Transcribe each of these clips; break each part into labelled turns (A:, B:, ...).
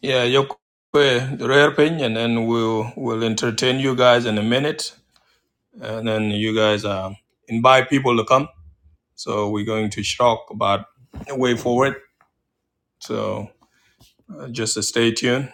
A: Yeah, Yokwe, the rare pin, and then we'll we'll entertain you guys in a minute, and then you guys um, invite people to come. So we're going to talk about the way forward. So uh, just uh, stay tuned.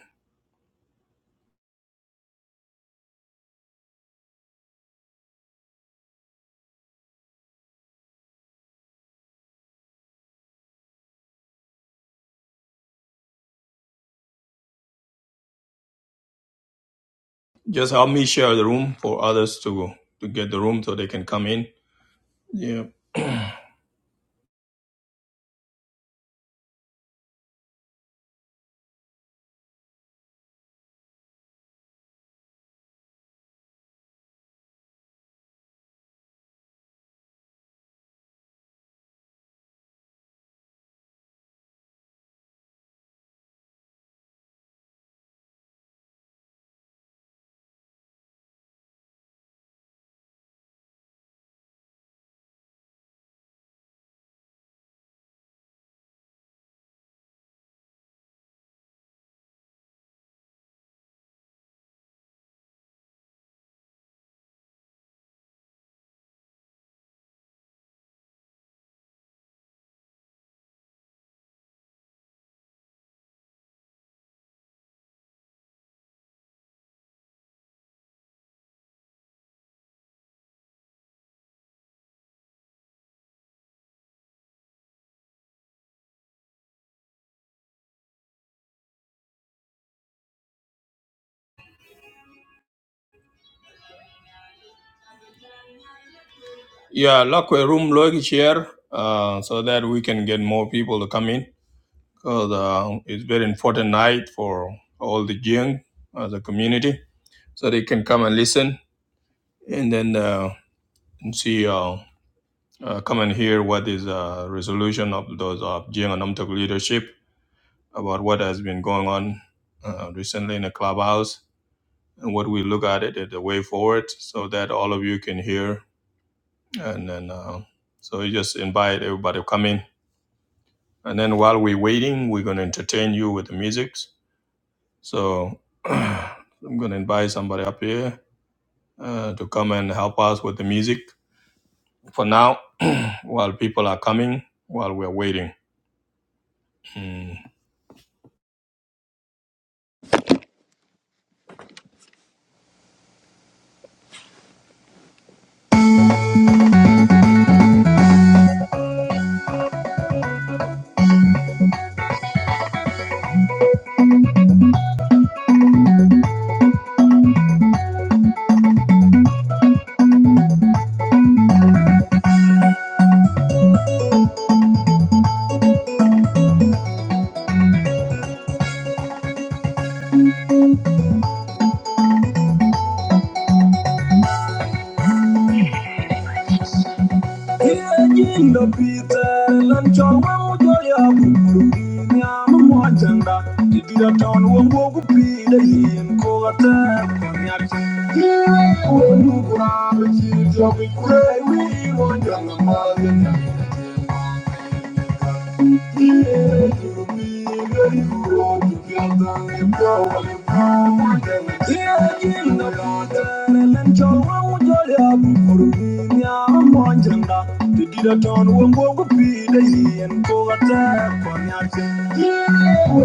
A: Just help me share the room for others to to get the room so they can come in. Yeah. Yeah, lock a room, log share, uh, so that we can get more people to come in. Because uh, it's very important night for all the young as a community, so they can come and listen and then uh, and see, uh, uh, come and hear what is uh, resolution of those of Jiang and Namtok leadership about what has been going on uh, recently in the clubhouse and what we look at it as the way forward, so that all of you can hear and then. Uh, so you just invite everybody to come in And then while we're waiting, we're going to entertain you with the music. So I'm going to invite somebody up here uh, to come and help us with the music for now while people are coming, while we're waiting. Mm.
B: Yinda Peter Lanchon Wamuja Yam Mwajanda Tidida Town Wambogu Pida Yin Kogata Konyak Yinda Wamukura Chidya Mikure Wimon Janga Mazanya did it on one walk of feet, and go attack on your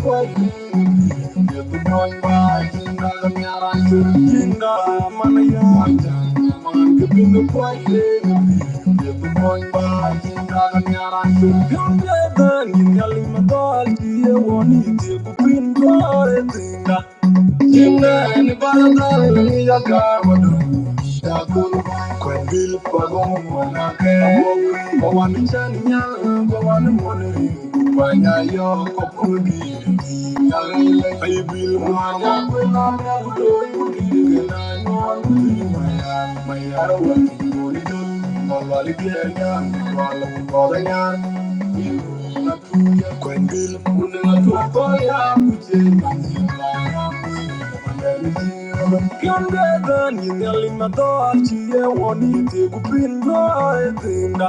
B: Thank you. Tinga Nimeni baradal ni yakawadu Shakul kwen bil pagong wanake Bawan chan nyal bawan Banya yo kopundi Nyalele ay mwana Wena mwana yudi gena nyon Kuli mayan mayar wati moridun Mawali biyanyan walang kodanyan Kwen bil mwana Kiongeza ni ngali matoa chie wonite kupingo etinda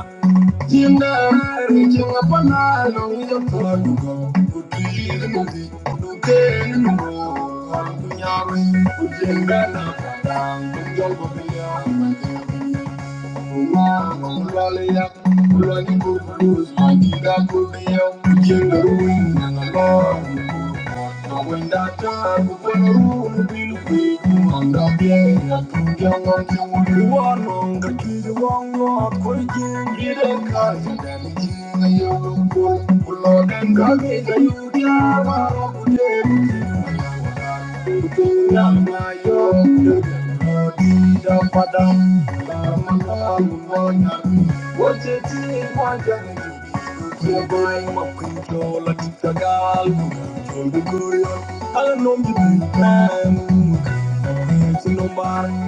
B: Chinda rari chinga panalo ngiyo taduga Kutiri mugi kuduteni mbo Kanku nyari kujenga na padang Kunjol Thank you. Thank you.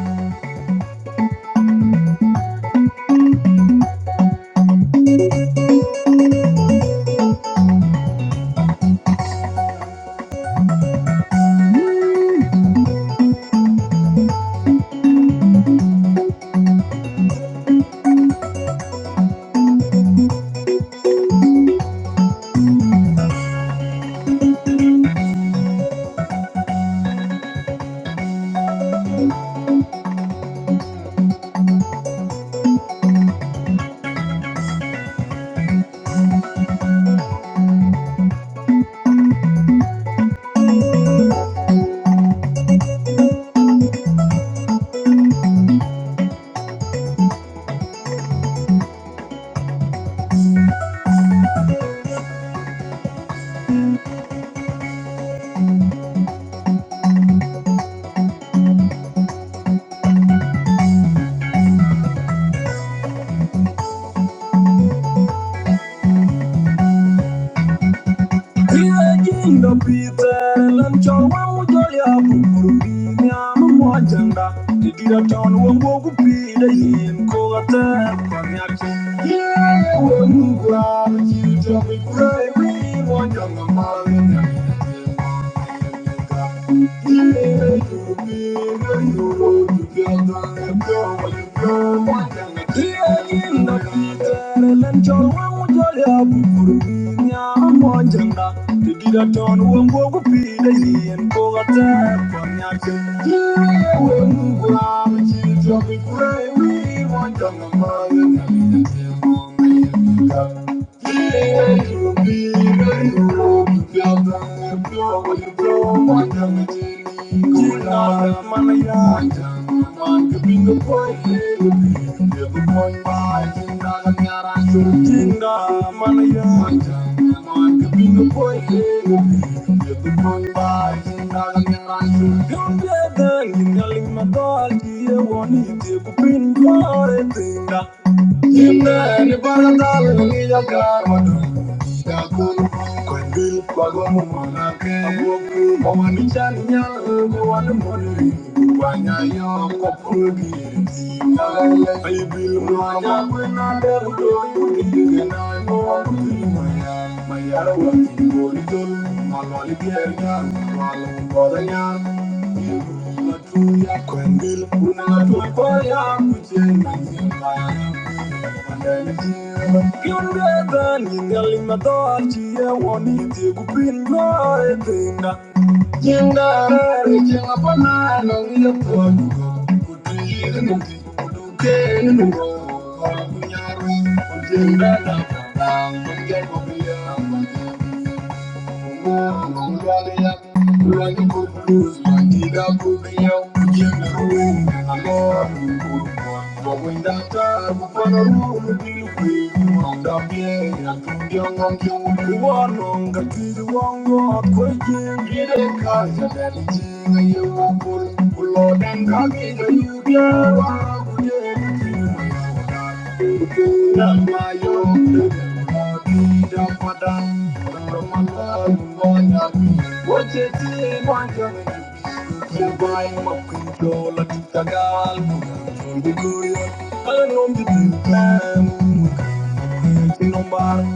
B: ihe jindopitele nchọwa mujolia bukurubinianumojenda idiratoniwongokupiide yinkugatep konyaki iyeyewenuguracijomikureiwimonjongamalina Thank you. Thank you. Madinga. Yimne ni paradal ni ya karmadu. Ya kun kwendil bagomu manake. Aboku mama ni chanya mwan mori. Wanya yo kokugi. Dinga Ibil mwana kwena devudo yudige na mwa kutimaya. Mayara wakingo litol. Malwali biernya. Malwali bodanya. Unatumia kwendele, unatua kwa yangu jena nyumba Kindeta ningali madoa chia woni tigu pingo etinda Jinda rari jinga pana nongi ya tua dugo Kutiri nungi kuduke nungo Kala kunyaru Kujinda na kata Mungya kubia Mungya Thank you. Thank you.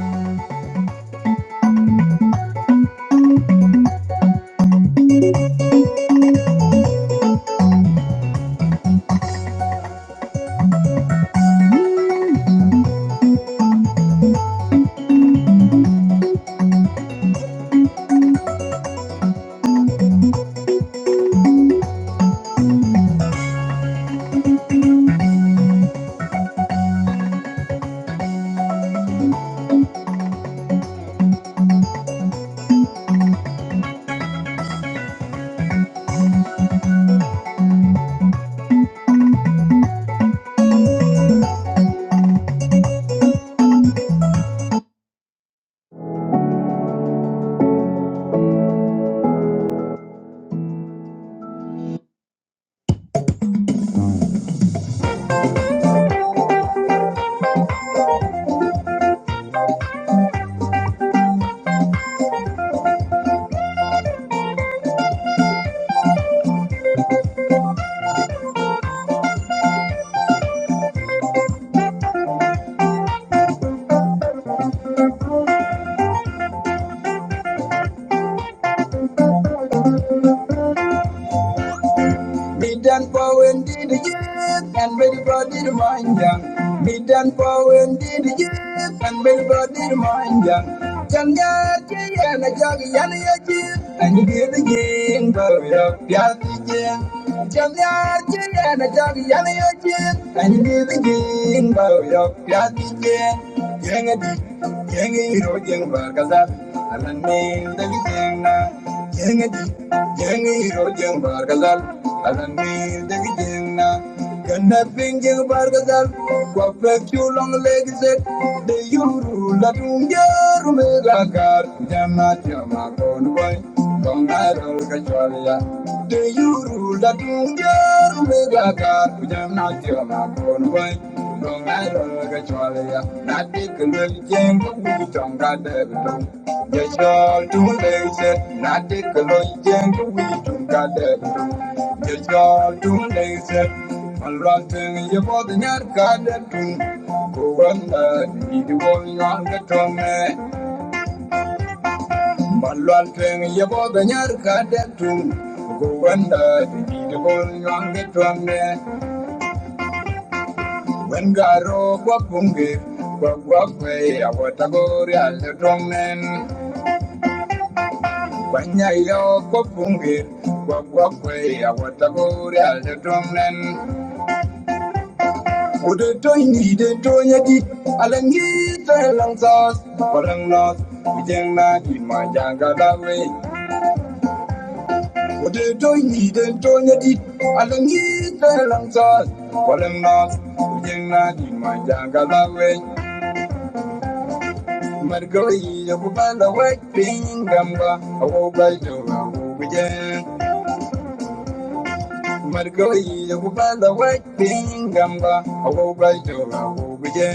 B: Be done for when did the youth and ready for the mind young. Be done for when did the youth and ready for the mind young. Changa and a jog yan ya ji and be the game for it up yatijin. Changa and a jog yan ya ji and be the game for it up yatijin. Yang adi, yang iro yang bargazal, anan min dagi yang na. Yang adi, yang iro yang bargazal, anan min dagi yang na. Gana ping yang bargazal, kwa fek long leg set, de yuru la tunga kar, jama jama kon boy, kon arol kachwalya la tunger mega kar kujam na tira na kon no Malwal tweng yebo da nyar ka dek tung Go wenda di di di bol nyang di twang ne Wen garo kwa pungi Kwa kwa kwe ya wata gori al di twang nen Banya yo kwa pungi Kwa kwa kwe ya wata gori al di twang nen Udu toy ni di tonya di Alangi toy lang sos Walang nos Ujeng na di ma jang ka da Wade don yi den to nya di alang yi ka lang sa walang na ujeng na di ma janga la we mar go yi ya bu ba la we ping gam ba awo ba jo ga wo bu je mar go yi ya bu ba la we ping gam ba awo ba jo ga wo bu je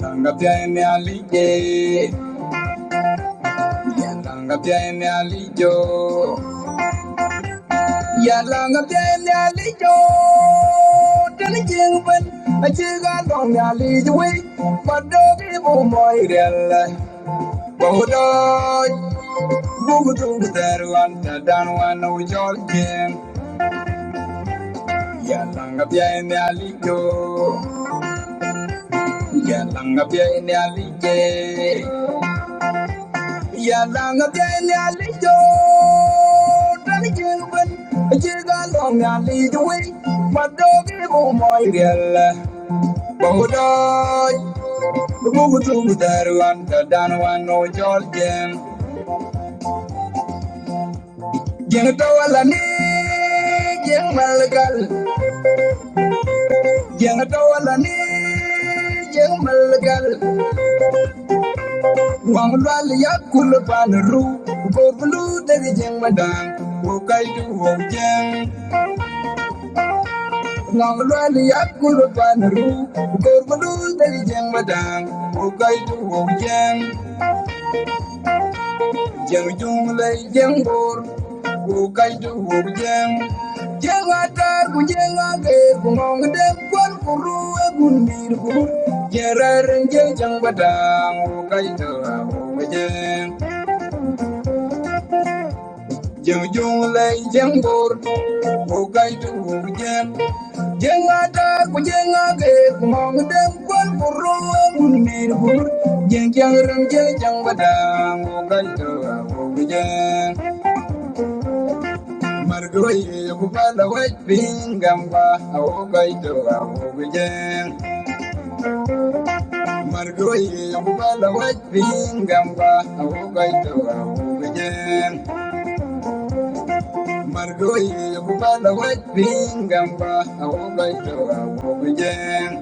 B: yang ga pya ne ali je yang ali jo Dạ là ngập trên nhà lý cho Trên lý chiên vinh Anh chỉ gắn con nhà lý chú ý Mà đô cái bộ mồi đèn lại Bộ đôi Bố của tôi của tè ru anh Đã đàn hoa nâu cho lý chiên Dạ là ngập trên nhà lý cho Dạ là ngập trên nhà lý chê Dạ là ngập trên nhà lý cho Trên chiên vinh Anh chỉ gắn con nhà lý chú ý Mà đô cái bộ mồi đèn lại Bawdoj, the wood to the Darwan, the Danwan, no Georgian. Yanatawalani, Yang Malagal, Yanatawalani, Yang Malagal, Wangal Yakulapan, Ru, go blue, the Yang Madang, who guide you home, Yang. Wangal Yakulapan, Ru, go blue, the Yang Madang, who guide you home, Jam. Jeng jung lay jeng bor ku kai tu hu jeng jeng atar ku jeng age ku ngong dem kwan ku ru e kun bir ku jerar jeng jang badang ku kai tu hu jeng jeng jung lay jeng bor ku kai tu hu jeng jeng atar ku jeng age ku ngong dem kwan ku ru e kun bir ku jeng jang rang jeng jang badang ku kai tu hu jeng Margoye bubala wet pingamba awogai tawa mugen Margoye bubala wet pingamba awogai tawa mugen Margoye bubala wet pingamba awogai tawa mugen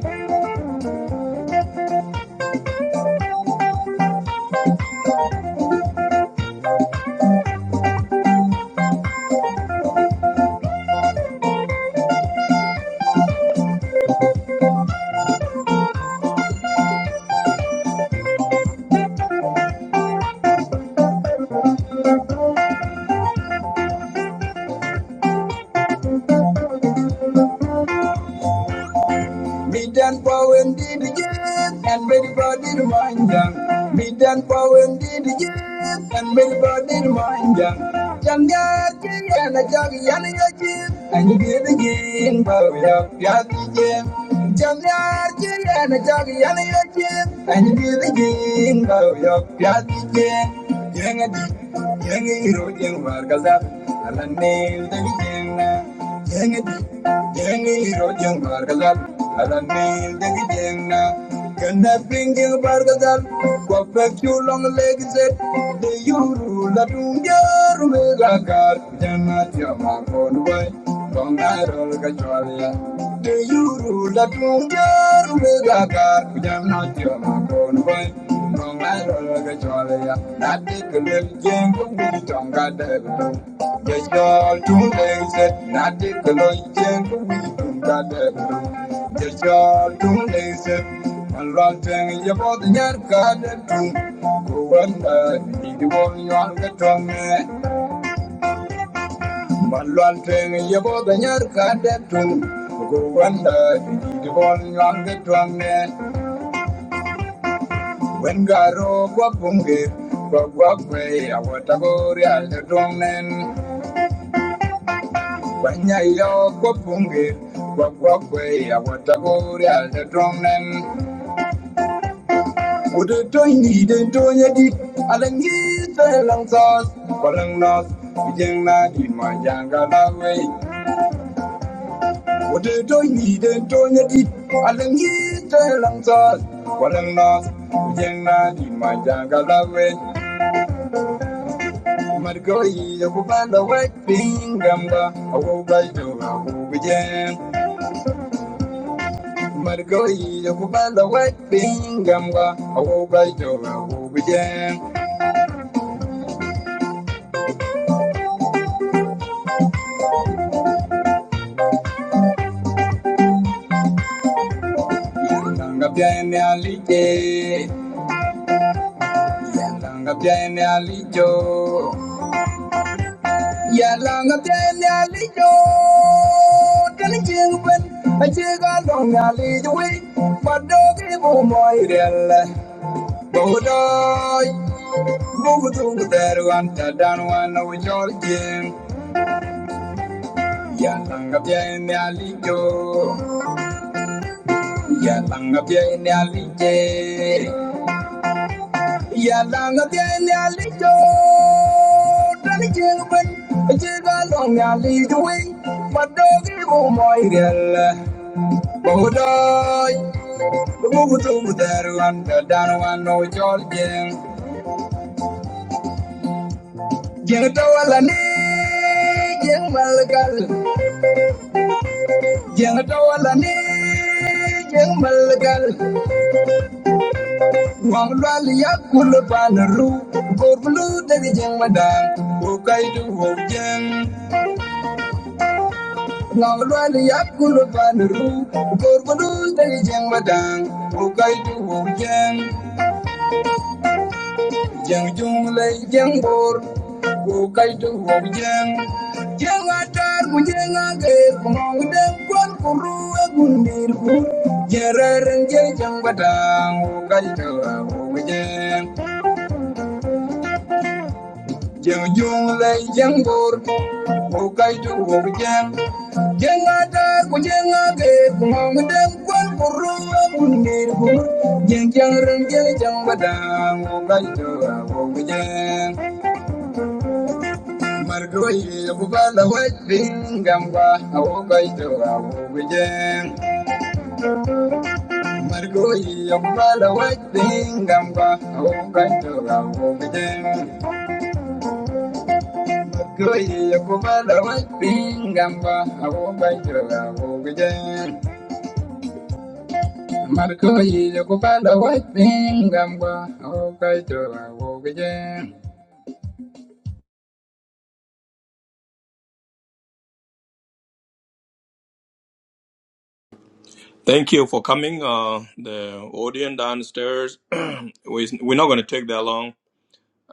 B: Midan Powen did again, and very body to mind them. Midan Powen did again, and very body remind them. Jangat and a jug yanagaji, and you did again, Powen up Yakim. Jangat and a jug yanagaji, and you did again, Powen up Yakim. Yangadi, Yangi Rodin Wargazap, and a nail the beginning. Yengi, yengi ro jeng bargadal, alam mil dengi jeng na. Kenda pinggir bargadal, wapek chulong legi zet, la tungjar mega kar, jana tiama konwai, bongarol kachwalia. De yuru la tungjar mega Thank you. want to When Garo Kwapungir, Kwakwakwe, Awatabori, Aldedronen, Wanyayo Kwapungir, Kwakwakwe, Awatabori, Aldedronen, would a toy need a toy edit, Alangi, Salang Sauce, Palang Nos, Vijayna, Dimajanga, Daway, would a toy need a toy edit, Alangi, Salang Sauce, Palang Nos, Vijayna, Dimajanga, Daway. Margoyi yokubanda wepingamba awobaidola ubuje Margoyi yokubanda wepingamba awobaidola ubuje Yandanga byane alije Yandanga byane alijo Yandanga byane alijo Dani jingben ajiga long alijo we Padogi bo moirelle Bodo Bubutungu teru anta danu wana Ya tanga pia ini alijo Ya tanga pia ini alije Ya tanga pia ini alijo Dani jengu ben Jika long ya alijo wing Madogi umoi riel Bodoy Bubutungu teru anta danu wana wujolje Jengu tawala ni Jengu malagal Jeng tawala ni malgal wang lwal yakul pan ru dari blu de jeng madang o kai du wang lwal yakul pan ru dari blu de jeng madang o kai du Jang jung lay jang bor go kai tu ho jang jang atar ku jang age ku mong dem kwan ku ru e gundir ku jeraren je jang badang go kai tu ho jang jang jung lay jang bor go kai tu ho jang jang atar ku jang age ku mong dem kwan ku ru e gundir ku jang jang ren je jang badang go kai tu ho jang Margoye bubala wajin gamba awobai tora wujen Margoye bubala wajin gamba awobai tora wujen Margoye bubala wajin gamba awobai tora wujen Margoye bubala wajin gamba awobai tora wujen
A: Thank you for coming. Uh, the audience downstairs, we- we're not going to take that long.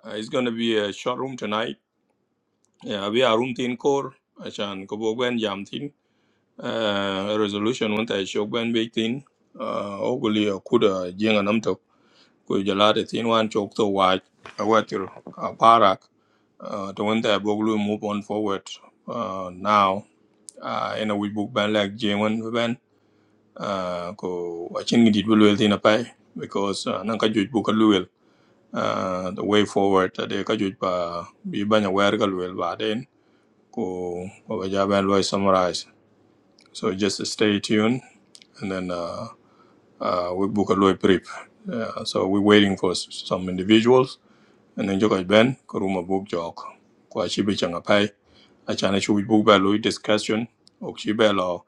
A: Uh, it's going to be a short room tonight. Yeah, we are room thin core. Ashan kubogwen jam thin. Uh, resolution wanta shogwen big thin. Uh, oguli kuda jenga namtok. ku jalade tin wan chok to waj awatir uh, parak uh, to when they boglu move on forward uh, now uh, in a we book ban like jewen ban. uh, ko achin gidit bulwel tin apai because uh, nan ka juj buka luel uh, the way forward uh, de ka juj pa bi banya wer ka luel ba den ko ko ba ja ban loy summarize so just stay tuned and then uh, uh, we book a loy prep uh, so we're waiting for s- some individuals and joga ben ko room of book jok ko a chibi changa pai a chana chu book ba lui discussion ok chi ba lo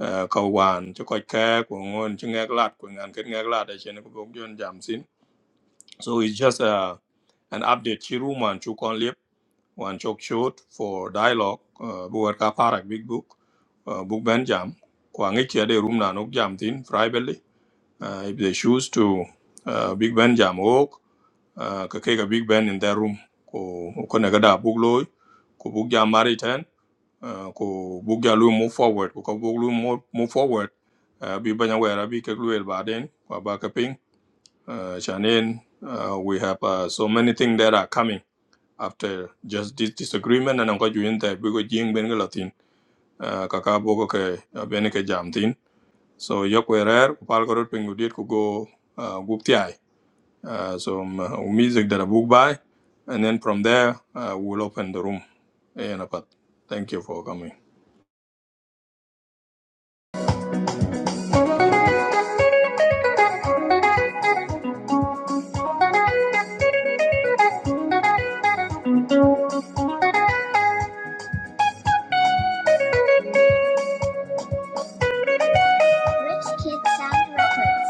A: eh, ka wan cho ko ka ko ngon chi ngak lat ko ngan ket ngak lat a ko book jon jam sin so it's just a an update chi room an chu kon lip wan chok short for dialogue uh, bu war ka parak big book uh, book ben jam ko ngi chi de room na nok jam tin privately uh, if they choose to uh, big ben jam ok Ah, ka ke ka big band in that room ko ko ne gada bug loy ko bug ja mari ten ah, ko bug ja lu move forward ko ka bug lu mo- move forward Ah, bi banya wera bi ke lu el baden ko ba ka ping Ah, shanen ah, we have uh, so many things that are coming after just this disagreement and ko juin ta bi ko jing ben ga latin Ah, ka ka bo ke ah, ben ke jam tin so yok werer ko pal ko rot pingu dit ko go ah, gup tiay uh, some uh, music that I book by, and then from there uh, we'll open the room. Yeah, Napat. Thank you for coming.
B: Rich Kid Sound Records.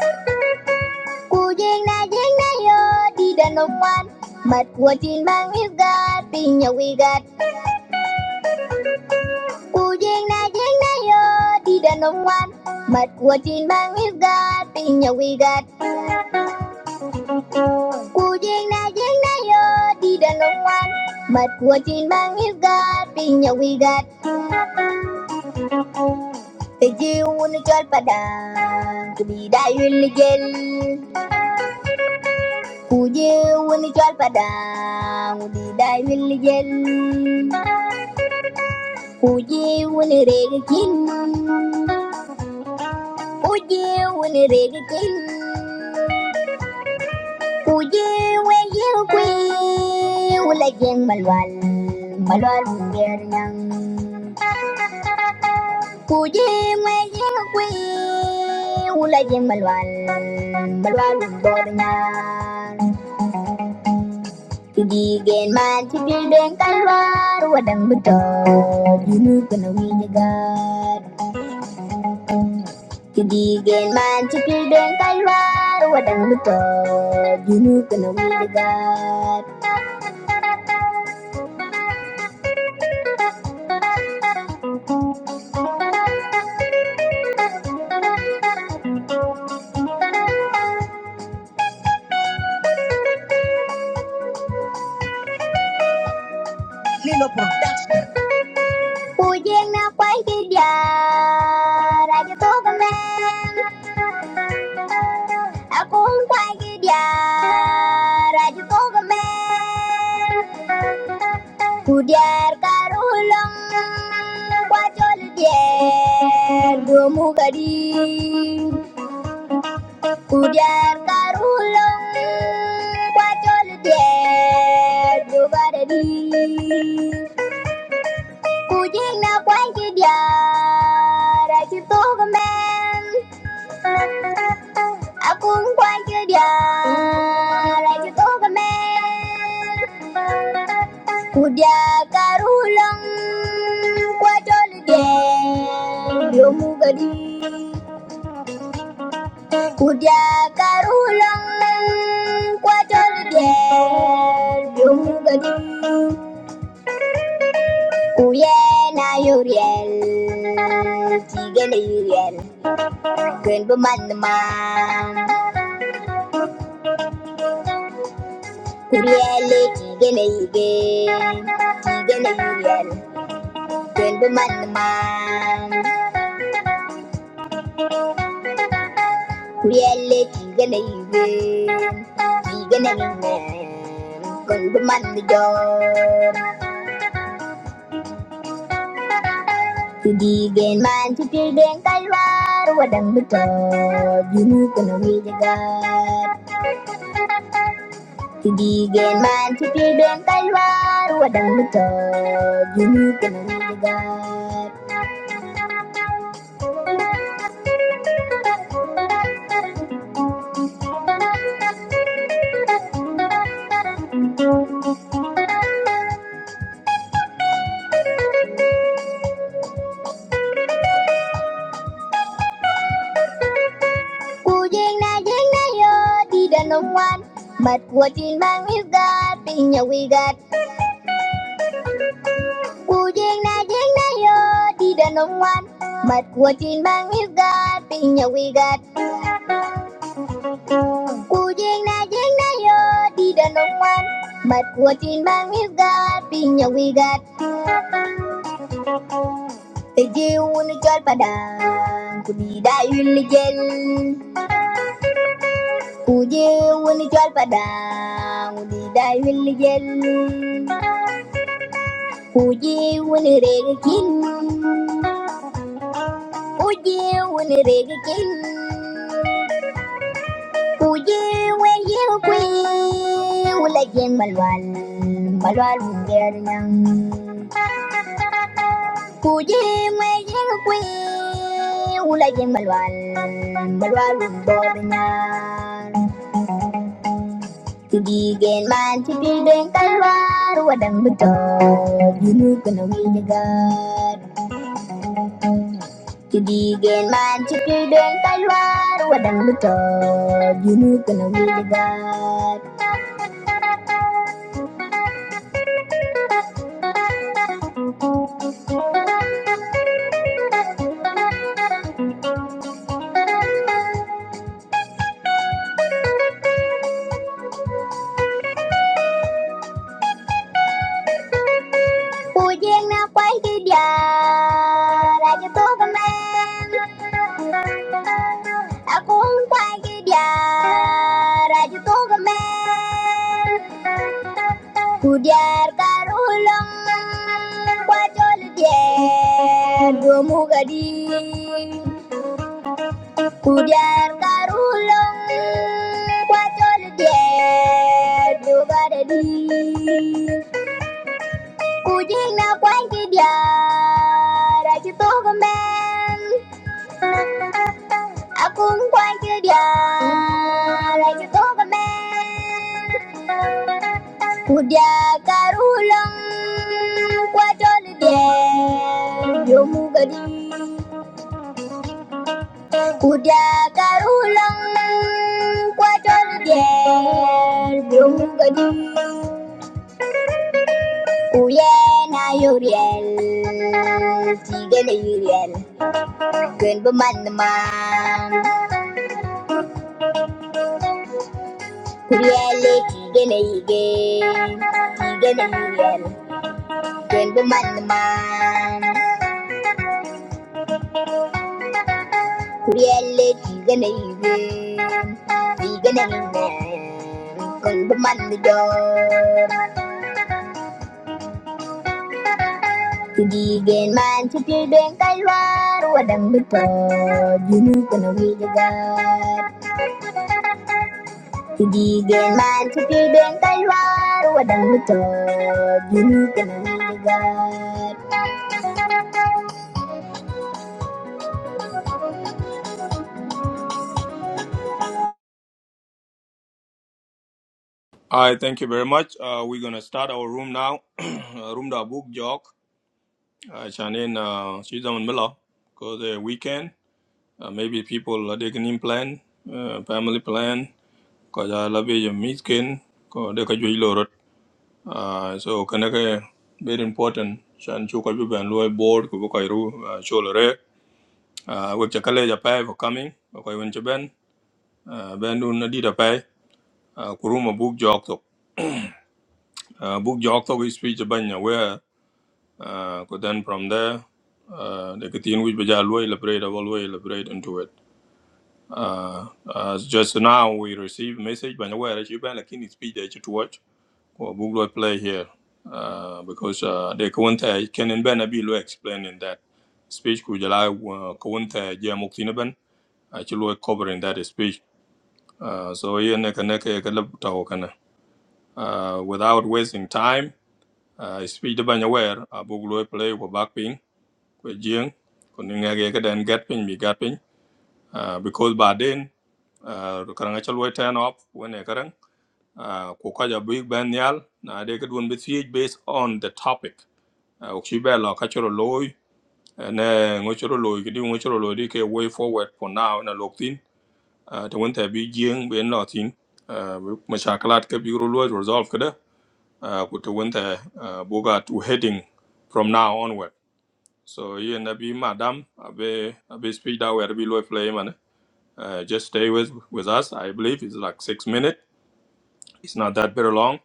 B: Cô na duyên na yo di đàn ông mặt của tin bang isgat God tin nhà na duyên na yo di đàn ông mặt của tin bang isgat God tin nhà na duyên na yo di đàn ông mặt của tin bang isgat God tin Oje, we ni chal pada, we ni dae will gel. Oje, we ni chal pada, we ni dae will gel. Oje, we ni regkin, Oje, we ni regkin. Oje, we ni regkin, Oje, we ni regkin. Ku je ngai ngai ngui, ula je malwal, malwal ngobina. Kidi gen man cipir den kalwar, uadang beton, jenu kena wiyegat. Kidi gen man cipir den kalwar, uadang beton, jenu kena wiyegat. Lino pon. Ku jangan kuai kidiar, rajut tuk gemen. Aku hong kuai kidiar, rajut tuk gemen. Ku diar karulung, ku colir, do mu kirim. Kudiar karulong kwajol dier jugarani Kujing na kwanji diar achitog men Akun kwanji diar achitog men Kudiar karulong kwajol dier yomugadi Hudiya karulang kwatar der dungadim Uyena yuriel tigene yuriel Kuen bumanma Kuriele tigene yige tigene yuriel Kuen bumanma Kuriele tigene yige tigene yige Kuen bumanma Tudigen man tudigen kalwar wadang betod yunu kono wijagat Tudigen man tudigen kalwar wadang betod yunu kono wijagat Kujing na jing na yo di danom wan mat kuatin bang isgat pinya wigat Kujing na jing na yo di danom wan mat kuatin bang isgat pinya wigat Cú giêng na giêng na yo đi đàn ông ngoan Mặt của tin bang we've got pin nhà we got Te jiu nu chol padang Cú đi đại yun li gel Cú jiu nu chol padang Cú đi đại yun li gel Cú jiu nu rega kin Cú jiu nu rega kin Kuye weye ngui ula yen balwal balwal uber nang. Kuye weye ngui ula yen balwal balwal ubo benar. Tudi gen man tudi den talwa ruadang betod yunu kena wiji gad. Tudi gen man tudi den talwa ruadang betod yunu kena wiji gad. Puyeng na kwai ki dia ra cho tôi cái men ta cũng quay ki dia ra cho tôi cái men Ku diar karulang kwa chol dier go mugadi Ku diar karulang kwa chol dier go gadadi Cù duyên nào quán chi giờ Đã chứ tố con bên À cũng quán chi giờ Đã chứ tố con bên Cù già cà rú lông Qua cho lì đèn Vô mu gà đi Cù già cà rú lông Qua cho lì đèn Vô mu gà đi Uyena Uriel, Tigene Uriel, Gun Buman the man, Uriel, Tigene Ige, Tigene Uriel, Gun Buman the man, Uriel, Tigene Ige, Tigene Ige, Gun Buman the door. Tidigin man sa tibeng kalwar, wadang bito, dinugan ang hilagat. Kaibigan man, kaibigan kalwa, wadang lutod, yun ka ng ligat.
A: I thank you very much. Uh, we're gonna start our room now. Uh, room da book jog. Uh, Shannon, uh, she's on Miller because the weekend. Uh, maybe people are taking in plan, uh, family plan. Cause I love your miskin. Cause they can do it. Uh, So can I get very important. Shan chu ka ju ban loy board ko ko ru show lore. uh, wek chakale ja pai for coming okay when ben uh, ben dun na dida pai uh, kuruma book jok tok uh, book jok tok is speech banya where uh, ko then from there uh, the kitin which baja loy liberate always elaborate into it uh, as just now we receive message by the way. where you ben lakini speech that you to watch or book loy play here uh, because uh, the kawanta can and ben abi lo explaining that speech ku jala uh, kawanta ja muktina ben actually covering that speech Uh, so yen ne kana ke ke lab tawo kana. Uh, without wasting time, uh, speed ban aware abu lo play ko backping, ping ko jing ko ni ngage ke den get ping mi get ping. Uh, because by then uh, karanga chal turn off when e karang uh, ko ka ja big ban yal na de ke dun bit based on the topic. Uh, ok shi ba la ka chro loy uh, ne ngo chro loy ki di ngo loy di ke way forward for now na lok uh, ta wanta bi giyan ben latin uh, mashakalat ka bi rulo resolve kada uh, ku ta wanta uh, boga to heading from now onward so ye na bi madam abe abe speak that where bi lo play man uh, just stay with with us i believe it's like 6 minutes it's not that very long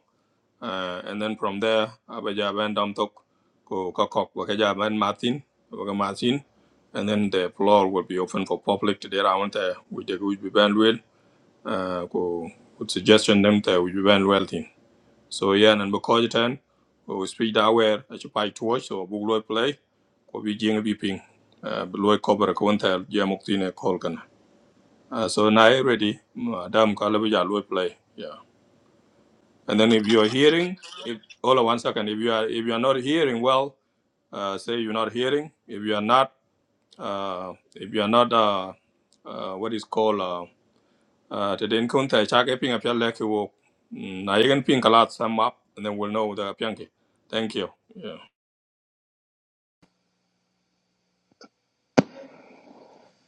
A: uh, and then from there abe ja ben dam tok ko ka kok ba ka ja ben martin ba ka martin and then the floor will be open for public today around uh, with the good band uh, ko ko suggestion Them ta wi ben well thing so yeah nan bu ko ten ko speed aware a chi pai to so bu lo play ko bi jing bi ping uh, bu lo cover ko won ta ya muk ti ne call kana uh, so na I ready madam ka le ya lo play yeah and then if you are hearing if hold on one second if you are if you are not hearing well uh, say you're not hearing if you are not uh, if you are not uh, uh, what is called uh, Uh, te den kun tai chake ping apya leki wo. Mm, Na yegen ping a lot, sum up and then we'll know the apyanki. Thank you. Yeah.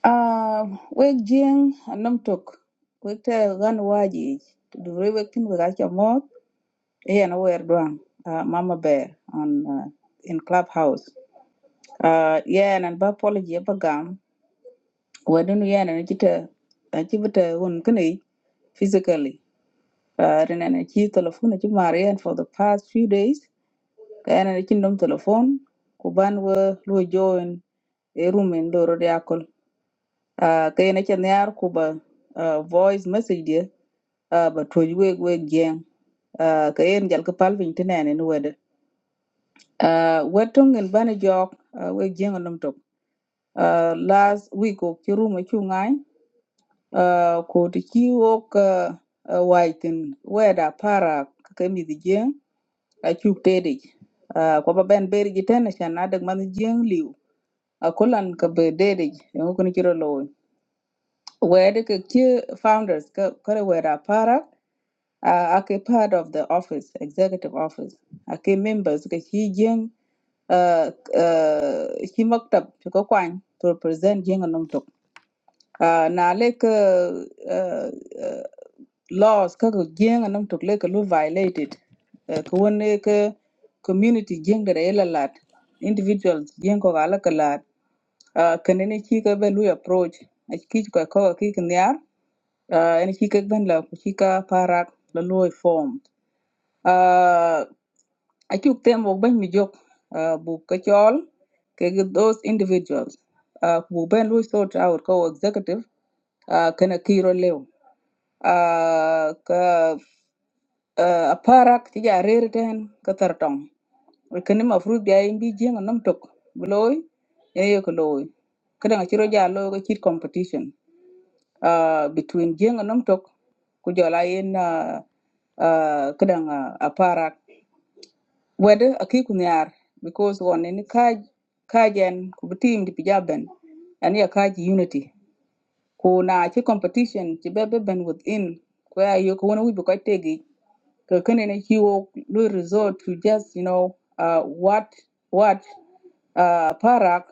B: Ah, wek jiëŋ a nɔŋ tök wek tɛɛ ɣân waaji duri wek tïn wek aca moth ëyën ëwër dwaŋ uh, mama bear on uh, in club house uh, yën ën ba apology ëpa gam wëdën yën ën cï tɛ aci bï tɛ wen kënë physically uh, rï nën aci telefon aci for the past few days Kayana na cindom telephone ku ban wo lu join e room en loro de akol. Ah kayana cha nyar ku ba ah, voice message dia ah, ba toj weg weg jeng. Ah kayen jal ka pal vin tinane ni wede. Ah wetong en bana jok ah, weg jeng nom tok. Ah last week ok ci room ci ngai ah ko ti ci ok waitin weda para ka mi di jeng a chuk tedi. Ah ko ba ben beri jitene chan na dag man jeng liu a kulan ka be dede yo kun kiro lo wede ke ki founders ka kare wera para a ke part of the office executive office a ke members ka ki jeng uh, uh, ki maktab ko kwan to represent jeng anum tok uh, na le ka uh, uh, laws ka ko jeng anum tok le lu violated uh, ka wone ka community jeng da da lat individuals jeng ko ga la uh, kanene chi ka ben lui approach a ki ka ko ki kin yar uh, en chi ka ben la ku chi ka parak la lui form uh, a chuk tem wok ben mi jok uh, bu ka chol ke gi those individuals uh, ku bu ben lui sort out ko executive uh, kana kiro lew uh, ka Ah, aparak ci ja rer ten ka tar tong kene ma fruit bi ay mbi jeng nam tok bu loy e ye ko loy kada ci ro ja lo ko ci competition ah between jeng nam tok ku jola yen ah ah, kada aparak wede aki ku nyar because won ni kaj kajen ku bi team di pijaben ani ya kaj unity ku na ci competition ci bebe ben within ku ya yo ko wona wi bu ko tegi kakene he will resort to just you know uh what what uh parak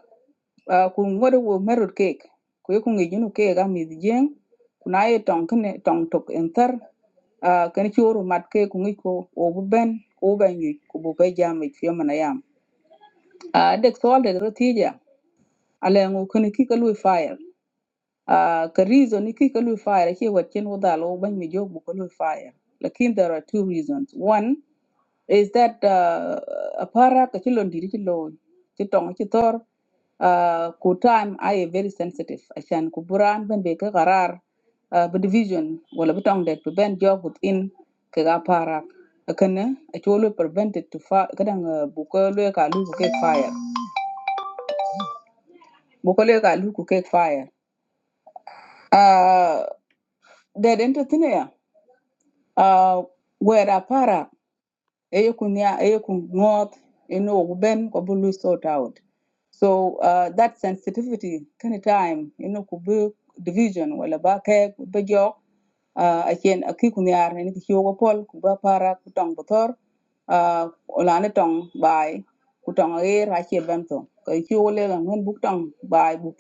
B: uh kun ngode wo merut cake ko kun ngi junu ke ga jeng kuna tong kene tong tok enter uh kan churu mat ke kun ngi ko o bu ben o ben yi ko bu be jam fi mana yam uh de so de rotija ale ngu kun fire uh ka reason ki ka lu fire ke wat chen wo dalo ban mi jog bu fire lakin there are two reasons one is that uh, a para? ka chilo ndiri chilo chitong chitor uh, ku time I very sensitive ashan ku buran ben be ka qarar uh, bu division wala bu tong det bu ben jog within ka ga para kana a cholo prevented to fa kadang uh, bu ko le ka lu ku ke fire bu ko le ka lu ku ke fire uh, that entertainer uh, where apara eyekunia you know, kuben kabulu sort out so uh, that sensitivity kind of time you know, kubu division wala ba ke be jo uh, achen akikunyar ne ki yogo pol kuba para kutong botor uh, olane tong bai kutong er ache bento ko le la ngun buk tong bai bu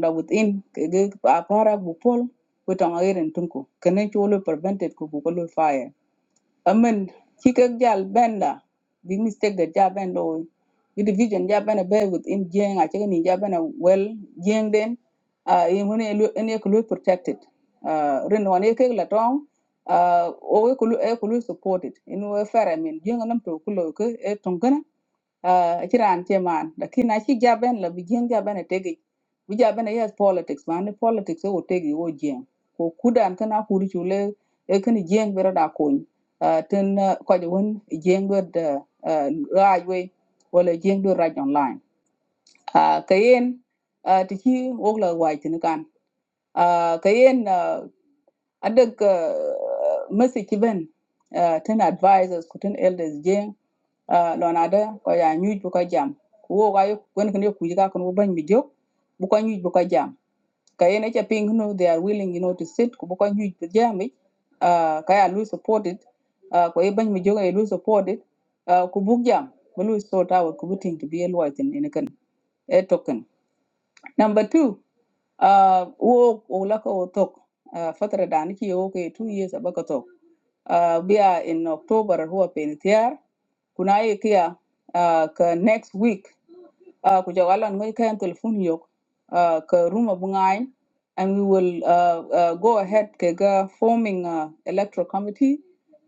B: da within ke ge para bupol kutang air er en tunku kene chulo prevented ku fire amen chikek jal benda big mistake that ja benda o the division ja benda be within jeng a chicken ja benda well jeng den a uh in when any protected uh rin one ekek la tong uh o we kulu e kulu supported in we fair i mean jeng nam to kulo ke e tong uh, ci raan ci man lakin a ci jaben la bi jeng jaben tegi bi jaben yes politics man ni politics e wo tegi wo jeng ko kudan kana kuri chule e kan jeng bero da kun ten ah, ko de won jeng do da raj wala e jeng do raj online Ah, kayen ah, ti ci wo wai tin kan Ah, kayen uh, adag uh, message ben uh, ten advisors ko ten elders jeng Ah, lo na de ko ya nyuj bu ko jam wo ga yo gon ken yo kuji ka kon wo ban mi jok bu ko nyuj bu ko jam ka yene cha ping no they are willing you know to sit ko bu ko nyuj bu jam mi ah ka ya lu support it ah ko e ban mi jok e lu support it ah ku bu jam bu lu sort out ku bu ting to be a lawyer in ken e token number 2 uh, wo wula ka wo tok ah, fatara da nake wo ke two years abaka tok Ah, biya in october huwa penitiar kuna ye kia ah, ka next week uh, ku jogo alon ngai kayan telephone yok uh, ka ruma bungain and we will uh, uh, go ahead kaga forming uh, electoral committee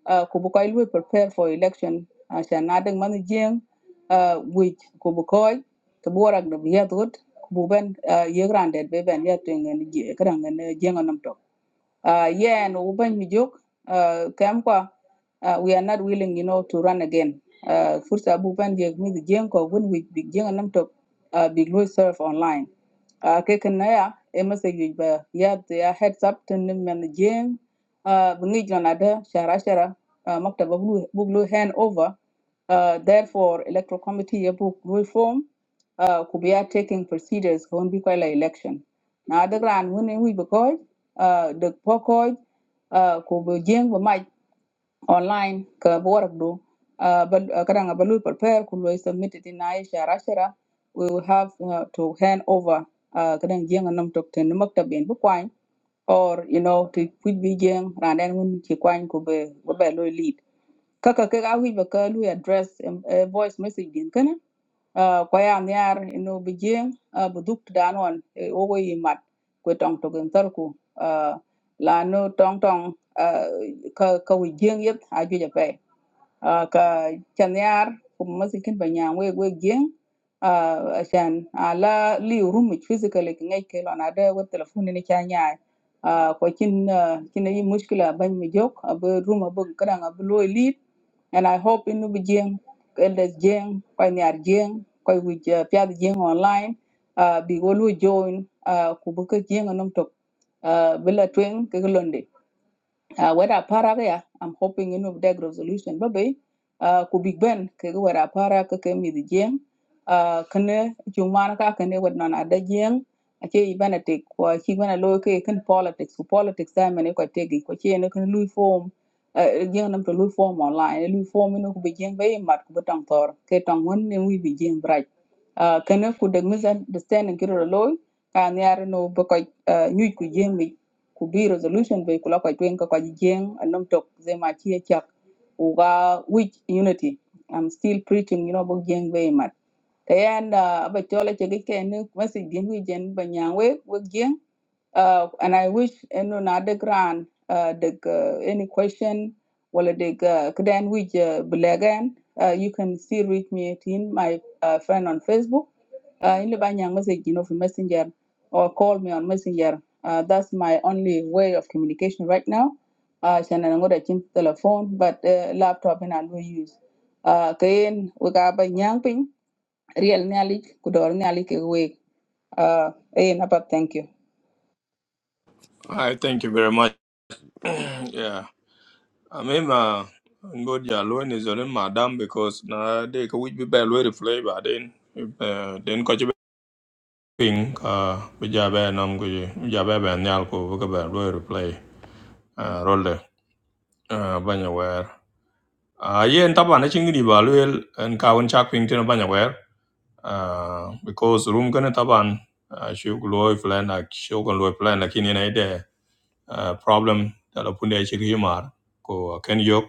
B: uh, ku bu koy prepare for election uh, sha na deng man jeng uh, which ku bu koy to bu de yadot ku bu ben uh, yegrande be ben yatwen ngen je kadang ngen uh, yeah, and Uban Mijuk, uh, Kamkwa, uh, we are not willing, you know, to run again. Uh, Fursa Buban Jek with the Jenko, when we begin, Jeng and Namtok, uh, big Louis serve online. Uh, Kekanaya, a message but Yeah, they are heads up to them. and the Jeng, uh, Bungij on Ada, Shara Shara, uh, Makta Buglu hand over. Uh, therefore, electoral committee book reform uh, could be are taking procedures on be quite election. Now the grand winning we because uh, the pokoj uh, could be jing we might online ka work do uh, but uh, kadang balu prepare could be submitted in Aisha Rashara. We will have uh, to hand over uh, kadang jing anam tok ten maktab in bukwain or you know to quit be jing and then when ki could be lead kaka ke ga wi ba ka lu address em- eh, voice message din kana Ah, ko ya nyar no bi jeng ah, bu duk dan on eh, o go yi mat ko tong to gen tar ku Ah, la no tong tong ah, ka ka wi jeng yet a ju ja Ah, ka chanyar kuma masikin banyan we we gien a shan ala li rumich physically ki ngai ke lon ada we telephone ni chanya a ko kin ah, kin yi mushkila ban mi jok ab room ab kadang ab lo lead and i hope in bi gien elders gien ko nyar gien ko wi pya gien online ah, bi go lu join ah, ku bu ka gien nom tok ah, bila twen ke londe uh, whether para ya I'm hoping you know that resolution babe uh, could be ben ke whether para ke ke mi di jeng uh, kene chumana ka kene wed non ada jeng ake ibana te ko ki bana lo ke ken politics ko politics da mene ko tegi ko che ne ken lui form uh, jeng nam to lui form online lui form no ko be jeng be mat ko tang tor ke tang won ne wi bi jeng braj uh, kene ku de misunderstanding kiro loy ka ne ar no be ko uh, nyu ku jeng mi could be resolution be kula kwa twen ka kwa jeng anom tok ze ma chi chak uga which unity i'm still preaching you know bo jeng be kayanda ba chola chege kene masi gimi jen ba nyangwe we gien uh, and I wish eno na de gran uh, the uh, any question wala the uh, kden which uh, belagan uh, you can still reach me at in my uh, friend on Facebook uh, in the banyang message you know for messenger or call me on messenger uh, that's my only way of communication right now uh, chana ngo da chin telephone but uh, laptop and I will use uh, kayen we ga banyang Riel nyalik, kudor nyalik e wek. Uh, eh, napa thank you.
A: I thank you very much. Yeah. I mean, uh, good ya loan is on madam because na de ka wich be bad way to play, but then uh, then ko chibe ping uh be ja be nam ko je ja be be nyal ko be be to play uh rolle uh banya wer. Uh yen taba na chingi ba lawyer en ka won chak ping tin banya wer. uh, because room gonna taban uh, shugloy plan like shugloy plan like in ide uh, uh, problem that apune chigimar ko ken yok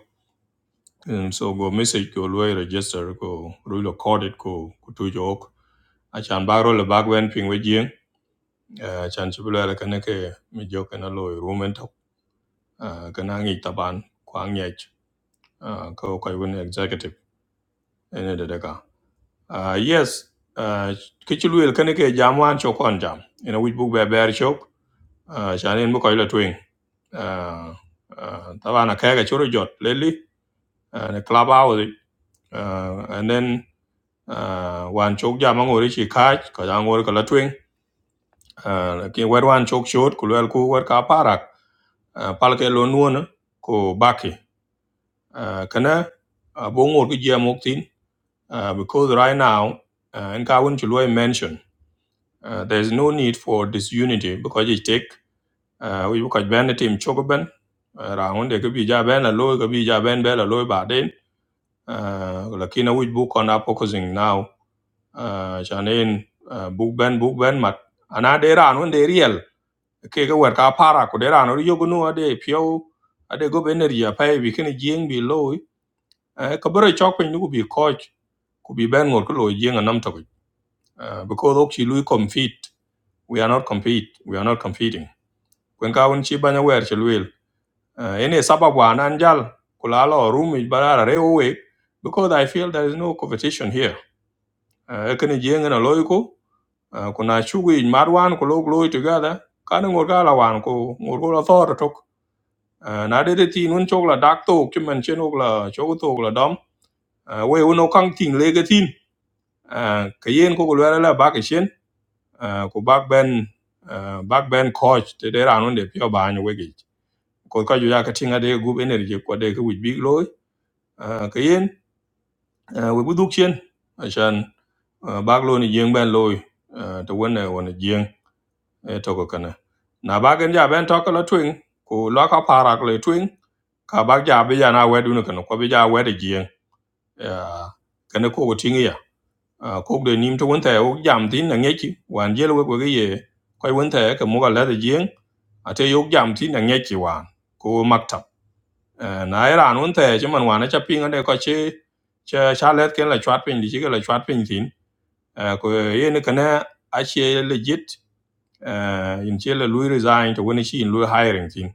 A: and so go message go loy register go rule rulo it go to jok achan baro le bagwen ping we jing uh, chan chibula le kana ke mi jok na loy room en tok uh, kana ngi taban kwang yech uh, ko kai win executive ene de daga Uh, yes, ke ci luel kene ke jam wan cho kon jam. Ina wich buk be ber chok, uh, chan en bukoy la twing. Uh, uh, tabana kega choro jot lately, uh, ne club hours, uh, and then uh, wan chok jam angori chi kaj, ka angori ka la twing. Uh, lakin wer wan chok shot, ku luel ku wer ka parak, uh, palke lo nuona, ko baki. Uh, kana, uh, bongor ki jia mok uh, because right now, uh, en ka wun chu Uh, there is no need for disunity because it take uh, we because ben team chogo ben uh, round they could be ja ben la loy could be ja ben be la loy ba den uh, lakini we book on are focusing now uh, chanen uh, book ben book ben mat ana de ran when they real ke ga wer ka para ko de ran ri yogo no ade pio ade go ben ri pa bi ken jing bi loy uh, ka bro chok pin ku bi coach ku bi ben ngor ko loy jing anam to uh, because ok chi lui compete we are not compete we are not competing kwen ka un chi banya wer chi luel uh, ene sababu anan jal kula lo rumi barara re owe because i feel there is no competition here uh, ekene jeng na loiko uh, kuna chugu in marwan ko log loy together kan ngor ga la wan ko ngor ko la thor tok uh, na de de tin un chok la dak to ki men chen og la chok to la dom uh, we un okang ting le ga tin uh, ka yen ko ko la la ba ka chen uh, ko bak ben uh, bak ben coach te de ran de pyo ba ni wegi ko ka ju ya ka tinga de group energy ko de ko wich big loy ah, ka yen ah, we buduk chen ashan ah, bag lo ni jeng ben loy ah, to wona wona jeng e to ko kana na bagen ja ben to ko la twing ko lo ka parak le twing ka bag ja be ya na wedu no kana ko be ja wedu jeng Ah, kana ko ko tinga ya Ah, ko de nim to won ta o jam tin na ngeki wan jelo we ko ge ye ko won ta ka mo ga la de jeng ate yo jam tin na ngeki wan ko maktab Eh, na iran un te ci man wana ca pinga de ko ci ca ca let ken la chwat pin di ci ke la chwat pin tin Eh, ko ye ne kana a ci legit eh, in ci la lui resign to when she in lui hiring tin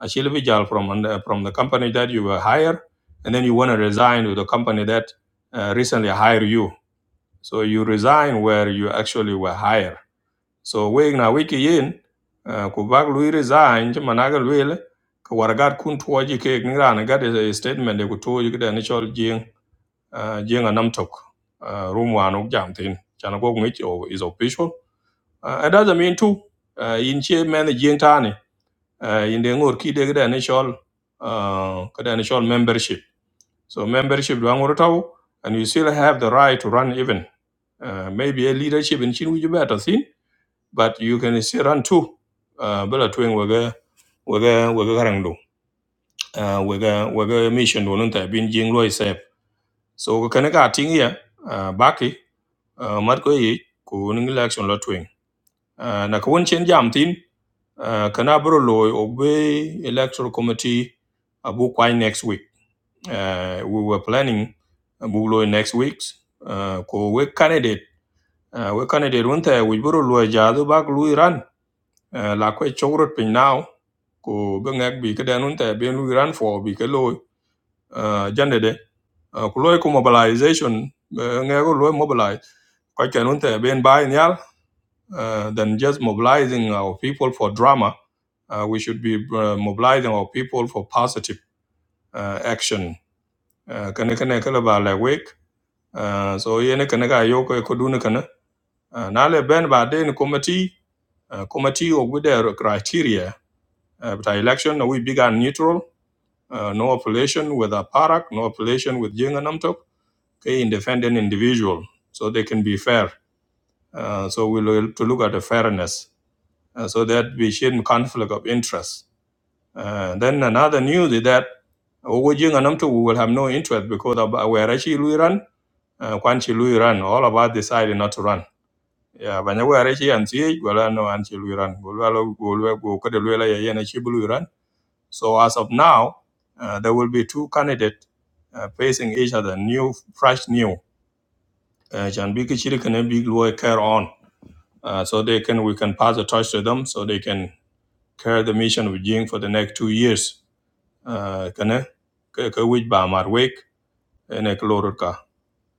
A: a ci le bi jal from under- from the company that you were hired and then you want to resign to the company that uh, recently hired you so you resign where you actually were hired so we na we ki yin ah, ku bak lui resign ti managa lui le ka wargat kun tuoji ke ni ran ga de statement de ku tuoji de ni chol jing ah, jing a nam tok ah, room wan uk jam tin chan go ngi o is official Ah, it doesn't mean too ah, in che men the jing tani ah, in de ngor ki de de ni chol ah, ka de ni chol membership so membership do ngor taw and you still have the right to run even Ah, maybe a leadership in chin wi better thin but you can still run too. Uh, bela tuing waga waga waga karang do. Uh, waga waga mission do nunta bin jing loi sep. So ka kana ka ting ya uh, baki uh, mat ko yi ku ning election lo tuing. Uh, na ka won chen jam tin uh, kana bro loi obey electoral committee abu kwai next week. Uh, we were planning abu loi next week. Uh, ko we candidate uh, we candidate wunta we bro loi jadu bak lui ran. Uh, la ko chogrot pin now ku bi ngak bi kede nun te bien lu ran for bi ke uh, jande de uh, loy ku mobilization uh, loy mobilize ko ke nun te bien nyal uh, than just mobilizing our people for drama uh, we should be uh, mobilizing our people for positive uh, action uh, kene kene kala ba la wek uh, so yene kene ga yo ko ko dun kana uh, na ben ba den committee uh, committee of with their criteria uh, but our election we began neutral No affiliation with a party, no affiliation with Jenga Namtok, a independent individual, so they can be fair. So we to look at the fairness, so that we should conflict of interest. Then another news is that Ogo Jenga Namtok will have no interest because we are actually running, Quanchi will run. All of us decided not to run. Yeah, when we are actually ANC, we are no ANC. We run. We are going to go to the well. Yeah, yeah, yeah. So as of now, uh, there will be two candidates uh, facing each other, new, fresh, new. Uh, Jan Biki Chidi can be Luo care on, uh, so they can we can pass the torch to them, so they can carry the mission with Jing for the next two years. Uh, Can I? ka ka ba mar wek ene ka ka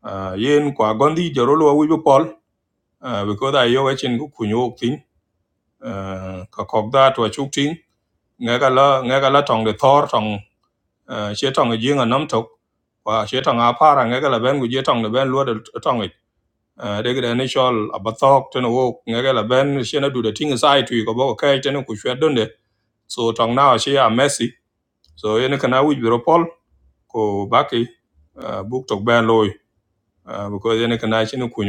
A: Ah, yen kwa gondi joro lo bu pol ah, because i yo wachin ku kunyo tin ah, ka kok da to chuk tin nga la nga la tong de thor tong she tong ji nga nam tok wa she tong a para nga ben gu je tong le ben lo de tong e de ga ne chol abathok ten wo nga ben she na du de ting sai tu ko bo ka ten ku shwe don de so tong na she a messy so yen kana wi bro pol ko baki book tok ben loy because yen kana she no ku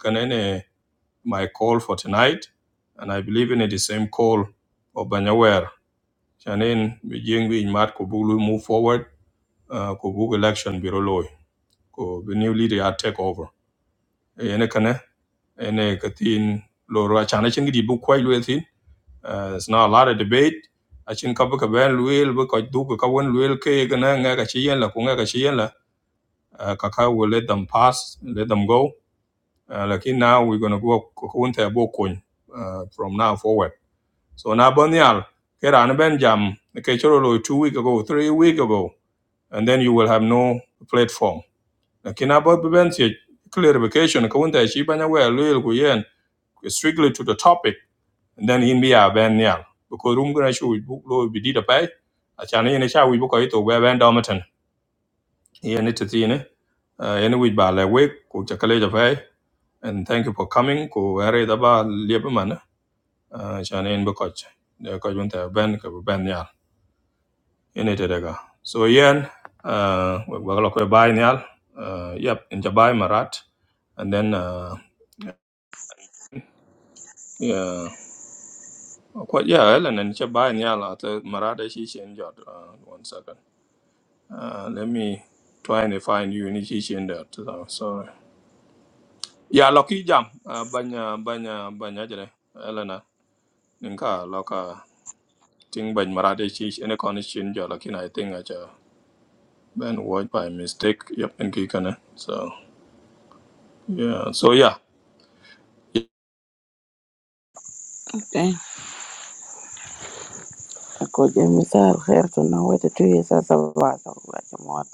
A: kana ne my call for tonight and i believe in it the same call of banyawer chanin bi jing bi mat ko bulu move forward uh, ko bug election biro loy ko the new leader ya take over ene kana ene katin lo ro chana chin gidi bu kwai lo thin Uh, it's not a lot of debate a chin ka bu ka ben luel bu ka du ka won luel ke ga na nga ka chi la ku nga ka chi la uh, ka ka will let them pass let them go uh, lakin now we're going to go ko ko won ta bo kun uh, from now forward so na bon yal ke ran ben jam ke choro lo 2 week ago 3 week ago and then you will have no platform lakini about bibensi clarification ko wonta shi banya we loyal ko yen strictly to the topic and then in be a ben nyal because room gonna show book lo bi dida pai a chan yen sha wi ko ito we ben domatan yen it tine yen wi ba le we ko chakale ja pay and thank you for coming ko are da ba le man chan yen ba ko de ko wonta ben ko ben nyal yen it daga so yen uh we ba lo ko bai nyal uh yep in jabai marat and then uh Yeah. Quite, yeah, Ellen and Chabai Nyala, the Marada Shishin Jot. Uh, one second. Uh, let me try and find you in Shishin Jot. So, sorry. Yeah, Loki Jam. Uh, Banya, Banya, Banya Jere. Elena. Ninka, Loka. Ting Bany Marada Shish, any condition Jot. I think I just been watched by mistake. Yep, and Kikana. So, yeah. So, yeah.
C: Eh, ngoja misal her to know what it is as a battle like what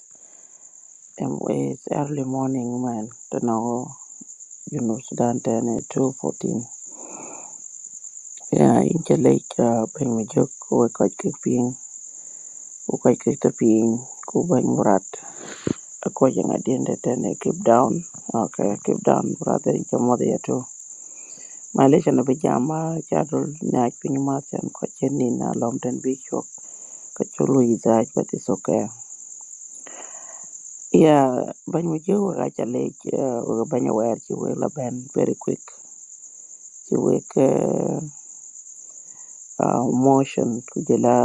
C: um, it's early morning man to know you know Sudan ten two fourteen. Yeah, in the lake uh bang me joke we quite kick ping we quite kick the ping go bang murat according at the end of ten keep down okay keep down brother in your mother too. Malaysia na bijama jadul nyak pinyu matyan kwa chenin na lom ten big shock kachulu izaj but it's okay Yeah, bañ we jëw rajale uh, bañ a wayar ci wëla ben very quick ci wek uh, uh, motion ku jëla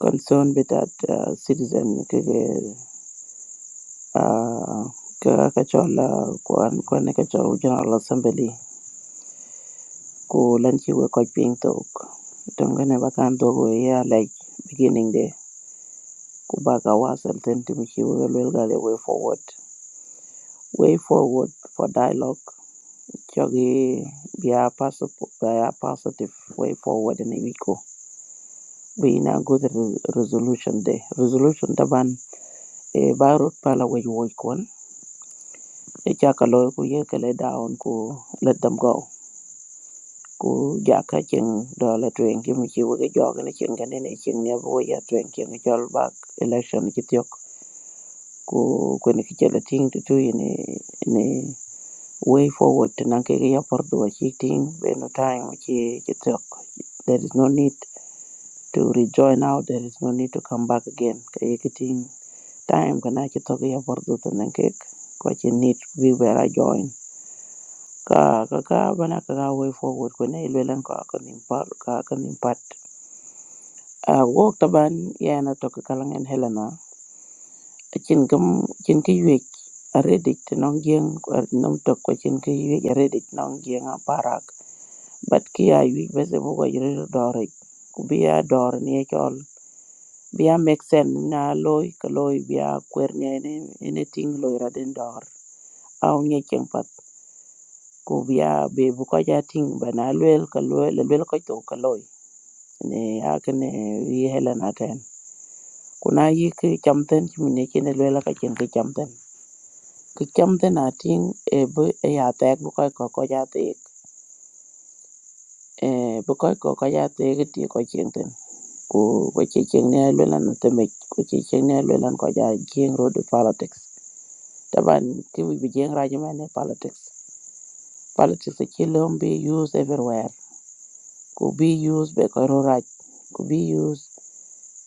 C: concern bi dat uh, citizen ke uh, ke ka chola ko an ko ne ka chola general assembly ko lan ci we ko ping tok don ne bakan dogo ya like beginning de ku baga wasal ten tim ci we lel gale way forward way forward for dialogue Jogi be our possible be our positive way forward in Ibiko. We now go to the resolution day. Resolution taban e barut pala way woy kon. E chaka loy ku ye kele down ku let them go. Ku jaka ching dola tuyen ki muchi wege joga ni ching gani ni ching ni abu ya tuyen ki ngi chol bak election ki tiok. Ku kwenye kichele ting tutu yini ni way forward nanke ya pardu wa chi ting beno time chi chi tiok. There is no need to rejoin now there is no need to come back again kay kiting time kana ki to ya bordo to nen ke ko ki need we were join ka ka ka bana ka way forward ko ne lelan ka ka nim par ka ka nim pat a wo taban ya na to kalangen helena kin gam kin ki yek a redik to non gien ko non to ki yek a redik non gien a parak but ki ya yek be se bo ko yere dore ku dor ni e Bia make sense nga loy ka loy bia kwer ngene anything loy ra den dor aw nye cheng pat ku bia be bu ko ja ting ba na luel ka loy le luel ko to ka loy ne a ke ne yi helen aten ku na yi ki cham ten chi ne chi ne luel ka chen ki cham ten ki cham ten a ting e bu e ya tek bu ko ko ko ja tek e bu ko ko ko ja tek ti ko chen ten ku ko chi chen ne luel an te me ko chi chen ne luel an ko ja king road politics Taban ki wi bijeng raja mane politics. Politics a chilom be used everywhere. Ku be used be koiro raj. Ku be used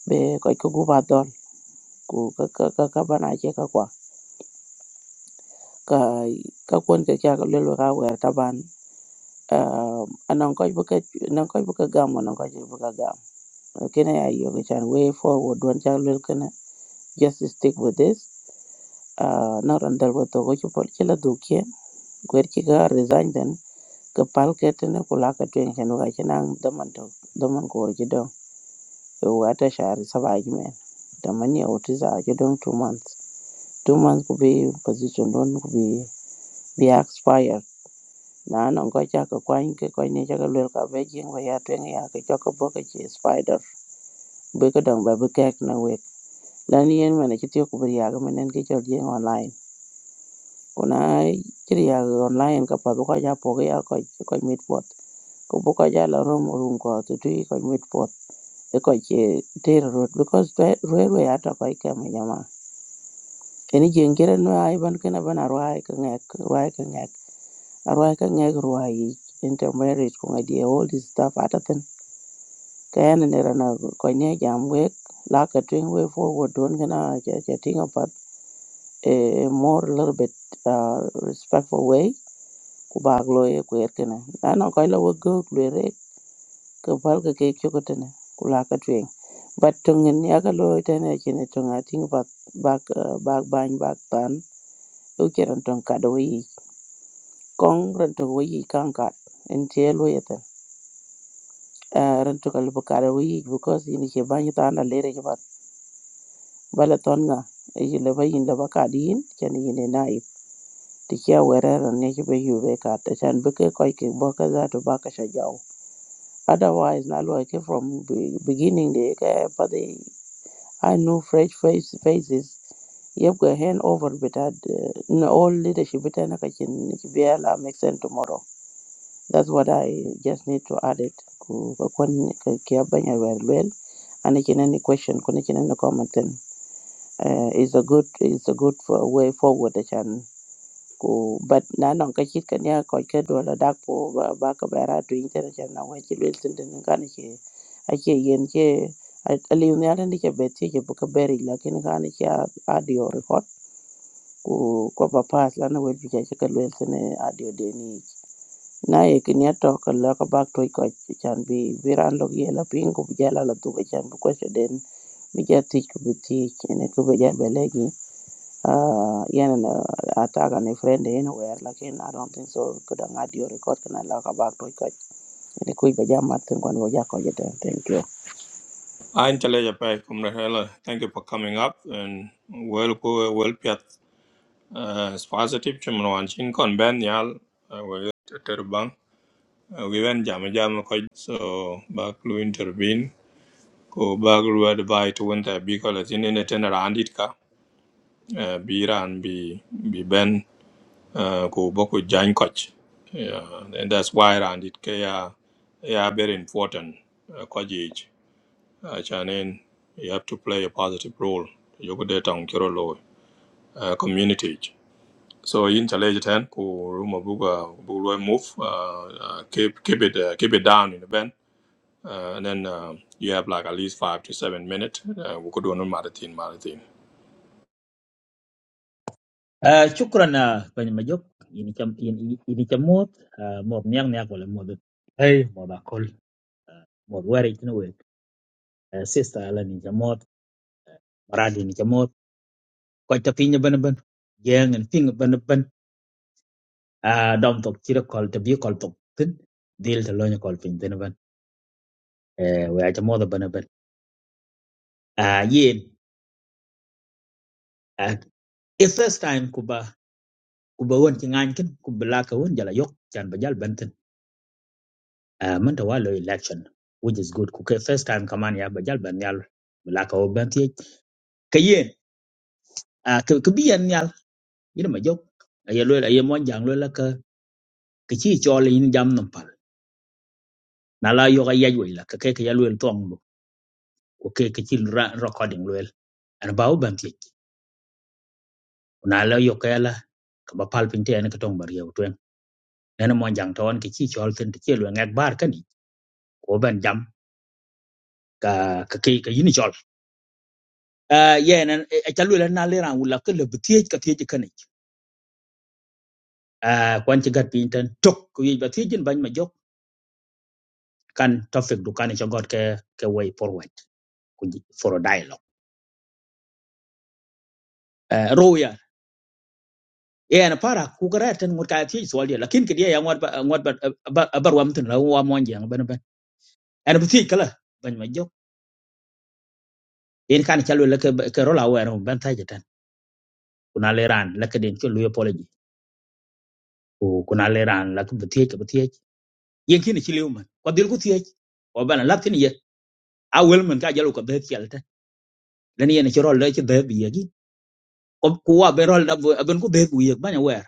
C: be koi ko guba don. Ku ka ka ka ka bana che ka kwa. Ka ka kwen ke kya ka lelwe ka wer taban. Um, anan koj buka anan koj buka gam anan koj buka gam. Kene ya yo ke chan way forward don chak lel kene. Just stick with this. Uh, na randal wato ko chupol chila dukye. Gwer chika resign then. ka pal ka tini ku la ka twen ken waka chi nang daman to daman ko chi dong e wa ta shari saba ji men daman ya wuti za a chi dong two months two months ku bi position don ku bi bi expired na non ko cha ka kwan ke ko ni cha ka lwel ka be jing wa ya twen ya ka cho ka bo ka chi spider bi ka dong ba bi kek na wek lan yen mene chi tiyo ku bi ya ga menen ki chol jing online kuna chi ya online ka pa bu ka ja po ga ya ko ko mit pot ko bu ka ja la rom rum ko tu tu ko mit pot eko che data road because dwe- rwe rwe ato ko ike ma jama eni jengere no ai ban kana bana rwai ka ngek rwai ka ngek rwai ka ngek rwai intermarriage ko ngadi all this stuff ata ten kayana ne rana ko nye jam wek la ka twing way forward don kana che che tinga pat a more little bit uh, respectful way ku bag lo ye ku yer kana na no ko lo wego lere ka pal ka ke chokotene ku la ka twing But tongin yaka lo tene chene tong a ting bak bak uh, bak bany bak tan u cheren tong ka do yi kong ran tong wo yi kan kat en che lo yeten uh, ran tong al ka do yi because yin che bany tan la lere ke bat bala ton nga yi le ba yin le ba ka di yin chen yin ne nai ti che were ran ne che be yu be ka ta chan be ke ko ke bo ka za to ba ka sha jaw otherwise na lo ke from be- beginning de ke pa I know fresh face faces. Yabga hand over with that uh, no, all leadership with an akakin Biala make sense tomorrow. That's what I just need to add it. Ku- ku- kun- ku- kia banya wel wel. And again any question, kun- again any comment then. Uh, it's a good it's a good for way forward I can. ku bat na nan ka chit kan ya ko ka do la dak po ba ba ka ba ra tu in ta cha na wa chi le tin tin ka ni che a che yen che a le ne ala ni che bet che che bu ka be ri la kin ka ni audio record ku ko ba pas la na wel bi cha ka le tin audio de ni na ye kin ya to ka la ka ba to ko chan bi bi ran lo ye la pin ku ja la la tu ka chan bu ko se den mi ja ti ku bi ti ne ku ba ja be le gi Uh, yan na ataga ni friend anywhere like in where lakin I don't think so kudang audio record kana la ka bag to ikot ni kuy ba jam martin kon wo jako jete thank you
A: I'm Chalaja Pai from the Hela. Thank you for coming up and well, go well, Piat. Uh, it's positive chumun wan chin kon ben yal uh, we ter bang uh, we wen jam jam ko so bak lu intervene ko bak lu advise to winter bi ko latin ne ten randit ka uh, bi ran bi bi ben uh, ko boku jan koch yeah and that's why randit ka ya ya very important uh, ko jej uh, chanen you have to play a positive role yogo de tong kiro lo uh, community So in challenge ten ku room buga buga move uh, uh, keep keep it uh, keep it down in the band uh, and then um you have like at least five to seven minutes. Uh, we could do another marathon marathon.
D: cảm ơn bạn majok đi chơi đi đi chơi mốt mốt nha nha gọi mốt rồi mốt bác gọi mốt where it no way sister là đi chơi mốt rad đi chơi mốt quay chụp hình bận bận giang hình chụp bận bận down top chỉ có call chụp có call top tin deal theo như call pin bận bận chơi mốt đã bận bận à ye à first time cuba cuba muốn tiếng anh ken cuba lá cuba muốn jalajok chân bajar bận tin Uh, manta walo election which is good kuke first time kaman ya bajal ban yal bla ka oben ti ke yen a ke ke bi yan yal yin ma jok ya lo ya mon jang lo la ka ke chi chol yin jam nam pal na la yo ga yaj wo la ka ke ke ya lo tong bu ko ke ke chi ra- recording lo an ba oben ti na la yo ka la ka ba pal pin te an ka tong bar yew twen na mon jang ton ke chi chol tin ti lo ngak bar ka ni ko ben jam ka ka ke ke yin chol a yen an a chalu la na le ran wala ka le bi ti ka ti ka ni a kwan ci gat piny tan tok ko yi ba tijin bañ ma jok kan topic du kan ci got ke ke way forward ku ji- for a dialogue uh, roya e ana para ku gara tan ngot ka ti so dia lakin ke dia ya ngot ba ngot ba ba- ba- bar wam tan la wa mon jeng ben ben ana ti kala bañ ma jok en kan ci lu la ke ke rola wa ran ban ta tan kuna le ran la ke den ci lu apology ku kuna le ran la ke ti ke ti yen kin ci lew man ko dil ku ti ko bana latin ye a wel man ka jalu ko be ti alta len yen ci rol la ci be bi ye ko kuwa be rol da ben ku be ku yek banya wer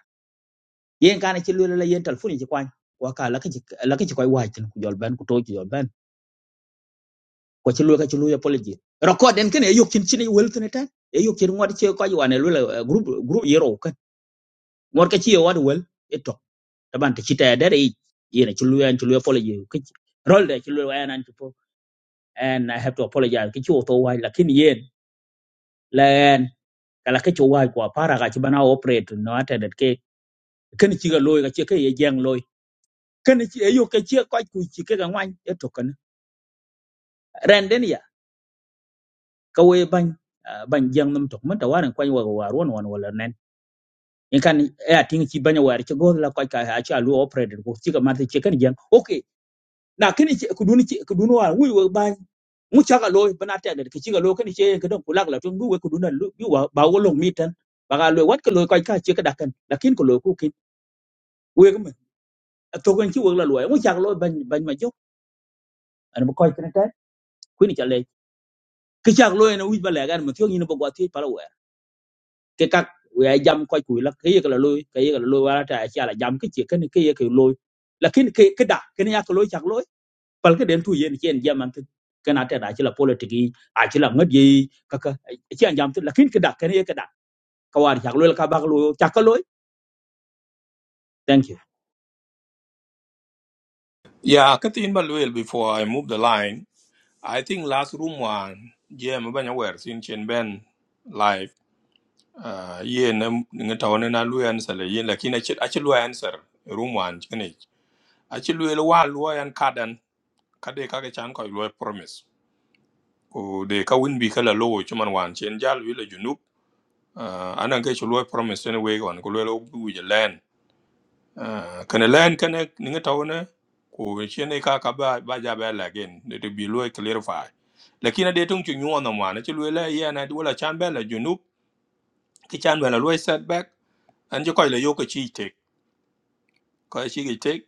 D: yen kana ci lula la yen telefoni ci kwany wa ka la ka ci la ka ci koy wajin ku jol ben ku to ci jol ben ko ci lula ka ci lula poliji record den kene yok cin cin wel tene tan e yok cin ngod ci ko yi wane lula group group yero kan ngod ka ci yo wad wel e to taban ta ci ta dare yen ci lula ci lula poliji ka ci rol da ci lula wa nan ci po and i have to apologize ki ci to waj lakin yen len kala ka ci waj ko para ga ci bana operate no ata dat ke kan ci ga loy ka ci ka ye jeng loy kene ci eyo ke ci ko ku ci ke ga ngwan e to kan ren den ya ka we ban ah, ban jang num to man tawaran kwa wa wa ron wan wala nen in kan e atin ci banya war ci go la kwa ka ha ci alu operated ko ci ka mar ci kan jang okay na kene ci ku dun ci ku dun wa wi wa ban mu ca ga loy bana ta da ci ga lo kene ci ka don kulak la tun bu we ku dun lu bi wa ba wo long mitan ba ga loy wat ka loy kwa ka ci ka da kan lakin ko loy ku kin we ga man to kan ci wa la loy mu ca ga loy ban ban ma jo an ba kwa kan ta ku ni cha le ke chak loy na wij bale gan matyo nyina bagwa ti pala wer ke kak we ay jam koy kuy la ke yekla loy ke yekla loy wala ta acha la jam ke che ken ke yek loy lakin ke ke da ken yak loy chak loy pal ke den tu yen chen jam ant ken ata da chila politiki a chila ngad yi kaka chi an jam tu lakin ke da ken yek da ka war chak loy ka bag loy chak ka loy thank you
A: Yeah, Katin Balwell before I move the line. I think last room one yeah mabanya were sin chen ben live uh yeah na ngata na na lu answer le yeah lakini achi achi lu answer room one kene achi lu lu wa lu an kadan kade kage chan ko lu promise ku de ka win bi kala lowo chuman wan chen jal wi le junub uh, anan ke chulo promise ne we wan ku lo bu je len uh, kana len kana ninga tawna ku chen e ka ka ba ba ja ba la gen de de bi lo clarify lakini de tung chu nyu na wan chu le ye na du chan ba la junub ki chan ba la lo setback an je ko le yo ko chi tek ko chi ki tek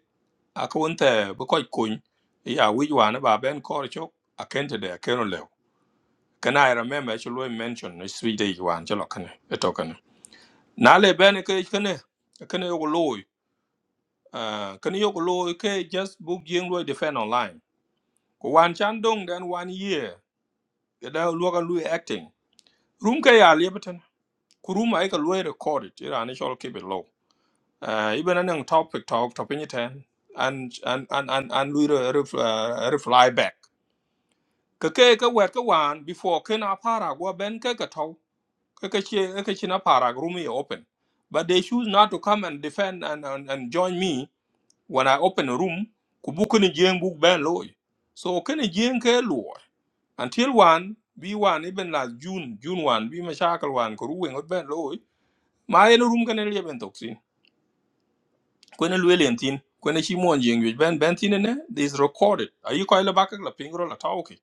A: a ko nte bu ko ko kun ya wi wan ba ben ko chok a kente de a Can I remember she lo mention ni sweet day wan che lo kane eto kane na le ben ke kane a kane yo lo uh kane yo lo ke just book young. lo defend online ko wan chan dong dan one year ke da lo ga lu acting room ke ya le beten ku room ai ka record it ira ni shol keep it low uh even an topic talk topic it and and and and and lu reply back ke ke ke wer ke wan before ke na para go ben ke ka tau. Kakashi Kakashi na parag room is open, but they choose not to come and defend and and, and join me when I open a room. Kubukuni jeng book ban loy. So kani jeng ke loy until one be one even last June June one be mashakal one kuruwe ngot ban loy. Ma eno room kani liya ben toksin. Kwenye lueli entin kwenye shimo jeng yuj ben ben tine ne this recorded. Ayi kwa ile bakak la pingro la tauke.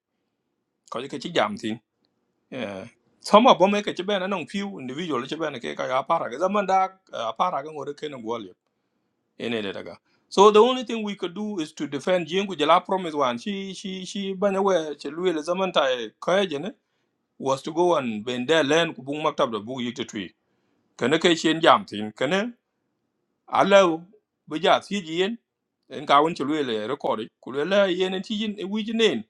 A: Kwa ile kichi jam tin. Yeah. Some of them make a chiban and on few individual chiban and cake a para. Zaman da a para can or can go in it. daga. So the only thing we could do is to defend Jingu Jala promise one. She she she banyawe she Louis Zamanta Kajane was to go and bend their land kubung maktab the book yikta tree. Can a kitchen jam thing? Can a allow Bajas Hijian and Kawan Chalwele recorded? Could allow Yen and Tijin a Wijin name?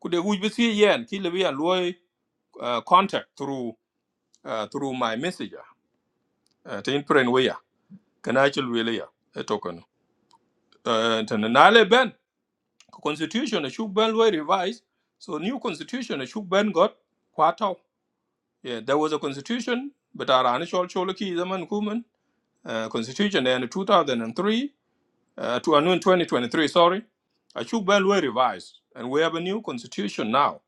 A: Could a Wij be see Yen, Kilabi and Loy uh, contact through uh, through my messenger uh, to imprint where can I actually really a token uh, to nale ben constitution should ben were revised so new constitution should ben got kwato yeah there was a constitution but our initial choloki zaman kuman uh, constitution in 2003 uh, to uh, no, in 2023 sorry a should ben were revised and we have a new constitution now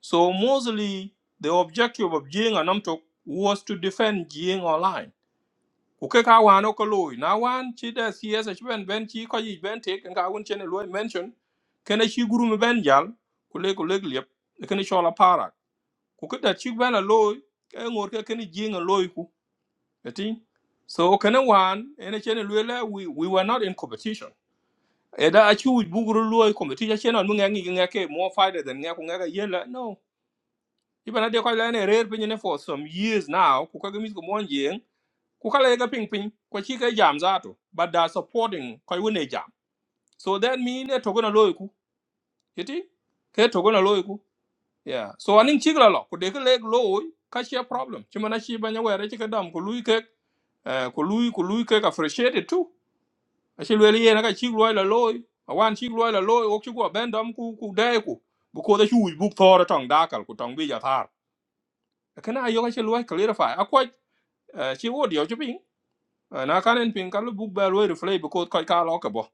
A: so mostly the objective of Jing and Namtok was to defend Jing online Kuke ka wan o koloi. Na wan chi da CS chi ben ben chi ko yi ben tek nga won chen lo mention. Kene chi guru me ben jal kule kule liep. E Kene chola para. Kuke da chi ben a loy ke ngor ke kene jing a loy ku. Eti. So kene wan ene chen lo le we we were not in competition. Eda achi u buguru loy competition chen on ngi ngi ke more fighter than ngi ku ngi yela. No. Ibana de ko la ne rare pinyo ne for some years now. Kuke mi ko mon ku kala ga ping ping ko chi ga jam zato but they are supporting ko wone jam so that mean e togo na loy ku yiti ke togo na loy ku yeah so aning chi ga lo ku de ga leg loy ka chi problem chi mana chi banya were chi ka dam ku lui ke eh, ku lui ku lui ke ka frustrated too a chi le ye na ka chi loy la loy a wan chi loy la loy ok chi go ben dam ku ku de ku bu ko da chu bu thor tong da kal ku tong bi ja thar kana ayo ka chi loy clarify a ko chi wo dio chi ping na kanen pin kalu buk ba lo replay bu ko ko ka lo ka bo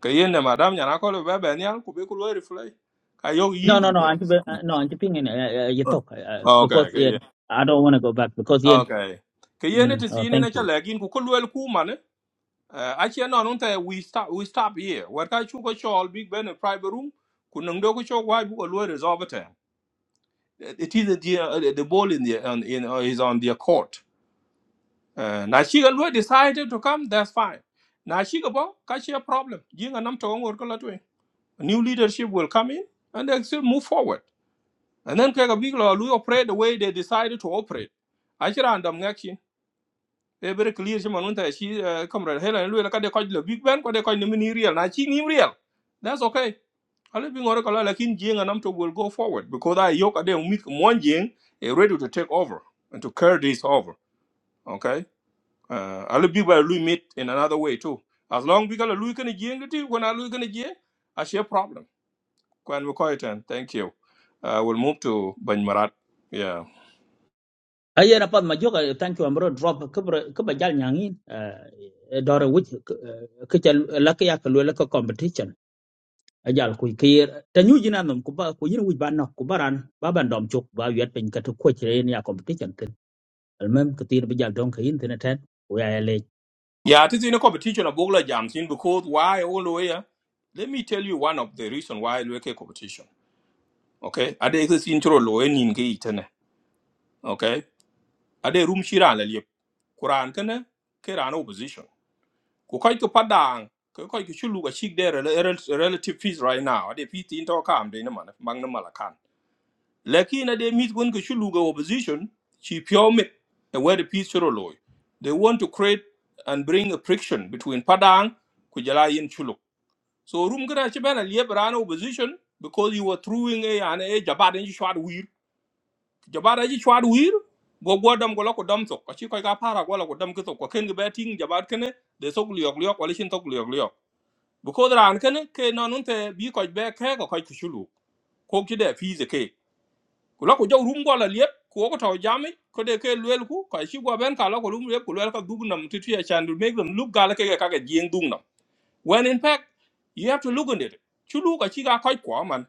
A: ka yen ne madam nya na ko be be nyal ku be ku lo replay ka yo
D: no
A: yin
D: no
A: in
D: no
A: je
D: anti no anti ping in you talk uh, uh, because
A: okay ka
D: yeah,
A: yen
D: i don't want to go back because yeah
A: okay ka
D: mm,
A: yen ti
D: oh,
A: sin
D: thank
A: ne cha
D: you
A: lagin ku ko lo ku man a che no nun te we stop we stop here what ka chu ko chol big ben a private room ku nang do ko chol wa bu ko lo resolve it it is the uh, the ball in the on, in uh, is on their court uh, na chi ga lo decided to come that's fine na chi ga bo ka che problem yin ga nam to ngor ko la new leadership will come in and they still move forward. And then Kega Bigla will operate the way they decided to operate. Actually, and I'm actually a very clear Shimon Winter, she, uh, comrade Helen, look at the coach, the big band, what they call the mini real, not him real. That's okay. I live in Oracle, like in Jing and Amto will go forward because I yoke at them with one Jing, eh, ready to take over and to carry this over. Okay. Uh, I live big by meet in another way too. As long as we can Louis can when I Louis can Jing, I share problem. Kwan Mukoitan, thank you. Uh, we'll move to Banymarat. Yeah.
D: aye na pat ma joga thank you amro drop kubra kubra jal nyangin dore which ke la ke yak lo la ka competition ajal ku kir ta nyu jina nom ku ba ku yin wuj ban nok ku baran ba ban dom chuk ba yet pin ka to ko chire ya competition tin almem ke tir bi jal don ka yin tin ten we
A: Yeah, it is in a competition of Bogla Jams in because why all the way. uh, Let me tell you one of the reason why we make a competition. Okay. Ade exist intro lo enin ke itene. Okay. Ade room shira la liep. Quran kene ke ran opposition. Ko kai ko padang ko kai ko chulu ga shik there relative fees right now. Ade fees into kam de na man bang na malakan. Lakin na they meet when Kishuluga opposition, she pure me a word of peace choro loy. They want to create and bring a friction between Padang, Kujala and Chuluk. So room kada chibana liebrano opposition because you were throwing a an a jabat, and shwad weir. Jabad and shwad weir. Go go dam go lako dam sok. Achi koi ka para go lako dam kitok. Kwa ken gabeting jabad kene they sok liok liok walishin tok liok liok. Because ran kene ke nanunte bi koi be ke ko koi kishulu. Kok chide fees a ke ku la ku jow rum go la liep ku ko to jami ko de ke luel ku ka shi go ben ka la ko rum liep ku luel ka dug nam ti ti chan to make them look gal ke ke ka ke jing dung nam when in fact you have to look at it chu lu ka chi ga ko ko man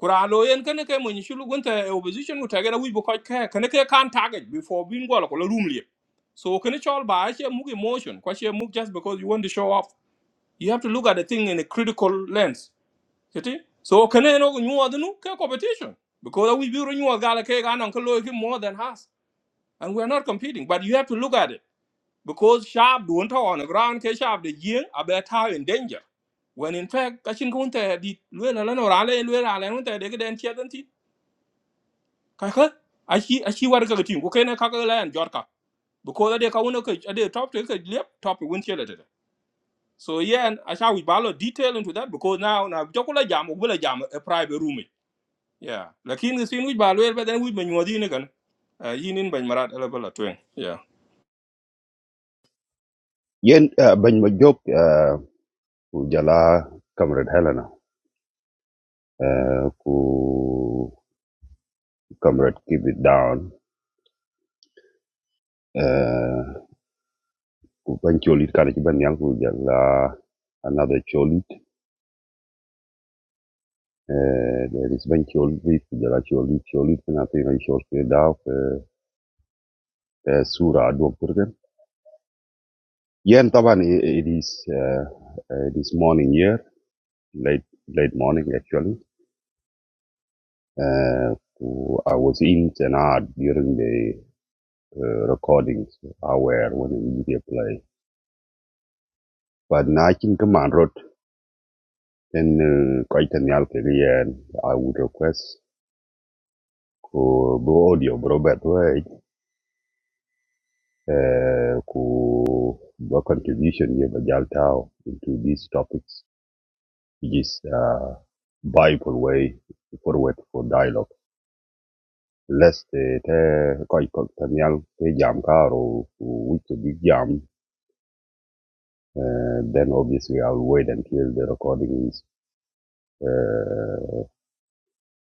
A: kura lo yen ke ne ke mun shi lu gun ta opposition ku ta ga na wi bu ko ke ke ne ke kan target before bin go la ko la rum liep so ke ne chol ba she mu emotion ko she mu just because you want to show off you have to look at the thing in a critical lens you see? So can I know you are the new competition because we build new gala cake and uncle Loic more than us, and we are not competing. But you have to look at it because sharp don't talk on the ground. Case sharp the year about how in danger. When in fact, kachin kunte di luela lano rale luela lano te deke den chia den Kaka ashi ashi war ka gatim kuke na kaka la and jorka because ade ka uno ka the top te ka lep top win chia lete. So yeah, and I shall we balo detail into that because now now jokola jam ubula jam a private room. yeah lakin sin wi ba lwel ba den wi men ngodi ne kan Ah, yin in ban marat ala bala twen yeah
E: yen uh, bañ ma job uh, ku jala comrade helena uh, ku comrade keep it down uh, ku bañ cholit kana ci ban yang ku jala another cholit uh, there is bañ cholit bi ku jala cholit cholit kana fi ngay chol fi daw uh, sura do kurgen yen taban i- i- it is uh, uh, it is morning here late late morning actually uh, ku- I was in Senad during the uh, recordings aware when you get play. But now I can command road and quite an alkalian. I would request ku bu audio Robert Way uh, ku the contribution you have Tao into these topics which is uh, Bible way forward for dialogue. Lest the the quite Daniel the jam car or which big jam, uh, then obviously I'll wait until the recording is. uh,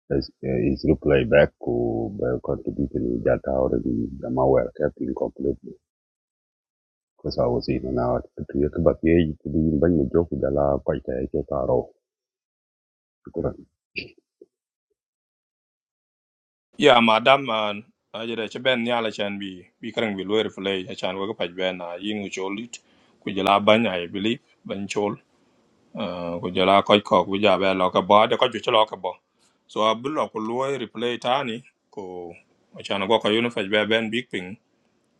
E: His, uh, his reply back to by contributing that already? the malware tapping completely because I was in and out to create but yeah you could even bring a joke with the la quite a joke arrow
A: yeah madam man ajere che ben nyala chan bi bi karang bi lwer play a chan wa pa ben na yin u cholit ku jala ban ai believe ban chol Ah, ku jala ko ko ku ja ba lo ka ba de ko ju chlo ka bo so a bulo ku lwer replay tani ko a chan go ko yun fa ben big ping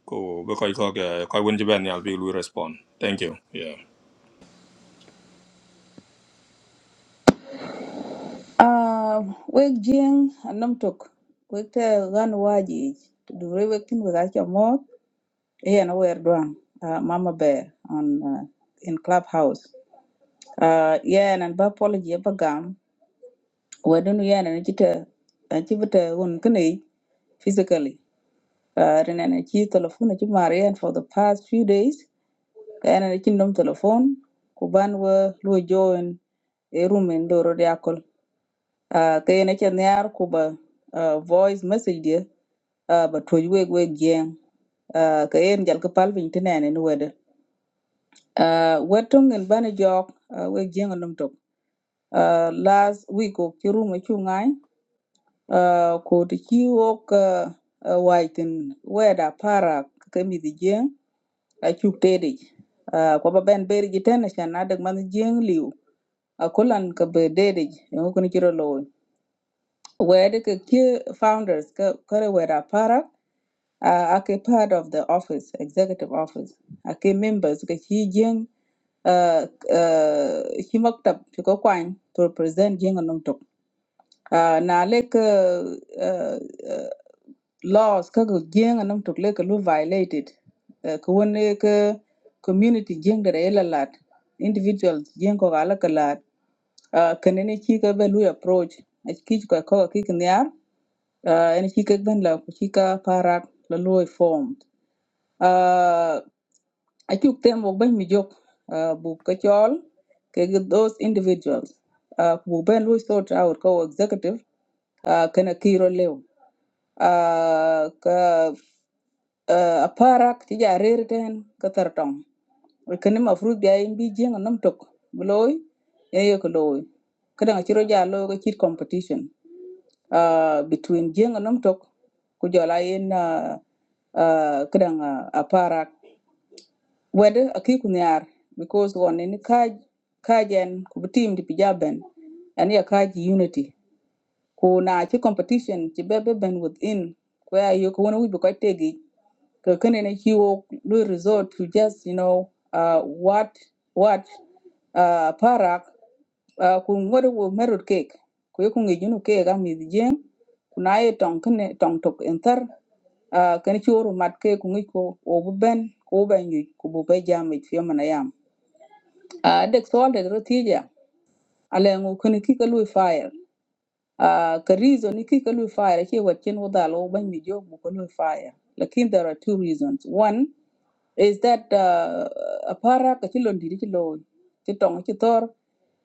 A: ko be ko ko ke- ko won je ben nyal bi lwer respond thank you yeah
B: Uh, wek jing anam tok. Wek te gan waji. Dure wek tin wek acha mot. Eh, na wer duang. Uh, Mama Bear on uh, in Clubhouse. Uh, yeah, and ba apology e ba gam. Wedun yeah, and chita chibita un kene physically. Uh, rene na chi telephone chi marian for the past few days. Kayana na cindom telefon kuban ban wa lu join e rumen doro diakol. Ah kayana cen yar ku ba ah, voice message dia ah, ba tuj weg weg jeng. Ah kayen jal ka pal vin tinene ni wede. Ah wetong en bana jok ah, weg jeng num tok. Ah last week ko ci rumo ci ngai ah ko ti ci wok ah, ah, waitin weda para kemi mi di jeng a cuk tedi. Ah ko ba ben beri jiten na na dag man jeng liu. a kulan ka be dede yo kun kiro lo wede ke ke founders ka kare wera para a ake part of the office executive office a ake members ka chi jeng uh, uh, shi maktab shi ko kwany to represent jeng anum tok uh, na le ka uh, uh, laws ka ko jeng anum tok le ka lu violated uh, won community jeng da ela lat individuals jeng ko ala ka lat uh, kanene chi be ba lui approach a chi ka ko ki kniar uh, en chi ka ben la ku chi ka parak la lui form uh, achuk tem wok ben mi jok uh, bu ka chol ke gi those individuals uh, bu ben lu sort out ko executive uh, kana kiro lew uh, ka uh, aparak ti ja rer ten ka tar tong kene ma fruit bi ay bi jeng nam tok bu loy e ye ko loy kada nga chiro ja lo ga chit competition uh, between Jing and Nomtok, Kujola in uh, uh, Kudang uh, Aparak, whether a Kikunyar, because one in Kaj, Kajan, Kubutim, the Pijaben, and your Kaj unity. Kuna chi competition, Chibebe Ben within, where you can only be quite taggy kakene he will do resort to just you know uh what what uh parak uh kun wadu wo merut cake ku ku ngi junu cake am mi jeng kuna ye tong kene tong tok enter uh kan chi oru mat ke ku ngi ko o bu ben ko ben yu ku bu be jam mi fi mana yam uh dek sol de rotija ale ngu kene ki ka lu fire uh ka reason ni ki ka lu fire chi wat chen wadalo ban mi jog bu ka lu fire lakin there are two reasons one is that uh, apara Kachilon diri ndiri chilo chitong chitor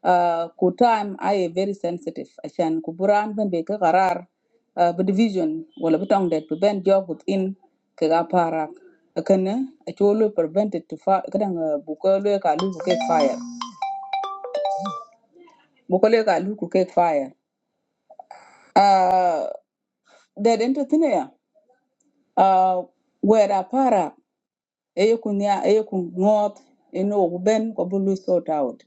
B: uh, ku time I very sensitive ashan Kuburan buran ben be ka qarar uh, bu division wala bu tong det bu ben job within ka ga para kana a cholo prevented to fa kadang uh, bu ko le ka lu ku cake fire bu ko le ka lu ku cake fire uh, that entertainer uh, where apara eyekunya eyekungot eno kuben kobulu sort out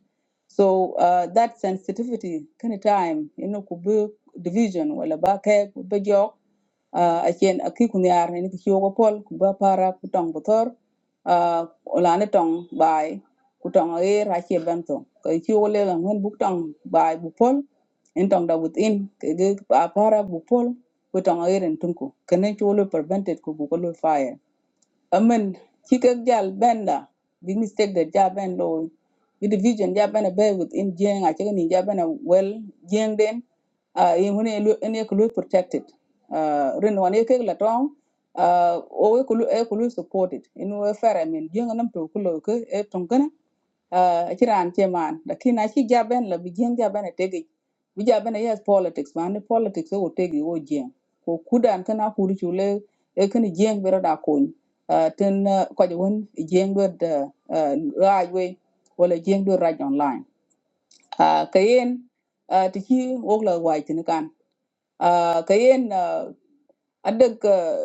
B: so uh, that sensitivity kind of time eno kubu division wala ba ke kubu jok uh, achen aki kunyar ene kisio pol kuba para kutong butor uh, olane tong bai kutong air ache bento ko kisio le ngon buk bai bu pol da within ke ge para bupol, pol kutong air en kene chulo prevented ku bu fire amen chikek jal benda big mistake that ja ben lo with the vision. ja ben be within jeng a chicken ja ben well jeng den uh in when any clue protected uh rin one ekek la tong uh o we kulu e kulu supported in we fair i mean jeng nam to kulo ke e tong uh, ci raan ci man lakini aci jaben la bi jeng jaben e tegi bi jaben e yes politics man ni politics e wo tegi wo jeng ko kudan kana kuri chule e kani jeng bero da kony uh, ten uh, kwaja wen jeng do da uh, raj we wala jeng do raj online uh, kayen uh, tiki wok la wai tini kan uh, kayen uh, I think uh,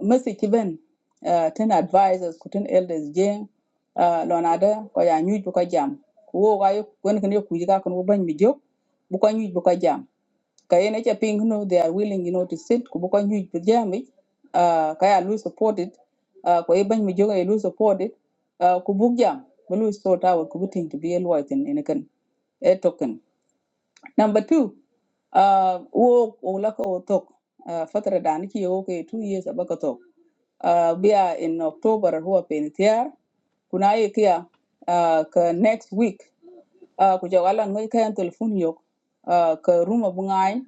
B: message ben uh, ten advisors kutun elders jeng uh, lon ada ko ya nyuj bu jam wo ga when kon ken yo kujiga kon wo ban mi jok bu jam ka yene cha no they are willing you know to sit ku bu ko nyuj bu jam ik, uh, ka ya lu support it uh, ko e ban mi jok e uh, ku jam bu lu sort out ku to be a in in ken e token Number two, uh, wo ulaka wo tok uh, fatara da nake wo ke two years abaka tok. Uh, biya in October huwa penitiar. Kuna ye kia uh, ka next week uh, ku jok ngai kayan telephone yok uh, ka ruma bungain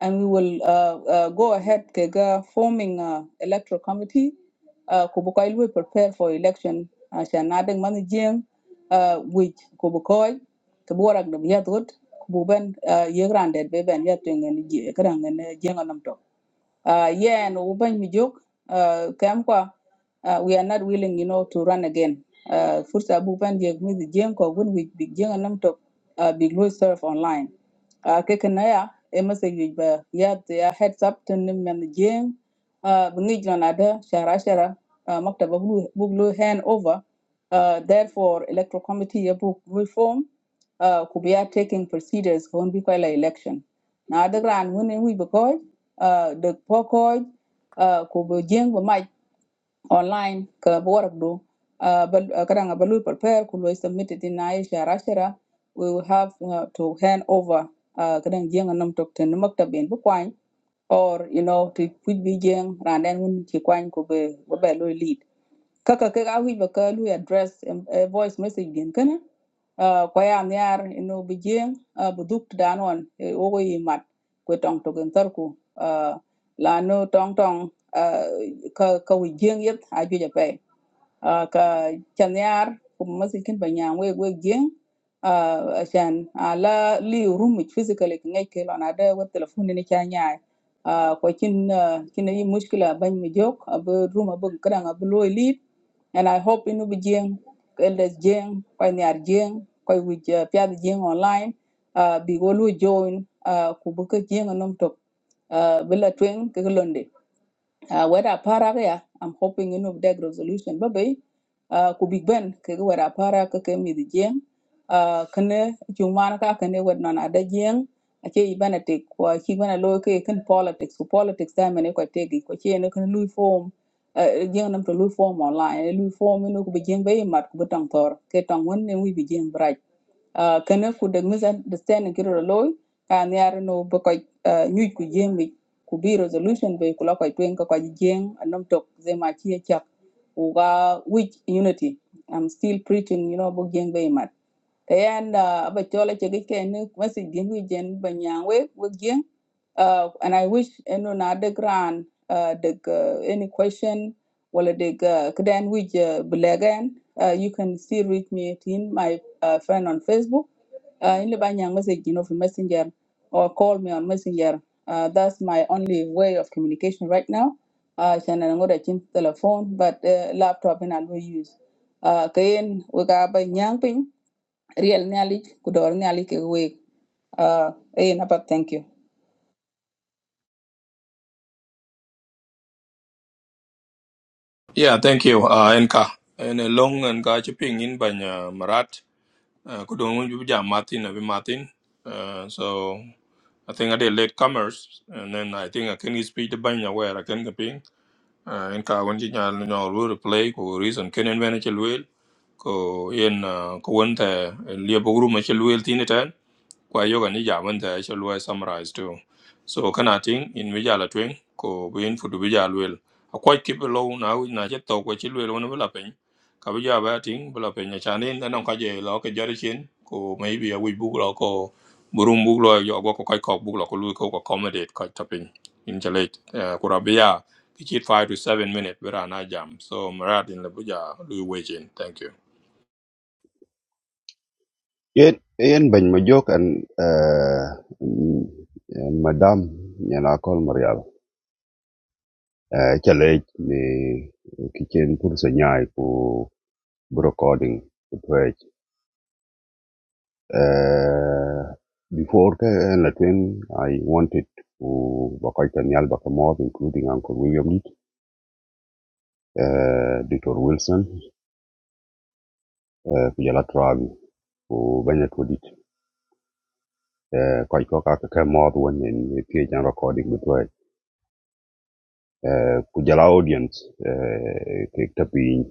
B: and we will uh, uh, go ahead ke forming uh, electoral committee uh, ku bu koy prepare for election uh, sha na uh, which ku bu koy ke bu warak dum ku ben uh, yegran be ben yatwen ngen ji kadang ngen jeng uh, yeah, and Ubang Mijuk, uh, Kamkwa, uh, we are not willing, you know, to run again. Uh, First, Abu Ban Jek, me the Jenko, when we big Jeng and to uh, big Louis serve online. Uh, Kekanaya, Emasa Yuba, Yat, their heads up to Nim and the Jeng, uh, Bungijlan Ada, Shara Shara, uh, Maktaba Buglu hand over. Uh, therefore, electoral committee book reform uh, could be taking procedures on Bikola election. Now, the grand winning we because uh, được phố khối uh, của biểu diễn của mạch online ka borak do uh, bal uh, kadang balu prepare ku lo submit in Aisha Rashira we will have uh, to hand over uh, kadang jeng nam tok ten maktab en bu or you know to put bi jeng ran den un ci kwany ko be be lo lead kaka ke ga wi ba ka lu address em- eh, voice message gen kana uh, ko ya nyar no bi jeng uh, bu duk dan on eh, wo ko yi ko tong to gen tar ku uh, la no tong tong uh, ka ka wi jeng yet a ju ja ah, ka chanyar kuma masikin banyan we we gin ah, shan ala li room physically ngai ke lona da web telephone ni chanyar ko kin ah, kin yi mushkila ban mi jok abu room abu kadan abu loy lead and i hope inu bi jing elders jing ko nyar jing ko wi piad jing online ah, bi go lu join ah, ku bu ka jing nom tok bila tweng ke londe uh, whether para ya I'm hoping you know that resolution baby. uh, ku big ben ke ga para ka ke mi di jeng uh, kane jumana ka kane wad non ada jeng ake i bana te ko ki bana lo ke kan politics ku politics da mene ko te gi ko che ne kan lui form uh, jeng nam to lui form online lui form you know ku bi jeng be mat ku tor ke tang won ne wi bi bright uh, kana ku da misunderstanding kiro loy kan yar no ba ko nyuj ku jeng ku bi resolution be ku la ko twen ko ko jeng anom tok ze ma chi e chak u which unity i'm still preaching you know bo jeng be ma and uh, ba chola chege ken masi dingu banyang we we jen uh, and I wish eno na de gran uh, de uh, any question wala de uh, kden we uh, uh, you can still reach me in my uh, friend on Facebook uh, in the banyang message you know for messenger or call me on messenger uh, that's my only way of communication right now uh, chana ngoda chin telephone but uh, laptop and I will use uh, kayen we ga banyang ping Real nyali kudor nyali ke wek. Uh, eh, napa thank you.
A: Yeah, thank you, uh, Enka. In a long and gachi ping in by uh, Marat, uh, kudong you jam Martin, abi Martin. Uh, so I think I did late comers, and then I think I can speak the banya where I can ka ping. Uh, Enka when you know, will play, ko reason can advantage will, ko in uh, ko went a liabogru machel will tin it kwa yoga ni ja wanta ya shalwa summarize too so kana ting in bija la twing ko bin fudu bija lwel a kwa kip lo na wi na che to ko chi lwel wona bla pen ka bija ba ting bla pen ya chanin na non ka je lo ke jari chin ko maybe a wi bu lo ko burum book. lo yo go ko kai ko bu lo ko lu ko ko accommodate ka tapin in chale ko rabia ki chit 5 to 7 minute bra na jam so marat in la bija lu we chin thank you
E: yen yen bany ma joke and uh mm, eh, madam nyana call marial uh challenge me kitchen pulsa nyai ku recording Uh, before uh, Latwin, I wanted to Bakaita Nyal Bakamov, including Uncle William Leet, uh, Dr. Wilson, uh, Kujala Travi, who Banya Tudit, uh, Kaiko Kaka Mod when in PHN recording with Way. Uh, Kujala audience, uh, Kik Tapin,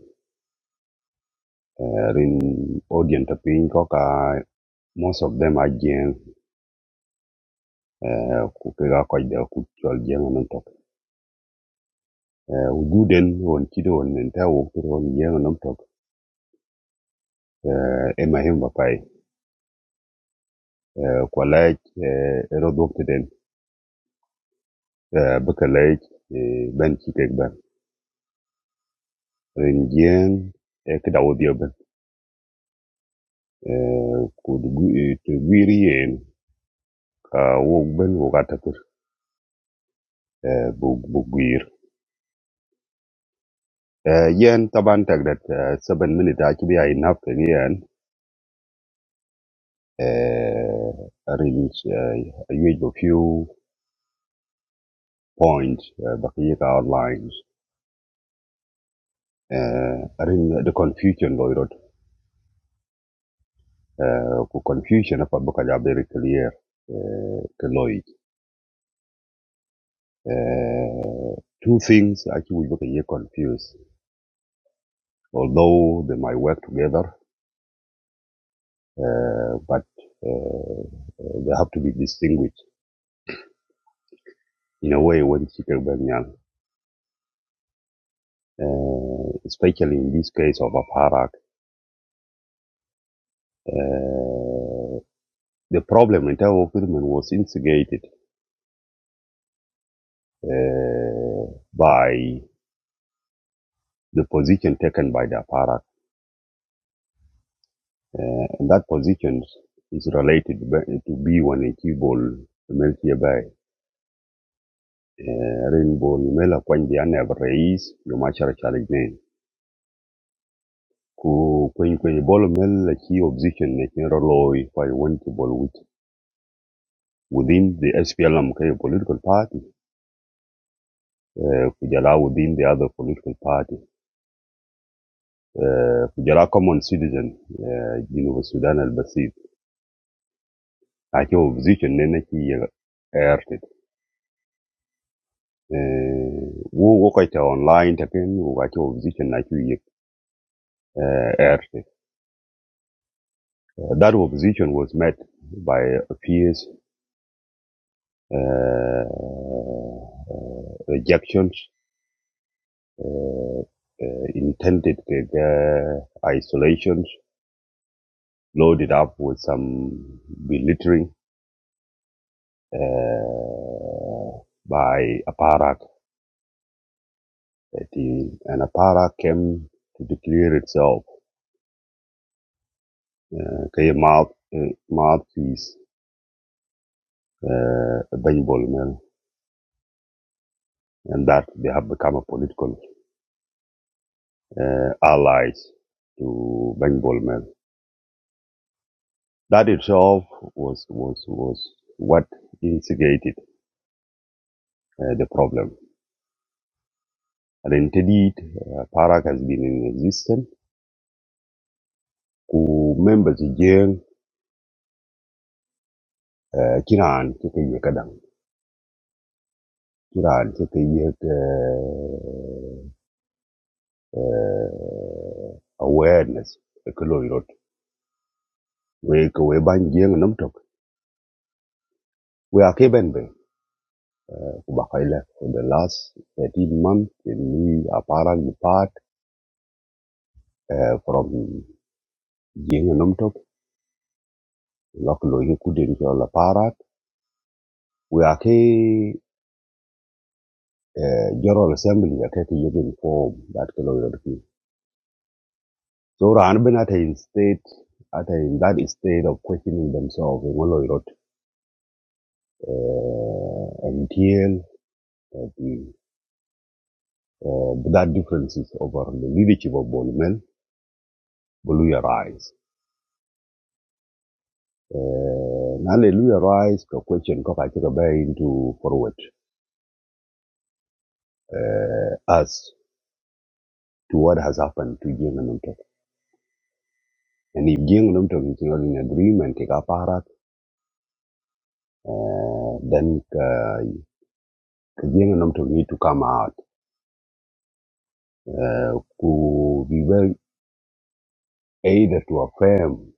E: uh, Rin audience Tapin, Koka, most of them are Jen, uh, Kukega Kaida Kuchol Jen Eh, wujuden won on won nta wokto won nyengo nam tok eh, ema hemba pai Eh, kwa laj eh, erod wokto den eh, baka laj eh, ben chikek ben rin jeng eh, kida Eh, kud gwi- eh, yen ka wok ben wokata kur eh, Eh, yen taban tagdat eh, seven minute achibi ay half yen eh, rin eh, yuej few points, eh, baka yeka uh, ring the confusion loy rot uh, ku confusion apa buka ja very clear uh, ke loy uh, two things actually buka ye confuse although they might work together uh, but uh, uh, they have to be distinguished in a way when chikel banyang uh, especially in this case of aparak uh, the problem in terms of women was instigated uh, by the position taken by the aparak Uh, and that position is related to B1 ball. Melchia Bay. Uh, Rainbow Mela Kwanji Anab Reis, Yomachar Chaligne. Ku Kwen Kwen Mel Mela Ki opposition Nakin Roloi for one Kibol with- within the SPLM Kaya political party, uh, Kujala within the other political party. Uh, Kujala common citizen, uh, University Sudan al Basit. Ake opposition Nenaki Ert Eh, wo wo online ta ken wo kai opposition na ki uh, air uh, that opposition was met by a fierce uh, uh, rejections uh, uh, intended uh, isolations loaded up with some belittling uh, by aparak That is- and aparak came to declare itself uh, mouth, uh, mouthpiece uh, Benbol and that they have become a political uh, allies to Benbol men. That itself was was was what instigated uh, the problem. And indeed, uh, Parak has been in existence. Ku members again, uh, Kiran Chekeye Kadang, Kiran Chekayek uh, uh, awareness, Ekoloirot, we we ban jeng nam tok, we are kebenbe. Bahia for the last 13 months we a parak depart uh, from Jing Nomtok, Lokaloyi Kudin Jola Parak. We are key uh, General Assembly, a key living form that Kaloyi So Ranbin at a state, at a, in that state of questioning themselves, in Oloyi Rot, uh, until uh, the, uh, that differences over the leadership of Bolman, Boluya rise. Uh, hallelujah uh, rise to question ko ka kira bay into forward uh, us to what has happened to Jing and Umtok. And if Jing and Umtok is not in agreement, take up Arak, uh, then uh, Jing and Umtok need to come out. Uh, who we will either to affirm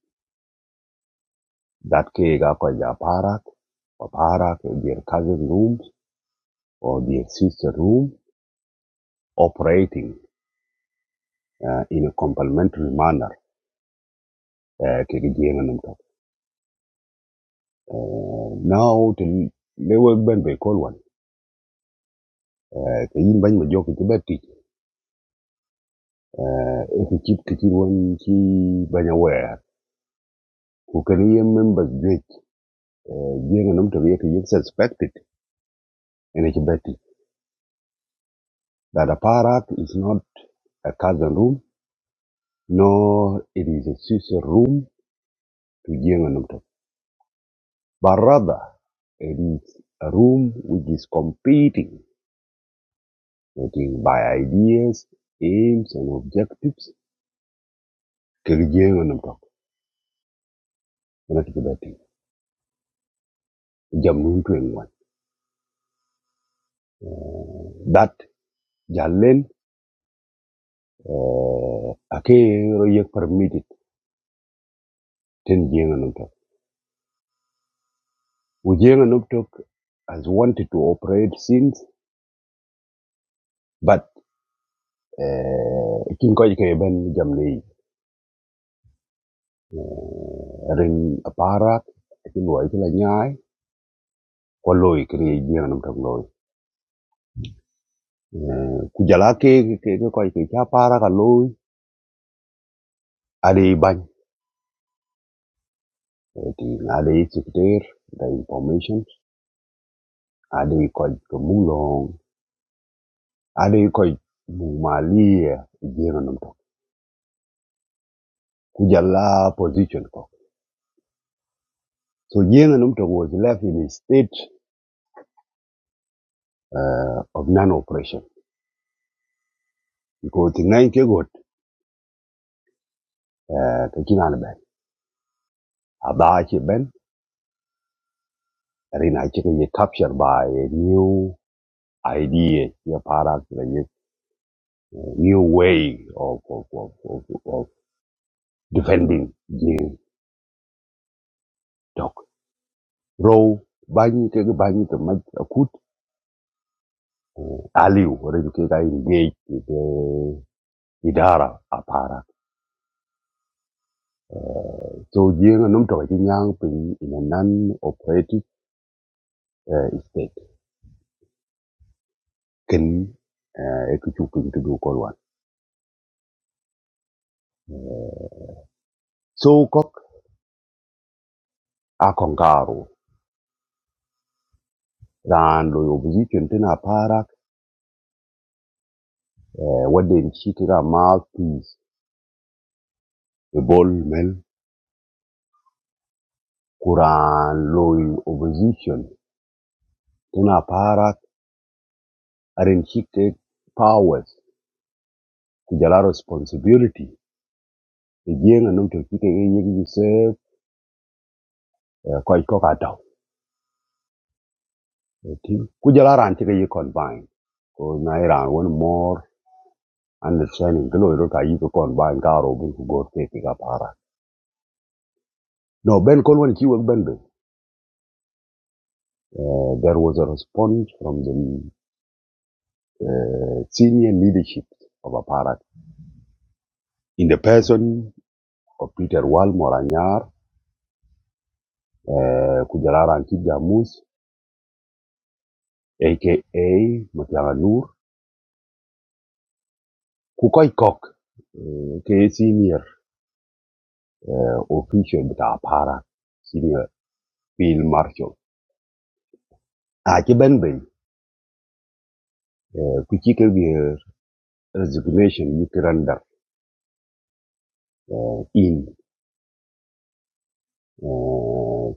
E: that ke ga ko ja Parak, or Parak, their cousin rooms, or their sister room, operating uh, in a complementary manner uh, to Jing and Umtok. Uh, now the the work ban by call one. Uh, the in ban majok the bad teach. Uh, if you keep kitchen one chi ban aware. Who can hear members great. Uh, yang nam to yek yek suspected. And it's bad teach. That a parak is not a cousin room, nor it is a sister room to yang nam to. But rather, it is a room which is competing, getting by ideas, aims, and objectives. Kiri yang nam to. And it's better. jamnun tuen dat jalen eh, ake ro permitted ten jenga num tok u tok has wanted to operate since but eh, kin ko ke ben jamne eh, ren aparat kin wa ikla nyai ko loy kri jenga num tok loy Eh, ku jala ke ke ko ke cha para ka loy ade ban ti ade secretary the information ade ko ko mulong ani ko Mumali jenga numto kujala position ko so jenga numto was left in a state uh, of non operation because the nine ke got uh, ke kinana ben aba ke ben rina ke ye captured by a new idea ye para uh, new way of of of of, of defending the talk row banyi ke banyi ke mat akut aliu rin ke ga engage with the idara Apara. so jing a num to ji nyang ping in a non operative uh, state ken uh, e ku chu to do ko wan so kok a kon garu ran lo opposition tin a para uh, waden chi ti ra mouthpiece e bol mel kuran lo opposition tin a para aren chi powers ku jala responsibility e jing a num to chi ke ye gi se team ku jala ran combine ko na iran won more understanding glo iro ka yi combine ka ro bu ku go te ka para no ben kon won ki ben uh, there was a response from the uh, senior leadership of aparat in the person of peter wal moranyar uh, ku jala aka matianga nur ku kok uh, ke senior uh, official bita aparat senior field marshal Ah, ci ben ben, uh, resignation you can render uh, in uh,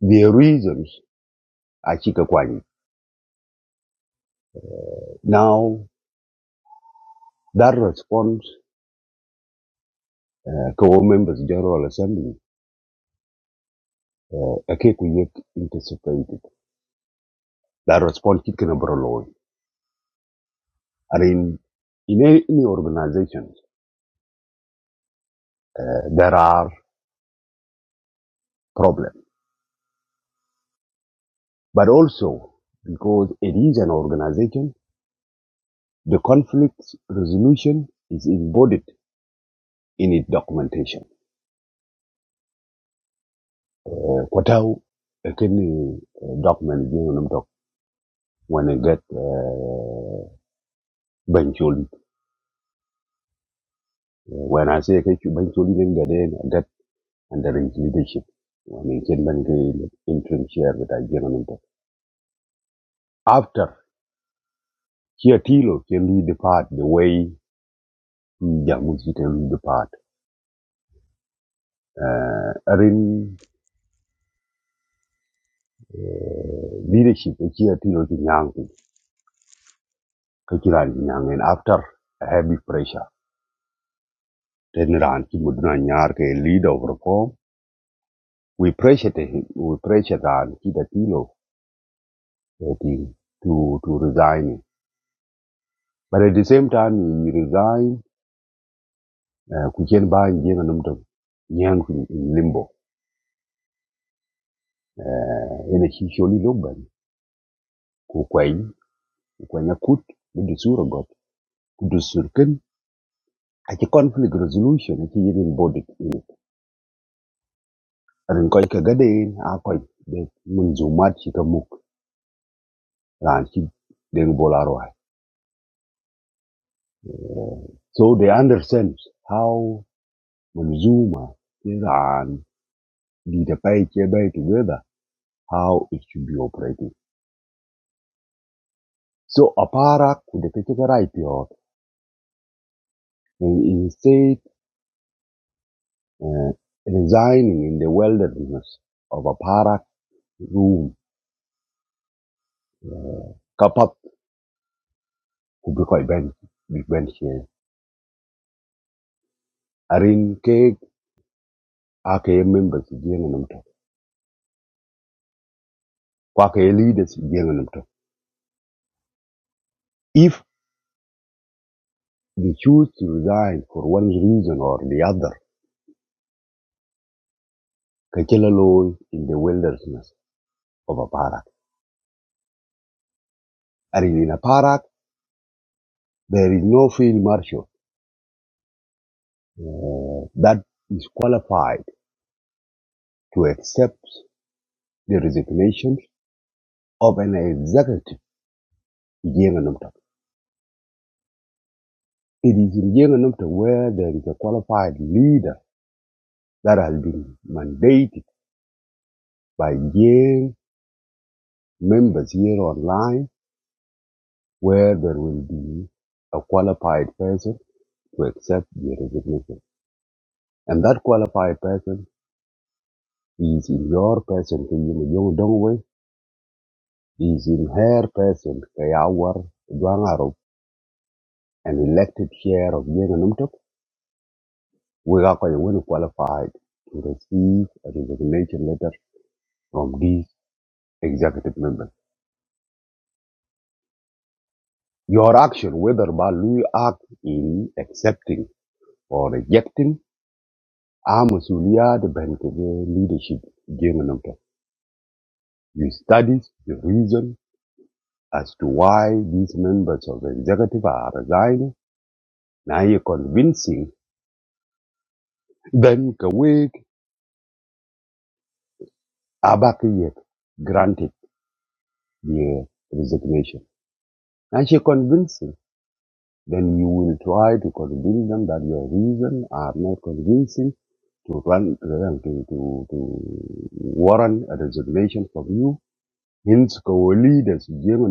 E: the reasons a ci kwani. Now, that response uh, ka members general assembly uh, a ke ku anticipated. That response kit kana bro loy. I mean, in any, any organization, uh, there are problems, but also because it is an organization, the conflict resolution is embodied in its documentation Eh, ko e eh, document jing num tok when i get uh, benchol when i say ke benchol jing ga den I get under his leadership when i ken ban ke interim chair with i jing num tok after here tilo can we depart the way jamu can we depart uh, arin uh, leadership here tilo jing yang ke kiran yang and after a heavy pressure then ran ki mudna nyar ke leader of reform We pressured him, we pressured on Kidatino to, to resign. But at the same time, he resigned, Kujenba uh, Kuchen Ba and Jenga Numtum, Yang in limbo, uh, in a Hisholi Loban, Kukwai, Kukwanya Kut, Kudusura Got, Kudusurkin, at a conflict resolution, at a hidden body. And Koi Kagade, Akoi, the Munzumat Shikamuk, Ranchi, Deng Bolaroi. So they understand how Manzuma Tehran detailed by together how it should be operating. So Aparak could take a right here and instead uh, resigning in the wilderness of Aparak room, uh, Kapat could be quite bent, big bent here. Arin Keg, AKA members, Jenganamto, AKA leaders, Jenganamto. If they choose to resign for one reason or the other, Kachelaloi in the wilderness of Aparak. Arena Parak, there is no field marshal uh, that is qualified to accept the resignation of an executive in Jenga Namtak. It is in Jenga Namtak where there is a qualified leader that has been mandated by Jeng members here online, where there will be a qualified person to accept the resignation. And that qualified person is in your person, Kenyama Dongwe, is in her person Kayawar Dwangarop and elected chair of Yenanumtok, we are going to qualified to receive a resignation letter from these executive members. Your action, whether by you act in accepting or rejecting, are Masulia the Bankable leadership Yenanumtok. You studied the reason as to why these members of the executive are resigning. Now you're convincing them Abakiyev granted the resignation, and she convinced him, then you will try to convince them that your reasons are not convincing to run to, to, to warrant a resignation from you. Hence, our leaders, Jim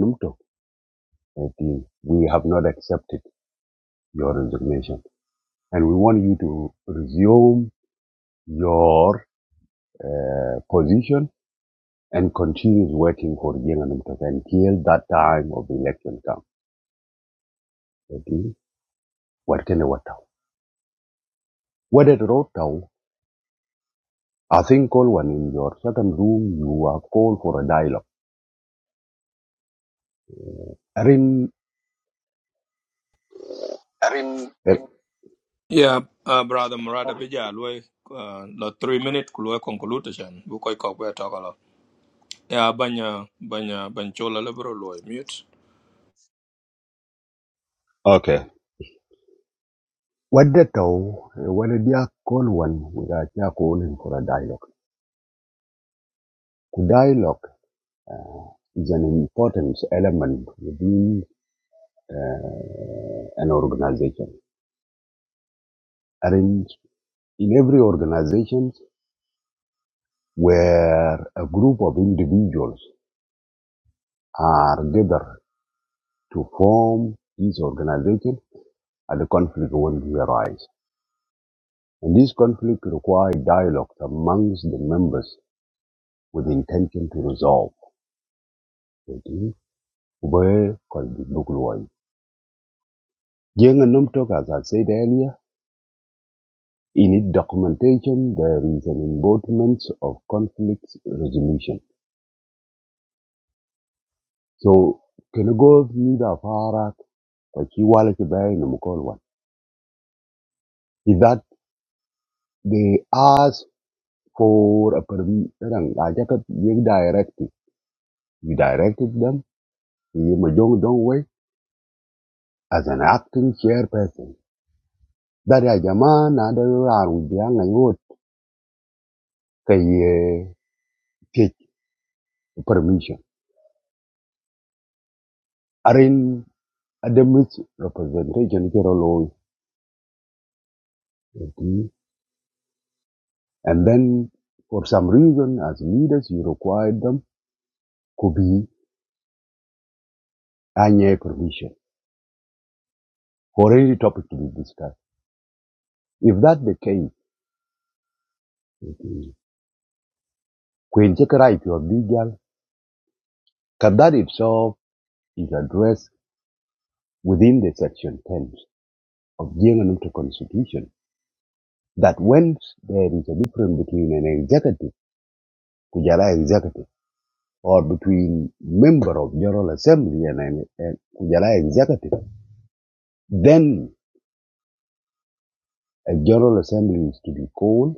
E: we have not accepted your resignation, and we want you to resume your uh, position and continue working for Jim until that time of the election comes. What can I what town? What at road town? I think call one in your second room. You are called for a dialogue. Rin.
F: I mean.
E: eh,
A: Yeah, uh, brother Murad Abija, Lui, uh, the three minute Kulua conclusion, Bukoy Kokwe Tokala. Yeah, Banya, Banya, Banchola Liberal Lui, mute.
E: Okay. What the town? eh, What did you call one? We are here calling for a dialogue. Dialogue is an important element within uh, an organization. And in every organization where a group of individuals are gathered to form this organization, and the conflict will arise. And this conflict required dialogue amongst the members with the intention to resolve. Jadi, where could be Bukulwai? Jeng and Numtok, as I said earlier, in its documentation, there is an embodiment of conflict resolution. So, can you go through the Farah, Kachiwala Kibay, Namukolwan? Is that they ask for a perm, erang, ajak yung directive. You directed them, you majong dong way, as an acting chairperson. That ya jamaa na da yo aru biya ngai wot kai eh, take permission. Arin ada mis representation kero loy. And then for some reason as leaders you required them to be anye permission for any topic to be discussed. If that the case, kwen check right your legal, can that itself is addressed within the section 10 of the Constitution that when there is a difference between an executive Kujala executive or between member of General Assembly and, and, and Kujala executive, then a General Assembly is to be called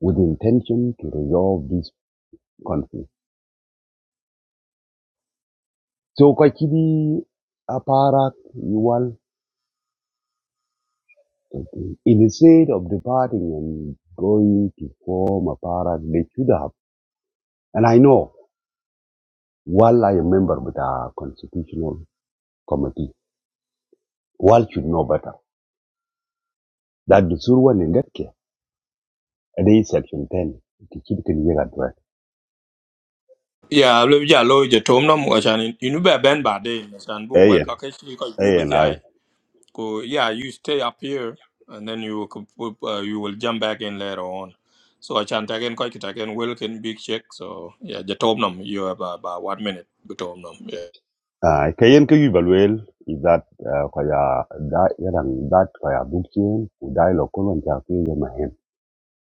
E: with intention to resolve this conflict. So Kwachidi Aparak Yuwal, instead of departing and going to form Aparak, they should have. And I know, while I am member of the Constitutional Committee, Wal should know better. That the Surwan in that case. ade section 10 ti chit ken yega dwek
A: Yeah, Libija Lui, the Tomnum, Washan, you know, Ben Bade, and Boo, where
E: ayen
A: Kakashi, Kubit
E: ayen ai
A: Yai. Go, yeah, you stay up here, and then you will, comp- uh, you will jump back in later on. So I chant again, Koi Kitaken, Wilkin, Big Check. So, yeah, the Tomnum, you have about one minute, the Tomnum, yeah.
E: ai kayen ke yubalwel i that uh, kwa that, for your that kwa ya bukchen ku dai lo kolon ta ke ye mahem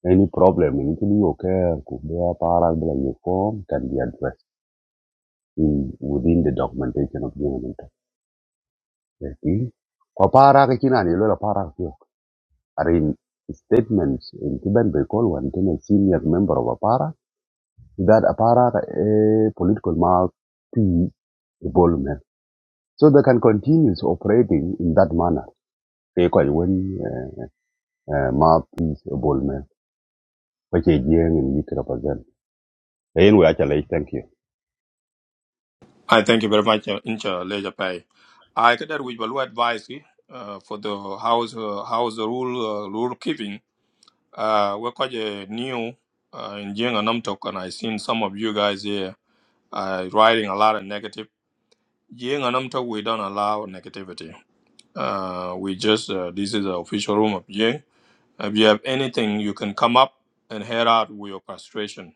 E: any problem in kin yo ke ku a para bla yo form can be addressed in within the documentation of the government okay kwa para ke kina ni lo para ke are in statements in kiban be call one ten a senior member of a para that a para eh, political mouth involvement. So they can continue operating in that manner. They call it when uh, map is involvement, which is young and you can represent. Anyway, actually, thank you.
A: I thank you very much, uh, Incha Leisure Pai. I could with value advice eh, uh, for the house uh, house rule uh, rule keeping. Uh, we're quite uh, new uh, in Jing and Namtok, and I seen some of you guys here uh, writing a lot of negative. Jing and Namtok, we don't allow negativity. Uh, we just uh, this is the official room of Jing. If you have anything, you can come up and head out with your frustration.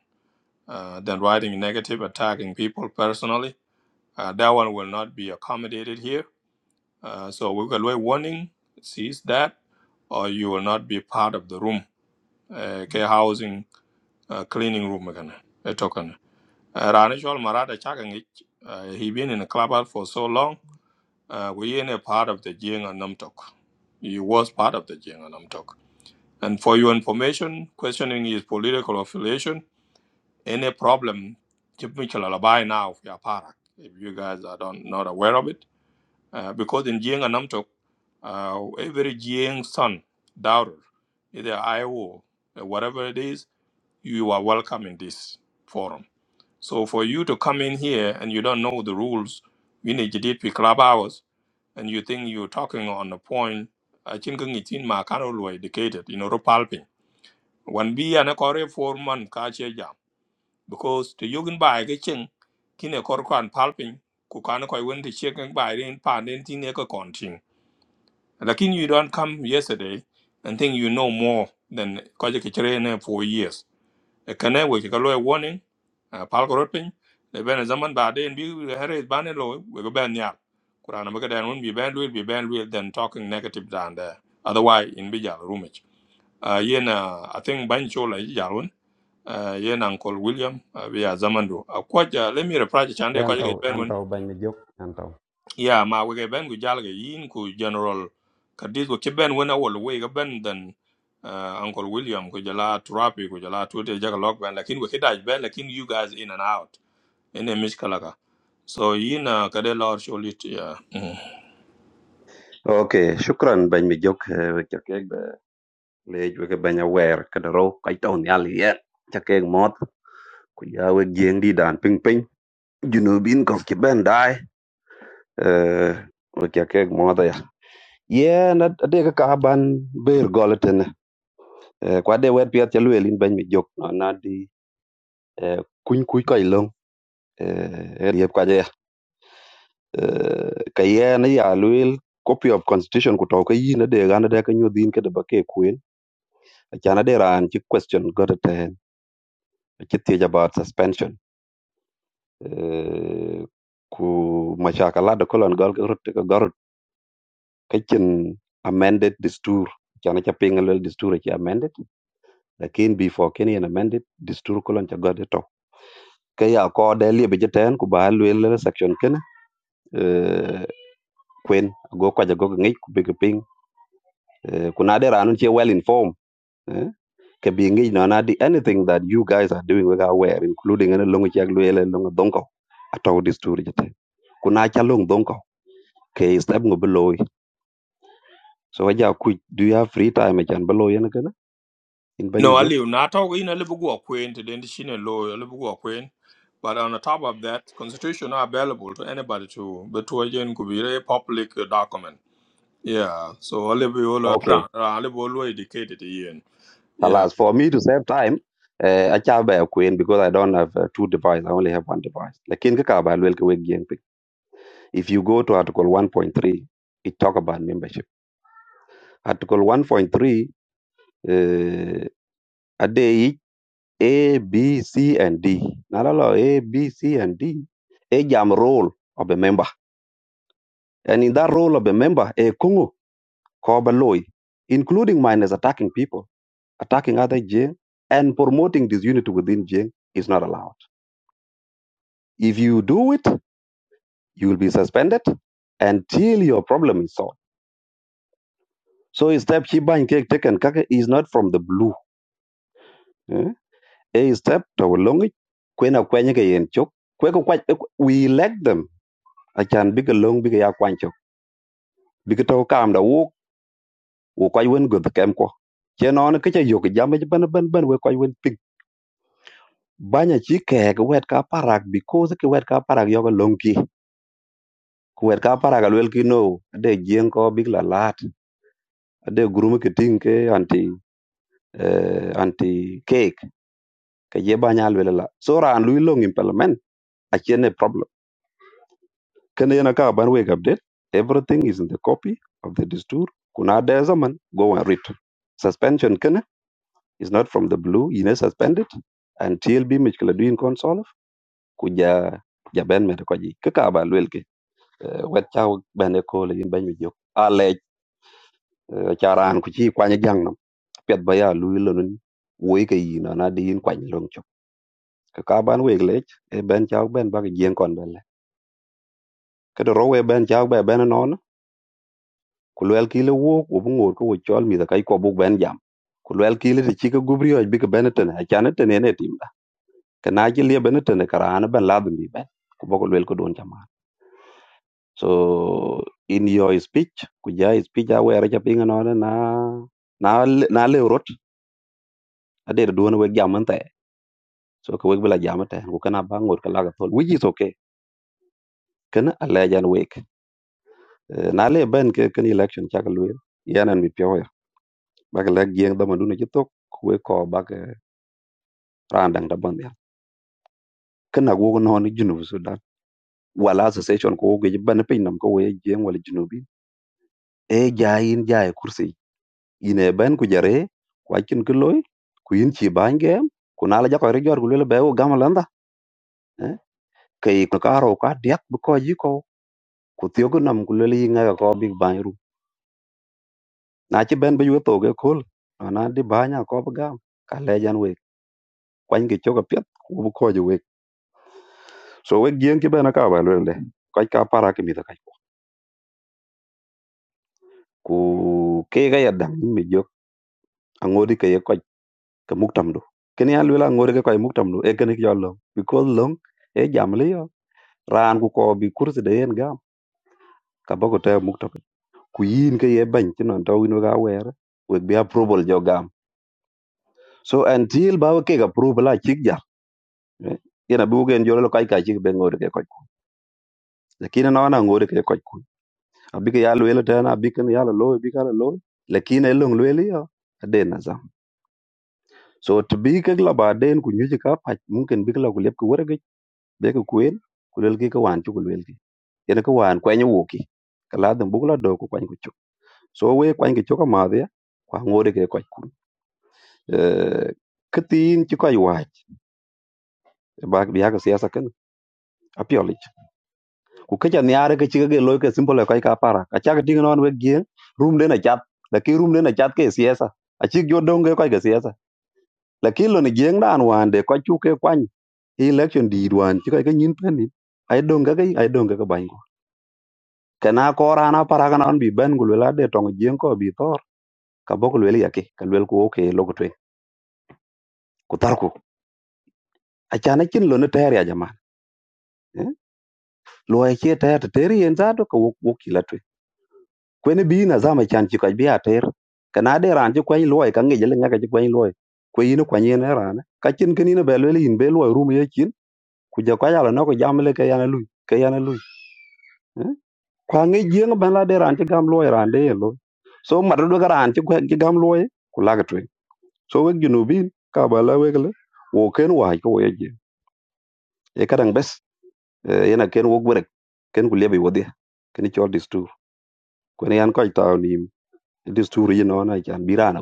A: Uh, than writing negative, attacking people personally. Uh, that one will not be accommodated here Uh, so we got a warning, sees that, or you will not be part of the room. Uh, ke housing uh, cleaning room again. A token. Ranishol Marada Chakangich, uh, he been in the clubhouse for so long. Uh, we ain't a part of the Jing and Namtok. He was part of the Jing and Namtok. And for your information, questioning his political affiliation, any problem, Chip Mitchell Alabai now, if you are parak. If you guys are don't, not aware of it, Uh, because in Jiang and Namtok, uh, every Jiang son, daughter, either IO, uh, whatever it is, you are welcome in this forum. So for you to come in here and you don't know the rules, we need to did club hours, and you think you're talking on a point, I think it's in my indicated, you know, palping. One be an a Korea four month kache jam. Because to Yugin by a ching, kin a korkwan palping, kukana koi went to checking by the in pan in tin like in you don't come yesterday and think you know more than Kaja Kichirene for years. A cane which a lawyer warning, a pal palgoroping, the Ben Zaman Bade and we Harry Banelo, we go ban ya. Kurana Magadan won't be banned, will be banned, will then talking negative down there. Otherwise, in Bijal Rumage. Uh, yena I think Banchola Jalun, uh, yena Uncle William, uh, via Zamando. Uh, quite, uh, kwaja let me reply to Chande,
G: Yan
A: kwaja
G: tau,
A: ben
G: yan tau bany mi jok, yan tau.
A: ya ma we ben gu jal ga yin ku general kadis ko ben wona wol we ga ben dan uh, uncle william ku jala turapi ku jala tute jaga lok ben lakin we kidaj ben lakin you guys in and out in a miskalaka so yin uh, kade lor sholit ya mm.
G: okay shukran ban mi jok we cha ke ba le ju ke ban aware ka ro kai to ni ali ya cha ke mot ku ya we jeng di dan ping ping junubin ko ke ben dai eh we cha ke mot ya ye na de ka ka ban ber golten kwa de wet piat cha lwelin ban mi jok na di É, Quincuicalão, é, eriyepkachea ka yen ya luel copy of constitution ku to ka yin ade gan ade ka nyodhin ke deba ke kwen achan ade ran chi question gote ten chi thiech about suspension eh, ku machaka lado kolon gol cái chừng amended distur chana cha pinga lel distur chi amended lakin before kenyan amended distur kolon cha gode to ke ya ko de li be jeten ku ba lel section ken eh, kwen go kwa go ngi ku be ping eh, ku na de ranun chi well informed eh, ke bi ngi no na di anything that you guys are doing we ga aware including an long chi ag lel long donko ato distur jeten ku na cha long donko ke step ngo beloy So Aja Kuj, do you have free time acan ba yen kana in bany mi
A: no
G: jok?
A: ali na talk yin a libu go queen to den shine lo a libu go acquaint. but on the top of that constitution are available to anybody to but to again could be a public uh, document yeah so a libu all
G: Okay,
A: around. a libu all educated yin Yeah,
G: alas, For me to save time, uh, acha ba queen because I don't have uh, two devices. I only have one device. Like in ka ba lwel ka weg yen pic. If you go to Article 1.3, it talk about membership. Article 1.3, uh, a day each, A, B, C, and D. Nalalo A, lot, A, B, C, and D. A jam role of a member, and in that role of a member, a kungu ko ba loy, including minus attacking people. attacking other Jing and promoting disunity within Jing is not allowed. If you do it, you will be suspended until your problem is solved. So a step Chiba and Cake Taken Kake is not from the blue. eh? A step Tawalongi, Kwena Kwanyaka Yen Chok, Kweko Kwach, we elect them. I can big a long big a quancho. Big a tau calm the walk, or quite win good the camco. Chen a kitchen yoke, Jamaj Ban Ban Ban, where quite win pig. Banya chike, wet car parak, because the wet car parak yoga longi. kuwet ka parak alwel ki no ade jieng ko bik la lat ade gurum ki ting ke anti eh, anti cake ke je ba nya alwel la so ran lui long implement a chene problem kene yana ka ban wake update everything is in the copy of the distur kuna de zaman go and read suspension kene is not from the blue ine suspended and T L B mich kala duin console kuja ja ja ben me ko ji ke ka ba lwel ke eh, wet cha ben ko le yin ben mi jok ale charan ku chi kwanya piɛt ba yaa lui lönön woi ka yi nön adiyin kwany loŋ cök kaka ban wek lec e ben cak ben ba ki jieŋ kon bele ködö ro we ben cak be bene nön ku luwel kile wok wobu ŋor ko wo col mitho ka iko buk ben jam ku luwel kile ti ci ka gup rioc bi ki bene tene acan itene ne timda kena ci liebe ni tene karaan ben ladhin bi ben ku bo ko luwel ko don caman so in your speech ku ja speech awere ca piŋ nön na na le- na lew rot adedo duwon wek jam an te so ko wek bila jama te ko kana ba ngor kala ga tol which is okay kana alla jan wek Eh, na le ben ke kan election cha kalwe yanan mi pyo ya ba ga lag yeng da manduna ci tok we ko ba ga randang da ban ya kana go no ni junub sudan wala association ko go ji ban pin nam ko we jeng wala junubi e jayin jaay kursi ine ben ku jare ku akin ku loy ku yin ci bangem ku na la jakoy rek jor gu le be wo gamalanda kay ko karo ka diak bu ko ji ko ku tiyo gu nam ku le yi nga ko big bang na ci ben be yu to ge kol na di banya ko ba gam ka lejan we kwany gi choga pet ku bu ko ju we so we gien ki ben ka ba le le ka ka para ki mi da ka ku ke ga ya dang mi jok angodi ke ye ko ka muktam do ken ya lula ngori ke ko muktam do e ken ki yollo because long e jam le yo ran ku ko bi kursi de en gam ka ba ko te muktam ku yin ke ye ban ti non to wino ga wer we bi approval jo gam so until ba ke ga approval a chik ja yana buge en jolo kai kai chik be ngode ke koy kun lakini no na wana ngode ke koy kun abike ya lwelo tena abiken ya lo bi kala lo lakini elong lwelo yo aden na zam so to bi ke la ba den ku nyuje ka pa mungkin bi la ku lep ku werge be ku kuen ku lel ki ka wan chu ku lel ki yana ka wan kwen wuki kala dum bu la do ku kwen ku chu so we kwen ki chu ka ma dia kwa ngode ke koy kun eh kitin chi koy wach ba bi ya ka siasa ken apioli ku kecha niare ke chike ke loy ke simple kai ka para ka chak ting non we gien room den a chat la ki room den a chat ke siesa a chik jo dong ke kai ke siesa la ki lo ni gieng dan wan de ka chu ke kwan election di wan chi kai ke nyin pen ni ai dong ke ai dong ke ban ko kana ko rana para kana on bi ben gul la de tong gieng ko bi tor ka bok lwel yake ka lwel ko ke logo twe ku tar ku a chana kin lo ne ter ya jama lo ai che ter ter yen za to ko wok kwen bi na zama chan chi ka bi ater kana de ran chi kwen loy ka ngi jele nga ka chi kwen loy ko yin kwen yin ran ka chin kin yin be le yin be loy rum ye chin ku ja ka yala no ko jamle ke yana lui ke yana lui eh? kwa ngi jeng ban la de ran chi gam loy ran de ye loy so mar do ga ran chi kwen chi gam loy ku la ga twen so we ginu bin ka ba la we le wo ken wa ko ye je e ka dang bes eh, yana ken wo gwere ken ku le bi wodi ken chol distur kwen yan ko ta ni distur yin no na chan bi ran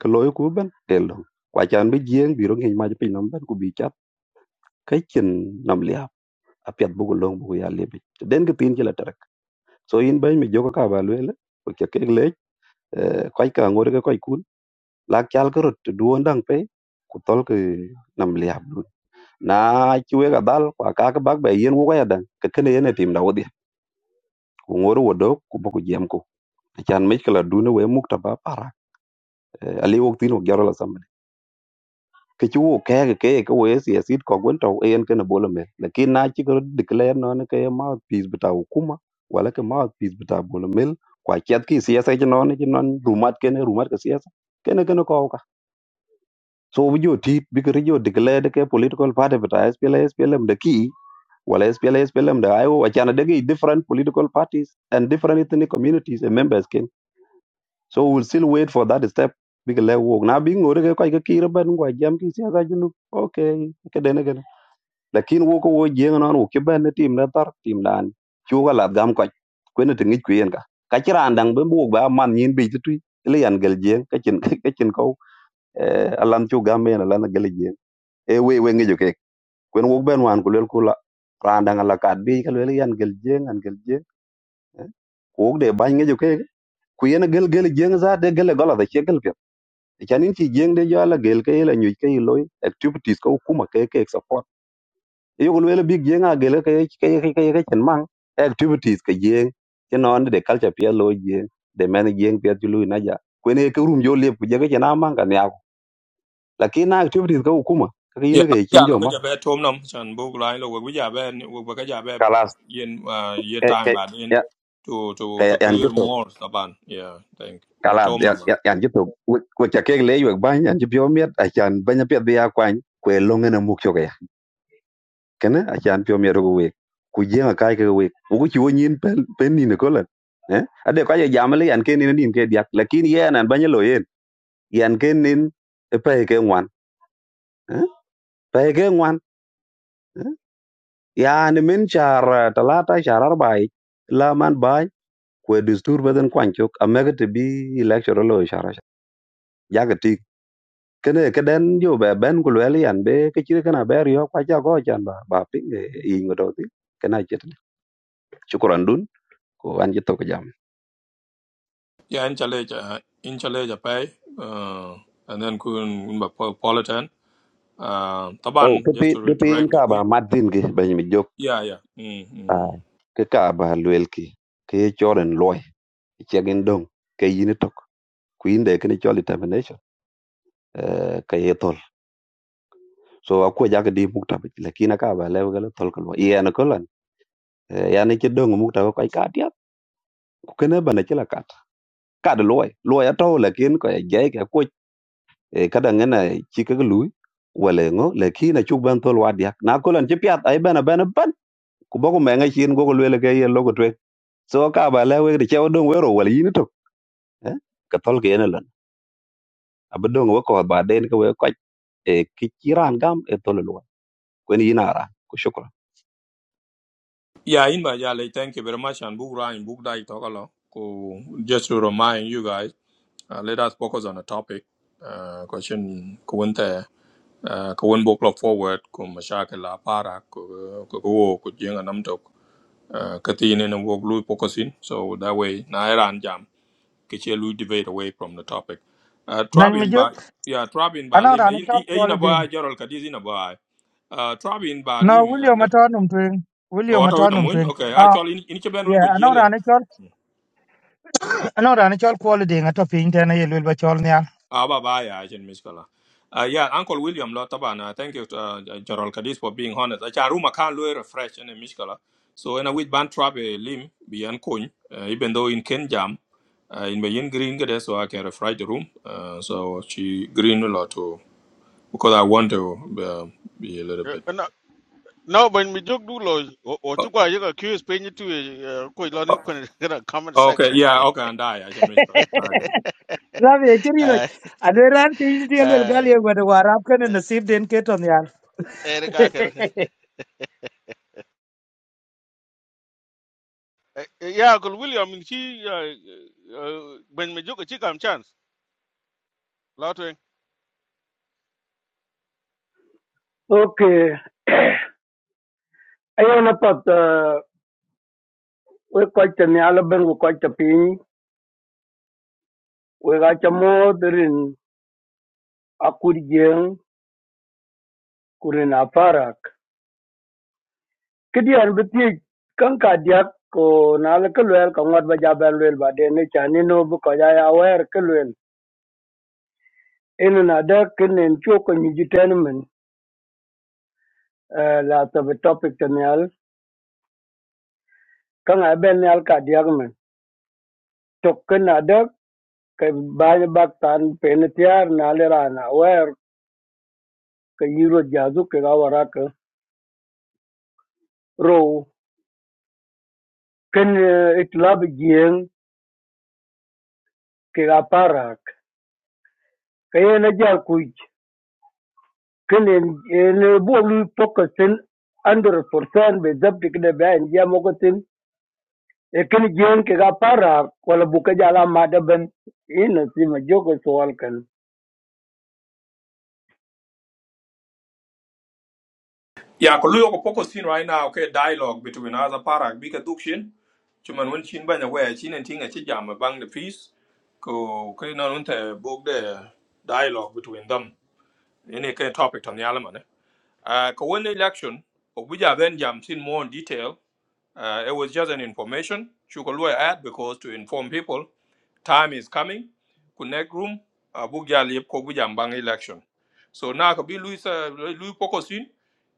G: cái lối của bên loy luôn, ben elo kwa chan bi jeng biro ngi ma pin nam ben ku bi chat kai chin nam lia a piat bu long bu ya le bi den ke tin chỉ là trắc, so in ben vô cái ka ba le ko cái cái le quay cả ngor ke quay kun la kyal cái rot duon dang pe ku tol cái nam lia luôn, na chwe cái dal kwa ka ka bak ba yen wo ya dan ke kene yen tim da đâu ku ngor wo do ku bu ku jem ku chan mi kala dune we mukta ba para ali wo tin wo gyaro la ke chu ke ke ke ke we si asit ko gwen to en ke na bolo me lakin na chi ko declare no ne ke mouth piece bita hukuma wala ke mouth piece bita bolo mel kwa chat ki siasa chi no ne chi non rumat ke ne rumat ke siasa ke ne ke ne ko ka so bi jo ti bi ke jo declare ke political party bita SPL SPLM de ki wala SPL SPLM de ayo achana de ki different political parties and different ethnic communities and members ken so we'll still wait for that step bi ke le wo na bi ngore ke kwa ke ki ban kwa jam ki siasa junu okay ke de ne lakin wo ko wo jeng non wo ke ben tim na tar tim dan chu ga lat gam ko ko ne tingi ku yen ka ka chiran dang ben bu ba man yin bi tu le yan gel jeng ka chin ka chin ko alan chu gam men alan gel jeng e we we ngi ju ke ko wo ben wan ku le ku la ran dang la kat bi ka le yan gel jeng an gel jeng eh. ko de ba ngi ju ke ku yen gel gel jeng za de gel gola da che gel pe chanin chi jeng de yo la gel ke la nyu ke loy activities ko kuma ke ke support yo lwele big jeng a gele ke ke ke ke ke chen mang activities ke jeng ke non de culture pia lo jeng de men jeng pia tulu na ja kwene ke rum jo le ku je ke chen mang kan ya lakini na activities ka hukuma ka
A: Yeah,
G: yin
A: bây
G: ke kin
A: giờ là
G: jo
A: cái
G: ma
A: giờ bé thôm lắm, chẳng bố lái là bây giờ bé, bây cái giờ bé
G: kalas
A: yên à yên
G: ke
A: time
G: ke
A: bà yên
G: ya
A: to to
G: ke
A: to
G: yan
A: clear
G: jito
A: more taban. Yeah, thank. Giờ
G: kalas
A: thôm
G: ya
A: lắm.
G: ya- yan jito ku ke ke le yo ban yan jipyo miet a chan banya pia dia kwan kwe longe na mukyo kene acan piöm yero ko wek ku jeŋa kai ke wek woku ci wo nyin pen pen nino kolan eh ade kwa ye jamle yan ken ina din ke diak lakini ye nan banye yen yan ken nin e pe ke ngwan eh pe ke ngwan yani min char eh, talata char arba'i la man bai ku distur beden kwanchok amega te bi lecture lo shara jaga ti kene ke den jo be ben ku le yan be ke chire kana ber yo kwa cha go chan ba ba pinge ingo do ti kana chet chukran ko an jito
A: Yeah, in chale cha in chale cha pay. Uh, and then kun kun bà politan. Uh,
G: Oh, ke
A: taban just
G: pin
A: to
G: ke pin
A: redirect the
G: ka
A: room.
G: ba madin ki ba mi jok
A: Yeah, yeah. Mm,
G: a
A: mm.
G: ke ka ba luel ki ke choren loy che gen dong ke yin tok ku inde ke ni chol determination eh ke ye tol so a ko ja ke di mukta bi lakina ka ba le ga tol ko ye na ko lan ya ni che dong mukta ko ka dia ku ke ne ba na che la kat ka de loy loy a to lakin ko ye ge ke ko ka da ngena chi ke lu wala ngo lakina chu ban tol wa dia na ko lan che piat ai bana bana ban ku ba ko me ngai chin go ko le ke ye lo ko so ka ba le we de che odong we ro wal yin to eh ka tol ke ne lan ab dong we ko ba den ko we ko e ki chiran gam e tol lo ko ni na ra ko shukra
A: Yeah, in bà giờ lấy thank you very much and book line book dai talk along. Ko just to remind you guys, uh, let us focus on the topic. Uh, question kuwente Ah, ka won bo club forward ku mashakil la para ku ku ku wo ku jenga nam tok Ah, ka ti ne wo lu focusing so that way na iran jam ke che lu debate away from the topic uh,
H: Nan mi
A: trapping
H: jok
A: ba yeah trapping ba
H: anang
A: lim
H: rani
A: e e
H: chol
A: e
H: kwal
A: ina
H: ding.
A: ba jorol ka dizi na ba uh, trapping ba
H: No
A: lim eh,
H: William
A: lep-
H: aton um twing.
A: o
H: William
A: to
H: aton
A: ina
H: um
A: mun
H: twing.
A: okay
H: Ah
A: actually ini che benun ku
H: yeah anang rani chol anang rani chol kwal ding ato ping tena yelwel ba chol nyal.
A: Aba baya ajin miskala. Uh, yeah, Uncle William lo tabana. Thank you, uh, Gerald Kadis, for being honest. Acha room can lo refresh in miskala. So in with band trap a limb beyond coin, uh, even though in Ken Jam, uh, in Bayin Green get so I can refresh the room. Uh, so she green a lot too because I want to uh, be a little
I: Eh,
A: bit.
I: na no when me jok du lo o
A: Oh,
I: chu kwa yeka curious pe ni tu ko lo ni kon kana comment
A: oh, okay,
I: section
A: yeah, okay, and I I should
H: Rabi e chiri lo.
I: eh
H: Adwe ran piny tiel wel gal
I: eh
H: ye gwada warap kane nasib den keton yal.
I: er ya ko william in chi when me jok chi kam chance lo to
J: Okay. Ayo napat uh, we kwaita ni alaben we kwaita piny we gacha modrin akur jeng kurin aparak. Kidi an beti kan ka diak ko na ala kalwel ka ngat ba jaban lwel ba de ne chani no bu ko ya ya wer kalwel. Inu na da kinen choko ni jitenmen uh, la tabe topic tanyal kan aben ni al ka diak men. Tokk na da ka ba bak tan penetiar na le rana kayilwalyadu keghawarakán Row kene etilabidiyén keghaparak kayenajyakuy kene enebolu pokotén andrés porsan bezabti kine beenjia mokotin ekin jien keghaparak wala bukajala madaben inasima joko sowalkan
A: Yeah, ko luyo ko poko scene right now, okay, dialogue between other parak bika dukshin. Chuman won chin banya where chin and ting a chijam bang the piece. Ko kay non unte book the dialogue between them. Any kind of topic on the element. Uh ko win election, obuja ben jam sin more in detail. Uh, it was just an information. Shukalua ad because to inform people, time is coming. Connect room. Abuja lip kogujambang election. So na kabi Luis Luis Pocosin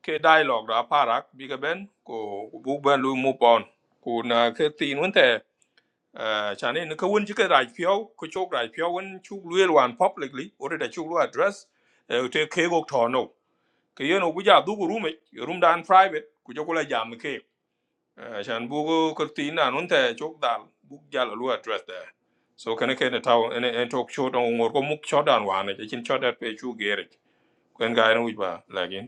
A: ke dialogue da parak biga ben ko bugban Luis move on. Ko na ke tin wente chane ne ka wun jike rai pio ko chok rai pio wun chuk Luis wan publicly ore da chuk Luis address eh, te ke gok tono. Ke yeno buja dugu room e, room dan private ku jokola jam ke. Shan bugu kurti na nunte chok dal buk jala address there. So kana kena tau ene en talk short on ngor ko muk short down wane je chin short that pe chu gerik. Kwen ga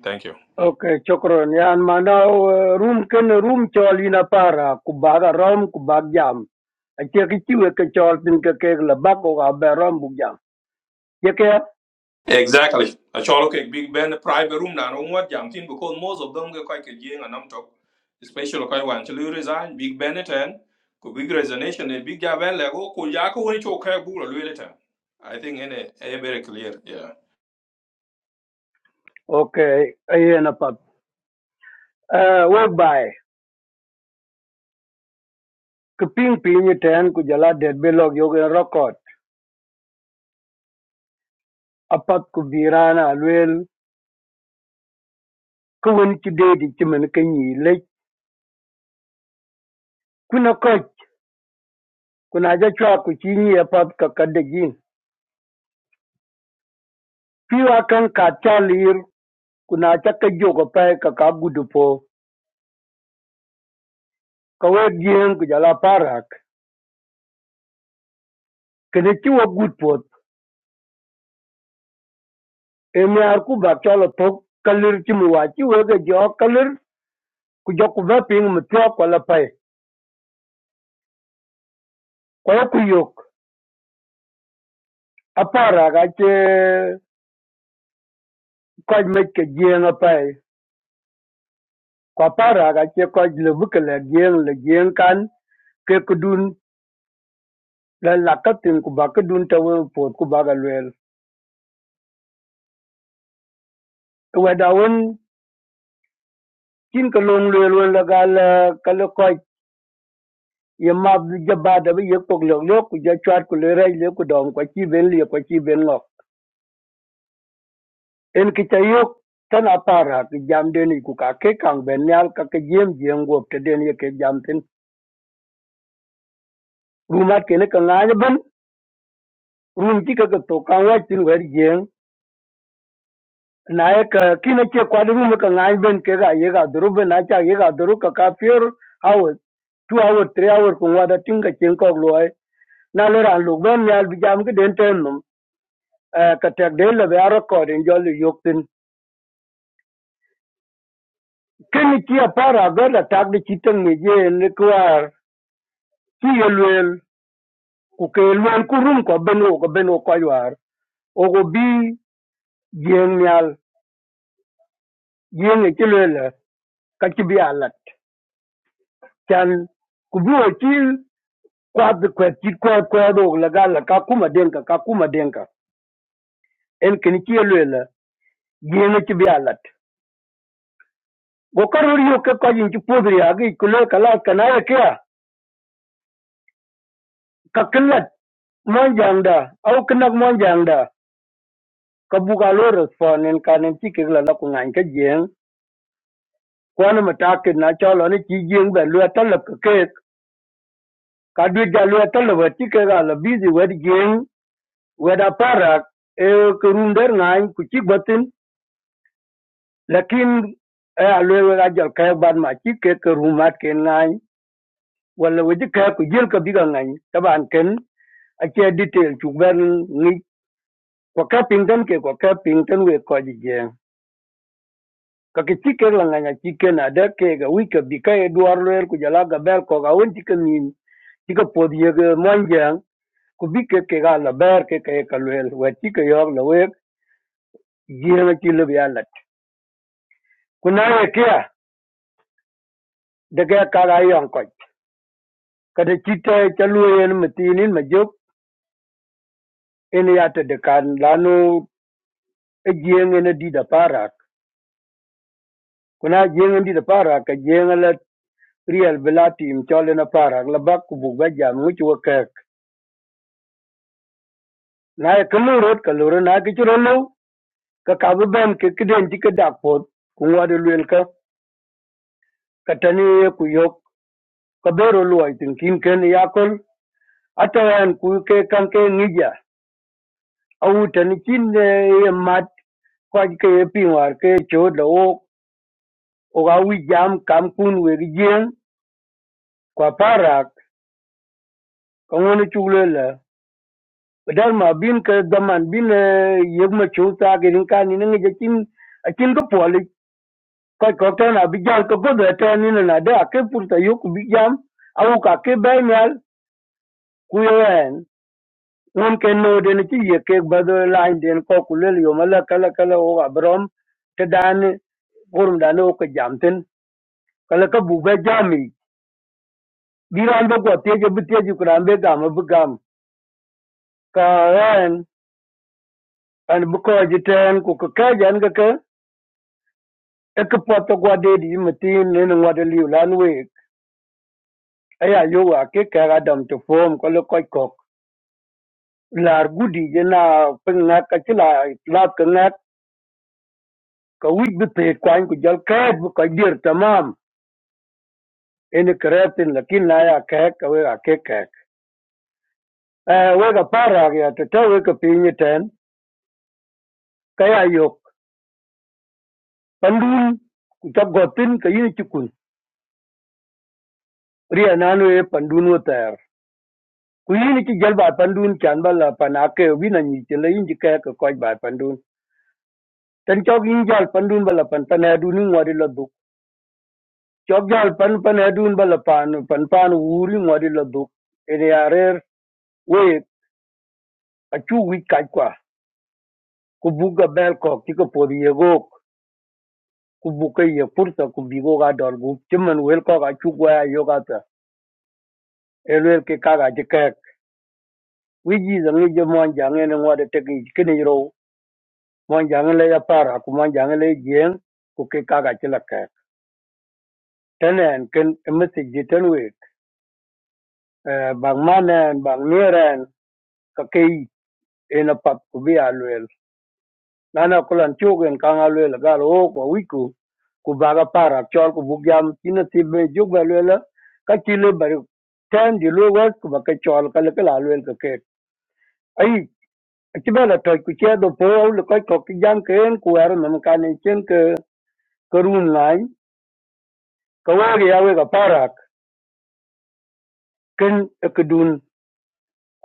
A: Thank you.
J: Okay, chokron. Yan mana uh, room ken room chol ina para kubaga rom kubag jam. Ache kichiwe ke chol tin ke ke la bako ga be rom bug jam.
A: Exactly. A cholo ke big ben private room na no what jam tin because most of them ke kai ke jing anam talk. Especially kai wan chulu resign big ben e ten ko big resignation e big ja ben lego ko ko ya ko ni chok ka bu lo lete. I think ene e very clear. Yeah.
J: Okay, ayen apat. Uh, whereby, keping pinyi ten ku jala dead belog yoga record. Apat ku birana alwel, kawin ki di cuman kanyi lech. Kuna koch, kuna aja chwa ku chinyi apat kakade jin. Piwa kan ka chalir, kuna aja kajo kapay kakagudupo. Kawe ku jala parak. Kene chiwa gudpot. Emi aku baca chala tok kalir chimuwa chiwa ga jo kalir. Kujok kubaping mtiwa walapai. lapay. Kwa yakuyok. Apara ka ci koch mecca jieŋa pai ku apara ka ci koch lebu ke la jieŋ la jieŋ kan ke kudun la lak ka tin ku ba kudun ta wen puot ku ba ka luel weda wen cin ke long luel wen la gal ka le koch ye map je ba da bi ye kok lok lok ku je chwat ku le rej le ku dom kwa chi ben lie kwa chi ben ngok en ki cha yok tan apara ki jam deni ku ka ke kang ben nyal ka ke jiem jieŋ wop te den ye ke jam tin rumat kene ka ŋaany ban Rum ki ka to kan wa tin wer yen na ye ka ki na ke kwa rum ka ngai ben ke ga ye ga duru ben na cha ye ga duru ka ka fear hours two hours three hours ko wa da tin ka chen ko lo ai na le ran lu ben ya bi jam ki den ten num eh, ka tek de le ba ro ko den jo lu yok tin ke ni ki a para ga la tak de chi ten me ye ne kwar ki ye luel ku ke luel ku rum ko ben o ko ben o ko yar o go bi yen nyal yen ki luel ka ki bi alat can ku bi wakil kwat de kwet chit kwat kwat dog la gal la ka kuma denka ka kuma denka en kin ki elwe la yene ki bi alat go karur yo ke ko yin ki podri agi ku le kala kana ya kya ka killat mon jangda au kinak mon jangda ka bu ga lo respond en kanen ti ke la la ku ngan ke jeng ko na mata ke na chalo ni ki jeng ba lo ta la ke ke ka du ja lo ta la ti ke ga la bizi wed jeng weda parak e ku runder ngan ku ci batin Lakin e a luego ga jal kaya ban ma chi ke ke rumat ke ngai wala we ji kaya ku jil ka biga ngai taban ken a che detail chu ben ni ko ka ping den ke ko ka ping ten we ko ji je ka ke chi ke la ngai chi ke na da ke ga wi ka bi ka e duar le ku jala ga ber ko ga won ti ke min ti ka pod ye ga mon jang ku bi ke ke ga la ber ke ke ka le we chi ke yo la we ji na chi le bi alat ku na ye ke daga ka ga yon ko Kata cïtö ëcölwö ën mëthïn nï më jök ën yath dëkan lanö ejeng ën adit aparak na jeng adit aparak ajeng ryël bï la tïm cöl ën aparak labak kubuk ba jam ngwëcö wëkëk na ëkëmö rot kalure na kï cïrö löu kakabï bën kïdëng cï kï dak both kïngwödö elwelka kata nï ku yok kabedo lwöc thïn kin kën ya köl ëntö ën ku ke kan ke ngija awoto nï cin ëë mac köc ke epingwar ke ecod uga jam kampun wegijieng kwa parak kangwani chuglela badal ma bin ka daman bin eh, yeg ma chu ta girin ka ni ngi jakin akin ko poli ko ko ta na bijal ko godo ta ni na da ke purta yok bijam au ka ke bainal ku yen won ke no den ti ye ke bado lain den ko kulel yo mala kala kala o abrom te dan gurum dan o ko jamten kala ka buga jami biran da ko teje bi teje kuran be gam Kaayan ane bikoo jiten ku kikajian kiki i kipot ti gwadedi yi mitin nene ñwada liw lan week aya yowa ki kek adam ti foom ko li koc kok laar gudi ji na pi ŋek ka ci la laat ki ŋek ka wic bi peet kuany ku jɔl kɛɛt bi kɔc dier tamam ini kerɛɛp thin lakin na ya kɛɛk ka wek ake kɛɛk wek apaarak ya tete wek ki piny itɛn ka pinyi ten ka ya yok pandun ku ca gɔ thin ka yin ci kun ria naan wee pandun wethɛɛr ku yin ci jal ba pandun chan ba la pan ake wi na ni te le yin ji ka ka ko ba pandun tan chok yin jal pandun ba la pan tan adu ni ngwadi la duk chok jal pan pan adun ba la pan pan pan wuri ngwadi la duk ene arer we a chu wi ka kwa ku bu ga bel ko ki ko podi ye go ku bu ka ye pursa ku bi go ga dor gu chimman wel ko ga chu gwa ya yo ga ta elwel ke ka ga ji ka wi ji zang ni je mon jang ene ngwadi te ki kini ro Monjangele ya para ku monjangele jeng ku ke kaga chila ke. Tenen ken emisi jiten wik. Bang manen, bang niren, ka ke yi ena pap ku bi alwel. Nana kulan chugen kang alwel gal o kwa wiku ku baga para chol ku bugyam china ti be jug alwela ka chile bari ten di lo wes ku ba ke chol ka le kala alwel ka ke. Ai chibela toj ku chedo po le koi ko ki jam ken ku er nam kanen chen ke karun lai. Kawagi yawe ka para. ken kedun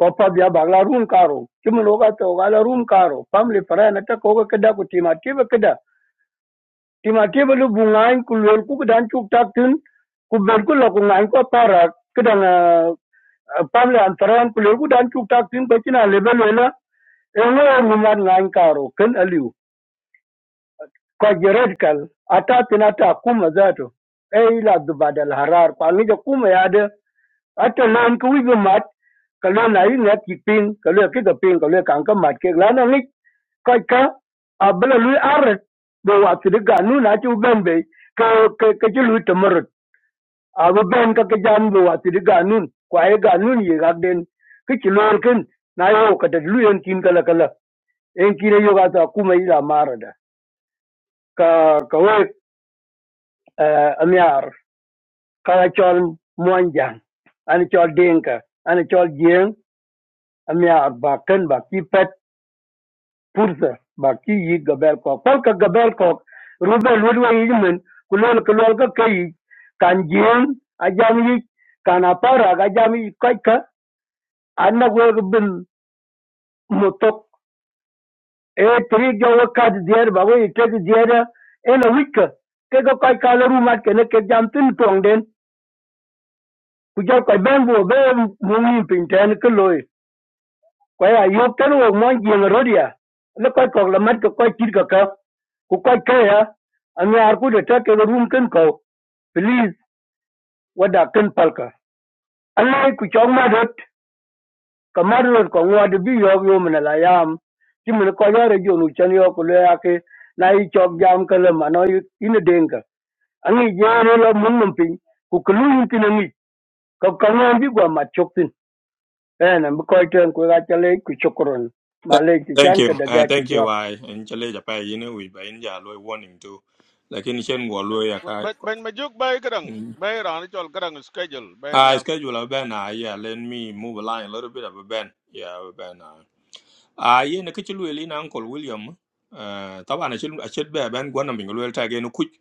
J: ko pa bia bagla rum karo kim loga to gala rum karo family para na ta ko kada ku tima tiba kada tima tiba lu bungan ku lol ku dan chuk tak tin ku ber ku lo ku ngan ko para kada na family antaran ku lol ku dan chuk tak tin ko kina level wala en lo mu man ngan karo ken aliu ko jered kal ata tin ata kuma zato ei la dubadal harar ko ngi ja kuma ya de ata nan ki wigi mat ka lo na yi ngat ki ping ka lo ki ka ping ka lo kan ka mat ke la na ngi ka ka a bla lu ar do wa ti ga nu na ti ben be ka ka ka ti lu ta mar a bu ben ka ka jam do wa ti ga nu ko ai ga nu ni ga den ki ti lo ken na yo ka da lu en tin kala kala en ki re yo ga ta ku mai la mar da ka ka we eh, amyar ka chol monjang an chol denka an chol jeng Ameya baki pet pursa baki yi gabel kok pal ka gabel kok rubel wedwe yi men kulol kulol ka kai kan jien ajam yi kan apara ajam yi kai ka anna go bin motok e tri go ka dier ba go ite dier e la wika ke go kai ka le rumat ke ne ke jam tin tong den ku jo kai ben bo be mu ni pinten ke loy kwa ya yo kan wo mo yeng ro dia le kwa ko la mat ko kwa kit ka ka ku kwa ka ya an ya ku da ta ke room kan ko please wada kan palka Allah ku chong ma dot kamar ro ko wa de bi yo yo mun la yam ti mun ko ya re jo nu chan yo ku le ya ke na yi chok jam ka le ma no in den ka an yi je ro la mun mun pin ku ku lu tin ni ko ka ngan bi gwa ma chok tin eh na bu ko ten ku ga chale ku chokron ma
A: Th-
J: le ti
A: Thank
J: chan
A: you.
J: ka da
A: Uh,
J: ga ki
A: thank
J: jwa
A: you. I in chale you know we ba in ja loy warning too. Lakini shen go loy ya ka.
I: but when me jok b a kadang
A: Mm.
I: b a ran chol kadang schedule b a
A: Uh,
I: nyal
A: schedule a ban. uh, yeah, let me move a line a little bit of a ban. Yeah, a ben. Uh, uh yeah, na kichulu elina Uncle William. Uh, tawa na chil a chil be ben gwana mingo loy ta genu Quick,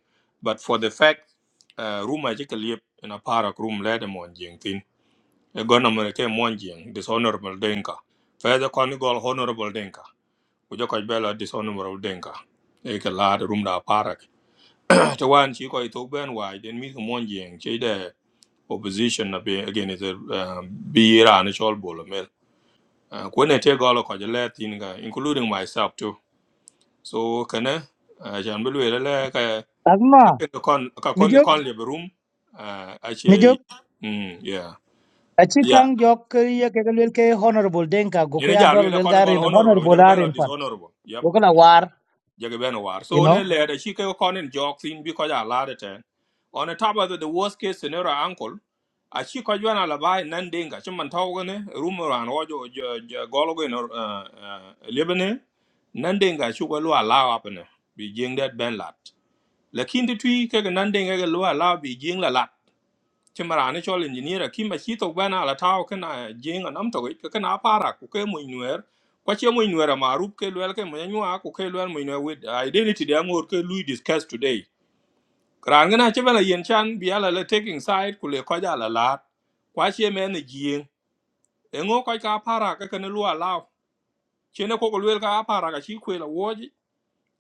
A: But for the fact, uh, room I take a yep in a parak room let them on jing thin. Gwana mo ke one jing dishonorable denka. Further con go honorable denka. kujö köc bë lö dishonourable denka ëka laad rumda parak to wan cï köc ithuk bën waai den mïth mon jïïng cë ïdë opposition na bï again is a um, bï ïra ni cöl bolo mel uh, kwen ete gölö köc ëlër thïnga including myself too so kënë acan bï lwel ëlë ka
H: Asma
A: akendo kon ka
H: mi
A: kon kï
H: jok
A: kon lyëbï rum uh, ace
H: mi jok
A: mm, yeah
H: achi
A: yeah
H: kang jok ke ye ke lwel ke honorable denka
A: You
H: gokuya
A: ja
H: dol
A: lwel
H: lwel
A: ökö nï gölö
H: garin
A: honourable kujö
H: honorable
A: kï bën lö
H: arin pat.
A: dishonourable
H: Gokula war
A: jege ben war so
H: you
A: ne
H: know.
A: le de chi ke ko nen jok sin bi ko ja la de ten on the top of the, worst case scenario uncle a chi ko jwana la bai nan dinga chi man taw ne rum ran wo jo jo jo- golo go no lebene nan dinga chu ko lwa la wa pene bi jing det ben lat lakin de twi ke nan dinga ge lwa la bi jing la lat ci marani chol engineer ki ma chi to bana la taw kana jing anam to ke kana para ku ke mu nuer kwa che mu nuer ma rup ke lwel ke mu nyua ku ke lwel mu nuer with identity de ngor ke lui discuss today kran gana che bala yen chan bi ala le taking side ku le kwa ja la la kwa che me ne jing e ngo kwa ka para ka kana lwa la che ne ko ko lwel ka para ka chi ku la woji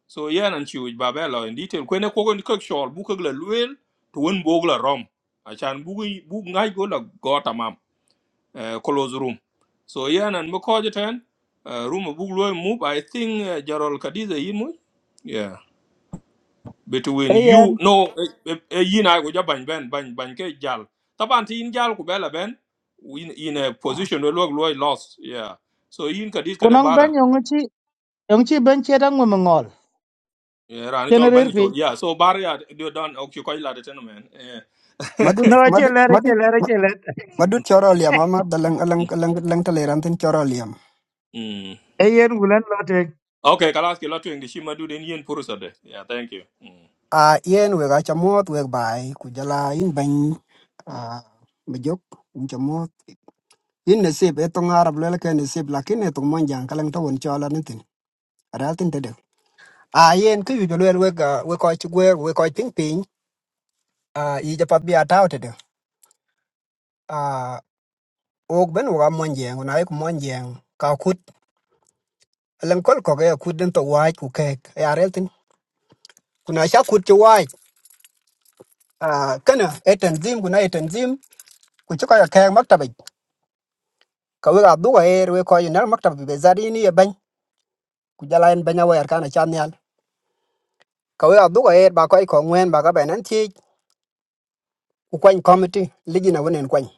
A: so yen an chi u babelo in detail ku ne ko ko ke shol bu ke la lwel to bog la rom achan bu bu ngai go la go tamam uh, closed room so yan and mako ten uh, room of loy move i think uh, jarol kadiza yimu yeah between you
H: Ayen
A: no eh, eh, yin i go ban ben ban ban ke jal taban ti in jal ku bela ben in, in a position where loy loy lost yeah so yin kadiz kada
H: kunang ban
A: bara
H: yong chi yong chi ban che dang mo
A: yeah ran
H: chen
A: chol
H: rer
A: ban chol
H: piny
A: yeah so bara ya do don ok ko ila de ten man eh
K: Madut
H: No,
K: madut
H: achelet,
K: madut
H: achelet,
K: ma-
H: achelet.
K: madut choro liam ama dalang alang
A: mm.
K: alang alang teleran tin choro liam.
A: mm.
H: Eyen gulen lotek.
A: okay kalas latu ngi shima du den yin purusade yeah thank you mm.
K: A yen we ga chamot we bai ku jala in ban a majok in chamot. In nasib e tong arab le ke nasib lakin e tong monjang kalang to won chola nin tin. Aral tin tede. A yen ku yu jolwe we ga we ko chi gwer we ko ping ping a i japat bi ataw tede. A ok ben wa monjang na ek monjang ka kut alang kol ko ga kut den to wa ku kek. Ya rel tin. Kuna sha kut chi wa Ah, kana e tanzim guna e tanzim ku ci koy kay maktaba ka we abdu ko er we koy nar maktaba be zari ni e ban ku jala en banya wer kana chan yal ka we abdu ko er ba koy ko ngwen ba ka benan ti ku kwan committee ligi na wonen kwan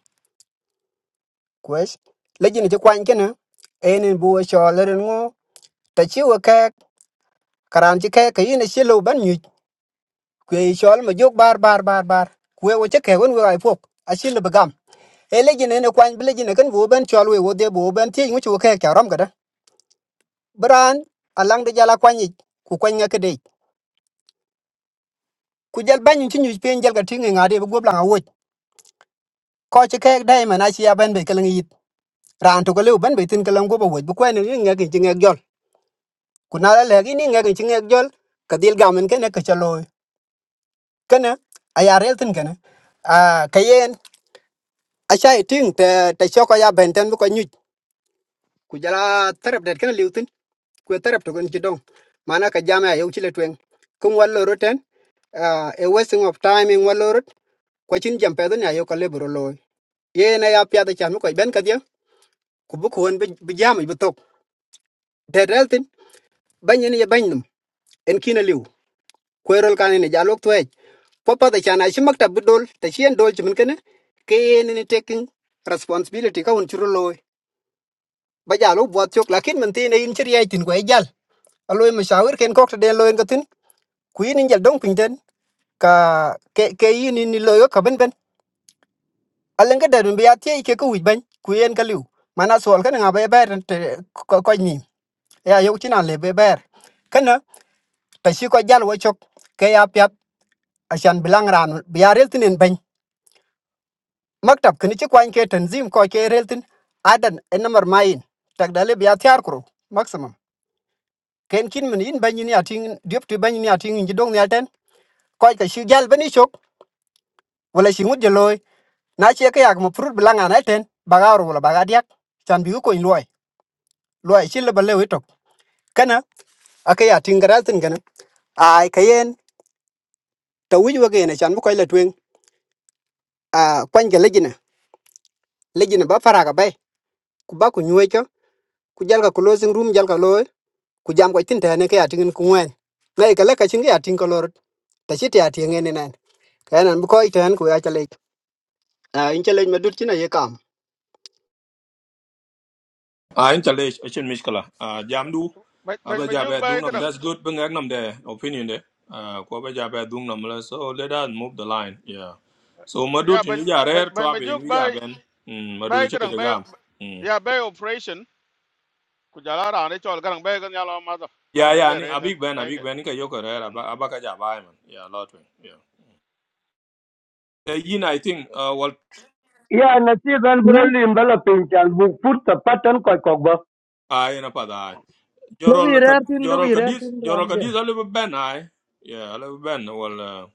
K: kwes ligi ni ci kwan kana en bu we cho leren ngo ta ci we kay karan ci kay ka yin ci lo ban nyu ku e cho ma jog bar bar bar bar ku we ci kay won we ai fok a ci le bagam e ligi ne ne kwan bi ligi ne kan bu ben cho we wo de bu ben ti ngu ci we kay ka ram Bran alang de jala kwanyik ku kwanya kede. Ku jal banyu ci nyuj pen jal ka tingi ngade bu gobla nga woj. Ko ci kek dai mana ci ya ban be kalang yit. Ran to ko lew ban be tin kalang goba woj bu kwani ni ngake ci ngak jol. Ku na la legi ni ngake ci ngak jol ka dil gamen kene ka chalo. Kene aya rel tin kene. A kayen a shay ting te te choko ya benten bu ko nyuj. Ku jala terep det kene lew tin. Ku terep to kon ci dong. Mana ka jama ya yow ci le tweng. Kum wallo roten. Uh, a wasting of time in wallo ko chin jam pe ya yo ka lebro lo ye na ya pya da chan ko ben ka dia ku bu ko won bi jam bi tok de del tin ban yin ye ban num en kina liu ko rol kan ni ja lok tuwe po pa da chan a shi makta bu dol ta shi en dol chimin kene ke ye ni ni taking responsibility ka un churu lo ba ja lo bo tok lakin man tin in chiri ai tin ko e jal aloy mashawir ken ko ta den lo en ka tin ku yin in jal dong pin den ka ke ke yin ni lo yo ka ben ben alen ke dadun biya tie ke ku ban ku yen ka liu mana sol kan nga be ber te ko ko ni ya yo tin ale be ber kana ta shi ko jal wo chok ke ya pyap ashan bilang ran biya rel tin ban maktab kini ci kwan ke tanzim ko ke rel tin adan en namar mayin tak dale biya tiar kro maximum ken kin min in ban ni atin diop ti ban ni atin ji dong ni alten ko ka shi jal bani chok wala shi mud jeloy na che ke yak mo prut bilang anaten bagaro wala bagadiak chan bi ko in loy loy shi le balle kana aka ya tingaratin kana ai kayen ta wuji waga yana chan bukoy la twen a kwanja legina legina ba fara ga bai ku ba ku nyuwe cho ku jalga ku losing room jalga lo ku jam ko tin ta ne ka ya tingin ku wen na ka la ka chin ga ya ting ko lor ta chi ta ya tingen ne nan kayan an bukoy tan ku ya chale a in chale ma dur china ye kam
A: Ah, in challenge, action mishkala. Ah, jam du.
I: but when
A: Aba
I: me jok
A: jabe
I: b
A: dung
I: a
A: nam.
I: kadang
A: That's good. Bring ek there. opinion there. Ah, ko aba jabe dung nam la. So let us move the line. Yeah. So
I: ya
A: madut in
I: when
A: vija rare
I: when me
A: trabe in
I: jok b a
A: vija ben. Hmm.
I: b
A: Madut
I: a
A: chete
I: kadang
A: de
I: b a
A: gam. Hmm.
I: ya b a operation ku jala ran chol kadang b a kan nyal ma da chal
A: Yeah,
I: ka b
A: yeah.
I: a
A: Ni
I: reten
A: abig ben
I: b a
A: abig
I: ke
A: ben ni ka yoko rare aba
I: Hmm.
A: aba ka jaba man. Yeah, lot wing. Yeah. Eh, yin I think uh, wal
J: Yeah, na ti ran
H: na
J: bro lim bala pin chan bu put ta patan ko ko ba.
A: ai na pada ai.
H: lobi
A: Jorol ka
H: rer tin lo
A: jorol
H: lobi rer
A: kadis
H: tin ran
A: jorol
H: de
A: kadis alibu ben I. Yeah, alibu ben well. uh,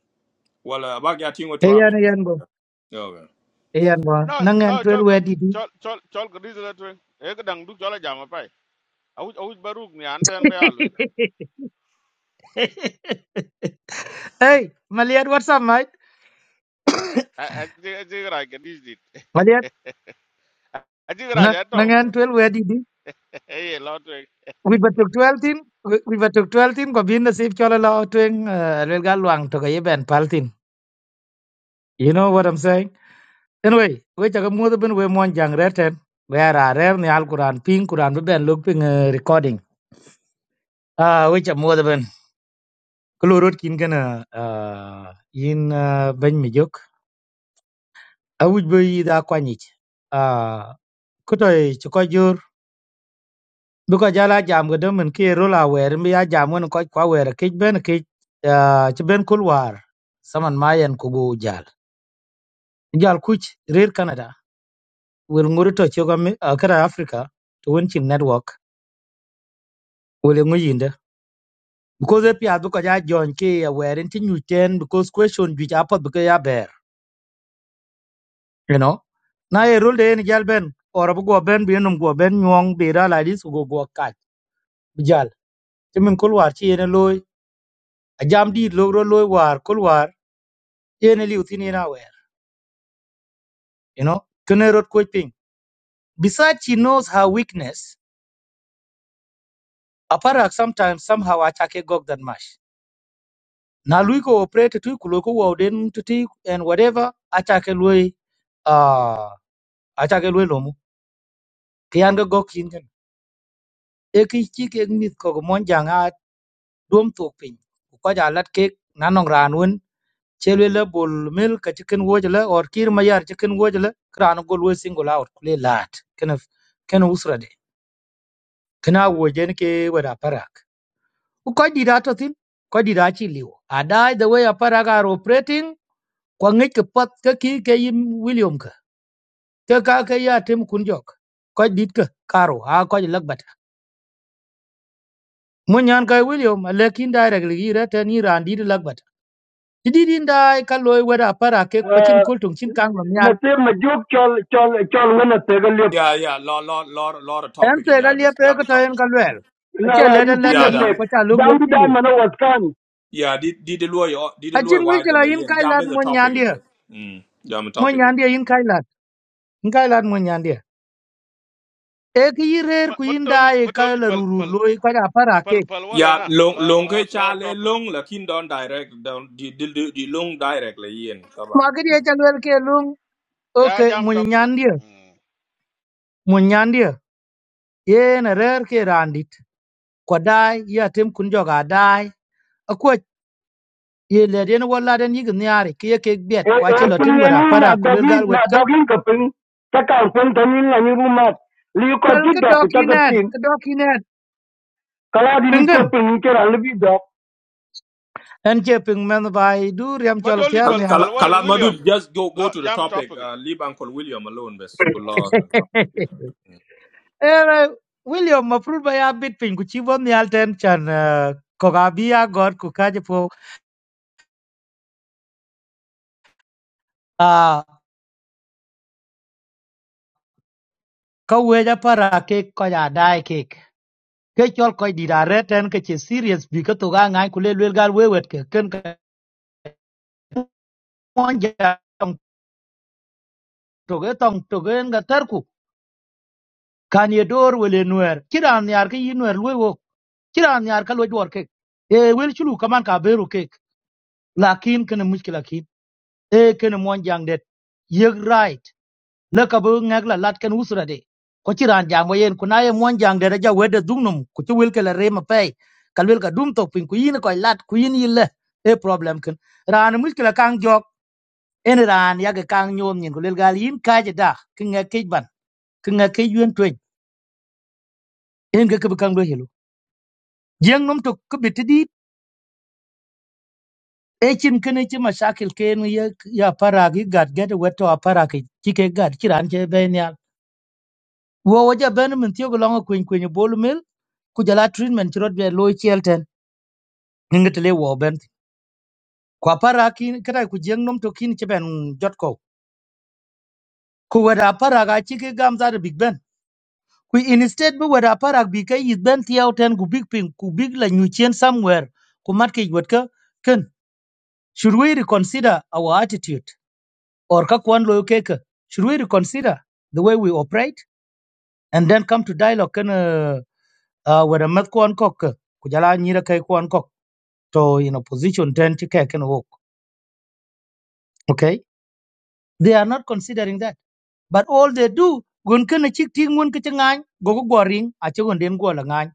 A: wal abag ya tingo trabe.
H: Eyen, eyen bo.
A: Okay.
H: Eyen bo.
I: no no
H: Nangen twel
I: chol ko-
H: wedi di. di
I: chol chol chol ko dis la twen e ko dang du chol jam pai au au baruk ni an ten be alwit
H: hey, maliat what's up, mate?
I: a a ji a ji ra ke dis dit
H: maliat,
I: a ji ra
H: na,
I: ja to
H: nangen twel wedi di. di
I: e ye lo twen
H: We batuk twel tin. We we batuk twel tin. Kwa bin nasib chola lo tweng. Uh, Lelga luang toka yeben pal tin. You know what I'm saying? anyway we cha mo de ben we mon jang re ten we ara re ni al quran ping quran be ben luk ping eh, recording ah uh, we cha mo de ben klorot kin gana ah in uh, ben mi jok a wuj be yi da kwani ah uh, kutoy ci ko jur bu ko jala jam ga de men ki ro la wer mi ya jam won ko kwa wer ke ben ke ci ben kul war saman mayen ku jal jal kuch rir canada wel ngorito ci ga mi uh, kara africa to won ci network wel ngoyinde because if you look at John K, where in you ten because question which apple because ya bear, you know. Now a rule day in Ben or a go ben be num go ben yong be ra like this go go cat. Bijal. Timin Kulwar chi in a loy, a jam deed logro loy war, Kulwar, in a liutin in aware, you know. Kune road quit ping. Besides, she knows her weakness. Aparak sometimes somehow attack a gog than mash. Now Luiko operate to Kuloko Woden to tea and whatever attack a loy, uh, attack a loy พี่ Angelo ก็กินกันเอกิชชีก็มีขบคุ้มมันอย่างนี้รวมทุกปีบุคคลจากลัดเก่งนั่นองร้านวันเชลวิลล์บุลมิลกับชิคกินโวจ์ล่ะออร์คิร์มายอร์ชิคกินโวจ์ล่ะครานก็ล้วงซิงกูลาวร์เพลย์ลัดเคนฟเคนอุศระเดย์ขนะวัวเจนเควย์ว่าปารักบุคคลดีรัตต์ทิมบุคคลดีรัตชิลี่โออัดไอ้เดวี่อปารักอัลออปเรติงกวางเอกปัดกับคีกเอมวิลเลียมกับเทค้าเคยย่าที่มุขุนจอกบุคคลดีก์กับคาร์โร่ mun nyan kai william lekin directly gi rete ni randi de lagbat didi din dai kalloy weda para ke kwachin
J: Eh,
H: kultung chin kang lam
J: Na
H: nyal
J: ti ma juk chol chol chol ngana te ga lep.
A: Yeah, yeah, lot, lot, lot, lot of
H: en
A: topic
H: te
A: is
H: ga
A: I best.
H: liep
A: Yeah,
H: e ko
A: the topic.
H: tayen kalwel
J: La
H: ache
J: la in
H: leden
J: ti le
A: Yeah,
H: leten
J: pe.
H: in
A: da.
H: ko cha lub
J: Jam
H: lel
J: bi da
H: kindi
J: mana wat kan.
A: Yeah, did did the lawyer did the lawyer
H: ajin mi
A: why the
H: jela in
A: lawyer?
H: kai
A: Yeah,
H: lat
A: best the
H: mun nyan
A: topic is
H: dia
A: best. Mm. Yeah, the
H: mun
A: topic. is.
H: nyan dia in kai lat in kai lat mun nyan dia e ki yirer ku
I: ma
H: in
I: toli
H: dai
I: ma
H: ka
I: toli
H: la
I: pal
H: rurur
I: pal
H: loy ko da para
I: pal
H: ke
I: pal wala
A: Yeah,
I: na
A: long
I: lo
A: long ke
I: lo lo
A: chale
I: topic it.
A: long la kin don direct don di di di di long direct la yen kaba.
H: ma gi dia cha lel ke lung
I: ya
H: okay
I: jam
H: mun
I: topic it.
H: nyan dia
I: Mm.
H: mun nyan dia yen rer ke randit ko dai ya tem kun joga dai ye le den wo la den yig nyari ke ye kek biet
J: E
H: kwa
J: e
H: che lo
J: kun
H: tin
J: ne
H: wara
J: ni na
H: para ko lel
J: dogi
H: gal
J: na
H: wet ka
J: dogi ka pin. Ta kan pin ta ni na ni ru ma. Li ko
H: pel
J: ti
H: ke
J: do
H: do
J: ku ta ga
H: kinen
J: pin.
H: ke do kinen
J: Kala di ni
H: pingen
J: che pin ni ke ran li bi do.
H: en che ping men bai du riam
I: ma
H: chol
I: toli
H: pyar
A: Kal
I: pal
H: ne al
A: kal
I: pal wala ni
A: kala
I: william
A: madu just go
I: lo
A: go to the
I: jam
A: topic.
I: topic it.
A: Uh, leave Uncle William alone best. Good lord. the topic, Yeah,
H: ere william mafrut ba ya bit ping ku chi bon ne al ten chan eh, ko ga bi ya god ku ka je po a ka we ja para ke ko ja dai ke ke chol ko di da re ten ke che serious bi ka to ga ngai ku lel gal we wet ke ken ka mon ja toge tong toge nga tarku kan ye dor wele nuer kiran yar ke yi nuer lwe wo kiran yar ka lwe dor ke e wel chulu kaman ka beru ke lakin kene mushkila ki e kene mon jang det yeg right la ka bu ngak la lat ken usra de ko kiran jang yen kuna ye mon jang det ja wede dugnum ku ti wel ke la rema pe kal wel ka dum tok pin ku yin ko lat ku yin yille e problem ken ran mushkila kang jok en ran yag kang nyom nyin ko lel gal yin ka je da ke ngak ke ban ke ngak ke yuen to en ga kebe kan lo helo jeng nom to ko beti di e chin kene chi mashakil ken ye ya para gi gad get weto apara ki chi ke gad kiran che ben ya wo wo ja ben min tiyo lo ngo kwen kwen bol mil ku jala treatment chi rod be lo chelten nginget le wo ben ko para ki kada ku jeng nom to kin che ben mm, jot ko ku weda para ga chi ke gam za da big ben ku instead state bu weda para bi ke yit ben tiyo ten ku big ping ku big la nyu chen somewhere ku mat ke wet ka ken should we reconsider our attitude or kakwan loyo keke should we reconsider the way we operate and then come to dialogue kana uh, whether mat kwan kok ke, kujala nyira kai kwan kok to in opposition then to kai kana wok okay they are not considering that but all they do gun kana chik ting mun kichi ngany go go goring a che gun den go la ngany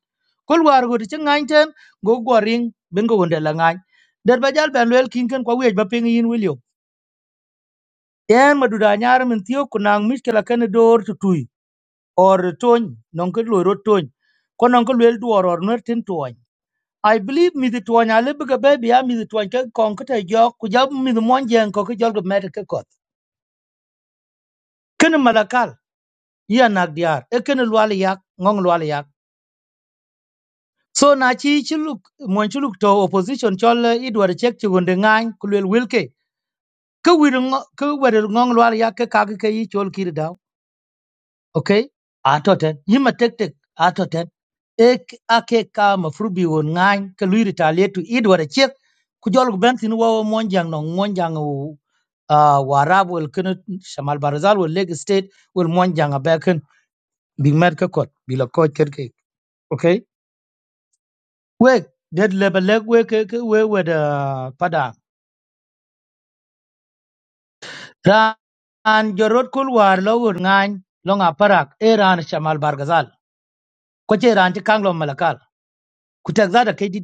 H: kol war go chi ngany ten go goring ben go gun de la ngany der ba jal ben lel kin kan kwa wej ba ping yin wilio yen maduda nyar min tiyo kunang miskela kana dor tutui or tony non ko lo ro tony ko non ko le duor or ner tin tony i believe mi the tony ale biga be ya mi the tony ke kon ko te jo ku ja mi the mon jen ko ko jol go med ke ko ken malakal ya nak diar e ken lwal yak ngong lwal yak so na chi chi luk mon chi luk to opposition chol eh, idwar chek chi gunde ngany ku le wilke ke wir ngo ke wer ngong lwal yak ke kak ke yi chol kir daw. okay atoten yima tektek atoten ek ake ka mafrubi won ngan ke lui retaliate to id wara chek ku jol gu ben tin wawo monjang no monjang wu ah, warab wel kun shamal barazal wel leg state wel monjang abaken big mer ka kot bi la kot ker okay we dead level leg we ke we we da pada ran jorot kul war lo won ngan long aparak Eran ran shamal barazal ko che ran ti kang malakal kutagzada kai di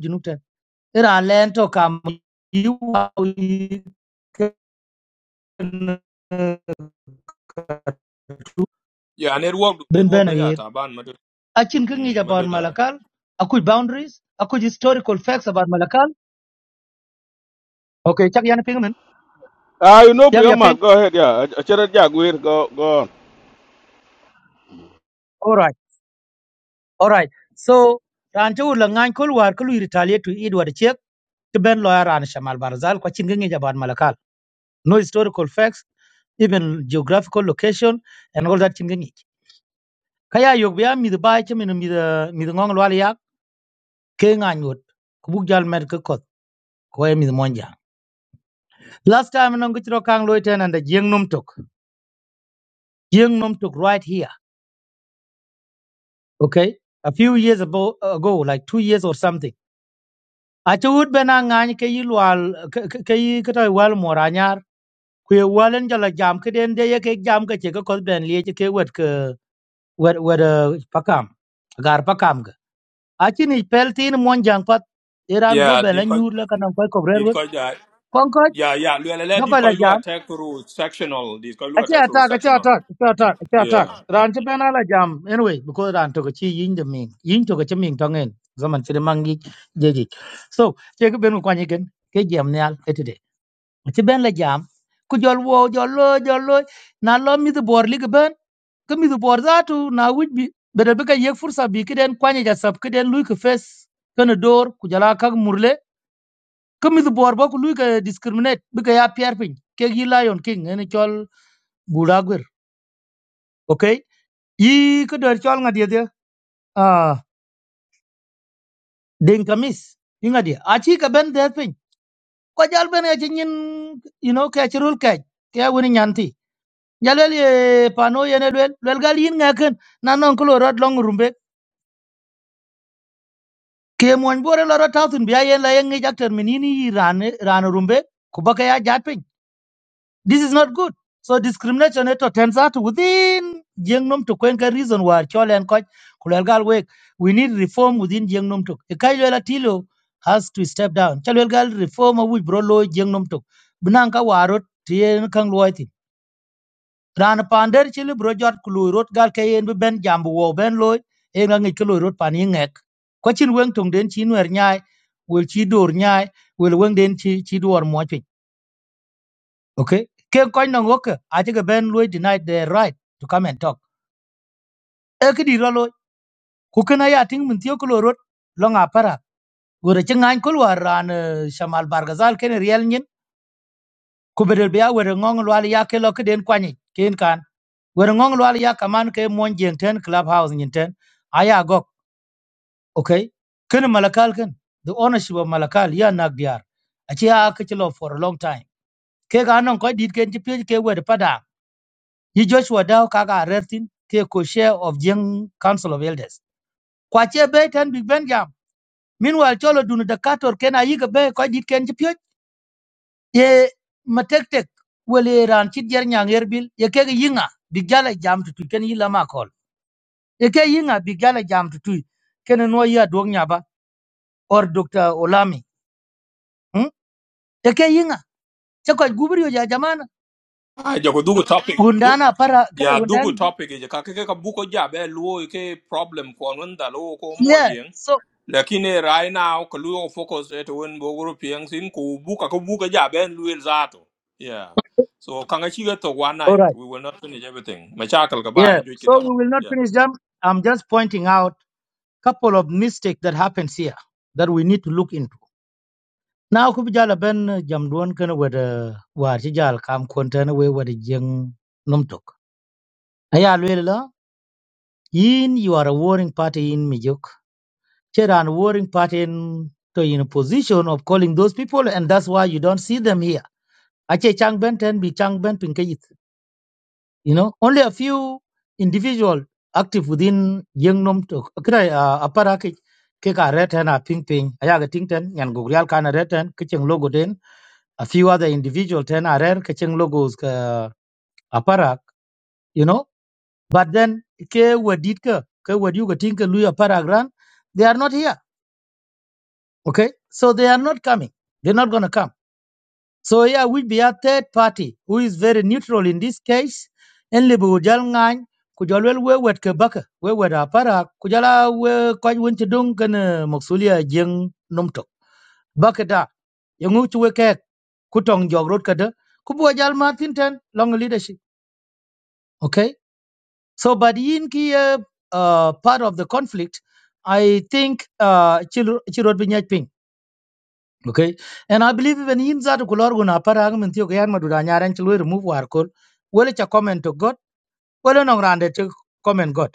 H: ira len to kam yu
A: yeah network
H: ben
A: network
H: ben
A: yeah
H: ayir
A: taban madu.
H: achin ka ngi
A: Mm,
H: about
A: madu da.
H: malakal akuj boundaries akuj historical facts about malakal okay chak yana ping men
I: Ah, you know,
H: yak ya ping
I: Piamat, go ahead, yeah. Achara Jaguir, go, go on.
H: all right all right so ran to la ngan kol war kul retaliate to edward chek to ben lawyer ran shamal barzal ko chin about malakal no historical facts even geographical location and all that chingengi. kaya yok bia mi ba che min mi mi ngong lwal yak ke nga nyut ku buk jal med ke kot ko e mi monja last time nong gitro kang loy ten and the jing num tok jing num tok right here okay a few years ago, ago like two years or something a che ut bena nga ni ke yilwal ke yi ke toy wal moranyar ku ye walen jala jam ke den de ye ke jam ke che ke kot ben lie ke wet ke wet wet eh, pakam gar pakam ga a chi ni pel tin monjang pat iran go
A: Yeah,
H: bela
A: did ko
H: nyur la kanang koy
A: did ko ja.
H: Concord,
A: Yeah, yeah. Luelele
H: doko
A: did
H: la
A: call you
H: jam.
A: attack through sectional. Did call you
H: Ache
A: attack through
H: attack, ache
A: sectional.
H: attack, ache
A: Mm.
H: attack, ache attack.
A: Yeah.
H: Ran che pena la jam. Anyway, because ran to chi yin de ming. Yin to chi ming tongen. Zaman chi de mangi jeji. So, che ke benu kwani gen ke jam nyal etide. Ache ben la jam. Ku jol wo jol lo jol lo na lo mi de bor lig ben. Ke mi de bor za tu na wuj bi. Bede be ka yek fursa bi kiden kwani ja sab kiden lui ke fes. Kana dor ku jala kag murle. Ke mi de bor ba ku lui ke discriminate. Be ka ya pierpin. Ke gi lion king ene chol bura oke? okay ke ko dor chol ngadi de ah den kamis ingat dia. Aci chi ka ben de pin ko jal ben ya you know kayak cerul kayak. ka woni nyanti jalel ye pano ye ne lel lel gal yin ngaken na non rod long rumbe ke mon bore lo rod tatun biya yen la yen ngi jakter ran ran rumbe ku baka ya jat piny. This is not good. So discrimination it turns out within Jiangnam to Kwenka reason why Chole and Koch Kulelgal Wek. We need reform within Jiangnam to Kaijuela Tilo has to step down. Chalwelgal reform of which brolo lo Jiangnam to Bunanka Warot Tien Kang Loiti. Ran Pander Chili Brojot Kulu Rot Gal Kayen Ben Jambu Wo Ben Loy Engang Kulu Paningek. Kwachin Weng Tung Den Chin Wer Nyai will Chi Dur Nyai will Weng Den Chi Chi Dur okay ke koy no ngok a ti ben lui denied their right to come and talk e ki di rolo ku kana ya ting mun tiyo ko rot long nga para gore ti ngan ko war ran eh, shamal bargazal ken riel nyin ku bedel biya wor ngong lwal ya ke lo ke den kwani ken kan wor ngong lwal ya kaman ke mon jeng ten clubhouse nyin ten aya gok okay ken malakal ken the ownership of malakal ya nak diar a ti ya ke for a long time ke ga non ko dit ken ti pye ke wor pada Ye Joshua Dow Kaga Rertin, take co-chair of Young Council of Elders. Kwache Bay Ten Big Ben Meanwhile, Cholo Dunu Dakator Ken Ayiga Bay Kajit Ken Chipyot. Ye matek well, ye ran chit yer nyang erbil, ye yinga, big jala jam to tui, ken yila makol. Ye yinga, big jala jam to tui, ken no ya or Dr. Olami. Hm? Ye ke yinga, chakwa gubriyo ja jamana.
A: Ah, jago dugu topic. Du
H: Gundana para, kere
A: yeah,
H: gundana.
A: dugu topic. Jaka keke kabuko jabe luo ike problem kwa ngunda luo ko mo
H: Yeah,
A: yeng.
H: so,
A: Lakini right now kaluo focus eto wen bogoro piang sin ku buka ku buka jabe luel zato. Yeah. So kanga chiga to one
H: all
A: night.
H: right.
A: We will not finish everything. Machakal
H: Yeah,
A: kabaya jui
H: so
A: kitaba.
H: we will not
A: Yeah.
H: finish them. I'm just pointing out couple of mistake that happens here that we need to look into. Now kubijala ben eh, jam duon kana wada war jal kam kontana we wada jeng nomtok. Aya lwela yin you are a warring party in Mijuk. Cheran warring party in to in a position of calling those people and that's why you don't see them here. Ache chang ben ten bi chang ben pinkayit? You know, only a few individual active within Yengnom to kira uh, aparaki ke ka reten a ping ping aya ga ting ten yan gugrial kana reten kicheng logo den a few other individual ten a rare kicheng logos ka aparak you know but then ke wadit ka ke wadu ga ting ka luya aparak ran they are not here okay so they are not coming they're not going to come So here will be a third party who is very neutral in this case. En libu ujal ngany kujalwel we wet ke baka we wet apara kujala we kwaj winti dung kana maksulia jeng nomtok Baka da yangu chuwe kek kutong jogrot kada kubu ajal martin ten long leadership. Okay. So but in ki uh, uh, part of the conflict, I think uh, chirot binyaj ping. Okay. And I believe even in that Kulorgun upper argument you can Madura Nyaran will remove Warkol. Well it's a comment to God. Well no rounded to comment God.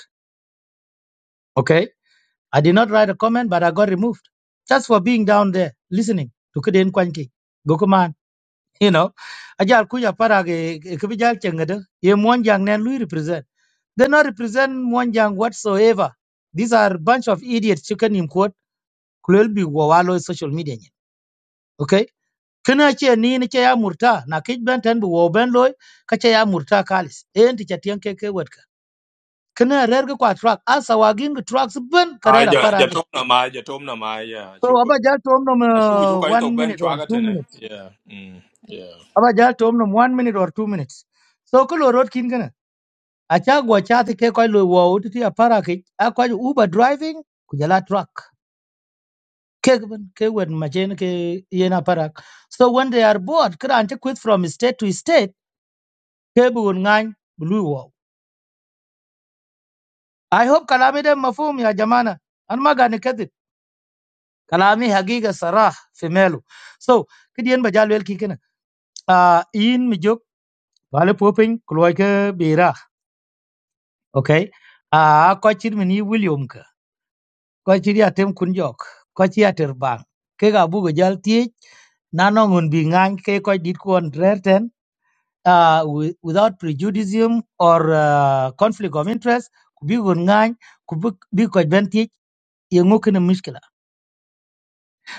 H: Okay. I did not write a comment, but I got removed. Just for being down there listening to Kiden Kwanki. Gokuman. You know. Ajal Kuya Parage Kubijal Chengada. Ye Mwanjang Nan Lui represent. They not represent Mwanjang whatsoever. These are bunch of idiots chicken in quote. Kulel be wawalo social media. nyen. Okay. kana ce ni ni ce ya murta na kij ben tan bu wo ben loy ka ce ya murta kalis en ti chatiyan ke ke wet ka kana rer ga kwa truck asa wa ging truck ben
A: Ah,
H: karera
A: ja
H: para gi
A: jatom na mai, jatom na mai.
H: so
A: Yeah.
H: aba ja to omnom
A: I should you quite
H: one
A: open
H: minute or two
A: chuagatene.
H: minutes
A: Yeah. Mm. Yeah.
H: aba ja tom omnom one minute or two minutes so ko lo rot kin kana a cha go cha ti ke ko lo wo ti ya para ki a ko uber driving ku jala truck ke ben ke wet ma chen ke yena para so when they are bored kran ta quit from state to state ke bu ngan blue wo Tôi hy vọng các lái xe mượn nhà zamana anh mang anh khát thịt. Các lái xe hắc cái Sarah femelo. So cái điên bajaruel kia nữa. À, in mực giúp vào lúc học ping, câu hỏi cái beera. Ok. À, quay chừng mình William kia. Quay chừng đi Adam Kunjok. Quay chừng đi Airbang. Cái cái Abu Geralti. Nanong không bị ngang cái quay đi cô Andrea tên à without prejudice or uh, conflict of interest. Kubik không ngang Kubik bị cô ấy bắn tiếc. Yangoku nên mỉm cười.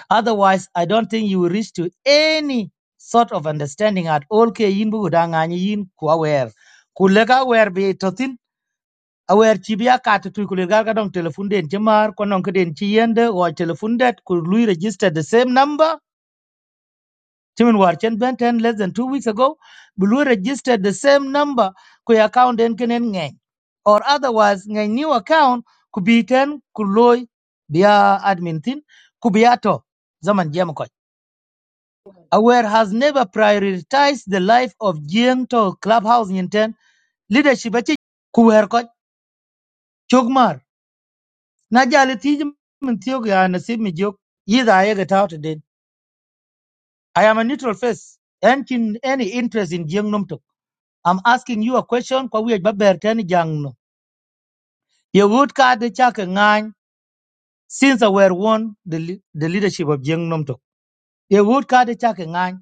H: Otherwise, I don't think you will reach to any sort of understanding at all ke yin bu da ngany yin ku aware. Ku aware be totin aware chi bia kat tu ku lega ka dong telephone den chi ko nong ke chi yende or telephone det ku lui register the same number. Timin war chen ben ten less than two weeks ago. Bu registered the same number ku account den kenen ngany. Or otherwise ngany new account ku bi ten ku loy bia admin tin ku bia to zaman jam Aware has never prioritized the life of Jiang to clubhouse Yinten leadership achi kuwer ko chogmar. Na jali tij min tiyo ga nasib mi jok yida ayega tawta den. I am a neutral face. And in any interest in Jiang Numtok. I'm asking you a question kwa wej baber tani jang no. Ye wood ka de chake ngany since Aware won the, lea- the leadership of Jiang Numtok. Ye wood ka de chake ngany.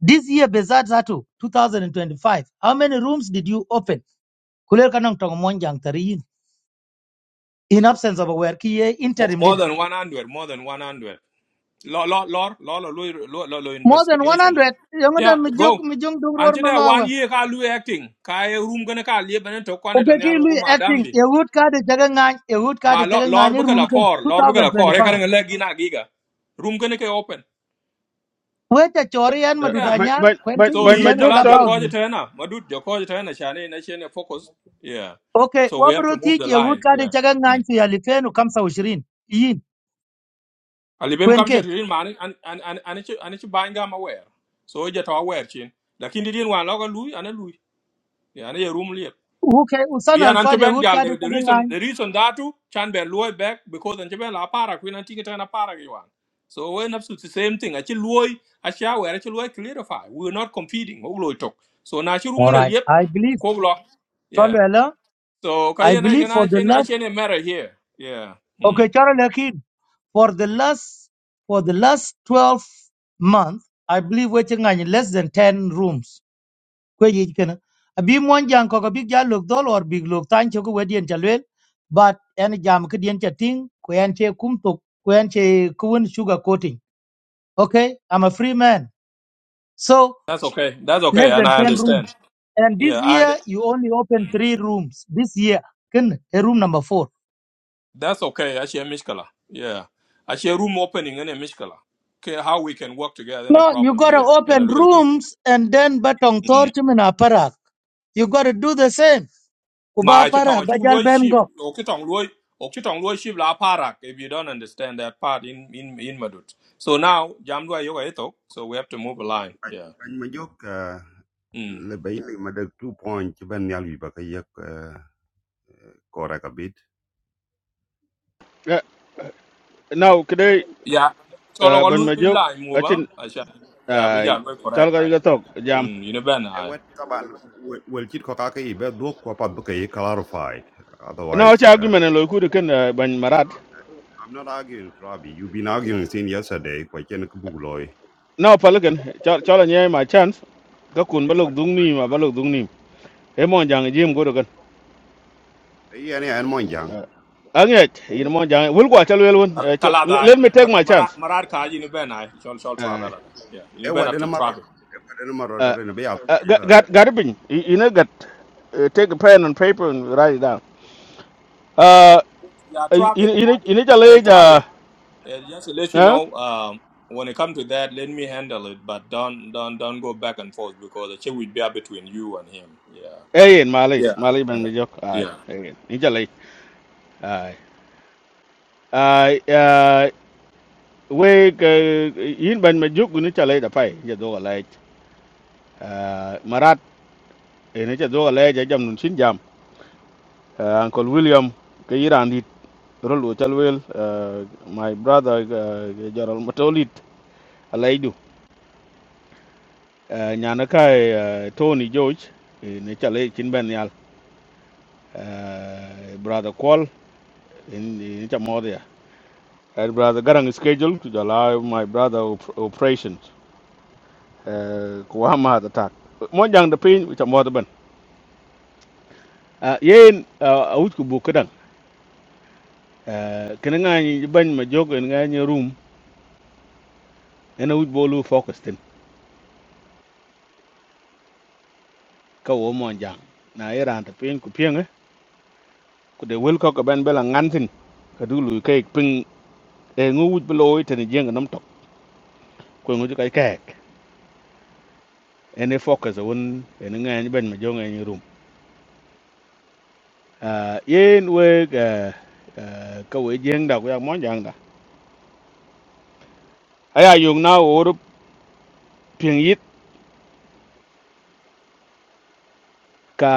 H: This year, Bezat Zatu, 2025, how many rooms did you open? kuler kanang tong monjang tari in absence of a wer ki ye
A: Mo-
H: interim
A: More
H: leader
A: than one hundred, more than one hundred. Law law law law law law law law law
H: More than
A: investigation.
H: 100 yung da
A: Yeah,
H: mi jok
A: go.
H: mi jong dong
A: And today one year ka lu acting. Ka e room gonna ka live and talk on it
H: Okay,
A: on the
H: ki
A: algo
H: lui
A: madam
H: acting
A: bi.
H: ye hut ka de jaga ngan ye hut ka
A: Ma
H: de
A: law
H: jaga
A: law
H: ngan ye
A: buka la core, law buka la core. E
H: 2025.
A: karang legi na giga. Room gonna ke open.
H: Weta chori Chorian
I: Eh, eh,
H: maduda
A: Yeah.
I: ban
H: nyar kwen
I: ban
H: ki
A: So
H: liu
I: ban ma
A: yin
H: ten
I: jok
A: kala
H: club
I: tol
H: house
A: jokoje tena, madut jokoje tena shane na shane focus. Yeah.
H: Okay,
A: So we have to
H: wabro
A: move
H: ti
A: the
H: ye hut
A: line.
H: ka
A: Yeah.
H: de jaga ngan fi alifenu kamsa ushirin. Yin
A: alibem
H: kwen
A: kamcher
H: Cake.
A: rin ma an an an an ci an ci ban gama wer so je to wer chin lakin di din wan logo lui ana lui ya ana ye rum liep
H: Okay, usan
A: yan an ci
H: alfa de
A: ben
H: hut
A: jal
H: ka de
A: the the
H: jaga
A: reason the reason that too chan ben loy back because an ci ben la para kuin an tinga na para gi wan so we nafsu the same thing a ci loy a ci wer a ci loy clarify we are not competing o loy tok so na ci rum
H: All
A: la
H: right,
A: liep
H: I believe.
A: ko lo yeah
H: Chalo
A: so
H: I
A: kayena
H: believe
A: kana
H: for the
A: chen a
H: last.
A: chen matter here yeah mm.
H: Okay, Charles lekin. for the last for the last 12 months i believe waiting on less than 10 rooms kwe yi kana abi mon jang ko ko big ya lok dol or big lok tan ko wedien chalwel but en jam ke dien chating ko en che kum tok ko en che kun sugar coating okay i'm a free man so
A: that's okay that's okay
H: less
A: and
H: than
A: i
H: 10
A: understand
H: rooms and this
A: yeah
H: year
A: and
H: you only open 3 rooms this year kin a room number 4
A: That's okay. I share Mishkala. Yeah. I share room opening and a Mishkala. Okay, how we can work together in a
H: No, you
A: problem
H: gotta
A: here in a
H: open
A: little.
H: rooms and then batong torchum in aparak. You gotta do the same. Kuba
A: My chitong
H: aparak, bajal
A: chuloy ship.
H: bengo.
A: Okitong loy Okitong loy ship la parak if you don't understand that part in in in Madut. So now Jamdua Yoga Eto, so we have to move a line. Yeah.
E: Anh mà dốc à,
A: Mm.
E: là two points chứ bên nhau gì bà cái à, bit. What about biết.
I: Eh, now today
A: Yeah. So lo
I: ban ma
A: lui line move on.
I: jok
A: I shall yeah, but
I: ai
A: yeah, we're
I: chal
A: correct.
I: ga
A: I
I: ga tok jam
A: mm, you know ben
E: Ê,
A: I
E: quên, các bạn, quên quên chít có bé đuốc qua clarified.
I: na o
E: Otherwise,
I: cha gu
E: i
I: mena lo ku de ken eh, ban marat
E: I'm not arguing, Robbie. You've been arguing since yesterday. Quay trên cái bù What?
I: na o pal ken chal chal nye ma chance ga kun
E: Ê,
I: balok
E: quên,
I: dung ni ma balok dung ni e mon jang jim go do ken
E: cái này anh
I: anget yin mon jang wul gwa chal wel won eh, cho-
A: kalada
I: le-
A: I
I: let me take my
A: marat
I: chance
A: marat ka you know ben I shall shall
I: ai
A: travel. Yeah. You know
E: ewa
A: ben
E: de
A: after
E: nama rot
A: travel.
E: ewa de nama rot
I: eh,
E: are ne be ya
I: eh,
E: je
I: ga
E: la
I: ga ga bin you know gat eh, take a pen and paper and write it down uh
A: Yeah, Travis.
I: ini ini chale
A: Hey,
I: ja
A: Travis. Uh, just to let you
I: eh
A: know, um, when it comes to that, let me handle it. But don't, don't, don't go back and forth because the check will be up between you and him. Yeah.
I: eh yin malis
A: Yeah.
I: malis ban
A: Yeah.
I: mi jok ai
A: Yeah.
I: eh yin ni chale ai ai ờ, we ke yin ban ma juk ni chale da pai je do la marat e ne je do la je jam nun sin jam Ah, uncle william ke iran dit rol wo chal wel ah, my brother ah, jarol matolit alaidu nyana kai ah, tony george e ne chale kin ben yal Ah, brother call in in chamodia and brother garang schedule to allow my brother op- operations uh kuhama attack mo jang da pin chamodia Uh, yen uh, awut ku buk kedang uh, kena ngai ban ma jog en ngai ni room en awut bolu focus tin ka wo mon jang na iran ta pin ku pieng eh, ku de wel ko ka ban bela ngan tin ka du lu ke pin e ngu wut belo ite ni jeng nam tok ko ngu ka ka en e focus won en ngai ban ma jog en ni room uh, yen we ga uh, ka we jeng da ku ya mon jang da aya yung na wo ru pieng yit ka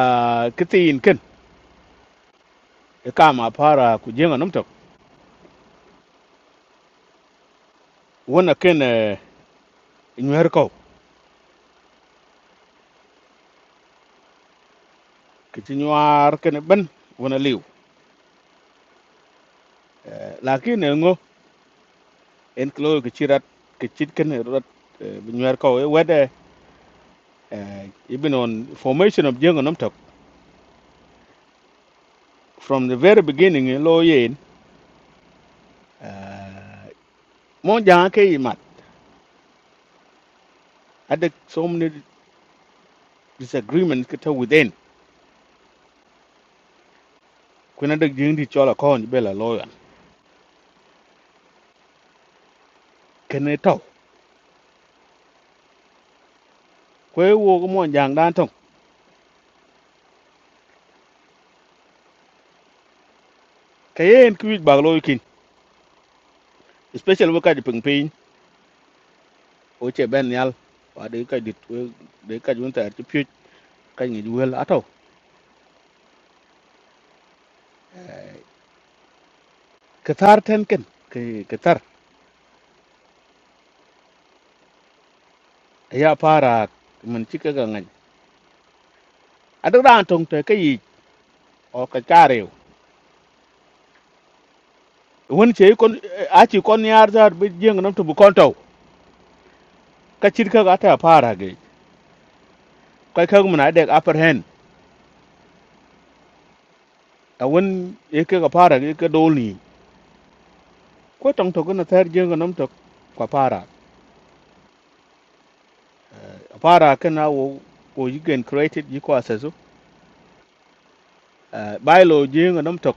I: kitin ken ka ma para ku jeng nam tok wona ken inywer ko ke ci nyar ken ben wona liw lakin ngo en klo ke ci rat ke ci ken rat bi nywer ko wede ibn on formation of jengo nam tok from the very beginning eh, lo yen eh, mo jang ke yimat ada so many disagreements ke to within kuna da jing di chola ko ni bela lo yan ken to ko wo ko mo jang dan tong ke yen ku bag lo kin especially wo ka di ping ping o che ben yal wa de ka di we- de ka junta ti pye kan yi wel ato ka tar ten ken ke ka tar ya fara mun ci ka gangan a duk ran tong te kai o ka kare won ce kon a ci kon yar zar bi jeng nam to bu kon taw ka ci ka ga ta fara ge kai ka mun a da upper hand a won e ka ga fara ge ka doli ko tong to na tar jeng nam to ka fara fara kana wo ko yi gen created yi ko asaso bylaw jeng nam to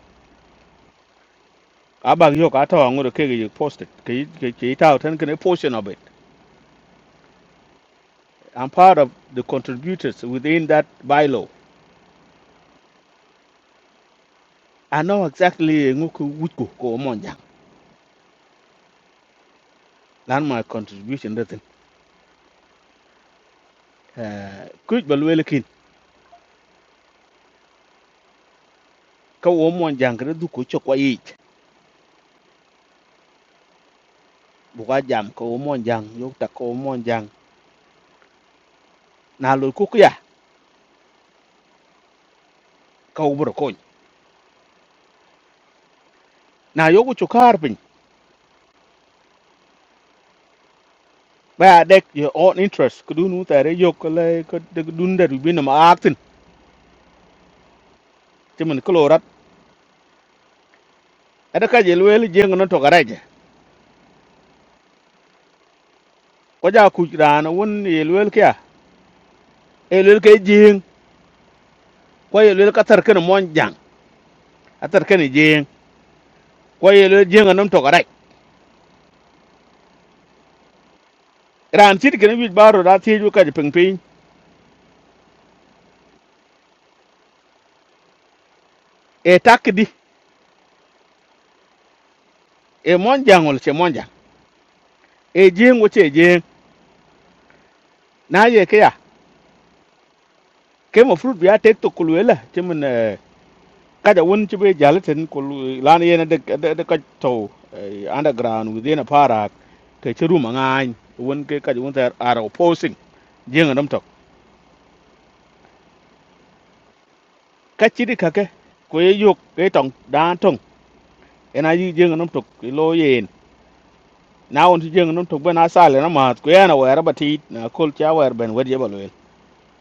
I: abag yo ka tawa ngoro ke ge posted ke ke ta tan ken portion of it I'm part of the contributors within that bylaw. I know exactly nguku wuku ko monja. Lan my contribution that uh kuj balwelekin ka wo monja ngre du ko chokwa yich. Buka jam ka wo monja yok ta ko monja na lo ku ya ka wo bro kon. Na yoku chokar pin. Ba dek your own interest kudun utare yok le ko de dun der bi na ma aktin. Timin klorat. Ada ka jelwel jeng no to garaje. Ko ja kuj rana won yelwel kya. Elwel ke jeng ko yelwel ka tar kana monja atar kani jeng ko yelo jeng anom to garai ran sit kene wi baro da ti ju kaji ping ping e takdi e monjangol che monja e jeng wo che jeng na ye ke ya ke mo fruit biya tek to kulwela che mun eh, kada won che be jalaten kul lan ye na de de de ka to eh, underground within a para ke che ruma ngai won ke kaji won tar ara opposing jeng anom to ka chidi kake ko ye yok ke tong da tong ena yi jeng anom to lo yen na won ti jeng num tok bena sale na mat ku yana wera bati na kol cha wer ben wer jebal wel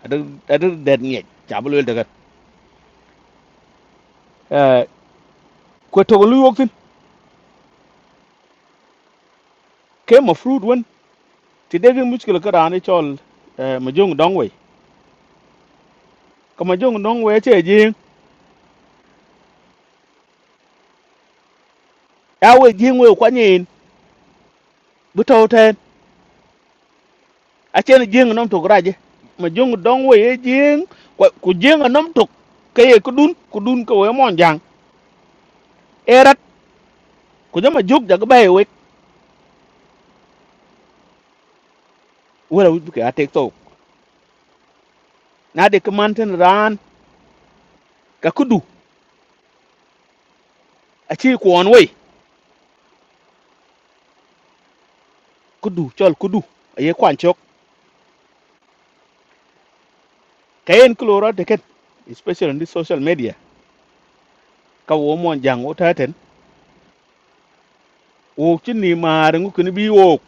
I: adu adu det nye chabal wel daga eh ko to lu yok tin ke ma fruit won ti de gen muskil ka ran chol eh ma jong dong we ka ma jong dong we che jeng ya we jeng we kwa nyin bu to ten a chen jeng num tok raje ma jong dong we ye jeng ku jeng num tok ke ye ku dun ku dun ko we mon jang erat ku jama jog daga bay we wera wu ke atek to na de ka man tin ran ka kudu achi kwon wei kudu chol kudu aye kwan chok kayen kloro teken especially on this social media ka wo mon jang o taten wo chini mar ngu kini bi wok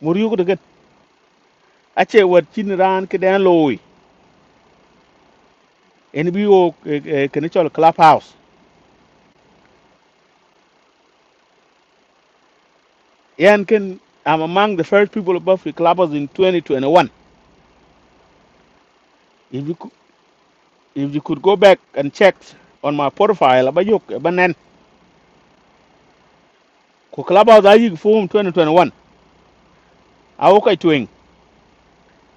I: mur yugo teken ache wat chin ran ke dan loy en bi wok eh, eh, kini chol clubhouse yan ken I'm among the first people above the clubhouse in 2021 if you if you could go back and check on my profile abayok banen ko clubhouse ayi form 2021 awokai twing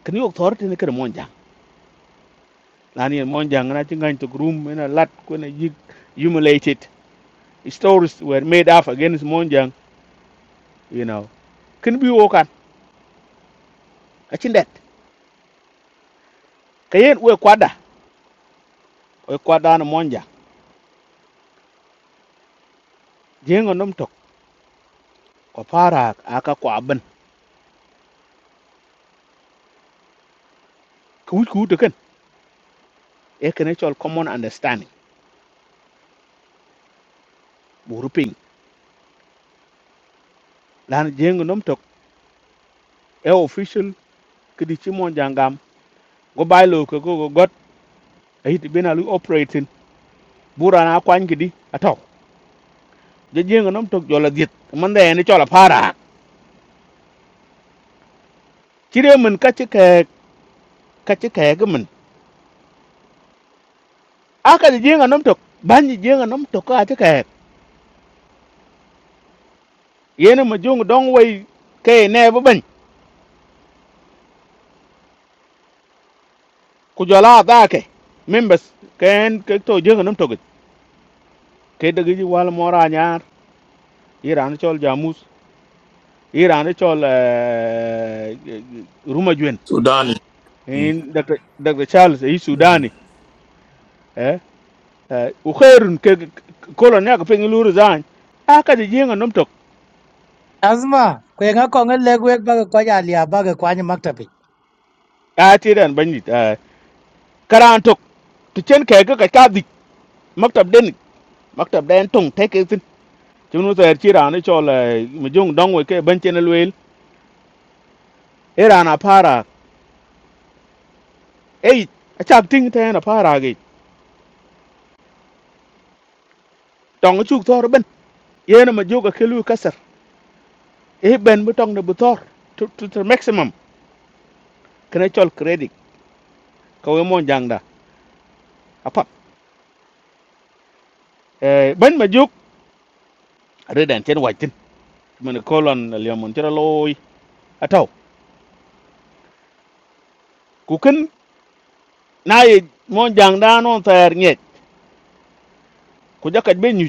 I: kini yok thorte ne kere mon jang Lani and Monjang and I think going to groom and a lot when I humiliated stories were made up against Monjang, you know. Can be woken. I think that. Kayen we kwada, we kwada na Monjang. Jengo num tok, kwa para aka kwa ben. Kuwi kuwi to ken. E can actual common understanding. Buruping. Lani jengo num tok, e official kidichi Monjang gam. Go by lo ko go go got. Ahit been a lu operating. Bura na kwany kidi. Atok. Jengo num tok jola diet. Manda e ni chola para. Chire mun kachi ka ci kɛɛ gi min a ka di jieŋa nom tok ban di jieŋa nom tok ka ci kɛɛ yeni ma juŋ dong wei kɛɛ nɛɛ bi bɛny ku jɔla a daa kɛ min bɛ kɛɛn ke to jieŋa nom tokit ke dagi ji wal mɔra nyaar yi raani cɔl jamus yi raani cɔl ruma juin
A: So Danny. Mm.
I: dr charles yi
A: Mm.
I: sudani eh eh, u khairun ke kolon ya ka fengi luru zan a ka di jieŋa nom tok
H: Azma, kwenga konga legwek baga kwaja alia baga kwanya maktapi.
I: a ti dan ban di karan tok tu chen kɛɛ gi ka ga ka di maktab den mắc tập maktab den thế tek tin chúng nó sẽ ter ra ran cho le mi jung đông với cái bên chen lwel era ran a para ấy chắc chak thế te na para cái tong chu thor ben ye na ma cái ke lu kasar ấy bên bên tong nó bu thor to to to maximum cái này chol credit ka we mon jang da a pap e ben ma jug re den tin mình colon le mon chra loy a taw ku ken na ye mon jang da non ter nyet ku jakat be nyu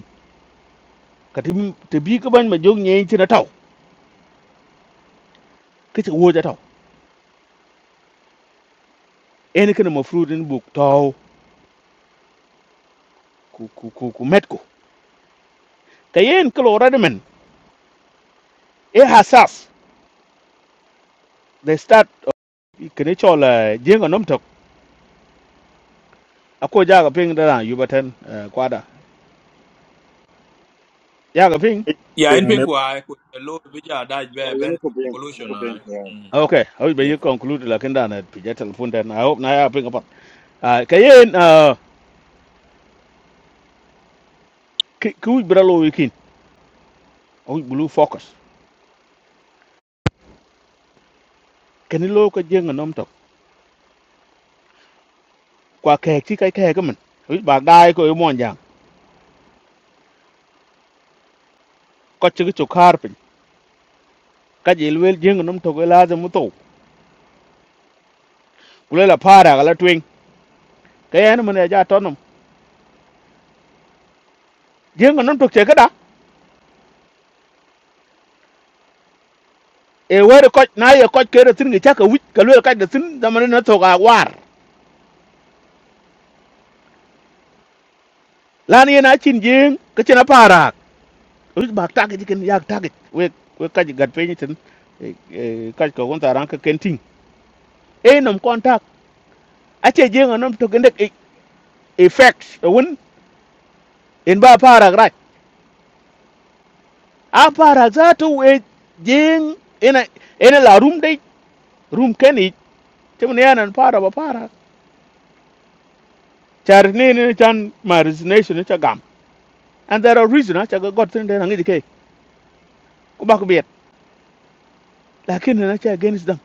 I: ka te bi ka bên ma jug nyen chen a taw ke chu wo ja en kana mafrud in buk taw ku ku ku ku metko kayen kalo radamen e hasas they start kene chola jenga nomtok ako jaga ping dara yubaten, uh, kwada jaga ping
A: Yeah, in
L: pengine
A: pink why could the low bija dash
M: Yeah,
A: bear
M: you
A: bend to
M: look bien, you
A: conclusion.
M: look
A: I.
M: bien.
A: Mm.
I: okay how be
A: Yeah.
I: you conclude la kenda na pija telephone then i hope na ya ping apa uh, kayen uh, ku bralo wikin o blue focus kene lo ko jenga nomtok kwa kek ti kai kek men wi ba dai ko mon jang ko chi chu karpin ka jilwel jenga nomtok la de muto kulela para gala twing kayen mun ya ja tonum jeng non tok che kada e wer ko na ye ko ke re tin ge cha ka wit ka le ka de tin da man na to ga war lan ye na chin jeng ka chen para us ba ta ge ken yak ta ge we we ka ji gat pe ni tin e ka ko gon ta ran ka ken tin e nom kontak a che jeng non tok ndek e effects won in ba para ra a para za to we jeng ina ina la room dai room ken ni te mun ya nan para ba para char ne ne chan ma resignation ne cha gam and there are reason acha ga god tin na ngi dike ku ba ku biet lakin na cha against them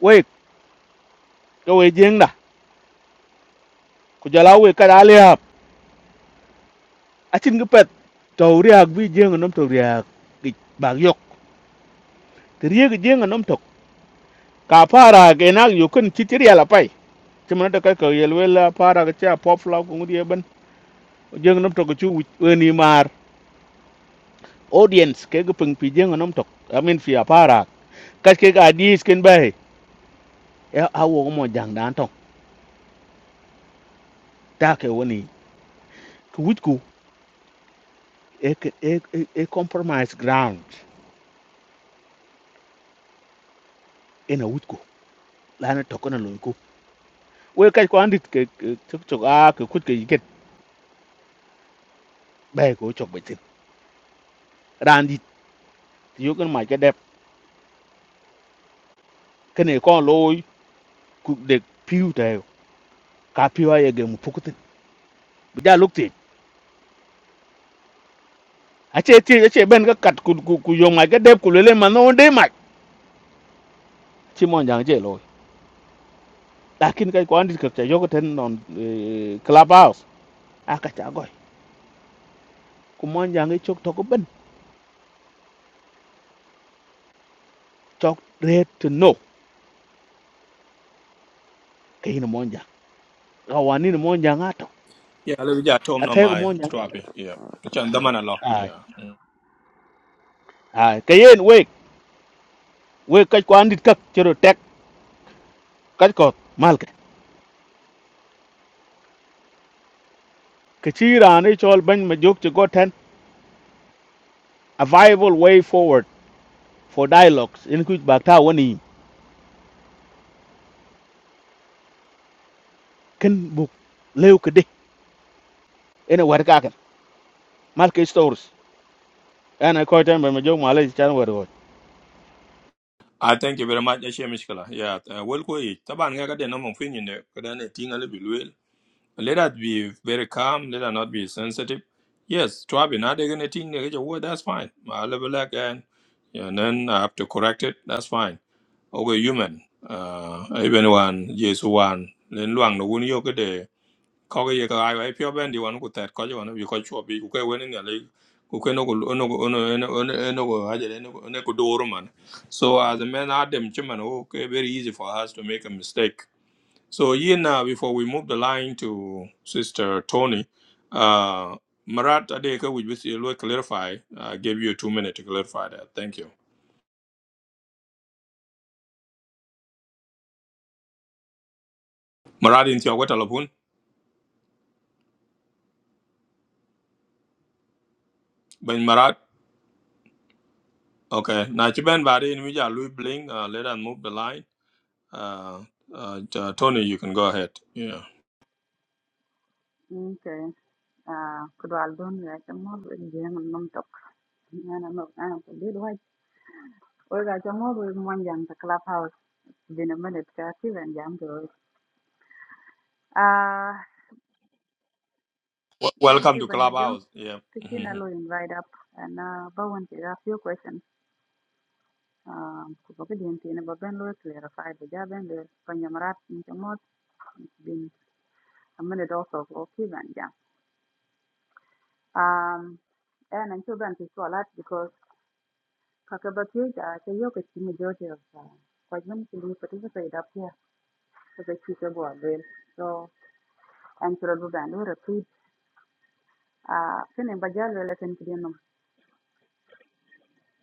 I: we ko we jeng da ku jala we ka dali ap achin gi pet to riak bi jeng nom to riak gi bag yok ti riek jeng nom to ka para ge na yu kun chi ti riala pai ti man da ka ko yel we la para ga cha pop la ku ngi ben jeng nom to ku chu we ni mar audience ke gi pung pi jeng nom to i mean fi para ka ke ga dis ken bai ya awo mo jang dan to ta ke woni ku wit e e e e compromise ground ina wutko lana tokona lonko we kai ko andit ke chok chok a ke kut ke yiket bay ko chok betin randit yogan ma ke dep kene ko loy ku de piu ta yo ka piu aye ge mu pukutin bija lukti ache ti ache ben ga kat ku ku ku yo ma ke dep ku lele ma no de ma chi mon jang je loy lakin kai ko andit ke ta yogoten non club house aka ta goy ku mon jang e chok to ko ben chok red to no ke ina mon jang rawani ni mon jang ato
A: Yeah, let me just tom no
I: athe ko
A: my
I: mo nyang
A: trappy. Yeah. Chan damana law.
I: ai
A: Yeah. Mm.
I: ai kayen we we ka kwan dit kak chero tek cái ko mal cái, cái chi ra này, chol bên ma jok cho go ten a viable way forward for dialogues in kuch bak ta woni ken buk lew ke de ene war ka kan mal ke stores ana ko ten ban ma jok ma le chan war go
A: I thank you very much, Ashia Mishkala. Yeah, uh, well, Taban I got the number of opinion there, could I a little bit. Let us be very calm. Let us not be sensitive. Yes, Trabi, not taking anything negative word, that's fine. I level again, and then I have to correct it, that's fine. Oh, we're human. Uh, even one, yes, one. Then Luang, the one you could day. Cocker, you go, I pure bandy one could that call you one of you could chop you could win in the league. Okay, no, no, no, no, no, no, no, no, I didn't know. So, as a man, Adam Chiman, okay, very easy for us to make a mistake so Ian, uh, before we move the line to Sister Tony, uh, Marat Adeka, which we will clarify, uh, gave you two minutes to clarify that. Thank you. Marat in your what alapun? Ben Marat. Okay. Now Chiban Bari in Vija Louis Bling. Uh, let us move the line. Uh, uh, T- Tony, you can go ahead. Yeah.
N: Okay. Uh, could I don't like a model in the non talk. And I'm not I'm a bit white. Or I can model in one young the clubhouse. Been a minute, Kathy, and young girl. Uh,
A: W-
N: thank
A: welcome
N: you,
A: to
N: Ben Maju.
A: Clubhouse. Yeah.
N: Kitchen
A: Mm-hmm.
N: alone invite up and uh, Bowen to ask your question. Um, Kubakadian Tina Ben Lewis clarified the job and the Panyamarat in the mod. It's been a minute also Okay, Kivan, yeah. Um, and I'm sure Ben is all that because Kakabakirka is a yoke at the majority of uh, quite many people participate up here as a teacher go avail. So and sure do ban or repeat uh can a bajal relation to them.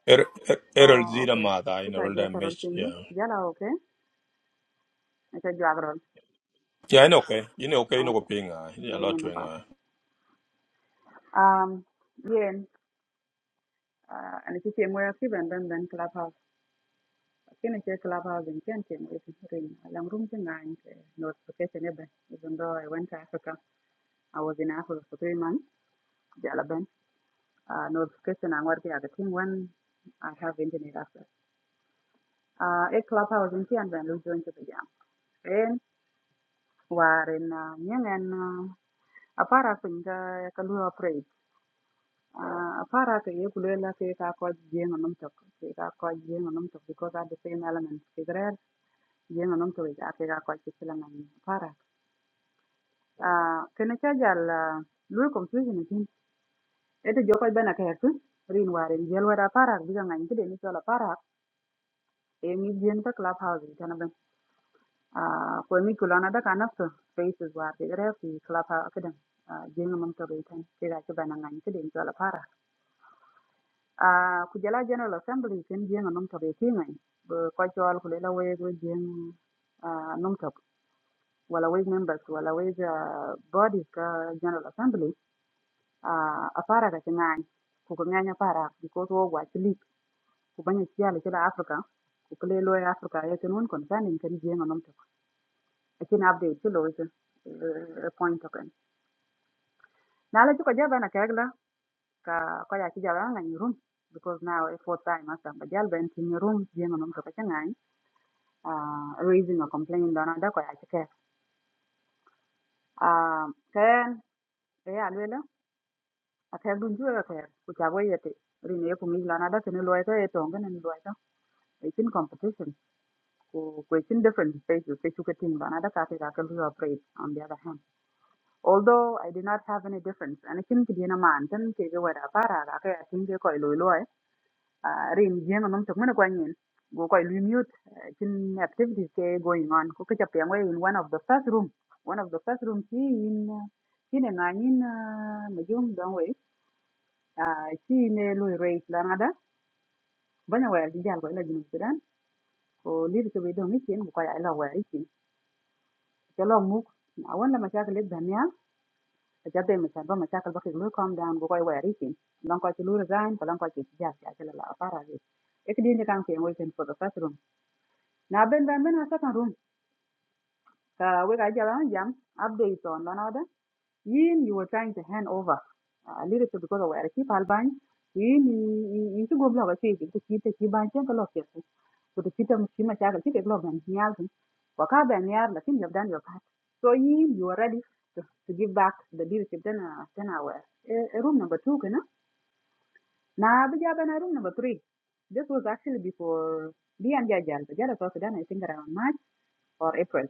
A: Er, er, Errol
N: Oh
A: Zira
N: okay.
A: Mada in
N: Good
A: Errol
N: idea to roll
A: Damish.
N: thing.
A: Yeah.
N: Jala okay. It's a jog roll.
A: Yeah, I know. Okay. You know, okay. You know,
N: Okay.
A: Ping. Yeah, a
N: Ay,
A: lot
N: yun
A: to.
N: ang pa.
A: hang.
N: Um yen uh and if you came where I've given then then clubhouse. Can I check clubhouse in Kenton with ring along room to nine notification even though I went to Africa. I was in Africa for three months. Jala ben. uh, notification ang warki aga ting when I have internet access. Uh, e clubhouse in tian ben lu join to the jam. En waren uh, nyang en uh, apara pin ka ka lu operate. Uh, apara ka ye kulo la ke ka ko jeng anum tok. Ke ka ko jeng anum tok because at the same element. Ke grer jeng anum tok ja ke ka ko ke sila ngan apara. Uh, kena cha jal uh, lu confusion tin. Ete joko bena ka hekun. Rin waren jel wada apara biga ngan kide ni chola apara Amy Jane ka clubhouse kana ben ah ko mi kulana da kana so spaces where they are fi clubhouse kadan ah jeng mam to beten ke ga ke bana ngani ke den jola para ah ku jala general assembly ken jeng mam to beti ngai bo ko jol ku lela we go jeng ah mam to wala we members wala we ah, bodies ka general assembly ah apara ga ngani ku ko ngani para ko to wa chili ku banya chiala chila africa ku kule loya africa ya tenun kon kan en ken jeng aci na update ci lo ci eh, point to ken na la ci ko jabe na kek la ka ko room because now it's fourth time as am bajal ben ci ni room je no to ka ngai ah raising a complaint dona da ko ya ci ke ah ken e ya lela a kek dun ju ka kek ku ta boye te ri ne ku mi la na da ke ni lo ka e to ngene ni lo it's in competition ku ku it's in different spaces ke chu ke tin dona da ka te ka ke operate on the other hand although I did not have any difference and kin ki dina man tan ke ga wada para I think tin ke koy loy loy rin jeng nom tok mena kwanyin go koy mute uh, activities ke going on ko ka chapeng we in one of the first room one of the first room ki in uh, ki ne nganin majung don we ah, ki ne loy rate la ngada banya wa di jal ko la jinu sudan ko lir ke be don ikin ko ay la wa ikin ke long mu awon la ma Ajabe mi san ba mashakal bakik lu calm down bu koy waya risin lan koy ci lu resign ko lan koy ci jas ya ci la la fara ge ek di ni kan ke waiting for the first room na ben ben ben a second room ka we ga jala jam update on lan oda yin you were trying to hand over a little bit because of where keep alban yin yi ci go blog ci ci ci ci ban ci ko lo ke ودكتور مش في مشاكل في development نيالتن وكابع نيار لكن you've done your part. so you you are ready to, give back the leadership then uh, then our uh, room number two kana na bija bana room number three this was actually before BM Jajal Jajal was done I think around March or April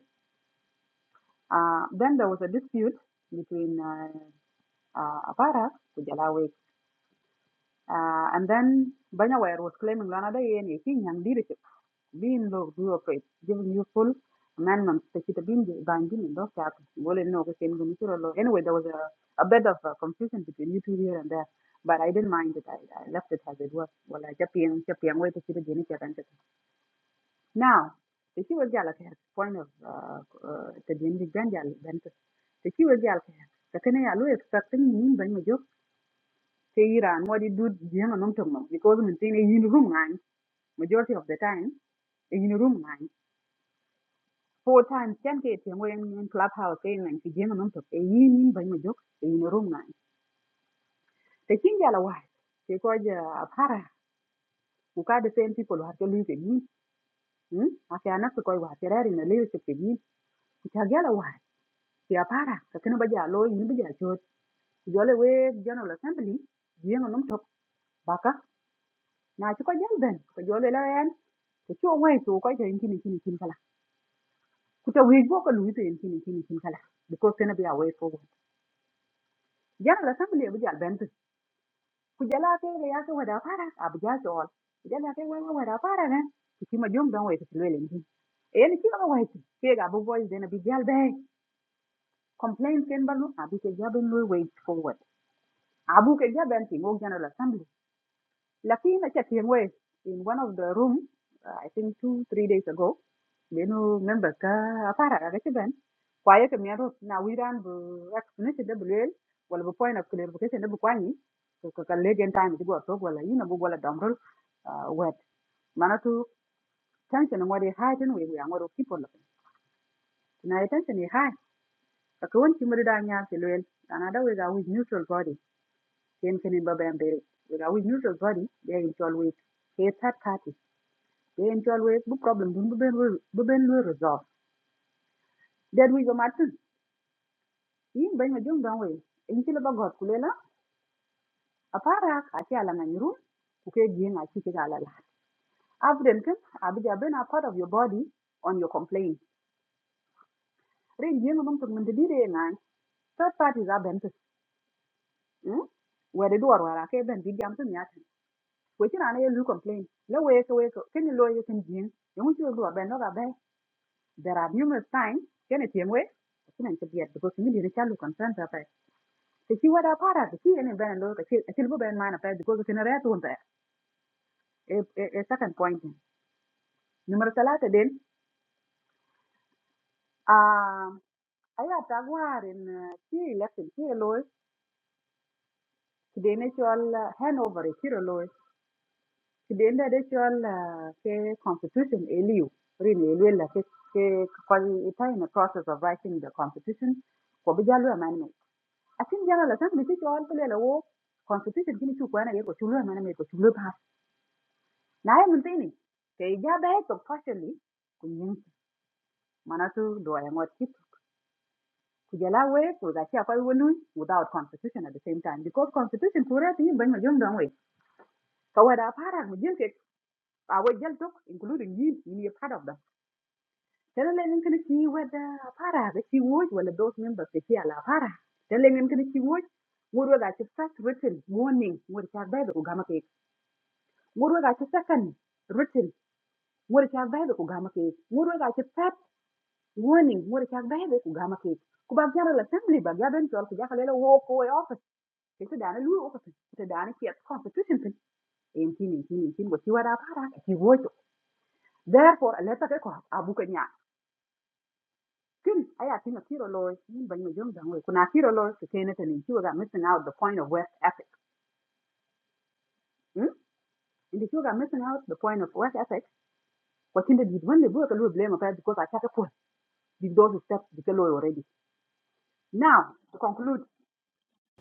N: uh, then there was a dispute between uh, uh, Aparak to Jalawi uh, and then Banyaware was claiming Lana Day and King and leadership بين لو هو كويس giving you full amendments تكيتا the بانجين in those chapters بقول انه كنت يمكن يصير له anyway there was a, a bit of uh confusion between you two here and there but I didn't mind it I, I left it as it was Well, I ولا جابين جابين وين تكيتا جيني كابن كده now تكي was لك هيك point of the uh, uh, تجيني جان جال بنت تكي the لك هيك لكن هي قالوا expecting مين بين مجوك تيران ودي دود جيانا نمتم because من تين يجين room عن majority of the time يجين room عن four times chan get tiang wen in clubhouse ke nan ki jeng nam to ke yin ban ma jok ke in a room nan te kin ja la wa ke ko ja para ku ka the same people wa ke lu ke yin hm a ke anak ko wa ke rari na le ke ke yin ku cha ja la wa ke para ka kin ba ja lo yin ba ja chot jo le we general assembly jeng nam to baka na ci ko jal ben ko jo le la yan ke cho wai to ko jen kin kin kin kala ku ta wi go ko lu te kin kin kin kala because kana be away for general assembly ba jal kujala ya yake wada para abja tol kujala ke wewe wada para na. kima jom don we kisilwele ndi en kila mo wait ke abu boys dena bi jal be complain ken balu abi ke jaben lo wait forward abu ke jaben ti mo general assembly Lakini actually, I'm aware. In one of the room, uh, I think two, three days ago, you know, member ka aparag, kasi then, quiet si miro na wira na explanation de bulel, walapoy na kung libre kasi na bukoy ni, kaka lady and time si gawasog walay na bukoy la damral wet. Manatu tension ng wodi high, tinoi woyan ng wodi keepol ng. Na tension y high, sa kung wichi muri daniyal siluel, ganada woy sa woy neutral body, yun kani babayan berik. Woy neutral body, yun kani woy hatred party. yen chol we bu problem dun bu ben wul- bu ben lu resolve that we go martin yin ben ma jong dong we in ci la ba got ku lela a para ka ci ala ngani ru ku ke gi na ci ci ala la afden ken abija ben a part of your body on your complaint ren gi ngam tok men de dire ngan third parties are benefit hmm where the door wara ke ben bi jam tum yatan we ci na ye lu complain la we ke we ke ken lo ye ken You yamu ci lo ben lo ga ben there are numerous times can it signs ken tiemwe kina ci biet because mi dina chalu concern Thì she wada para ki ene ben lo ka ki bu ben mana pa because ki na retu hunta e e e second point. Numero salata den ah aya tagwar in ki election ki lo ki dene chol ah, handover ki lo ki dene the chol ah, ke constitution eliu rin eliu la ke ke ko in the process of writing the constitution ko bi jalo amendment. Akin jalo la tan bi chol pele lo constitution kini chu ko na ye ko chu lo amendment to chu lo naye min tini ke ija be to partially ku yin manatu do ay ngot kit ku jala we ku ga ci akoy wonu without constitution at the same time because constitution ku rati yin ban ma jom don we para mu jil ke a we jal including you, yin ye part of them tele le ngin kini ci wada para ga ci woj wala those members ke ci ala para tele le ngin kini ci woj ngurwa ga ci first written warning ngurwa ga be ku gama ke ngurwa ga ci second written ngurwa ga be ku gama ke ngurwa ga ci third warning murikak bebe ku gama ke ku bak jara la assembly bak ya ben tol ku jaka lela wo ko e office ke ta dana lu office ke ta dana ke constitution tin en tin en tin en tin wo ti wada para ki wo to therefore a letter ke ko abu ke nya kin aya tin tiro lo yin ban me jom dango ku na tiro lo ke tene tin ti ga missing out the point of west ethics hmm indi ti ga missing out the point of west ethics what in the did when the book a lu blame of that because i take a point these those steps the already now to conclude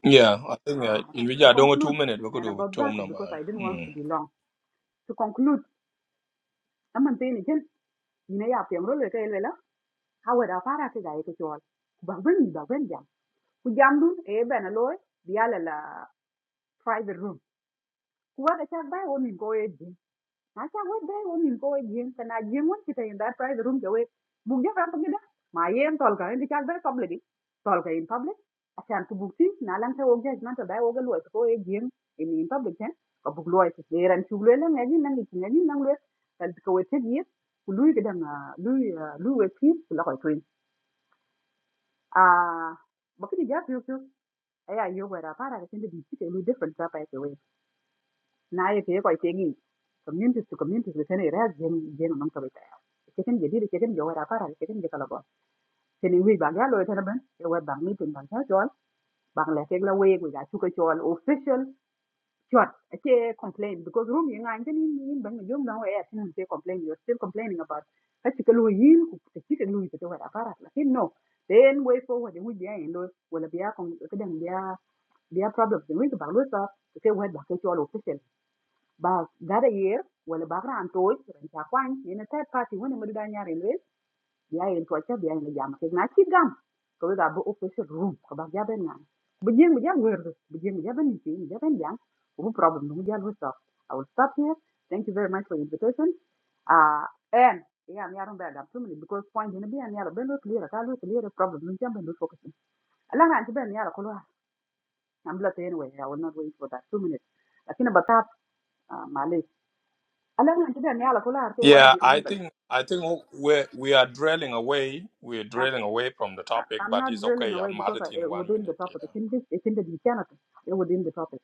A: Yeah, I think uh,
N: Uh,
A: in which
N: to
A: I don't go two
N: conclude,
A: minutes. We could
N: and
A: do
N: about that,
A: Tom number.
N: because I didn't want to
A: Mm.
N: be long. To conclude, I'm saying again, you know, yeah, I'm really okay, Lela. How would I para to go to all? Bagwen, bagwen jam. Ku jam dun, eh, ben alloy, the ala private room. Ku wada chak bai, wani go eh, Acha wet day won nim ko yin kana yin won kita in that private room jawe bug ja ram pagida ma yen tol ka indi chak public i. tol in public asan ku bug ti na lan ta wo judgment da wo ga lo ko e yin in in public A book lawyer is there and two little and it's an engine number. And go with ten ka bug lo ti ran chu le lan ngin nan ngin ngin nan le kal ko wet ti yin ku lu ga dan lu lu wet ko twin a bakini ja pyo pyo aya yo wa ra para ga tin di ti ke lu different ta pa naye ke ko tengi communities to communities be tene res jen jen non to be ta cheken je dire cheken jo wara para cheken je kala bo tene wi ba galo tene ben e wa bang ni tin bang ta jol bang le ke la we ga chu ko jol official shot che complain because room yang ngan tin ni bang yom na we at complain you are still complaining about ta chikel wo yin ku te chikel lu te wara no then way forward we be in lo wala biya kon kedang biya problems we ba lo sa ke wa ba ke jol official ba gada year, wala ba ran toy ran ta kwan ne na third party wani mu da nyare le ya yin to ta biya ne jam ke na ci gam ko we ga bu official room ko ba ja ben na bu jeng bu ja wer bu jeng bu ja ben ni bu ja ben jam No problem mu ja lu stop i will stop here thank you very much for the invitation uh and yeah mi aron ba da two minutes because point ne bi an yara ben lu clear ka lu clear the problem mu jam ben lu focusing. ala ran ti ben yara ko lo am la anyway i will not wait for that two minutes lakini batap uh Malay Alam na kida ne ala kula arte one of
A: Yeah,
N: your
A: I
N: members.
A: think I think we we are drilling away. We are
N: I'm,
A: drilling away from the
N: I-
A: topic,
N: am i am
A: but
N: not
A: it's
N: drilling
A: okay.
N: away
A: I'm at
N: because I,
A: it in
N: uh,
A: one
N: within the
A: minute.
N: topic.
A: Yeah.
N: It's in this, it's in the detail within the topic.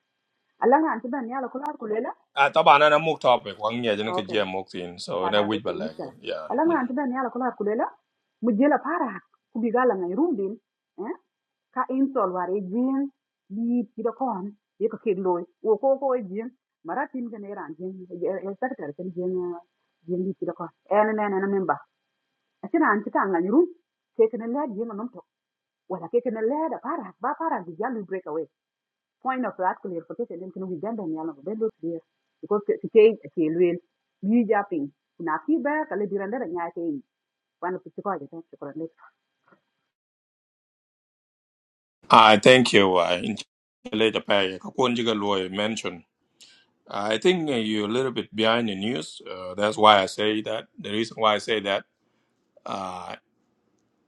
N: Alam na kida ne ala kula kulela.
A: Ah, taba na na muk topic. Wang niya jana
N: Okay,
A: kajia muk tin. So na
N: kala ko
A: wait
N: sin
A: balag.
N: misa.
A: Yeah.
N: Alam na
A: Mm.
N: kida ne ala kula kulela. Mujela para kubigala ngai rumbin. Eh? Ka insol ware jin bi kida kon ye ka kid loy. Wo ko ko e jin maratin gane ran jin e secretary kan jin eh, jin bi kida kon. En en en member. Asira an kita ngai rum. Kekene lad jin non to ولكن اللي هذا فرق ما فرق بيجي بريك اواي point of that clarification يمكن Uganda ni alam bendo clear because to change a tail wheel you jumping na ki ba kale biranda da nya kai
A: I thank you. I later pay. Kakun jiga loy mention. I think uh, you're a little bit behind the news. Uh, that's why I say that. The reason why I say that. Uh,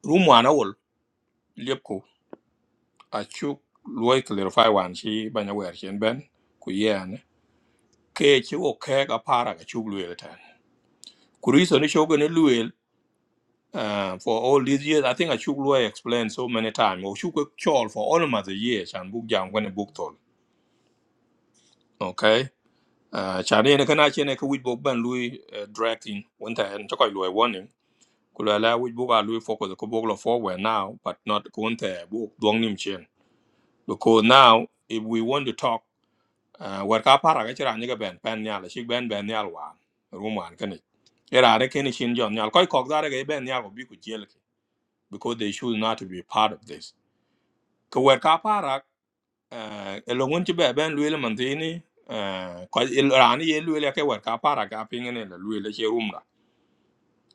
A: room one hour. acuk luoi clarify wan ci banya wer chen ben ku yen ke ci wo ke ga para ga chuk luel tan ku reason ni shogun ni luel uh, for all these years i think achuk luel explained so many times o chuk chol for all of the years and book jam when a book tol okay uh, cha ne kana chen ne ka wit bok ban lui uh, directing when ta en chokoy luel warning ku la la wit bok a lui focus ko bok lo forward now but not kun ta book dong nim chen because now if we want to talk uh, war ka para ga chira nyiga ben pen nyal shi ben ben nyal wan rum wan kani era ne keni shin jon nyal koi kok dare ga ben nyal bi ku jel ki because they should not be part of this ko war ka para uh, elongun ti be ben luel man tini uh, ko il rani ye luel ke war ka para ga pingene la luel che rum la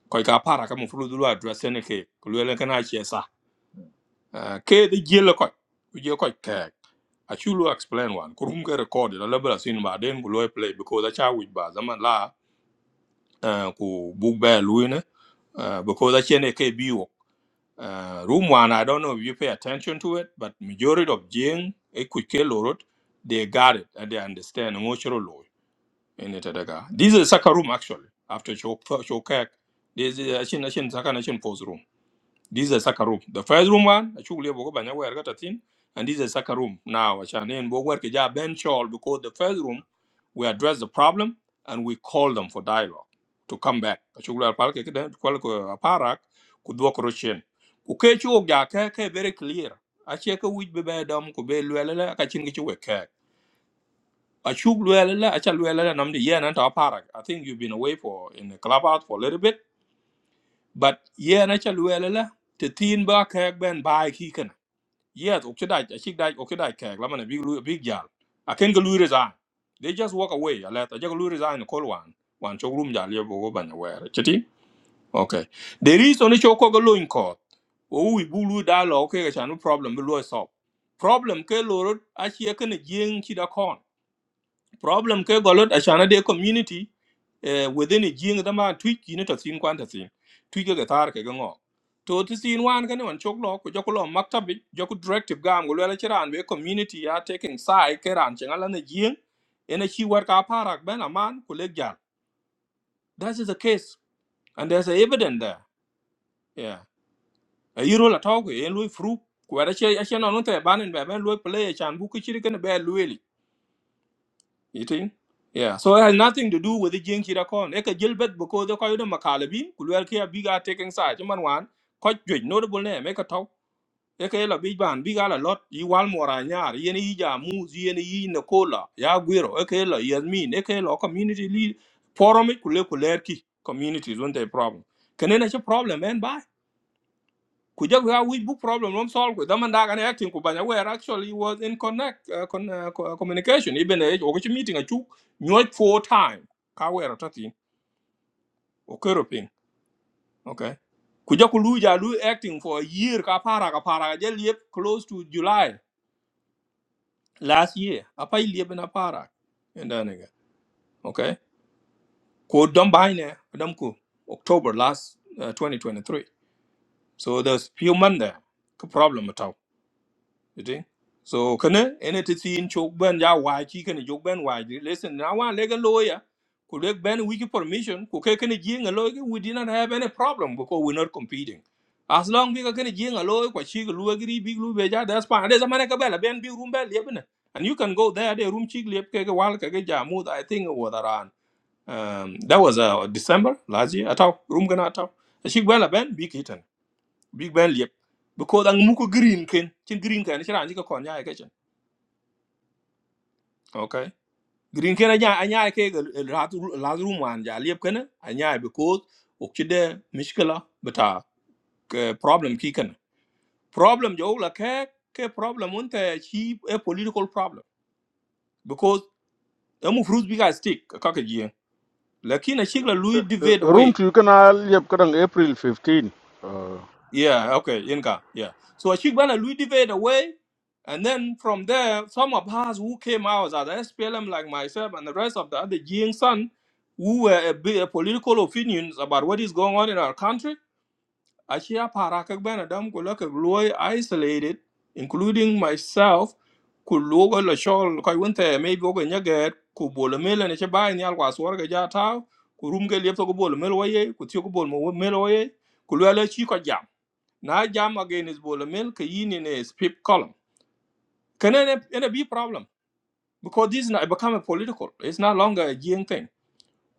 A: koi ka para ka mu fru dulu address ne ke luel kana che sa Ah, ke de jela ko ku je ko kek a chulu explain one ku ke record la level bra sin ba den ku loy play because a cha with ba zaman la ah, ku book ba lu ne uh, because I actually ke biwo. Uh, room one, I don't know if you pay attention to it, but majority of Jing, Equike Lorot, they got it and they understand emotional law in it. daga This is a second room actually, after Chokak. This is Achin Achin Sakan room. This is a second room. The first room one, I should leave Bogobanya where I got a thing, and this is a second room now. Shanin Bogwer Kija Ben Shawl, because the first room, we address the problem and we call them for dialogue to come back. I should leave Palke Kwalko Aparak, Kudwok Roshin. Ukechu Ogaka, very clear. I check a week bebe dom, Kube Luella, Kachingichu Wekak. I should Luella, I shall Luella, and I'm the Yan and Aparak. I think you've been away for in the clubhouse for a little bit but ye na cha lue la la te tin ba ka ben bai ki kan ye ok cha dai chi dai ok dai ka la man big lu big yal a ken ga lu resign they just walk away a let a ja lu resign ko wan wan chok rum ja le bo go ban wa ra chiti okay there is only chok ko lo in ko o wi bu lu da lo ke ga cha no problem bu lu so problem ke lo ro a chi ka ne jing chi da kon problem ke golot ashana de community eh, within a jing da ma tweet yin to sin kwanta sin tweak the tar ke ngo to ti sin one ke non chok lo ko joklo maktab joku directive gam go lele chiran be community are taking side ke ran chengala ne jing in a chi war ka parak ben a man, ko le gal that is the case and there's a evidence there yeah a yiro la talk e lui fru ko ara che a che non te banen be ben lui play chan bu ki chiri ken be lui You think? Yeah. So it has nothing to do with the Jing Chirakon. Eka Gilbert because the Koyuda Makalabin, Kulwerkia Biga taking side, Chaman one, quite great, notable name, Eka Tau. Eka La Big Ban, Biga La Lot, Iwal Moranyar, Yeni Ija, Moose, Yeni Yi Nakola, Yaguero, Eka La Yasmin, Eka La Community Lead, Forum Kule Ki communities, one day problem. Can then a problem, man, Kujaga we book problem rom solve ku daman daga ne acting ku banya where actually was in connect uh, con, uh, co- uh, communication even a okichi meeting a chu nyoj four time ka where tati o kero okay Kujaku Luja Lu acting for a year ka para ka para je liep close to July last year apa liep na para and then again okay ko dom bahine dom ku October last uh, 2023 so there's few months there ka problem at all. You think? So kana ene ti tin chok ban ya why? chi kana joke ban why? Listen, now one lega lawyer could leg ban wiki permission, could ke kana jing a lawyer, we did not have any problem because we're not competing. As long as kana jing a lawyer, kwa chi lu agri big lu beja, that's fine. There's a man ka bela ben big room bel yebne. And you can go there, the room chik lep ke ke wal ke ke I think it was around. Um, that was uh, December last year. Atau room gana atau. Chik bela ben big hit big ben liep because ang muko green ken chin green ken chiran chika kon nyaa ke chen okay green ken anya anya ke rat lat room wan ja liep ken anya because okchide mishkala bata ke problem ki ken problem jo la ke ke problem unte chi a political problem because amu fruits big as stick ka ke ye lakini chikla lui divide
I: room
A: away
I: tu kana liep kadang april 15 uh,
A: Yeah, okay, Inca. Yeah. So Ashikbana Louis debate away. And then from there, some of us who came out as SPLM, like myself and the rest of the other Jing son, who were a bit a political opinions about what is going on in our country, Ashia Parakakbana Dam Kulaka Gloy isolated, including myself, Kuluga Lashol, Kaiwente, maybe Oga Nyaget, Kubola Mil and Echabai Nyalwas Warga Jatao, Kurumge Lipto Kubola Milwaye, Kutiokubola Milwaye, Kulwala now jam again is Bolomil, Kayin in a spip column. Can it a be problem? Because this now become a political. It's not longer a Jing thing.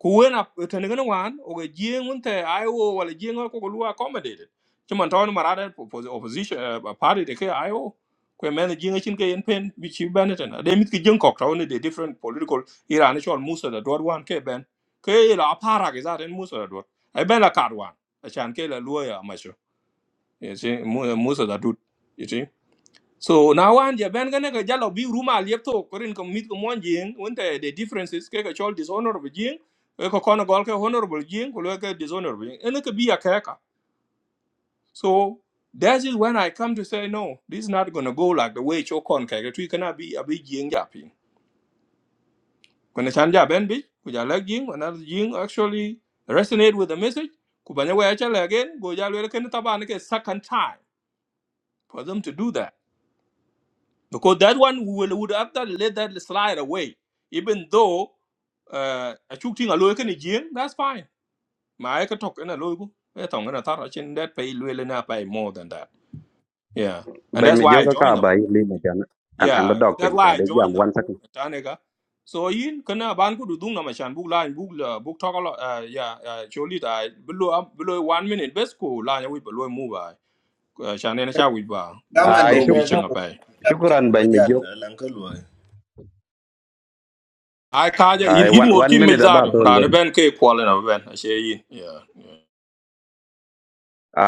A: Kuwen up with an one or a Jing Winter, Iowa, or a Jing or Kokolu accommodated. Chiman Town Marada for the opposition uh, party, the KIO. When men the Jing Chinke and Pen, which you Benetton. They meet the Jing Cock, only the different political Iran, actual Musa, the Dwad one, K Ben. Kay la Parak is that in Musa, the Dwad. I Ben a Card one. A Chankela lawyer, my sure. You see, Musa, the Dud. You see? So now and ya ben gane ka jalo bi ruma liepto korin ko mit ko mon jing wonte the differences ke ka chol dishonorable jing e ko kono gol ke honorable jing ko lo ke dishonorable jing ene ka bi ya ka ka. So that is when I come to say no this is not going to go like the way cho kon ka tu kana bi a big jing ja pin. Ko ne chan ja ben bi ko ja la jing ko na jing actually resonate with the message ko banya wa cha la again go ja le ken taban ke second time for them to do that. because that one we will would have to let that slide away even though uh a shooting a look in again that's fine my i could talk in a logo i thought i thought in that pay really not pay more than that yeah and
G: ben
A: that's
G: mi
A: why i
G: joga ka
A: joined them
G: ba yi lima jan an an ba
A: yeah
G: dog
A: that's
G: pin cha
A: why i
G: de jam
A: joined them
G: one second
A: Tanega. so in kana ban ku dung na machan book line book la book talk a lot uh, yeah uh, surely that below up below one minute best ko line we below move by shanena cha we ba
L: kama
G: ai
A: berum
G: shuk
A: bi
L: ndege
G: shuk
L: kama
A: changa
L: chapu
G: shukran ben mi
L: bajal
G: jog
L: lanka loy
A: I kaja in
G: ai
A: in
G: one
A: wor
G: one
A: kim me
G: minute about
A: zado
G: ton le
A: rana ben ke kwala na ben ashe yin yeah yeah.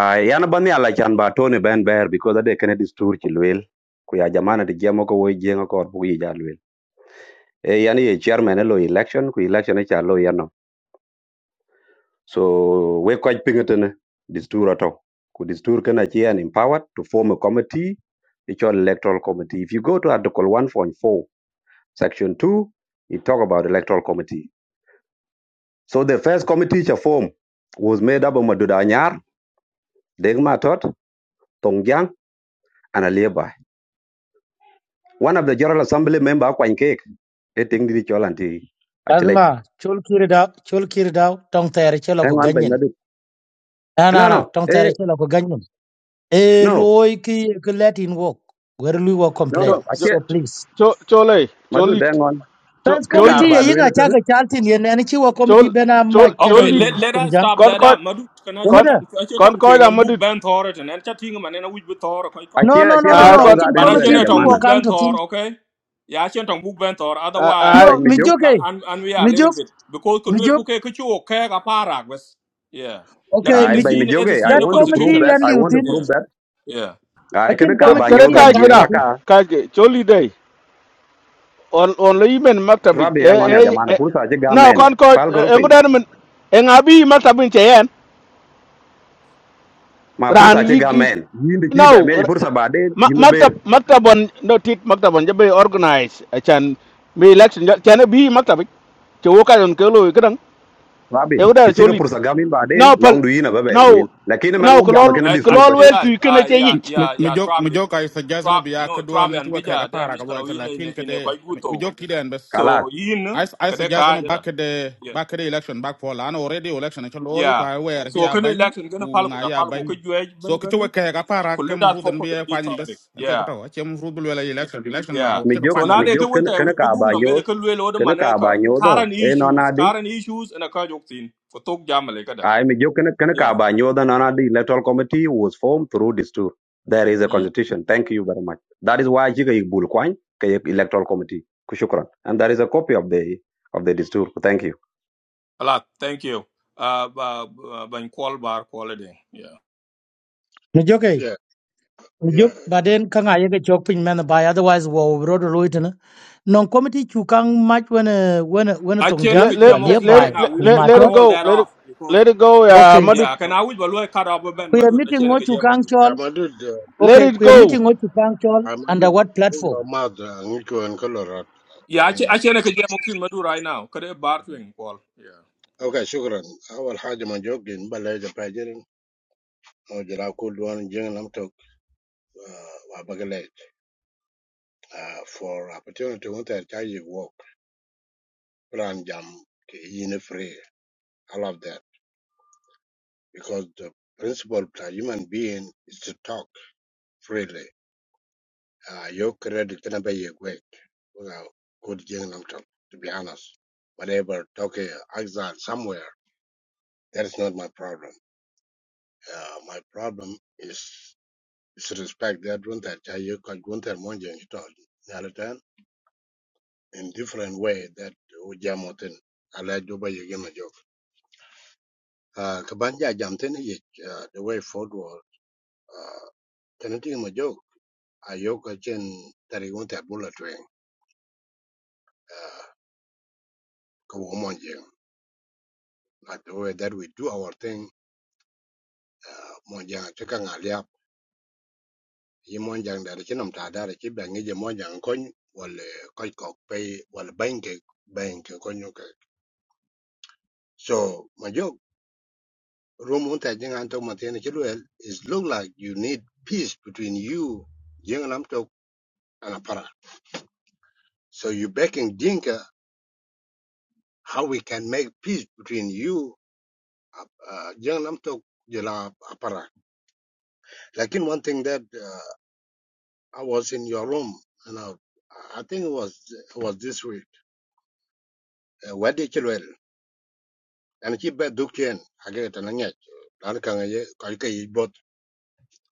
G: ai yana ban ya la chan ba ton ben ber because ade kene distur ki lwel ku ya jamana de jemo ko wo jengo ko bu yi ja lwel e yani ye chairman e lo election ku election e cha lo yan no. So we quite pingetene distur ato. Could distur kanachi and empowered to form a committee, it's your electoral committee. If you go to Article 1.4, Section 2, it talk about electoral committee. So the first committee to form was made up of Maduda Anyar, Degma Tot, Tongyang, and Alieba. One of the General Assembly member, Kwan Cake, he think did all anti Achelech.
H: Azma, chul kirida, chul kirida, tong tere chela
G: Hang
H: ku
G: on, Ben
H: ganyin.
G: Madu.
H: Na
G: No,
H: na na,
G: no,
H: tong
G: eh,
H: tere chela ku ganyin. E
G: no,
H: loy ki ki latin wok. Where we will
G: no,
I: cho
G: no,
H: complain.
I: cho
G: Ache,
H: So please.
I: cho chole
G: Madu hang
I: cholit
G: on.
I: cho
H: First
I: cholit
G: Kekar
H: committee, ye
G: ba
H: yinga chaka chaltin yen, and chiwa committee
I: chol
H: bena
I: chol
H: mach
A: okay
I: cholit
H: kani
A: let let us
H: tumjang.
A: stop
I: kon
A: that
I: ko
A: up madu kana she
I: là
A: tong she tong
I: kon
A: twen on
I: ko
A: book ben thor to nen chatting man na wich with thor ko ko
G: Ache
H: No,
A: de
H: no,
G: ache
H: no, no,
G: kere
I: à
H: no.
G: tong
I: con
G: ga
H: Echin
G: den
A: para
G: lwel
A: she
H: committee
G: ya
A: ne
H: chi
A: tong
H: wo
G: jamana.
A: book
H: kang
A: ben
H: to thin.
A: thor okay ya she tong book ben thor
I: à
A: otherwise
I: à
H: No,
G: Bany mi jok.
H: mijuk
A: ka
H: eh.
A: and an we are a little
H: Mijuk,
A: bit because ko lel
H: mijuk.
A: ku ke ku chu ke ga para was yeah
H: Okay,
A: lakin
G: Ai
A: the
G: bany
H: mijuk.
A: scene it is
G: I
A: in the
H: That
G: want to prove
A: constitution
H: committee
G: that.
H: and
A: was
G: I
H: liu
G: want to
H: thin.
A: yeah
G: prove that.
A: yeah
G: Ai kene
H: Echin
G: ka
I: cái
G: ba
H: committee
I: cái đấy
G: nyod
H: chi
G: we
H: and
I: cái cái
H: kang to
I: nào
G: aka
H: thin.
I: cái cái chỗ đi đây on on lấy mình mắc tập bình
G: rabi ya
I: ê
G: ngon ya
I: ê
G: jamana.
I: ê
G: Pursa ache gamen.
I: nào con coi
G: Pal ko
I: em có đem mình em ngã bi mắc tập bình trẻ em
G: Ma
I: ran
G: pursa ache
I: yi ki
G: gamen. men. Yin de ki be
I: nào
G: me pursa ba den
I: mắc mắc
G: ber.
I: tập mắc tập bọn nó thịt mắc tập bọn cho bây organize à chan mi election cho chan nó bi mắc tập bình chỗ cái còn cái lùi cái đằng
G: Rabi.
I: em có
G: Ti
I: đem
G: chi
I: chỗ
G: ka
I: lịt
G: pursa ga min ba den
I: nào pal
G: long du yin ba be
I: nào
G: yin. Lakini man
I: nào
G: wo
I: cái
G: ga
I: lo
G: ma
A: I,
I: cái
A: I,
I: lo
G: disturb.
I: luôn
A: yeah,
I: tùy cái này
A: uh,
I: chơi
A: yeah,
I: ít
A: yeah, yeah,
O: mijok
A: Trabi.
O: mijok ay suggestion
A: trap
O: bi ya ka
A: no trap
O: don
A: yan
O: tuwa kai ga
A: bija de
O: fara ga
A: miskala
O: loy
A: wi
O: kala
A: ne
O: kin
A: ne
O: ka
A: ne
O: de
A: ko guto
O: mijok ki den bes
G: Kalas
A: so yin
O: ay ay
A: kade ka
O: suggestion ba
A: jira
O: ka de
A: yeah
O: ba ka de election back for lan already election ka loy
A: yeah
O: kwa wer fi
A: so
O: ya
A: kan
O: ban
A: election gonna
O: ku
A: pal
O: nga
A: da
O: ya
A: pal ko
O: ban
A: ko juwe
O: so
A: ben
O: ki tuwa
A: gana
O: kai ga fara ka
A: kullu
O: mu
A: da ko
O: rudan
A: ko
O: bi ya
A: the
O: kwa ni
A: topic
O: bes an kai ka
A: yeah
O: taw ce mu rudul wala election election ma
A: yeah
G: mi
O: ka ka
G: jok
O: kwa
A: so
O: ni
A: na
O: already
A: de
G: Kena
A: ka
G: kena
A: wonta
G: kene kene
A: wi
G: ka
A: dum
G: ba
A: no be
G: nyod
A: ka lwe lo de
G: kene
A: mane
G: ka ba nyodo.
A: current
G: E no
A: issues current issues and a ka jok tin ko tok jamale kada
G: I mean, you can can ka
A: yeah
G: ba nyoda na na the electoral committee was formed through this tour. There is a
A: mm.
G: constitution. Thank you very much. That is why jiga ibul kwany ka yek electoral committee. Kushukran. And there is a copy of the of the tour. Thank you.
A: a lot thank you uh ba ba- ba- in call bar call yeah
H: Mijuk eh.
M: Yeah, yeah.
H: Mijuk. But then kang aye ke chok pin man by otherwise wo road road na. Non committee chu kang match when when when
A: I
H: tong
A: can't
I: let
H: jang kwa
I: let
H: lia
I: let
A: get
I: let
H: by
I: it
A: right now.
I: let,
A: We
H: ku
A: need to
I: let let
A: cut
I: it
H: matot.
A: all
I: go.
A: that
I: Let it
A: off because.
I: let it go. Uh,
H: Okay.
I: Madud.
A: Yeah, can I wish Balua cut up a band,
H: Kuya
A: Madu, I
H: meeting
A: shall make
H: ngo
A: a
H: chu
A: jam
H: kang
A: okay.
H: chol.
M: I'm a dude. uh,
I: Let
H: Okay,
I: it
H: kuya
I: go.
H: meeting ngo chu kang chol
M: I'm a
H: under
M: dude.
H: what platform?
M: ماضي نيكو ان كلورات
A: Yeah, I shall make a jam okay, Madu, right now. Could a bar twin, Paul. Yeah.
M: اوكي شكرا اول حاجه ما جوجين بلا جا باجرين او جرا كل وان جين لم توك وابغلي for opportunity when they try you work plan jam in free i love that because the principle of a human being is to talk freely Uh, your credit can be a great. Well, good Jinglam talk, to be honest. Whatever talk uh, exile somewhere, that is not my problem. Uh, my problem is is respect that Gunther Chayo because Gunther Monjang told Nalatan in different way that Ujamotin Ala Juba Yagima joke. Uh, Kabanja Jamtin, uh, the way forward, uh, Tanatima joke, Ayoka Chen Tarigunta Bullet Wing, uh, Kawamonjang. like the way that we do our thing uh, monjang te ka nga liap yi monjang da chi nam ta da chi ba monjang ko wal ko ko pe wal bank bank ko ke so ma jo room un ta jing an to ma is look like you need peace between you jing nam to and apara so you backing dinka how we can make peace between you uh, uh, jing nam to jela apara lakin one thing that uh, I was in your room, you know. I think it was it was this week. Uh, where did you well? And keep back do chain. I get it, and I get. Dan kang ye kai kai bot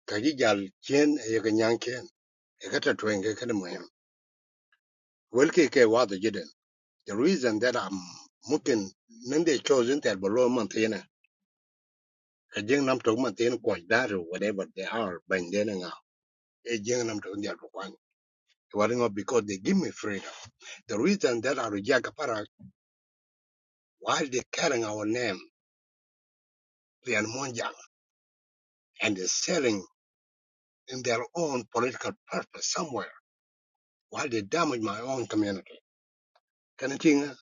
M: kai jal chain ye kan yang chain. Ye kata tuing ye kan mo yam. Well ke ke wa the jiden. The reason that I'm mungkin nang they chosen that below mountain. Ka jeng nam tok mountain ko daru whatever they are bang den nga. E jeng nam tok dia ko kwan. not because they give me freedom. The reason that I reject para why they carrying our name. Ryan Monjang, and is selling in their own political purpose somewhere while they damage my own community. Can you think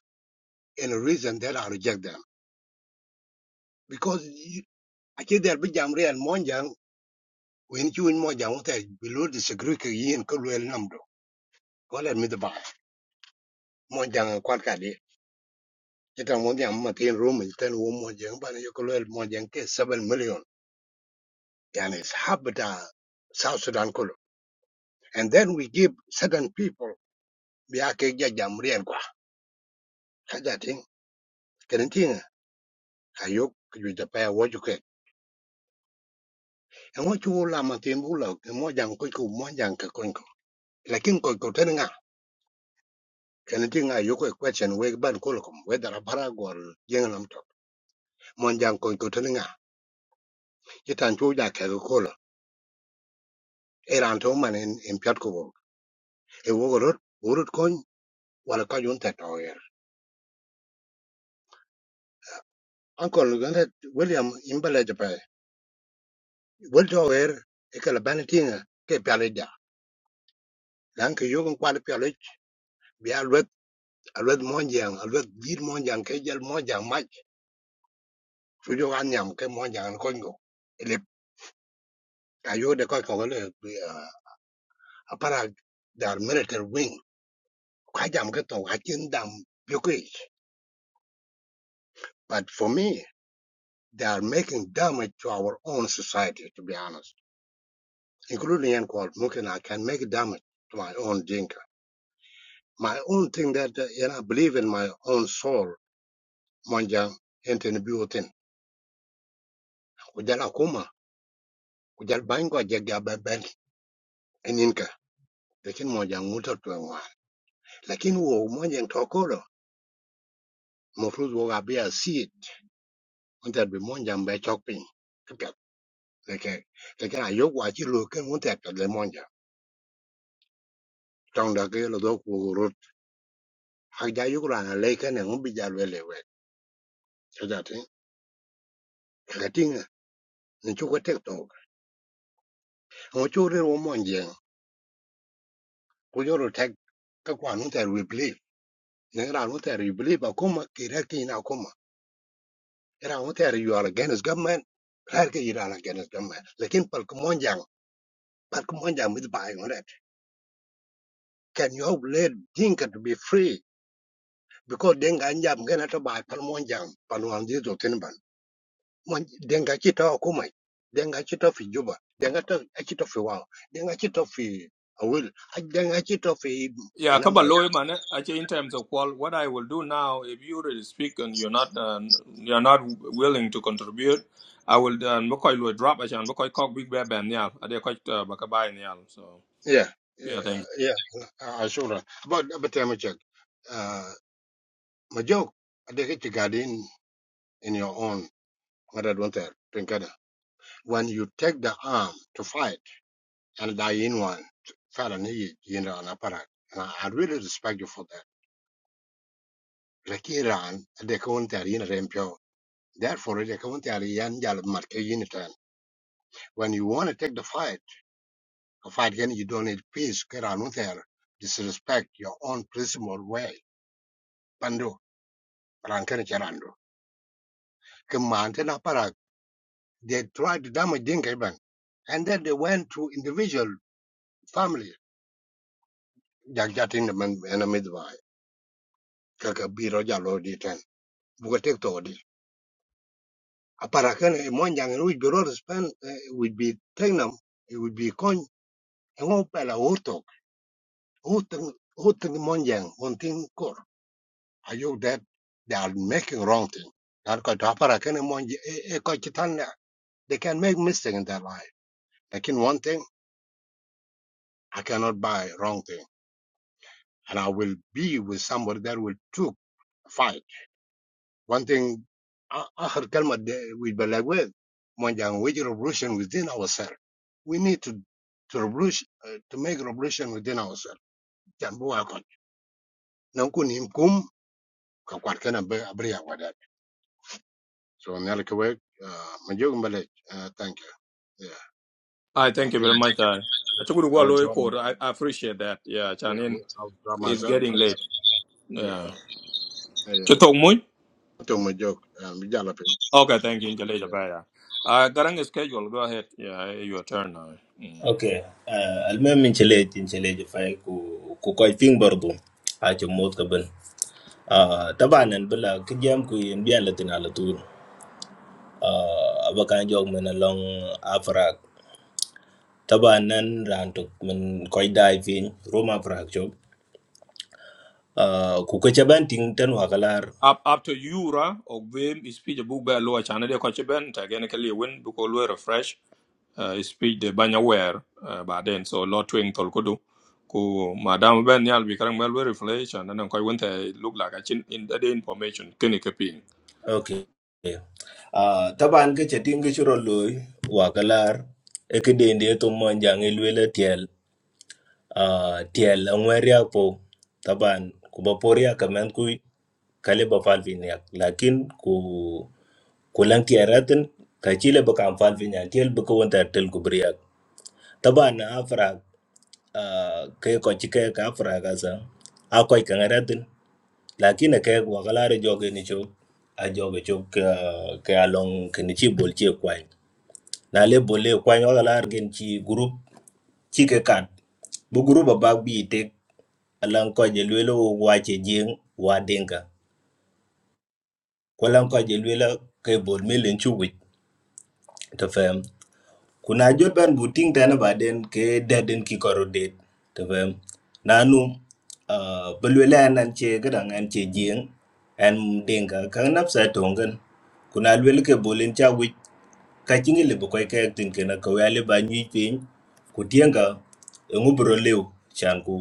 M: in a reason that I reject them? Because you- I think there be jam Ryan Monjang when you in Monjang what I below disagree with you in Kulwell Namdo. Go let me the buy. Monjang and Kwakadi. Jitan Monjang Matin Room, Jitan Wom Monjang, but you Kulwell Monjang case seven million. And it's habitat South Sudan Kulu. And then we give certain people Biake Jam Ryan Kwa. Kenen tinga kayok kujui da pa wojuke en wo juke. Engo chu la ma tin bu la mo jang ko ku mo jang ka ko ko. Lakin ko ko ten nga kenen tinga yo ko question we ban ko ko we da para gol yeng lam to. Mo jang ko ko ten nga. Yitan chu ja ka ko lo. Eran to man en en pyat ko bo. E wo go rot urut ko wala ka yun ta to yer. Uncle Gannett William imbele da pa. Wel to yer e ka la ban tinga ke pyale da. Lan ke yo ko kwal pyale alwet monjang alwet dir monjang ke jal monjang mach chujo anyam ke monjang ko ngo ele ayode ko ko le eh, apara their military wing kajam ke to hakin dam yuki but for me they are making damage to our own society to be honest including and called mukina can make damage to my own jinka my own thing that uh, you know I believe in my own soul monjang enten buotin kujala kuma kujal bango jega eninka. lakini moja nguto twe wan lakini wo moja tokoro mofruz wo gabe a seed unta be moja mbe chokpin kapya leke leke na yok wa chi lu ken unta pe le moja tong ke lo do ku ru ha ja yuk ra na le ken ngu bi ja so tin ka tin ni chu ko tek to ngo chu wo moja ku tek ka kwa nu ta we believe ne ra nu ta re believe ba kuma ki ra ki na kuma ra nu ta re you are against government Claro que But come on, jam with buying on it. Can you let Dinka to be free? Because Denga and Jam gonna to buy Palmonjam, Palwanzi to Tinban. Denga Chita Okumai, Denga Chita fi Juba, Denga to a Chita fi Wow, Denga Chita fi Awil, Denga Chita fi
A: Yeah, a couple
M: Anamala.
A: lawyer man. eh? I Actually, in terms of Paul, what I will do now, if you really speak and you're not uh, you're not willing to contribute, I will uh, McCoy will drop actually and McCoy cock big bear band yeah. I did quite uh bakabai yeah. So
M: Yeah, yeah,
A: yeah, thank you.
M: yeah, uh, sure. But, but I'm a check. Uh, my joke, I think it's in your own, what I don't tell, When you take the arm to fight, and dying one فعلا هي general apparat and I, I really respect you for that لكن إيران they couldn't carry in رمبيو therefore they couldn't carry in جال market unit and when you want to take the fight a fight again you don't need peace كيران وثير disrespect your own principle way بندو ران كان كيرانو كما أنت apparat they tried to damage Dinka even and then they went to individual family جاك جاتين من أنا مدبا كك بيرو جالو ديتن بوكتك aparakan e monjang en wich beror span wich bi tengnam e wich bi kony en wo pela hurtok hurtok hurtok monjang on thing kor ayok that they are making wrong thing nan ko to aparakan e monj e ko chitan they can make mistake in their life like in one thing i cannot buy wrong thing and i will be with somebody that will took fight One thing I, I heard Kalma we'd with Balagwe, Monjang, we revolution within ourselves. We need to to revolution uh, to make revolution within ourselves. Jambu akon. Nankun imkum kakwat kana be abriya wadat. So nyalikewe uh majog mbale. Uh, thank you. Yeah,
A: I
M: I
A: thank you
M: think
A: very much. I I took a
M: I would
A: lawyer
M: draw. My,
A: code. I I appreciate that. Yeah,
M: yeah, I
A: Chanin
M: would, I would draw
A: it's
M: myself
A: getting
M: from
A: late.
M: that. Yeah,
A: Yeah.
M: yeah. yeah.
A: Chitok Moon?
M: To my joke, um, yeah,
A: Okay, thank you, Intellectual Paya. Uh, current schedule, go ahead. Yeah, your turn now. Mm.
L: okay uh, almem inchelej inchelej fay ku ku koy ting bardu a ci mot ka ben uh, tabanen bala ki jam ku yin bian latin ala tur uh, abakan jog men long afrak tabanen rantuk men koy dai fin roma afrak job uh, ku ko chaban ting tan wakalar
A: Up, up to Yura, or Vim, speech book by Loa Channel, the coach Ben, technically win, because we refresh, uh, speech the Banyaware, uh, but then so lot twin Tolkodo. Ku Madam Ben Yal, we current well refresh, and then I went uh, look like a chin in the information, Kenny Kaping.
L: Okay. Uh, taban ke chatting ke churo loy wakalar ekedende to monjang elwela tiel uh, tiel angweria po taban kubaporia kamen kui kale ba falviniak lakin ku kulan tiaratin ka chile ba kan falvinya tiel ba ko wanta tel kubriak taban na afra uh, ke ko chike ka afra gaza akoy kan lakini ke wakalare joge ni chok a joge chok ah, ke along ke ni chi bol chi e kwany na le bol le e kwany wakalar gen chi group chi ke kat bu group abak bi tek alan ko je lwelo wa che jing wa denga ko lan ko je lwelo ke bol me len chu wit to fam kuna jot ban bu ting tane ke deden ki korodet, det tefem nanu uh, belwela nan che gadang an che jing an denga kan nap sa tongan kuna lwel ke bolin cha wich ka chingi le bukoy ka yak tin kena ka wale ba nyi pin ku tienga ngu bro lew chan ku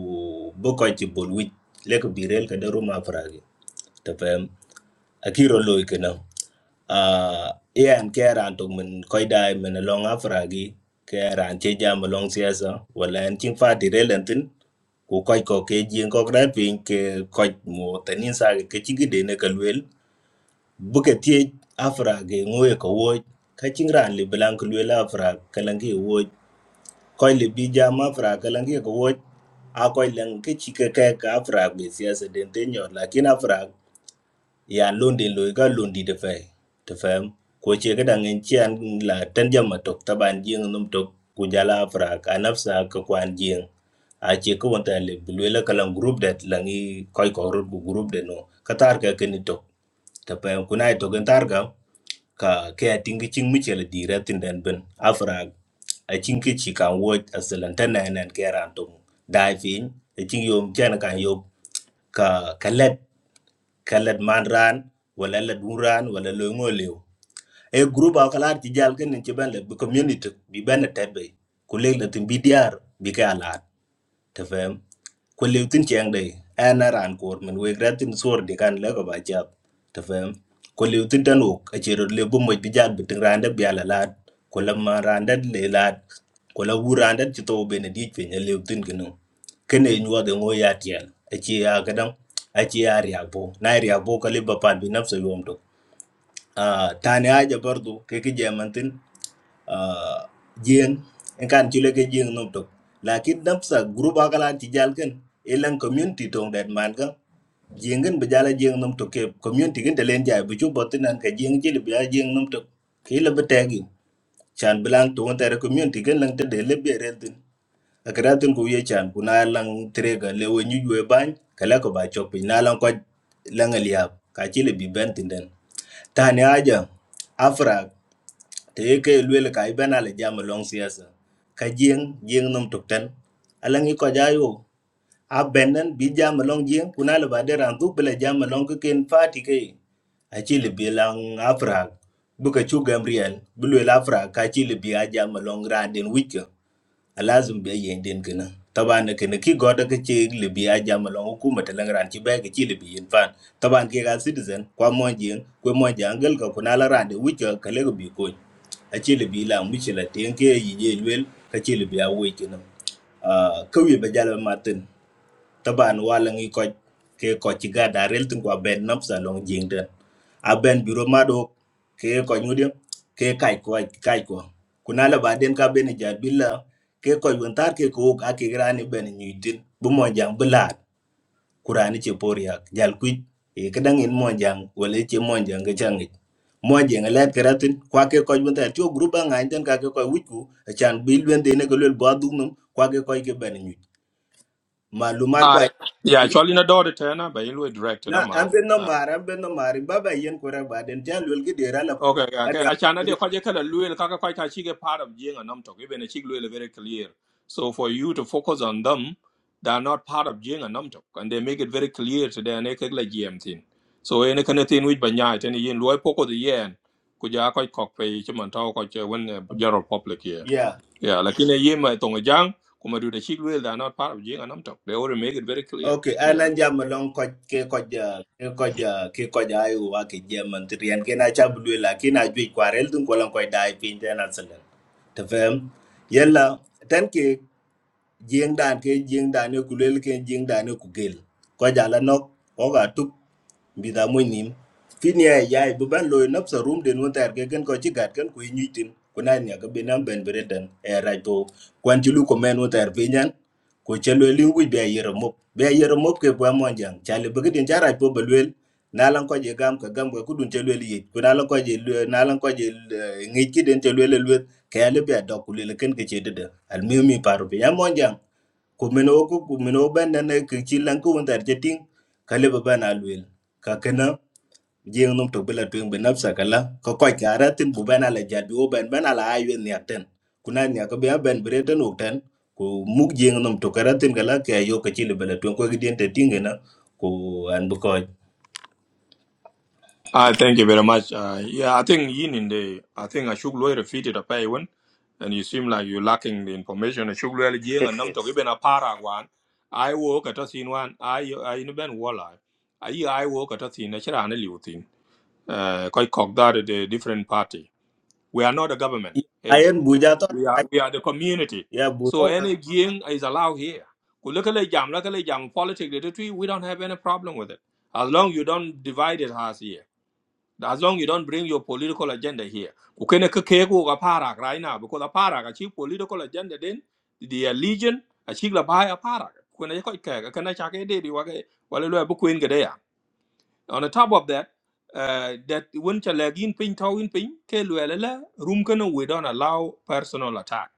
L: bukoy ti bol wich le ka birel ka daru ma frage tefem akiro loy kana uh, yan ke ran to min koy dai min long afragi ke ran che jam long siasa wala en chin fa di relentin ku koy ko ke jin ko gran pin ke koy mo tanin sa ke chi gide ne ka luel bu ke tie afragi ngoe ko wo ka chin ran li blank luel afra kalangi wo koy li bi jam afra kalangi ko wo a koy lang ke chi ke ke ka afra be siasa den te nyor lakin afra yan lundi lo ga lundi de fe te fem ko che ga dan en chian la tan jam ma tok taban jing num tok ku jala fra ka nafsa ka kwan jing a che ko won ta le lo la kalam group det la ngi koy ko ro bu group de no ka tar ka ken tok te fem ku nai to gen tar ga ka ke a ting ching mi che le di re tin den ben afra a cin ki ci kan wo a silantar na yanan kera tum da fin a cin yom jan kan yom ka kalet kalad man ran wala la dun ran wala lo ngo lew e group a kalar ti jal ken ci ban la bi community bi ban tebe ku leg la tin bi diar bi ka alat thế phem, có lưu tin chém đây, anh ra anh còm mình về ra tin xỏ được cái này các bác chấp, thế phem, có lưu tin tranh uốc, cái chợ đầu là bộ mấy bây giờ bút tranh rán được bia lạt, có làm mà rán được lê lạt, có làm u rán được chứ tàu bên đấy chuyện gì lưu tin cái nó, cái này nhiều thì ngồi giải tiền, cái gì ác lắm, cái gì ái ríabo, nai ríabo cái lấy bắp ăn bì nấm sồi om tô Tanya aja baru do, Karena zaman ini jiang, kan cilek jiang numpuk. Laki numpsa grup agaklah dijal gan, elang community dong, dat mangga jiang gan berjalan jiang numpuk ke community gan terlenta, baju batinan ke jiang jili berjalan jiang numpuk. Kilo bertagi, jangan bilang tuhan terkommuniti gan, langsung dalem beradin. Adadin kowe jangan punah lang teraga, lewujjue ban, kalau kau baca punah lang kau langalihap, kacile bibentin dan. Tani aja, Afra, te yeke luel ka iben ale jam long siyasa. Ka jing, jing num tukten. Alang i ko jayo, a benden bi jam long jing, kuna le bader an duk bele jam long ke fati ke. A chile bi lang Afra, buka chu Gabriel, buluel Afra ka chile bi a jam long randin wike. a lazim be yen den kana taban kana ki goda ka ce libi a jama lon hukuma ta langran ci bai ka ci libi yin fan taban ke ga citizen kwa monji kwa monji angal ka kuna la rande wuce ka le bi ko a ci libi la mu ci la ten ke yi je lwel ka ci libi a wuce kana a kauye ba jala matin taban wala ngi ko ke ko ci gada rel tin ko ben nam sa long jing den a ben biro mado ke ko nyudi ke kai ko kai ko kuna la ba den ka ben ja billa ke ko yun tar ke ko ka ke grani ben nyudin bu mo jang bulat kurani ci por yak jal ku e kadang in mo jang wala ci mo jang ga changi mo jang la keratin kwa ke ko yun tar to grupa ngai den ka ke ko wiku chan bil ben de ne ko lel ba dum kwa ke ko ke ben nyud malumar kwa
A: I, yeah, actually, in a daughter, Tana, by Inway directed,
L: na
A: I'm
L: an bin no mar an bin no mar baba yen ko raba den tan lul gi dera la
A: Okay, okay.
L: aria
A: Achana dia kwaje kala luel kaka kwaita chige part of jing and talk. Even a chig luel very clear. So for you to focus on them, they are not part of jing and talk, and they make it very clear to their naked like GM thing. So any kind of thing which banya any yin loy poco the yen kuja kwai kok pe chiman tau kwaje when the general public here.
L: yeah
A: Yeah, like in a yin my tonga jang kuma do the chig luel they are not part of jing and talk. They already make it very clear.
L: okay an
A: Yeah.
L: an jam long ko ke ko ja ke ko ja ke ko ja ayu wa ke jam man trian ke na cha bulu la ke na ju ko rel dun ko lan ko dai pin tan an selen te fem yella tan ke jing dan ke jing dan ne ku lel ke jing dan ne ku gel ko ja la nok ko ga mbida moy nim fini ya ya bu ban loy nap sa room den wontar ke gen ko ci gat kan ko nyitin ko na nya ga benam ben bereden e rajo kwan ci lu ko men wontar be nyan ko ci lo li ngu be yere mop be yere mop ke ba mon jang chale be den jara po be lwel na lan ko je gam ka gam ko dun ci lo li ko na lan ko je na lan ko je ngi ci den ci lo le lwet ke ale be dok le ken ke ci de al mi mi paru be ya mon jang Kumin oku kumin o ben nene ke chilan ku won tar jeting kale ba ben alwil ka jeng num to bela tuing be nafsa kala ko ko kara tin bu ben ala jabi o ben ben ala aywe ni aten kuna ni ko be ben breden o ko mug jeng num to kara kala ke yo ke chile bela tuing ko gidien te tingena ko an bu ko
A: Uh, thank you very much. Uh, yeah, I think Yin in the, I think I should lawyer defeated a pay one, and you seem like you're lacking the information. I should lawyer Jing and Nam to
P: Wa-
A: even a para one. I work at a scene one, I, I in a band wall. I, I work at a scene, I should an elite thing. Uh, quite cock that the different party. We are not a government
L: ayen
A: agent.
L: buja to
A: We are, we are the community.
L: ya bu
A: So any Jing is allowed here. Ku Look at the jam, look at the jam, politics, the three, we don't have any problem with it. As long you don't divide it as here. As long you don't bring your political agenda here. Kukene keke ko ka parak right now because a parak a political agenda then the legion a chief la buy a parak. Kukene ko ke kana chake de di wage wale lo bu queen gede ya. On the top of that, uh, that when chalagin pin towin pin ke luelele room kana we don't allow personal attack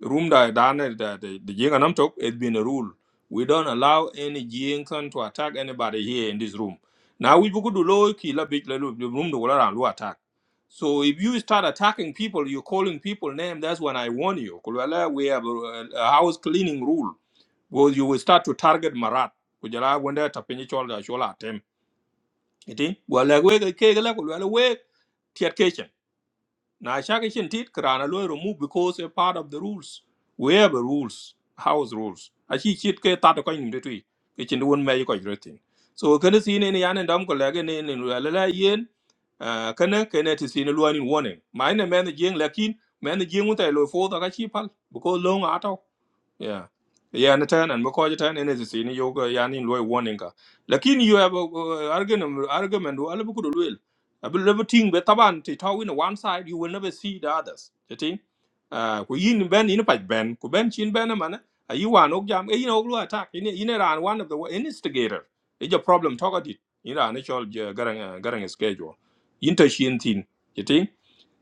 A: room da dane da the jing anam talk it's been a rule we don't allow any jing can to attack anybody here in this room now we could do low key la big la lu- the room the wala lu attack so if you start attacking people you're calling people name that's when i warn you kulwala we have a, a house cleaning rule well you will start to target marat kujala wenda tapenyi chol da chola atem, iti wala we ke ke la kulwala we tiat now, shaka shin tit krana lo remove because a part of the rules we have a rules house rules a shi chit ke ta ko nim de tui ke chin won me ko jretin so kana any, ne yan dam ko lege ne ne la la yen kana kana ti si ne lo ni wone ma ne men jing lakin men jing utai lo fo da ka chi pal because long ato yeah. Yeah, and ten and because ten and is in yoga yani loy warning ka. Lakini you have a uh, argument argument who alabu kudu luel. Abu lebu ting be taban ti tau in one side you will never see the others. You think? Uh, ku yin ben in pa ben ku ben chin ben eh, man a you wan ok jam e yin oglu attack in in ran one of the wa- instigator. It's a problem talk at it. In ran actual garang uh, garang schedule. Inter shin tin.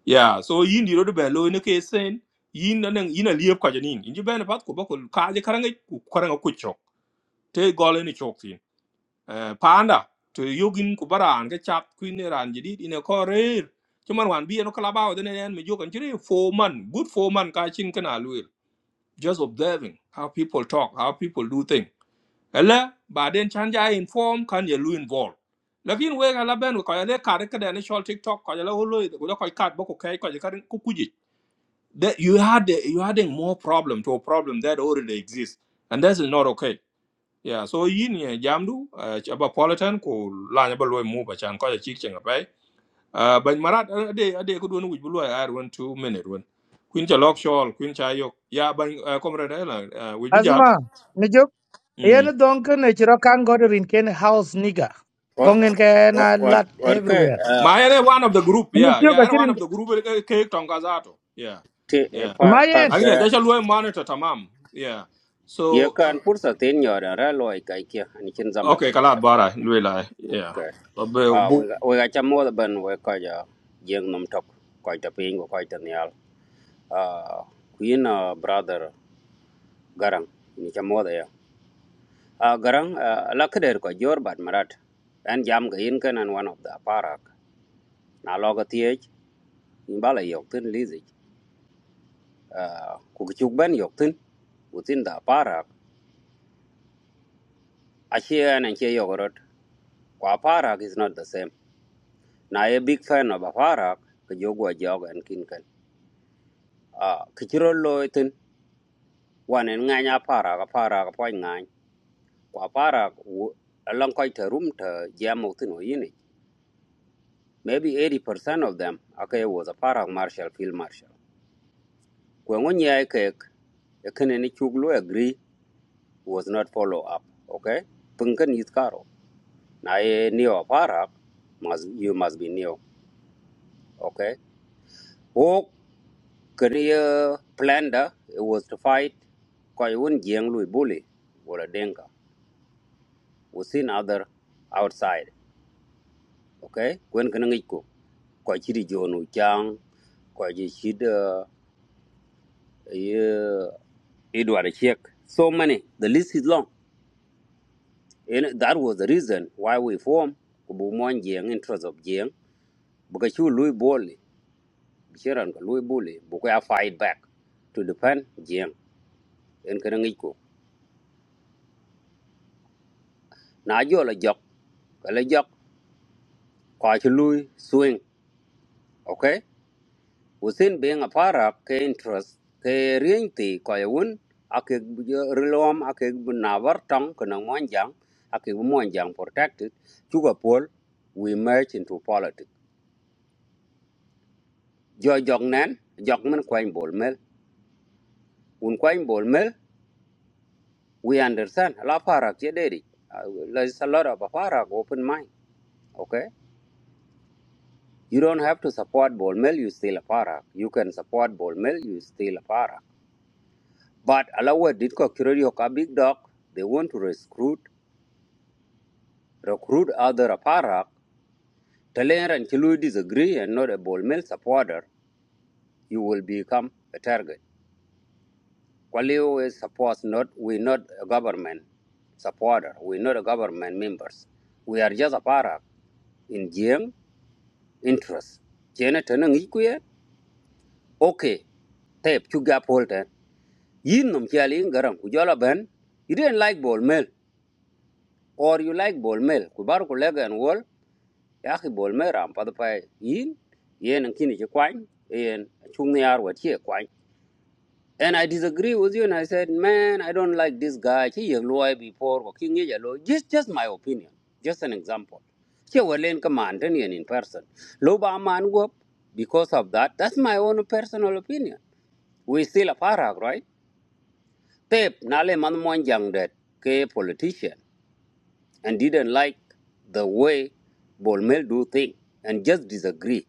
A: Yeah, so yin di rodo belo in ke sen yin na nang yin a liep kwa janin. Inji bene pat ko bako ka je karanga ku karanga ku chok. Te gole ni chok sin. Eh panda to yogin ku baran ke chap kuin ne ran jidit in a korir. Chuman wan bi no kala bawo den en me jokan jiri four man good four man ka chin kana luil. Just observing how people talk, how people do things. Ella ba den chanja inform kan ye lu involve. Lakin we ga ben ko ya le kare ka den shol TikTok ko ya la holo ko ya ko kat bako kai ko ya karin ku that you had you adding more problem to a problem that already exists and that is not okay yeah so yin ye jamdu uh, chaba politan ko la nyaba loy mu ba chan ko ya chik chenga pai uh, ban marat uh, ade ade ko don wuj bu loy ar one two minute one queen cha lok shol queen cha yok ya ban uh, comrade la uh, wuj bi jam
H: Asma, mi jok.
A: mm.
H: Yen don ken e chiro kan god rin ken house nigga. Kongen ke
P: wa-
H: na
P: wa-
H: lat
P: warke
H: everywhere.
P: ah,
A: ma ere one of the group
H: Mi
A: yeah
H: tiyo
A: yeah
H: ka
A: ere one
H: chirin.
A: of the group eh, ke tonga zato yeah
P: te eh,
A: yeah
P: pa
H: Ma yen.
A: anya ja
P: parke
A: cha loy monitor tamam yeah
P: ye
A: so eh,
P: kan pursa ten yora ra loy kai kia ani chen zaman
A: Okay,
P: di te
A: kalat
P: pa
A: bara lui lai. Yeah.
P: okay
A: Abe
P: ah we
A: bu.
P: we ga cha mo da ban we ka ja jeng nom tok ko ta ping ko kai ta nyal ah queen ah, brother garang ni cha mo da ya ah garang ah, la ka der ko jor bat marat an jam ga yin kan an one of the parak na lo ga tie ni bala yok tin ku chuk ban yok tin within the parak ashia and che yogorot kwa parak is not the same na a big fan of a parak ka jogwa jog an kin kan ah kichiro loy tin wan en nganya parak a parak a poy kwa parak along quite a room to jam out no maybe 80% of them okay was a parak marshal field marshal kwa ngonya ke kene ni chuk lo agree was not follow up okay punkan yitkaro na ye neo para must you must be neo okay wo career planned uh, it was to fight koi un jeng lui bully or a denga we seen other outside okay when kan ngi ko koi chiri jonu chang koi ji chid ye edward chek so many the list is long and that was the reason why we form kubu mon jeng in terms of jeng because you lui bully sharon ko loy bully bu ko ya fight back to defend jeng en kana ngi ko na jo la jok ka la jok ko ci swing okay within being a para ke interest ke rienti ko ya won ak rilom ak na tong kana mon jang ak protected chu ko we merge into politics jo jok nen jok men kwain bol mel un kwain bol we understand la para ke deri Uh, there's a lot of a para open mind Okay? You don't have to support ball mill, you still aparak. You can support ball mill, you still aparak. But Alawa Ditko Kirodioka Big Dog, they want to recruit recruit other aparak. Taler and Chilu disagree and not a ball mill supporter, you will become a target. Kwalio is supposed not we're not a government supporter, we're not a government members. We are just a parak in Jiang interest. Jena Tanang Okay, tape, you gap hold it. yin nom chali garam ku ben you didn't like ball mill or you like ball mill ku bar ku lega en wol ya ki ball mill ram pa pa yin yen en kini ki kwang yen chung ni ar wa chi kwang and i disagree with you and i said man i don't like this guy chi ye loy before ko king ye lo just just my opinion just an example chi wa len command ni in person lo ba man go because of that that's my own personal opinion we still a parag right Pep Nale Manmonjang that K politician and didn't like the way Bolmel do thing and just disagree.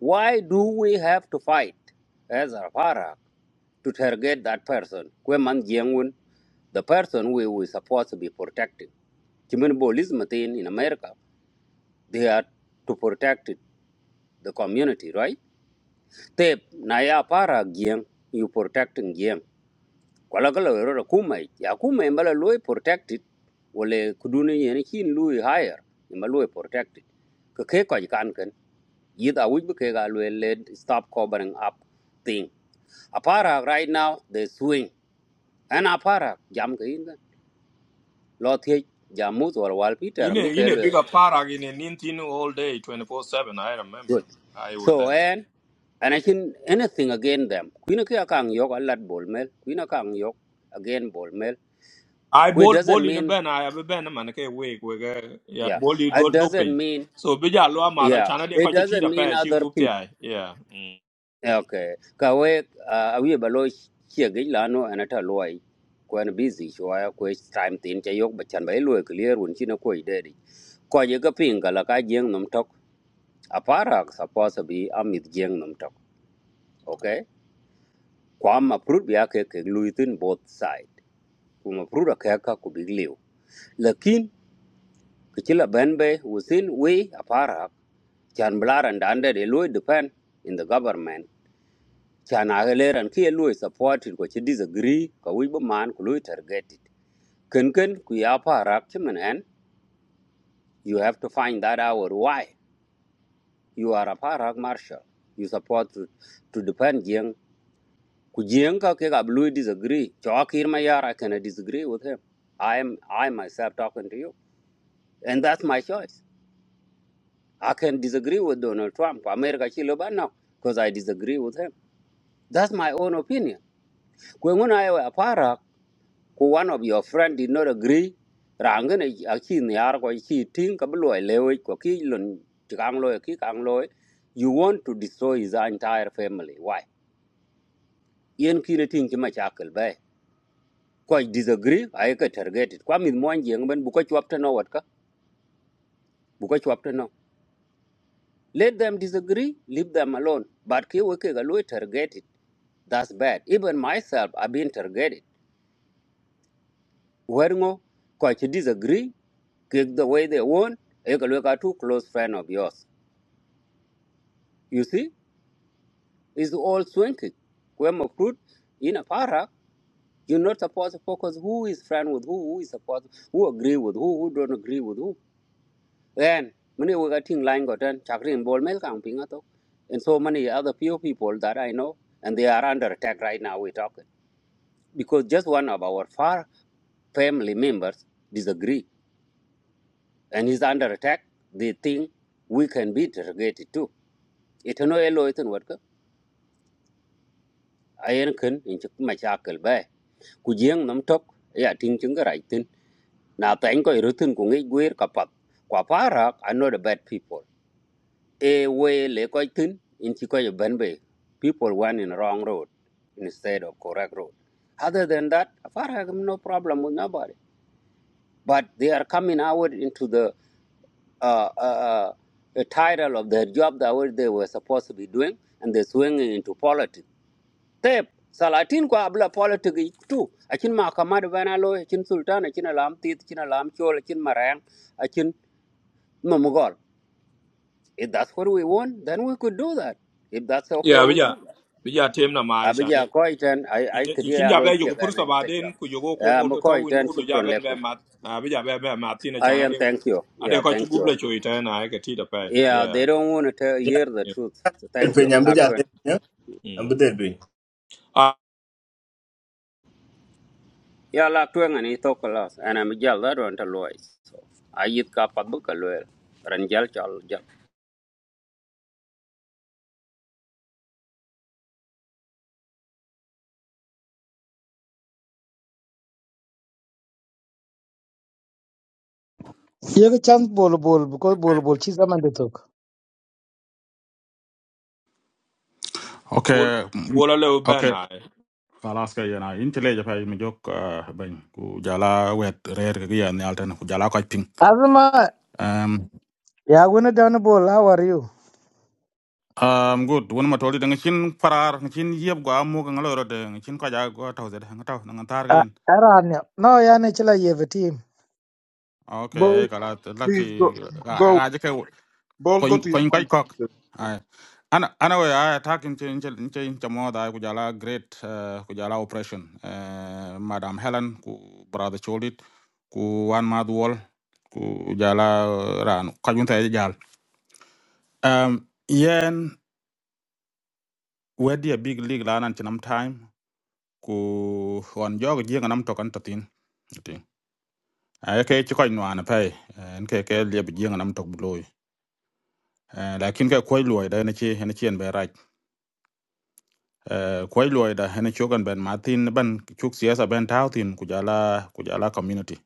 P: Why do we have to fight as a para to target that person? Kwe man jiang wun, The person we were supposed to be protecting. Chimin Bolism in America, they are to protect it, the community, right? Tep Naya para Giang, you protecting Giang. kwala kala wero la kuma ya kuma imbala loy protected wale kuduni yen kin loy higher imbala loy protected ka ke ko kan kan yid a wujbe ke ga loy led stop covering up thing apara right now they swing and apara jam ke in lo the jam mut wal wal peter
A: Yine
P: mi ke
A: yine
P: lo
A: bigger para yine nintinu all day, twenty four seven. I remember.
P: good
A: I was
P: so
A: there.
P: and and i can anything against them kuina ke akang yok alat bol mel kuina kang yok again bol mel
A: I
P: it
A: bol
P: doesn't
A: bol in a
P: mean
A: ben. I have a ben man. Okay, wake wake. eh, Yeah,
P: yeah
A: bol you go
P: it doesn't
A: doping.
P: mean
A: So bija loa mother
P: Yeah,
A: chana de
P: it
A: kwachi
P: doesn't
A: tida
P: mean
A: pa she
P: other
A: group ti
P: people.
A: ai. Yeah. Mm.
P: Okay, kawe uh, awi balo chiegi lano anata loy kwen busy shwa kwe time tin cha yok bachan bai loy clear un china koi dedi ko ye ka pinga la ka jeng nom tok apara supposed to be amit jeng nom tok okay kwam aprut bia ke ke lui tin both side kuma aprut ka ka ku big liu lakin kichila benbe usin we apara chan blaran dande de loy depend in the government san a ga leran ki lo supported ko ci disagree ka wi bu man ku lo target it. ken ken ku ya parak ci men you have to find that out why you are a parak marshal you support to, to defend jeng ku jeng ka ke ga lo disagree to akir ma yara can I cannot disagree with him i am i myself talking to you and that's my choice i can disagree with donald trump america ci lo now because i disagree with him that's my own opinion ko ngona a parak ku one of your friend did not agree rang ne a chi ne ar ko eh, chi ting ka blo eh, lewe ko ki lon kang lo eh, ki kang lo eh. you want to destroy his entire family why yen ki ne ting ki ma chakal ba eh. ko I disagree ai ka target it kwa min mon jeng ben bu ko chwap ta no wat ka bu ko chwap ta no let them disagree leave them alone but ki we ke ga lo eh, target it that's bad even myself i've been targeted Werngo, quite disagree, kick the way they want, a look two close friend of yours. You see, it's all swanky. When of fruit in a para, you're not supposed to focus who is friend with who, who is supposed who agree with who, who don't agree with who. Then many we got thing line got done, chakri and ball milk and pingato. And so many other few people that I know, and they are under attack right now, we're talking. Because just one of our far family members disagree and is under attack, they think we can be interrogated too. It's no elo ito nuwatka, ayan kan inchik machakal bay. Kujiyang nam tok, ya ting chunga raitin. Na tayang ko irutin kung ngay guir kapat. Kwa parak, are not the bad people. E way le ko itin, inchi bay. People went in the wrong road instead of correct road. Other than that, parak no problem with nobody. but they are coming out into the uh, uh, uh, title of their job that what they were supposed to be doing, and they're swinging into politics. They, Salatin ko abla politics yi tu. Akin makamad bana lo, akin sultan, akin alam tit, akin alam chol, akin marang, akin mamugol. If that's what we want, then we could do that. If that's okay
A: Yeah,
P: with
A: bija
P: you.
A: bija tem na mai chana.
P: Abija koiten, I I
A: Yine
P: could hear
A: kichinja
P: lo
A: be yoko
P: chega na
A: pursa
P: ita
A: baden
P: job.
A: ku yoko kongo
P: I'm
A: to tawin bu
P: koiten,
A: duja
P: shukran
A: ben be
P: lekum.
A: mat. Ah, Bija be be matina
P: I
A: chana
P: am
A: de.
P: thank you.
A: Ade
P: Yeah,
A: kwachi
P: thank
A: gụp
P: you.
A: le choi tena ai ke tida pa.
P: Yeah, they
A: Yeah.
P: don't want to tell,
L: ya
P: hear the truth. So
L: el
P: thank
L: pe
P: you,
L: nyambe ja
P: Laktuang.
A: Mm. Ah,
P: Yeah, Laktuang and he talk a lot, and I'm a jail that one to lawyers. So I eat kapat book a lawyer, Ranjal Chal Jal.
H: Ye ke chance bol bol because bol bol chi zaman de tok.
A: bol
O: okay mm,
A: bola le ben
O: okay
A: ai.
O: kalas ka yana intele ja fa mijok ban ku jala wet rer ga ya ni altan ku jala ka ping
H: Asma, Ya wona dan bol how are you?
O: Um, good. One matoli dengan chin parar, dengan chin yeb gua amu dengan lo rode, dengan chin kaja gua tahu zed, dengan tahu dengan tar
H: ah,
O: kain.
H: aran yo. No ya ne chila ye team.
O: Okay,
Q: Ball,
O: kalau
Q: please go,
O: laki
Q: go,
O: aja ke
Q: ball, go
O: koin
Q: to your
O: koin kai
Q: point.
O: kok.
Q: sir.
O: Ai, ana ana we ai takin chin chin chin camo da ku jala great eh, ku jala operation. Eh, Madam Helen ku brother Cholit who one Wan Madwol ku jala ran kajun tay jal. Um, yen wedi a big league lanan chinam time. ku wan jog jieng nam tok an tatin tatin ay ke ci koy nwana pay en ke ke lieb jieng nam tok bloy lakin ke koy loy da ne ci ne ci en be raj koy loy da ne chogan ben martin ban chuk siasa ben tawtin ku jala ku jala community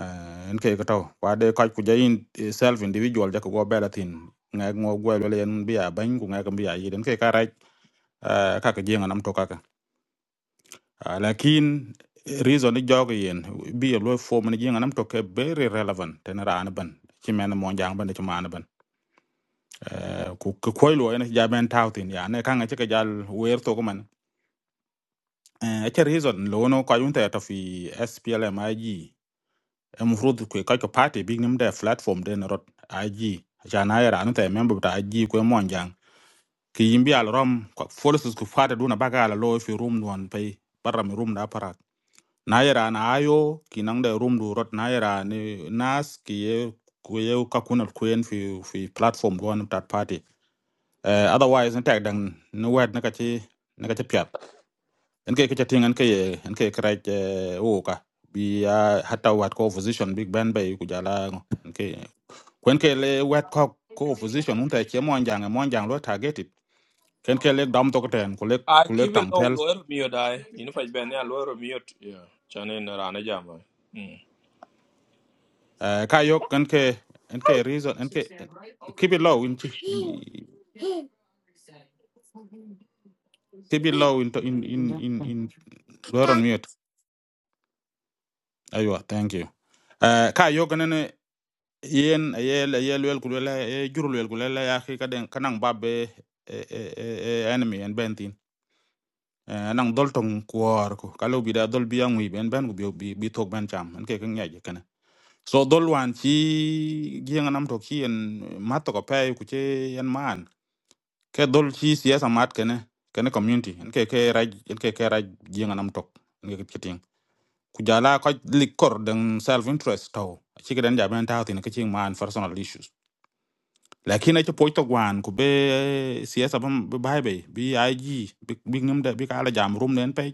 O: Eh, en ke ko taw wa de koy ku jayin self individual ja ko go belatin ngak ngo gwel wala en biya ban ku ngak biya yiden cái cái raj ka ke jieng nam tok Ah, lakin eh, reason ni jog yen bi ye lo fo man jinga nam to ke very relevant ten ran ban ci men mo jang ban ci man ban Eh, ku ku koy lo ene jaben tawtin ya ne kanga ci ke jal wer to ko man e ci reason lo no ko yunta ta fi SPLM IG e mufrud ku ka ko party big nim de platform den rot IG jana ya ran ta member ta IG ko mo jang ki yimbi al rom ko forces ku fata duna bagala lo fi room don pay barra mi room da para na yera na ayo kinang de room du rot na yera ni nas ki ye ku ye ka kunal kuyen fi fi platform go on that party uh, otherwise in tag dang no wet na ka ci na ka ci piat en ke ka ci tingan ke ye en ke kra ke o ka bi uh, hatta wat ko opposition big band bay ku jala ngo en ke kwen ke le wet ko
R: It's
O: ko
R: going
O: opposition un ta che mon jang mon jang lo targeted ken ke le dam to ko ten ku le
A: A
O: ku le
A: kibe
O: tang
A: lo
O: tel
A: lo er mi dai. Inu pa ben ya lo er mi ot. Yeah. Chane na rana jama. Mm.
O: Eh, ka yok en ke en ke reason en
R: to
O: ke
R: stand right over
O: keep it
R: here.
O: low in, in keep it low in in in in, in we're on mute aywa thank you Eh, ka yok en ne yen yel yel wel kulela e jurul wel kulela ya ki kaden kanang babbe e e e enemy en bentin Eh, anang dol tong kuor ko kalau bida dol biang wi ben ben ko bi bi bi tok ben cham en ke kan yaje kana so dol wan chi giang nam tok chi en matto ko pay ku che en man ke dol chi siasa mat kene kene community en ke ke raj en ke ke raj jinga nam tok en ke kiting ku jala ko likor den self interest to chi ke den jaben ta tin ke ching man personal issues lakini ci poy to gwan ku be siasa bam be bay be bi aji bi bi ngam da bi kala jam rum den pay.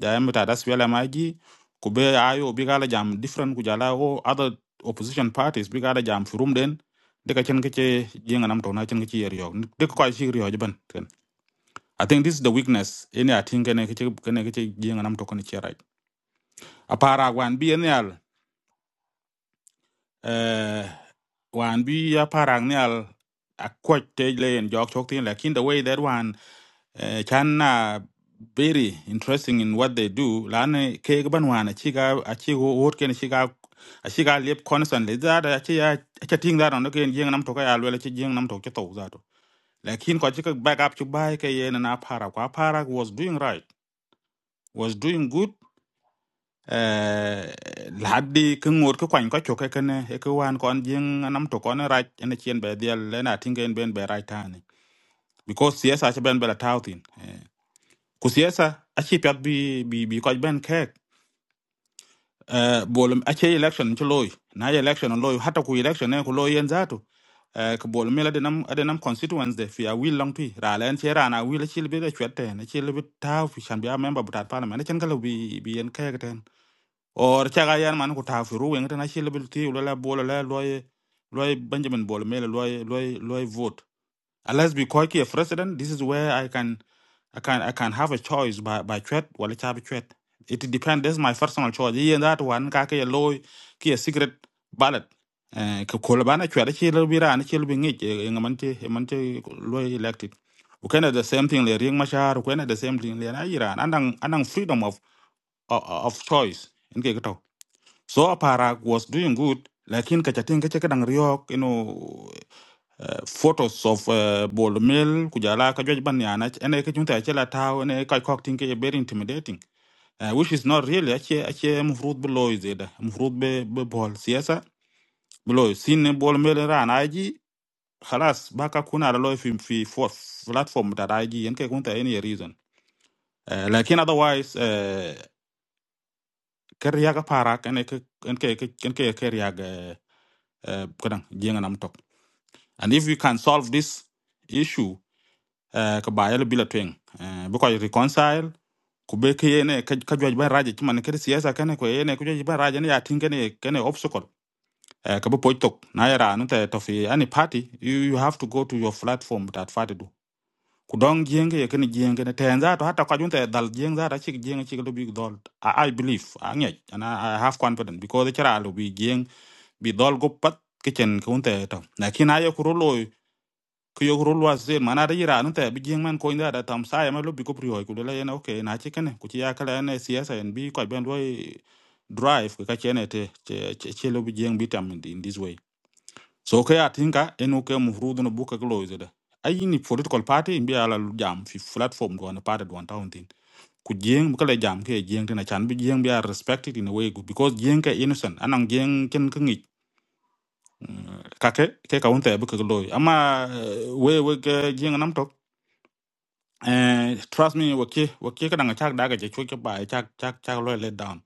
O: jam ta das wala maji ji ku be ayo bi kala jam different ku jala o other opposition parties bi kala jam fi rum den de ka chen ke ci jinga nam to na chen ke ci yer yo de ko chi yer yo ban ten I think this is the weakness. Any I think any kiche any kiche jing anam tokoni chiarai. A parag wan bi anyal. Uh, wan bi a parag nyal a quite tajle and jog chok thing like in the way that one uh, chan uh, very interesting in what they do. Lane keg ban wan a chiga a chigo wot ken chiga a chiga lip constantly that a chia a chia thing that on the ken jing anam tokai alwele chi jing anam tok chito zato. Like in ko chika back up to buy ke yen and a parag. A parag was doing right was doing good haddi ke ngot ke kwany ko choke kene e ke wan kon jing nam to kon raj ene chien be diel le na tingen ben be raj tani because siesa che ben bela tautin ku siesa a chi pyak bi bi bi ko ben kek bolum a che election che loy na ye election on loy hata ku election ne ku loy yen zato ke bolum mela de nam de nam constituents de fi a will long twi ra len che ra na will chil bi de chwete ne chil bi taw fi chan bi a member butat parliament chen kala bi bi yen kek ten or chaga yan man ko ta firu wen tana shile bil ti la bola la loy loy benjamin bola mele loy loy loy vote unless be ko a president this is where i can i can i can have a choice by by threat or wala cha threat it depends this is my personal choice yeah that one ka ke loy ki a secret ballot eh ko ko bana threat chi le bi ran chi le bi ngi ngaman ti man ti loy elected ukena the same thing le ring mashar ukena the same thing le na iran anang anang freedom of of, of choice in ke so Aparag was doing good. Lakin kachatin kacha kadang riok, you know, uh, photos of uh, Bol Mill, Kujala, Kajoj Banyana, and I kajunta achela tau, and I kakok think eh, very intimidating. Uh, which is not really, ache, ache mufrut below is it, mufrut be, be Bol, siasa, below, sin Bol Mill ran IG, halas, baka kuna aloy fi, fi fourth platform that IG, and kakunta any reason. Uh, lakin otherwise, uh, kariaga Parak, and I kariaga, keriaga eh, eh, kadang, jenga namtok. And if we can solve this issue, uh, by bila twing, uh, because reconcile, kube kiyene kajwa jiba raja chima ne kiri siyasa kene kwe yene kujwa jiba raja ne ya tinge kene obstacle. Uh, kabu poitok na yara nute tofi any party, you, you have to go to your platform that party do. Kudong jenge ye kene jenge ne tenza to hata kajunte dal jenge zara chik jenge chik lo dol. I, I believe, angye, and I, I have confidence because the chara lo bi jeng bi dol go pat kitchen kunte to. Lakini ayo kurulo ku yok rul was zel man ada yira nte bi jing man ko inda da tam sa ya ma lo bi ko priyo ku le na okay na chi kane ku chi ya kala na siyasa en bi ko ben lo drive ka chene te che che che lo bi jing bi tam in this way so ka ya tinka en o ke mu frudu no buka glo zeda ay ni political party bi ala lu jam fi platform do na party do town tin ku jing ka le jam ke jing tin na chan bi jing bi are respected in a way good because jing ka innocent anang jing ken ka ngi ka ke ke ka unte bu ka glo ama we we ke jing nam tok เออ trust me เว่อี้เว่อี้ก็นั่งชะก์ได้ก็จะช่วยจะไปชะก์ชะก์ชะก์รวยเลตดาวน์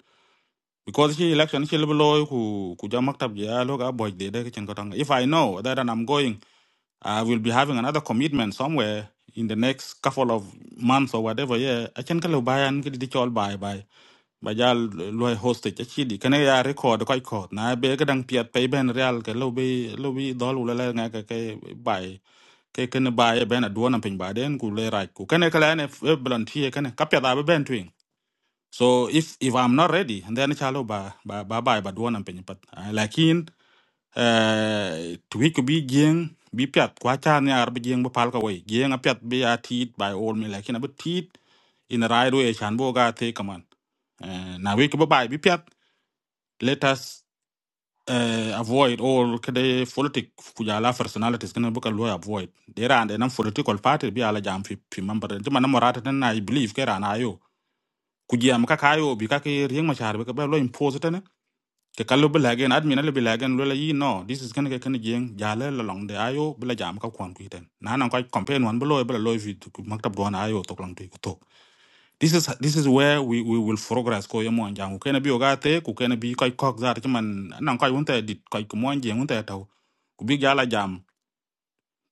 O: because ที่เล็กชันคือรวยคู่คู่จะมักทับเยอะลูกอ่ะบอกเดี๋ยวเดี๋ยวฉันก็ทำ If I know that and I'm going I will be having another commitment somewhere in the next couple of months or whatever yeah I can ก็เลยบายอันก็ติดจอลบายบายบายย่ารวยโฮสต์ก็ชีดี้คะแนนการ์ด record ก็อีกคอร์ดนะเบลก็นั่งเปียดไปเป็นเรียลกันลบไปลบไปดอลลาร์ละนะก็ไป ke ken ba ye ben aduana pin ba den ku le right ku ken kala ne blan tie ken ka pya da ba ben twin so if if i'm not ready and then chalo ba ba ba ba ba duana pin pat Ah, lakin eh twi ku bi jeng bi pyat kwa cha ne ar bi jeng ba pal ka wei jeng a pyat bi a tit by all me lakin a bi tit in the right way chan bo ga te kaman Eh, na we ku ba ba bi pyat let us uh, avoid all kede politic kujala personalities kana buka lo avoid dera and nan political party bi ala jam fi fi member de man morata tan na i believe kera na yo kujia mka kayo bi ka ke rieng machar be ka lo impose tan ke kallo bi lagen admin le bi lagen lo la yi no this is kana ke kana jeng jala la long de ayo bi la jam ka kwan ku ten na nan ko campaign wan bi lo bi lo fi maktab don ayo to lang tu ko to this is this is where we, we will progress ko yo mon jang ko na bi ogate ku ken bi kai kok zar ti man nan kai wonte dit kai ko mon jang wonte taw ku bi jala jam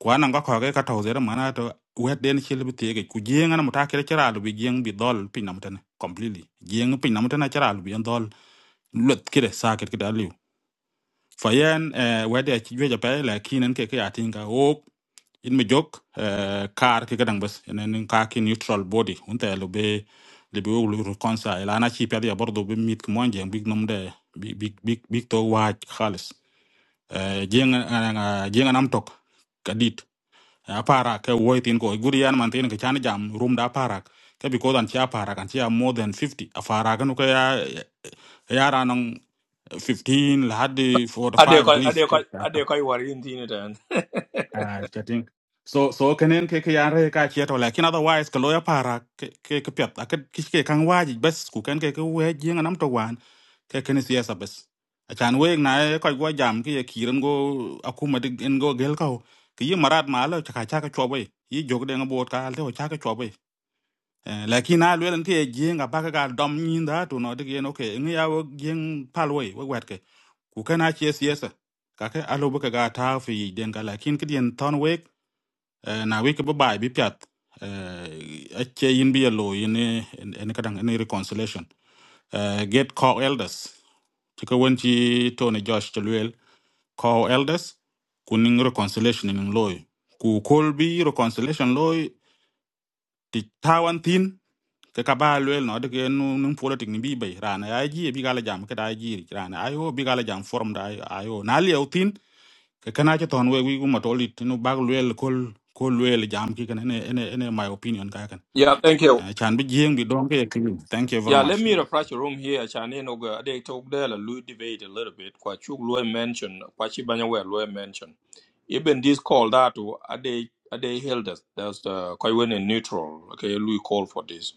O: ku anan ga ko ka taw zera mana to wet den chil bi tege ku jeng an mata kere chara lu bi jeng bi dol pin nam completely jeng pin nam tan chara bi dol lut kire saket kida liu fayen eh wede chi jwe ja pe la kinen ke ke atinga o in mi jok eh, kar ki kadang bas enen ka ki neutral body unta lo be le be wulu reconcile ana chi pedi bordo be mit ko monje big nom de big big big big to wa khalis Eh, jeng eh, eh, jeng nam tok kadit apara ke woitin ko guri man tin ke chan jam room da parak ke bi ko dan chi apara kan chi a more than fifty. afara kan ko ya ya ranong 15 la hadi
A: Ade
O: 45
A: ko
O: at
A: ade ko
O: least
A: ade ko wari inti ne tan.
O: Ah, chatting. So so kenen ke ke yare ka che to lakin otherwise ke loya para ke ke ke pyat ak ke ke kan waji bes ku ken ke ke we jing nam to wan ke ken siasa bes. A chan we na ko go jam ke ye kiren go akuma de en go gel ko ke yi marat ma lo cha cha ka chobe yi jog de ngbo ka al to cha ka chobe. Lakin a lwen ke ye jing a ba ka ga dom nyin da to no de ke no ke ngi ya wo jing palwe we wet ke ku ken a che siasa ka ke alo ba ka ga ta fi den ka lakin ke den ton we Eh, na wiki bi bai bi piat eh, ache yin bi yelo yin ene kadang ene reconciliation Eh, get call elders chika wen chi Tony Josh chalwel call elders kuning reconciliation ning loy ku kol bi reconciliation loy ti tawan tin ke ka ba lwel no de ke nu nung politik ni bi bai rana ya ji bi gala jam ke da ji rana ayo bi gala jam forum da ayo na lieu tin ke kana che ton we wi uma tolit no bag luel kol kol luel jam ki kan ene ene ene my opinion ka kan
A: Yeah, thank you.
O: Eh, chan bi jeng bi don ke e clean. thank you very
A: Yeah, let me
O: much
A: refresh your room here. Chane no go ade talk there la lu debate a little bit. Kwa chuk lo mention kwa chi banya we lo mention. Even this call that to ade ade held us. That's the koi when in neutral. Okay, Louis call for this.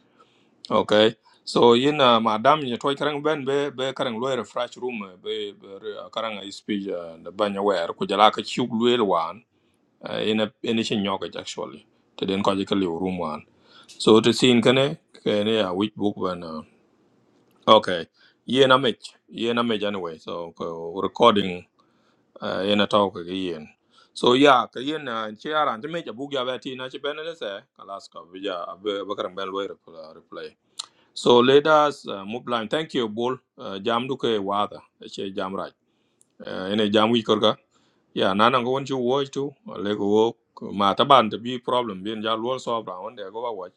A: Okay. So yin uh, madam, dam ye toy karang ben be be karang lawyer fresh room eh, be be re- uh, karang I speech uh, the banya where ku jala ka chuk lawyer wan uh, in a in a Chin yoga actually. Te den ko jikali room wan. So to scene kane kane a which book when uh, okay. Ye na mech ye na mech anyway. So ko recording uh, in a talk again. So yeah, ka yin uh, che aran te mech a book ya beti na che benele se kalaska bija be ja, be karang ben lawyer uh, reply. So let us uh, move line. Thank you, Bull. Uh, jam duke wada. Eche jam right. Uh, ene jam wi korka. Yeah, nana go want you watch too. Lego work. Ma taban to be problem. Bien ja luol solve round. There go watch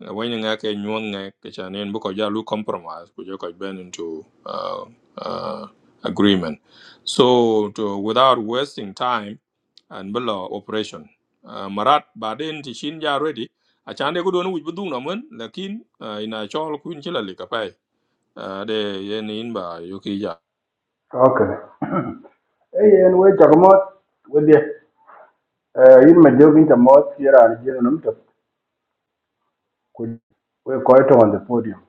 A: when you ngake nyuon ng'e kicha ni en bu ko jalu compromise ku ko bend into uh, uh, agreement so to, without wasting time and below operation uh, marat baden ti shin ja ready achande ko don wuj budung na mun lakin uh, ina chol kun chila likapai uh, de yen in ba yuki ja
S: اوكي اي ان وي تغموت ودي يلما جوجين تموت يرا رجينا نمتك كل وي كويتو on the podium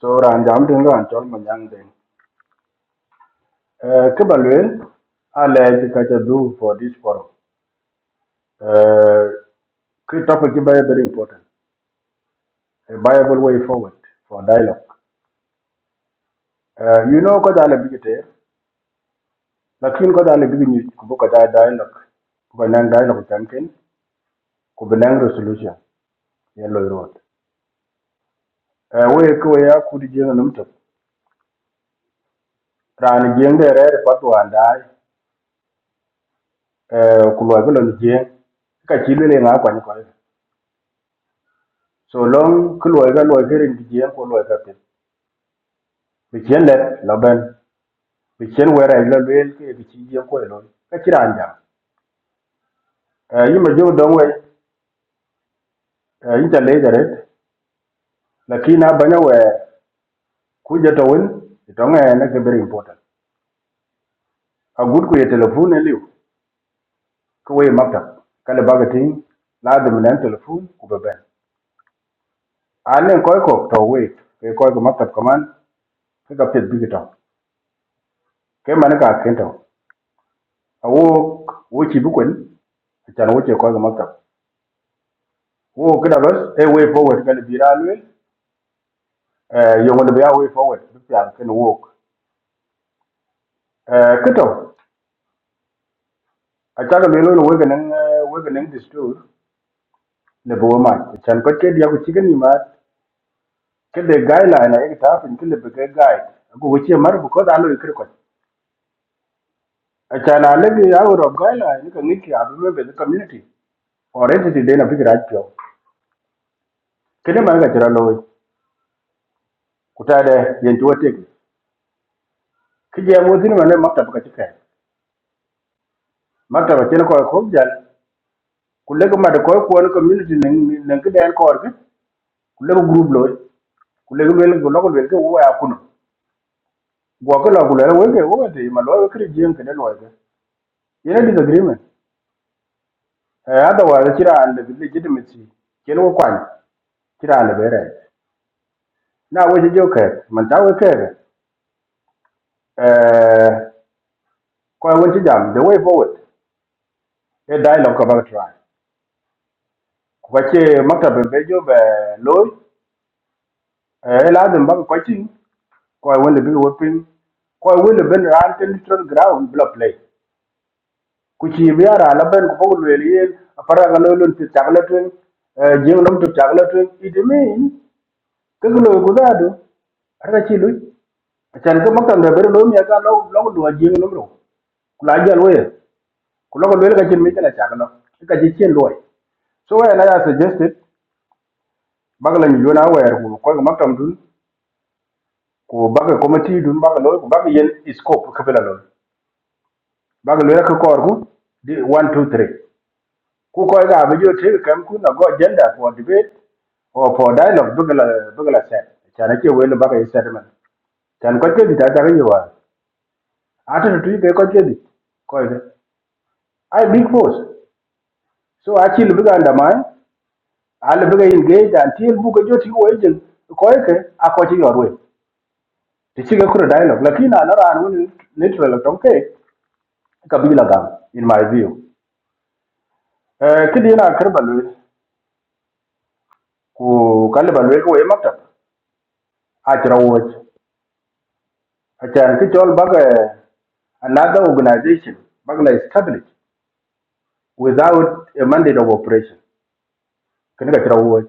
S: so ran jam den ran tol ma yang den kibalwen ala ji ka ta do for this forum uh key topic is very very important a viable way forward for dialogue uh, you know ko dale bi te lakin ko dale bi ni ko ko da dialogue ko nan dialogue tanken ko benang resolution yellow road Eh, we ko we akudi jeng num to ran jeng de re pat wanda ku lo ko lon jeng ka chi le nga kwa ni ko so long ku lo ga lo ke rin di jeng ko lo ka pin bi chen le lo ben bi chen we ra lo le ke bi chi jeng ko lo ka chi ran ja yi ma jo dong we Eh, yi ta le de re la ki na ba na we ku je to win to nga na ke very important a good ku ye telephone e liu ko we makta kale baga ting la de men telephone ku be ben ane koi ko to wait ke koi ko maktab kaman ke ka pet bigi to ke mane ka ken to a wo wo chi bu kwen a chan wo che koi ko maktab wo ke da bas e way forward kan bi ra lwe eh yo ngon bi a way forward bi pyan ken wo eh ke to a chan me lo we ken we ken distur le bo ma chan ko ke dia ko chi ken ma ke de guideline e ta pin ke le be ke guide ko wo che mar bu ko da lo ikre ko a chan a le bi a wo guideline ka ngi ki a be be community already ti dena fikira acho kene man ga tira loy kutade yen tuwa tegi kije mo tin man maktaba ka tika maktaba chen ko ko jal kulle ko made ko ko community nen nen ke den ko ke kulle ko group loy kulle ko wel ko lokol wel ke wa kuno go ko la kulle wel ke wo te ma loy ke jien ke den loy ke yene disagreement eh ada wa tira an de legitimacy chen ko kwan tira le bere na wo je joker man ta wo ke eh ko won ti jam the way forward e dialogue ka ba try ko che maktab be jo be loy e la dem ba ko tin ko won le bi wo pin ko won le ben ran ten neutral ground bla play ku chi bi ara la ben ko ko le yen para ga lo lon ti chagla tun e jing nom ti chagla tun it mean ke lo ku da do ara chi lu chan ke maktab be be lo mi ga lo lo do jing nom ro ku la jal we ku lo ko le ga chin mi ta chagla ka chi chen loy so when i suggested bagala ni jona wer ku ko ma tam dun ku baga committee dun baga loy ku baga yen scope ka bela loy baga loy ka kor ku di one 2 3 ku ko ga be jo te kam ku na go agenda for debate or for dialogue bagala bagala set chana ke wel baga yi set man chan ko ke di ta ta ga yiwa ata tu ke ko ke di ko ga ai big force so a chi lu ga nda mai a engage until bu ga jo ti wo ejin ko ke a ko ti yorwe tichike kure dialogue lakini ana ran woni literal tonke kabila gam in my view eh kidi na karba lu ku kalba lu ko e maktab a tira woch a tan ki tol another organization baga la established without a mandate of operation kene ka tira woch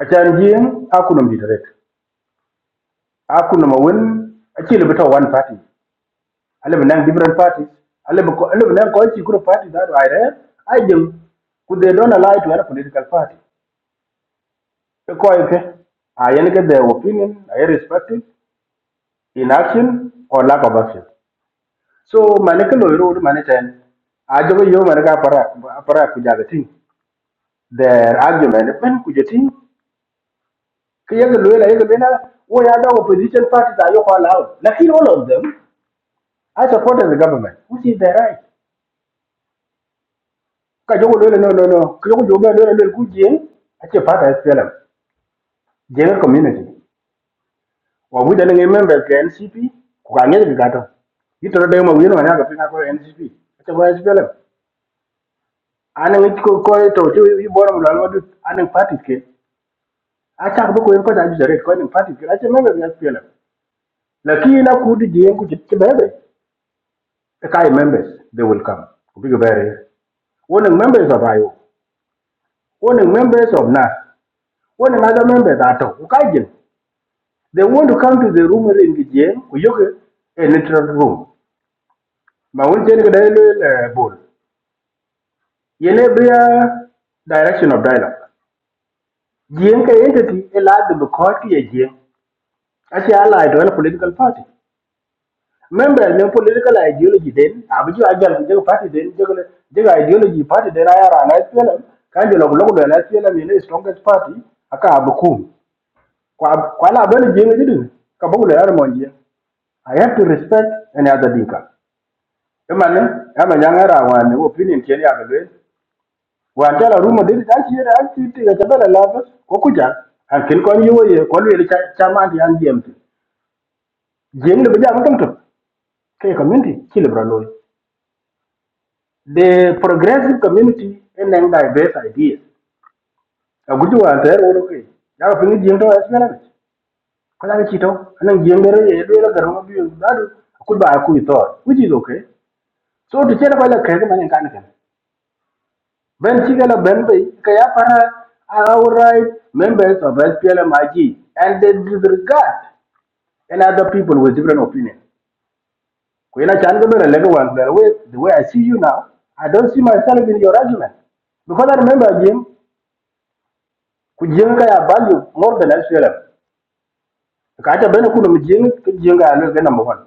S: a tan jin akunum direct akunum won a chile bita one party ale benang different parties I ko ale benang ko party that I read I do. could they don't ally to any political party ko ko ke ayen ke their opinion I respect it in action or lack of action so mane ke lo ro mane ten a jogo yo mane ka para para ku jaga tin their argument ben ku jetin ke yega lo la opposition parties are yo ko allow lakini all of them I supported the government which is their right Kajoku Lwele, no, no, no. Kajoku Joga Lwele Lwele ku Jing, actually part of SPLM, Jing community. Wa we then a member of the NCP, Kukanya Gato. You told them a winner and I got NCP. It's a SPLM. And then it could call it to show you born on Lalwadu and then party came. I can't book in because I just read calling party. I say member of the SPLM. Lucky enough, could the Jing could get The Kai members, they will come. Big barrier. One of members of IO, one of members of NAS, one another members at all. They want to come to the room in the jail, we yoke a literal room. Ma wun chen gada ilwe bol. Yene bria direction of dialogue. Jien ka entity a lad the court ki a jien. Achi allied to a political party. Members ne political ideology den, abiju ajal the jaga party Then the ideology party den ayara na SPLM. Kanjo lok lok lwe na SPLM yene strongest party, aka abukum. Kwa kwa la abele jien jidu, kabungu le yara monjien. I have to respect any other dinka. emane ama nyang'era wan wo opinion chen ya belwe wan chala rumo dil ta chi ra chi ti ga chabela la bas ko kuja an kin kon yo ye kon le cha cha ma di an jem ti jem le bija mutum to ke community chi le bralo the progressive community en nang diverse ideas a gudu wan ter wo ke ya ko ni jem to es mena ko la chi to anan jem le ye le la garo bi da du ku ba ku to which is okay so to chela ba la ke ma ne kan kan Ben Chigala Benbe, Kayapara are outright members of SPLMIG and they disregard and other people with different opinions. When I Kwena Changabera Legawan, the way the way I see you now, I don't see myself in your argument. Because I remember Jim, Kujenga value more than SPLM. Kata Benakunu Jim, Kujenga number one.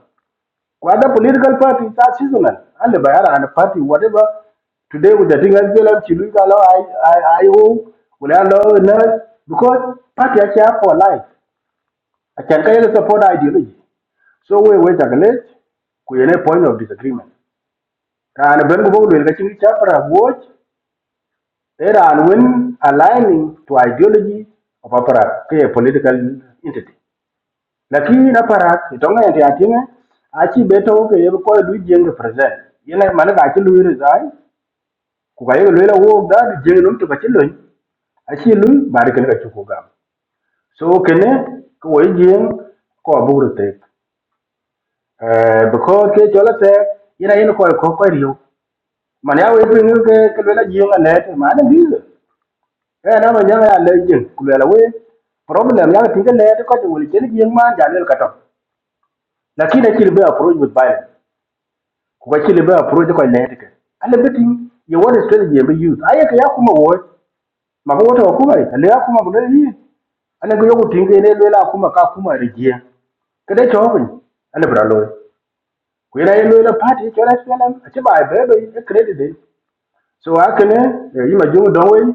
S: But the political parties are seasonal. And the Bayara and the party, whatever, today with the thing as well, Chiluka, I, I, I hope will allow nurse, because party actually have for life. I can tell you support ideology. So we wait a minute, we have a point of disagreement. And when we will get each other, watch, there are when aligning to ideology of opera, a political entity. lakini na parak itonga yanti atinga achi beto ke yeb ko lu jeng represent yena man ga chi lu resign ku ga yeb lu la wo da jeng num to ga chi lu achi lu bar ken ga chu gam so kene ko yi jeng ko bu ru te eh because ke chola te yena yin ko ko ko riu man ya we pin ke ke lu la jeng ne te man bi eh na ma nya ya le jeng ku la we problem yang tinggal le ko de wol chen jeng ma ja le ka to lakini chi be approach with violence kukwachile ba approach kwa iletika ale betting ye what strategy ye use aye ke yakuma wo mako wote wakuma ale yakuma bule yi ale ko yoku tinge ne lela akuma ka kuma regia kede chobin ale bra loy ku ira ye lela party chola selam ache ba bebe e credit de so akene yima jungu donwe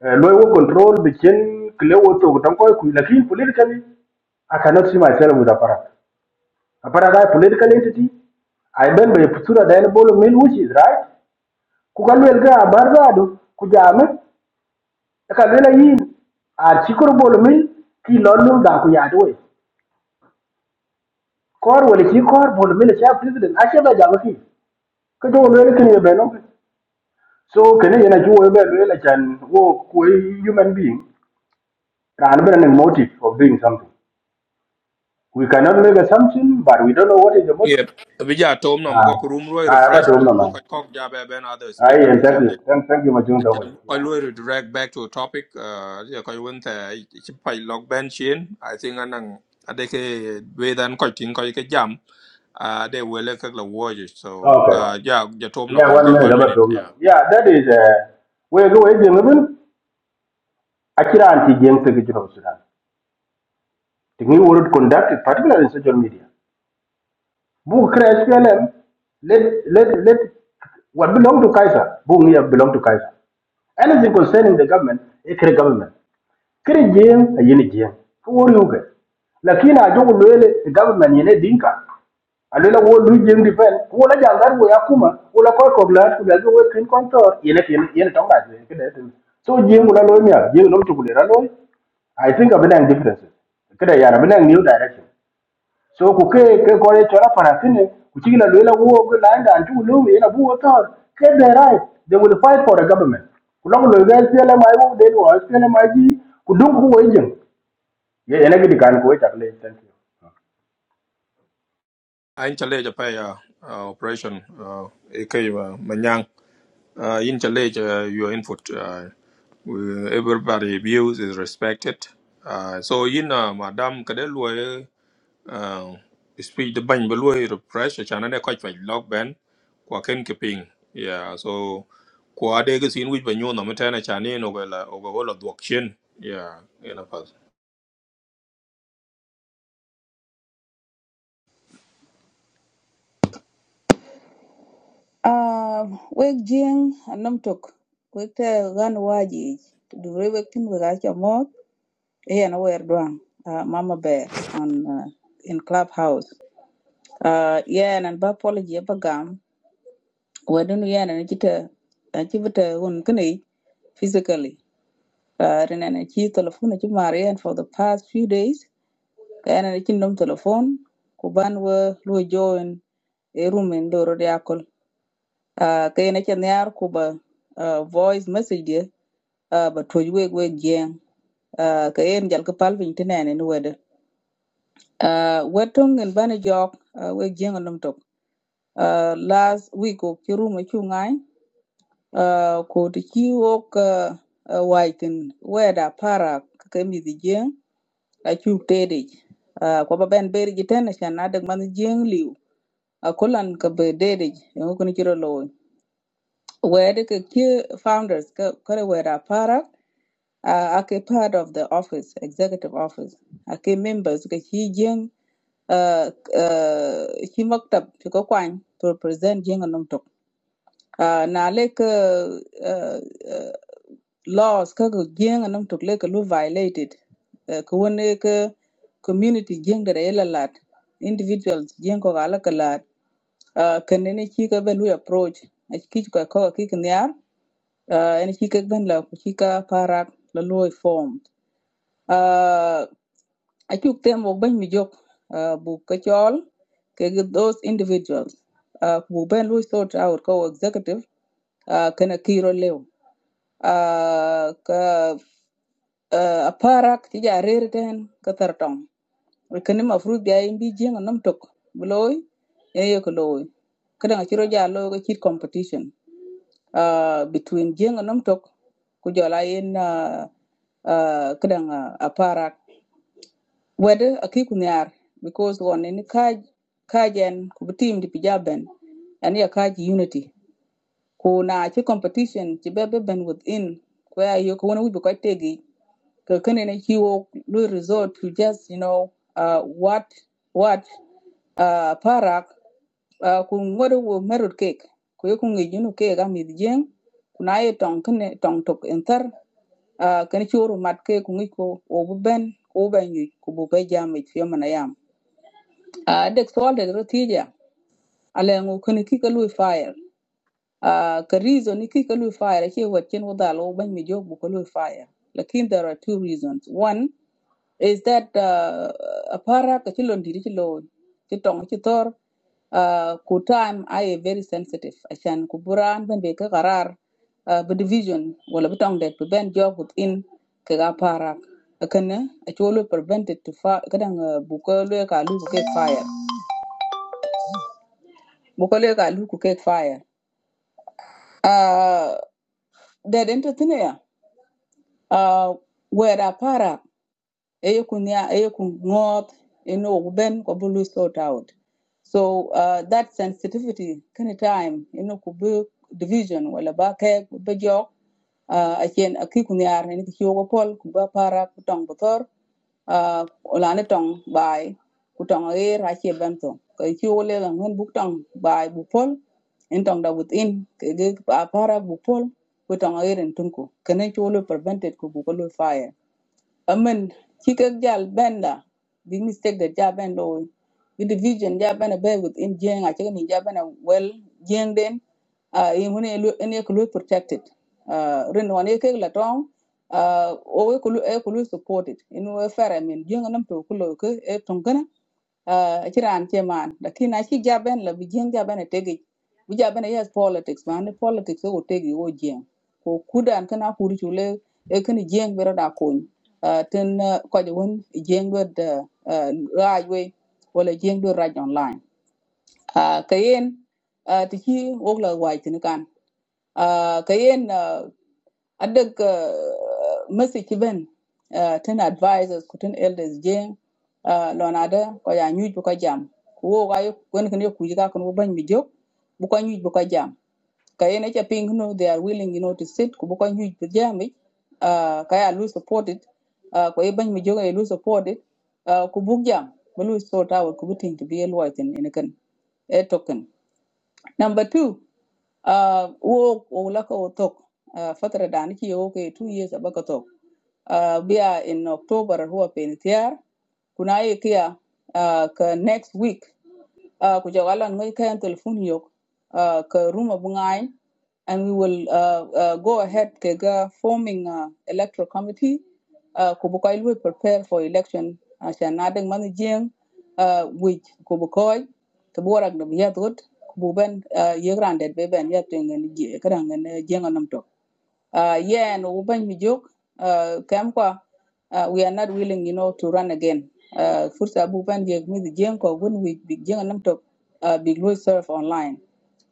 S: loy wo control be chain, kle wo to tan koy ku lakin politically I cannot see myself with a para. Aparat are a para guy political entity. I bend by Putura Dianabolo Mill, which is right ku ka luel ka bar zaadu ku e ki lor lum ku yaadi wei wala ci koor bol mil president a ba jaami ki ka jo kini ye beno so kene yena ci wo be luel chan wo ku human being raan bena ning motive of doing something we cannot make assumption but we don't know what is the motive
A: yep bija tom na
S: ah
A: mko kurum roi
S: ah ba
A: refresh
S: dum na
A: ko ko
S: man
A: ko ja be ben other
S: ai and
A: speaker
S: thank you thank, thank you ma jung dong
A: Chan
S: wei
A: bu koy
S: yeah
A: lawyer direct back to a topic uh ya koy won ta ci pay log ben chin I think anang ade ke we dan koy tin koy ke jam uh they will like the warriors so
S: okay
A: uh yeah ja tom no
S: Yeah,
A: in
S: one
A: the
S: minute
A: one
S: about
A: minute
S: to know.
A: yeah
S: Yeah, that is uh we go away even Akira anti Jeng Pekijun of Sudan. The new world conducted, particularly in social media. Book crash PLM, let let let what belong to Kaiser, Boom here belong to Kaiser. Anything concerning the government, a government. kiri jiŋ a yin jiŋ ki wor yuge lakini a jogu luele ti government yene dinka a luela wo lu jiŋ di pen ku wola jaŋ dar wo ya kuma wola koy kok laat ku lel wo kin kontor yene yene yene tonga jiŋ kide tin so jiŋ wala loy mia jiŋ nom tukule ra loy I think I've been differences. yana been new direction so ku ke ke ko ye chora para kine ku chi la le la wo go land and ju lu ye na bu wo tor ke de right they will fight for a government ku lo lo ga se la mai wo de wo se la mai ji ku dun ku wo yin ye ye na gi kan ko ta le thank you
A: ain chale ja pay uh, uh, operation uh e manyang uh in chale ja your input uh we- everybody views is respected uh so in uh, madam kade lawyer uh, speech the bany ba luo refresh chana ne kwaj kwaj log ben kwa ken keeping, yeah so kwa de ga sin wich ba nyu no meta na chani no ga la of ga la yeah you know pas
B: Uh, wek jing anam tok. Wek te gan waji. Dure wek tin wek acha mot. Eh, na wer duang. Uh, Mama Bear on uh, in Clubhouse. Uh, yeah, and ba apology ba gam. Wadun yeah, and chita chibita un kani physically. Uh, and then I telephone to Marian for the past few days. Kayana na cindom telephone ku ban wo lu join e room en loro de akol. Ah kayana cha nyar ku ba ah, voice message de ah, ba toj weg weg jeng. Ah kayen jal ka pal vin tinene ni wede. Ah wetong en bani jok ah, weg jeng nom tok. Ah last week ko ci room ci ngai ah ko ti ci wok ah, ah, waitin weda para ka kemi di jeng. acuk dedej uh, ko ba ben beriji ten chan na dek man jeng liu a kolan ka be dedej en ko ni chiro loy wede ke ke founders ka kare wera para uh, ake part of the office executive office ake members ka chi jeng uh, uh, chi maktab chi ko kwany to present jeng anom tok uh, na le ka laws ka ko jeng anam tok le ka lu violated Eh, ka ka community jeng da yela lat individuals jeng ko gala ka lat Ah, ka ne ne chi ka ben we approach a chi ka ko ki ka nyar en chi ka ben la ku ka parak la lu form a chuk tem wok ben mi jok ah, bu ka chol ke gi those individuals Ah, ku bu ben lu sort out ko executive ah, kana kiro leo Ah, uh, aparak ti ja rer ten ka tar tong kene ma fruit ja in bi jeng nom tok bloy e ye ko loy kada chiro ja lo ga chit competition uh, between jeng nom tok ku jola in uh, uh, kada nga aparak wede aki kunyar because one in kaj kajen ku team di pijaben ani ya kaj unity ku na chi competition chi bebe ben within ku ya yo ko wona wi ko tegi kakene he will resort to just you know uh what what uh parak uh kun ngodo wo merut cake ko yoku ngi junu ke ga mid jeng kuna ye tong kene tong tok enter uh kan churu mat ke ku ngi ko o bu ben ko ben yu ku bu be jam mit fe mana yam uh dek sol de rotija ale ngu kene ki ka lui fire uh ka reason ni ki ka lui fire ke wat chen wo dalo ben mi jog bu ka lui fire lakin there are two reasons one is that uh, apara ka chilon diri chilo chitong chitor uh, ku time I very sensitive achan ku buran ben be ka karar uh, bu division wala bu tong det bu ben job within ka ga para akana a cholo prevented to fire kadang uh, bu ko le ka lu ku ke fire bu ko le ka lu ku ke fire uh, that entertainer uh, where apara eye ku nia eye ku ŋoot eno ku sort out so uh, that sensitivity kind of time eno ku bu division wala ba ke bu jok uh, achen ni ki pol kuba para ku tong bu thor uh, la ni tong bai ku tong e ra che ben to ko ki yogo le ngan bu tong da within ke para bupol pol ku tong e ren kene ki prevented ku bu ko bukolo fire amen chikek jal benda big mistake that ja ben lo the division ja ben be within jeng a chicken ja ben well jeng den uh in when in e kulu protected uh rin wan e kek la tong uh o e kulu e kulu supported in we fair i mean jeng nam to kulu ke e tongana uh chiran che man lakini achi ja ben la bi jeng ja ben e tegi bi ja ben e yes politics man e politics e go tegi o jeng ko kudan kana kuri chule e kani jeng bero da kony uh, tin uh, ko je won jeng do de uh, we wala jeng do raj online uh, kayen uh, ti chi wogla wai tin kan uh, kayen uh, adag uh, message ben uh, tin advisors ku elders jeng uh, lona da ko ya nyuj bu ko jam wo ga yo kon kan yo ku ji ka kon ban mi jok bu ko nyuj bu ko jam kayene ca pink no they are willing you know to sit Kuboka boko nyuj pi uh, kaya lu supported. it uh, ko ibany mi joga lu support it uh, ku buk jam sort out ku to be a lawyer in kan e token number 2 uh, wo ulaka wo la ko tok uh, fatara dan ki 2 years abaka tok uh, bia in october huwa penitiar kuna ye kia uh, ka next week uh, ku jaga lan ngai kayan telefon yok uh, ka ruma bungai and we will uh, uh, go ahead kega forming uh, electoral committee uh, ku bukai we prepare for election asan na deng uh, which ku bukai to borak da biya dot ku bu ben uh, yegran det be ben ya tengen je kadang ne jeng nam tok uh, yeah, and Ubang Mijuk, uh, Kamkwa, uh, we are not willing, you know, to run again. Uh, first, Abu Ban gave me the Jenko when we begin a number uh, big Louis serve online.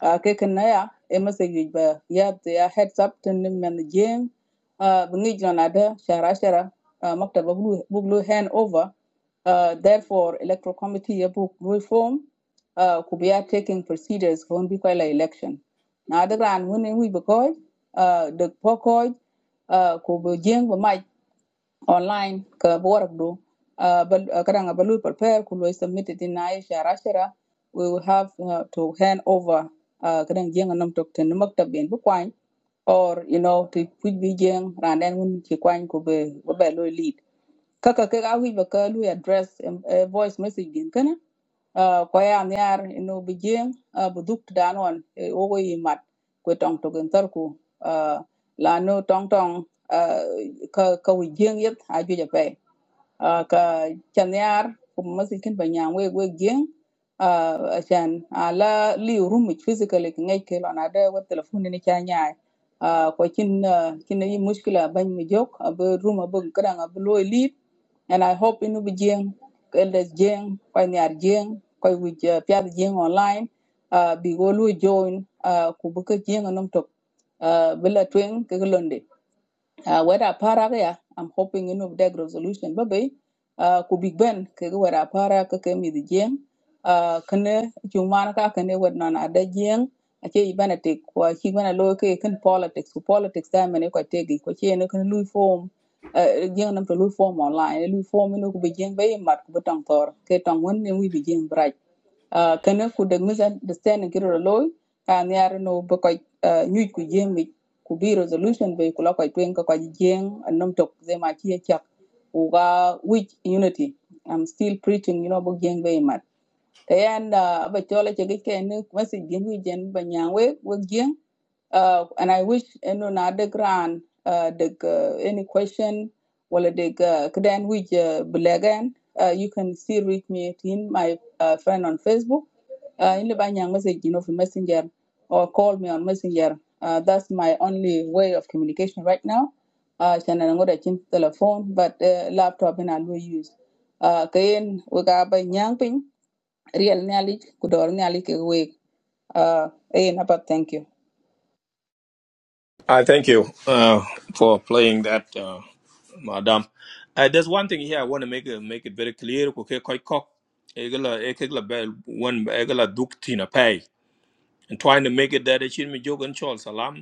B: Uh, Kekanaya, a message by Yab, they are heads up to them and the Jim, uh, Bungij on other, Shara Shara, uh, Makta Buglu Buglu hand over. Uh, therefore, electoral committee, book will form, uh, could be uh, taking procedures for Bikola election. Now, the grand winning we because uh, được phố khôi uh, của biểu diễn và mạch online ka borak do uh, bal uh, kadang balu prepare ku lo submit it in ay shara shara we will have uh, to hand over uh, kadang jeng nam tok ten maktab ben bu kwany or you know to put bi jeng ran den un ci kwany ko be be lo lead kaka ke ga wi ba ka lu address em- eh, voice message din kana Ah, ko ya nyar no bi jeng ah, bu duk dan on eh, o go yi mat ko tong to gen tar ku ah, la no tong tong ah, ka ka wi jeng yet a ju ja pe Ah, ka chanyar ku masi kin ba nyang we we jeng a chan ala li rum physically ki ngai ke lo na wa telephone ni cha nyaai ko kin ah, kin yi mushkila ban mi jok a be rum a be kran a and I hope in the Jing, Elders Jing, Koi Niar Jing, Koi which Piat Jing online, uh, be go lu join, uh, Kubuka Jing and Umtok, uh, Villa Twin, Kigalunde uh, whether para ya i'm hoping inu that resolution babe uh, ku big ben ke whether para kake ke mi di jeng uh, kene chumana ka kene wed non ada jeng ache ibana te ko chi bana lo ke kan politics ku politics da mene ko tegi ko che ne kan lui form uh, jeng nam to lui form online lui form inu ku bi jeng be mat ku tang tor ke tang won ne wi bi jeng braj uh, kana ku deg misan the stand kiro loy kan yar no ba ko uh, nyuj ku jeng mi ku bi resolution be ku la ko twen ko ko jeng annom tok ze ma chi chak u which unity i'm still preaching you know bo jeng be mat and uh ba chola che gike ni message gen wi ba nyang we we gen uh and i wish eno na de gran uh the uh, any question wala de uh, kden wi blegan uh you can still reach me in my uh, friend on facebook uh in the nyang message you know for messenger or call me on messenger uh that's my only way of communication right now uh chana ngoda chin telephone but uh, laptop and i will use uh kayen we ga ba nyang ping Real, ni alic ku dor ni alic kek wek uh, eyen apa thank you
A: i thank you uh, for playing that uh, madam uh, there's one thing here i want to make it, make it very clear ko quite cock. kok e e one e ga tina pay and trying to make it that it should be jogan chol salam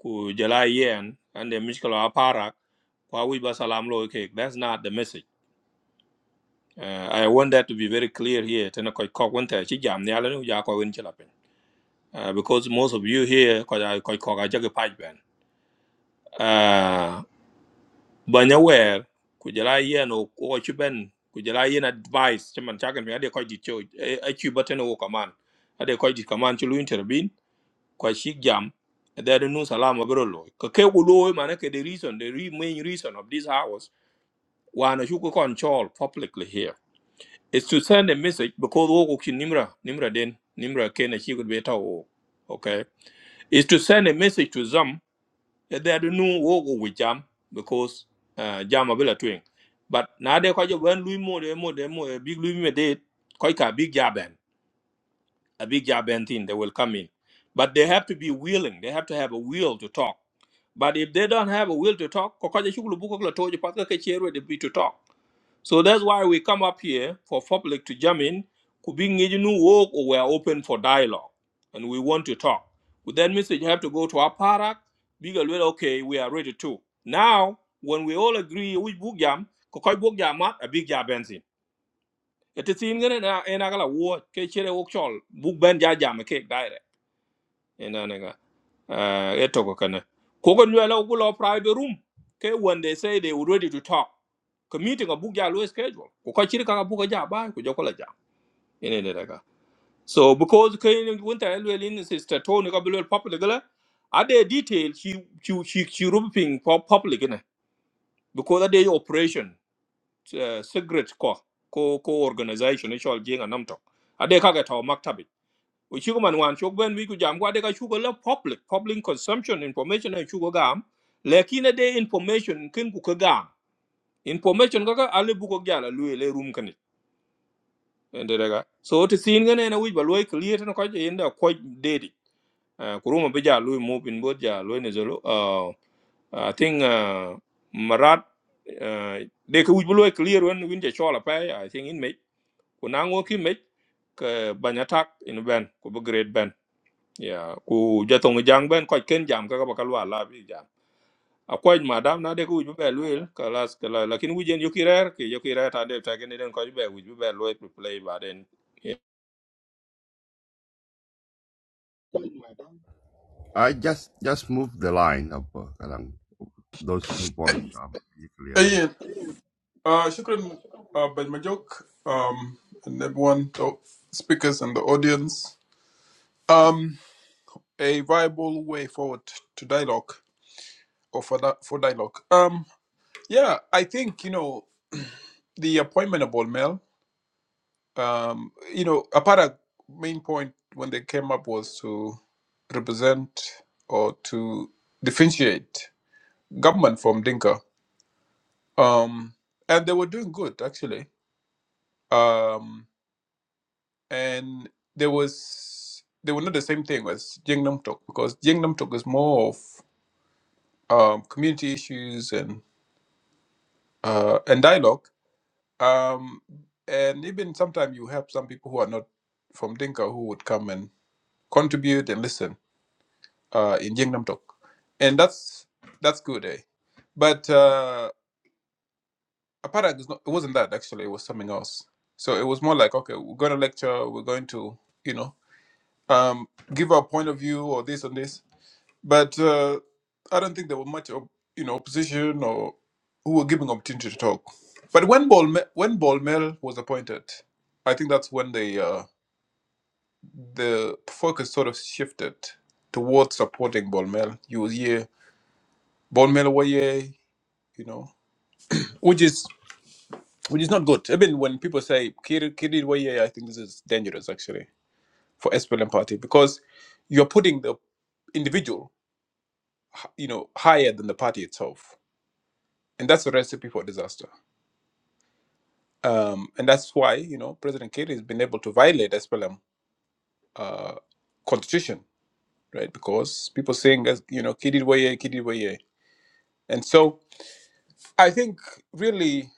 A: ku jala yen and the mishkala aparak kwa wi ba salam lo ke that's not the message uh, i want that to be very clear here tena koi kok wonte chi jam ne ala nu ja ko win chila pen uh, because most of you here ko ja koi kok a jage paj ben uh, banya wer ku jala yen o ko chi ben ku jala yen advice chaman chagan me ade koi dit cho e e chi button o kaman ade koi dit kaman chu lu intervene kwa shik jam there no salam agro lo ka ke gu lo man ke the reason the re- main reason of this hours wana shuku control publicly here is to send a message because wo ku nimra nimra den nimra ke na shi gu beta wo okay is to send a message to them that there no wo gu wi jam because uh, jam abila twing but na de kwa jo ban lui mo de mo de mo eh, big lui me de koi ka big jam a big job and thing, they will come in. But they have to be willing. They have to have a will to talk. But if they don't have a will to talk, kokoja shugulu buko kula toje patka ke chere de be to talk. So that's why we come up here for public to jam in. Kubing new work or we're open for dialogue and we want to talk. But that means that you have to go to our parak, bigger well, okay, we are ready too. Now, when we all agree, we book jam, kokoj book jam mat, a big jam Iti sin gane na ena kala wo ke chere wok chol buk ben ja jam ke daire ena nega uh, eto ko kana kogo nyela ugulo private room ke when they say they were ready to talk ka meeting a book ya lo schedule ko ka chiri ka book ja ba ko jokola ja ene ne daga so because ke ni winter elwe lin sister tony ka bilwel public la ade detail she she she she rubbing for public ne because ade operation uh, secret ko ko ko organization ni chol jinga namto ade ka ga to maktabi we chugo man wan chok ben wi ku jam kwa de ka chugo la public public consumption information and chugo gam lekine de information kin ku ka gam information kaka ale buko gyala lui le rum kani enderega so to sin gane na wi ba loy clear tan ko je inda ko dedi Uh, kuruma be ja lui mo bin bo ja loy ne zolo uh, i think uh, marat uh, de ko wi clear when win je chola pa i I think in me ku na ki me ke banyatak in ben ku bu great ben ya ku jatong jang ben ko ken jam ka ba kalwa la bi jam a ko na de ku bu be luel ka las lakin wi jen yokirer ki yokirer ta de ta ken den ko ju be wi bu be luel ku play ba den
E: i just just move the line up uh, kalang those two points are pretty clear la
Q: Hey, uh, shukran, uh, Ben Majok, um, and everyone, the speakers and the audience. Um, a viable way forward to dialogue or for that for dialogue. Um, yeah, I think you know the appointment of Bolmel. Um, you know, a part of main point when they came up was to represent or to differentiate government from Dinka um and they were doing good actually um and there was they were not the same thing as Jingnam Talk because Jingnam Talk is more of um community issues and uh and dialogue um and even sometimes you have some people who are not from Dinka who would come and contribute and listen uh in Jingnam Talk and that's that's good eh but uh, Apartheid is not. It wasn't that actually. It was something else. So it was more like, okay, we're going to lecture. We're going to, you know, um, give our point of view or this and this. But uh, I don't think there were much, of, you know, opposition or who were giving opportunity to talk. But when Bolme- when Bolmel was appointed, I think that's when the uh, the focus sort of shifted towards supporting Bolmel. You will hear Bolmel Waye, you know, which is which is not good. Even when people say Kiri Kiri Waye, I think this is dangerous actually for SPLM party because you're putting the individual, h- you know, higher than the party itself, and that's a recipe for disaster. Um, and that's why you know President Kiri has been able to violate SPLM uh, constitution, right? Because people saying as you know Kiri Waye, Kiri Waye, and so I think really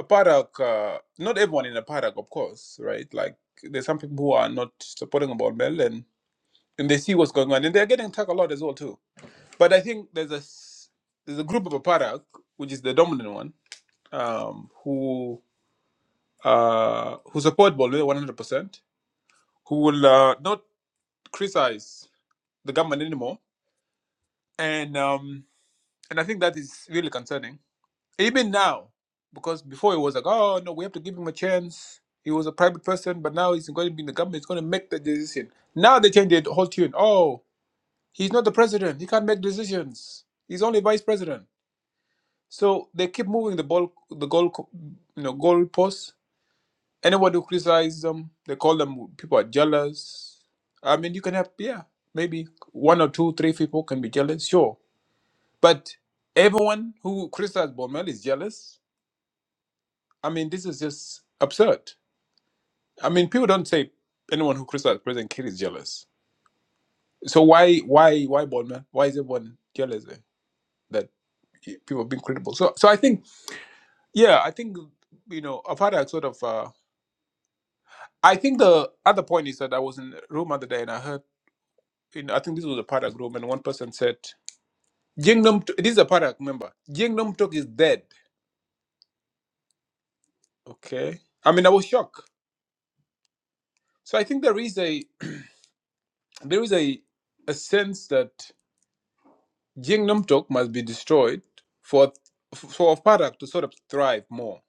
Q: Aparak, uh, not everyone in Aparak, of course, right? Like there's some people who are not supporting about Mel and and they see what's going on, and they're getting attacked a lot as well too. But I think there's a s- there's a group of Aparak, which is the dominant one, um, who uh, who support Bolivia 100 percent, who will uh, not criticize the government anymore, and um, and I think that is really concerning, even now, because before it was like, oh no, we have to give him a chance. He was a private person, but now he's going to be in the government. He's going to make the decision. Now they change the whole tune. Oh. He's not the president. He can't make decisions. He's only vice president. So they keep moving the ball, the goal, co- you know, goal posts. Anyone who criticizes them, they call them people are jealous. I mean, you can have yeah, maybe one or two, three people can be jealous, sure. But everyone who criticizes Bormel is jealous. I mean, this is just absurd. I mean, people don't say anyone who criticizes President Kidd is jealous. So why, why, why Bormel? Why is everyone jealous eh, that people are being critical? So, so I think Yeah, I think you know I've had a sort of. Uh, I think the other point is that I was in a room other day and I heard. You know, I think this was a Parak room, and one person said, "Jingnam." This is a Parak member. Jingnam Tok is dead. Okay, I mean I was shocked. So I think there is a there is a a sense that Jingnam Tok must be destroyed for for Parak to sort of thrive more.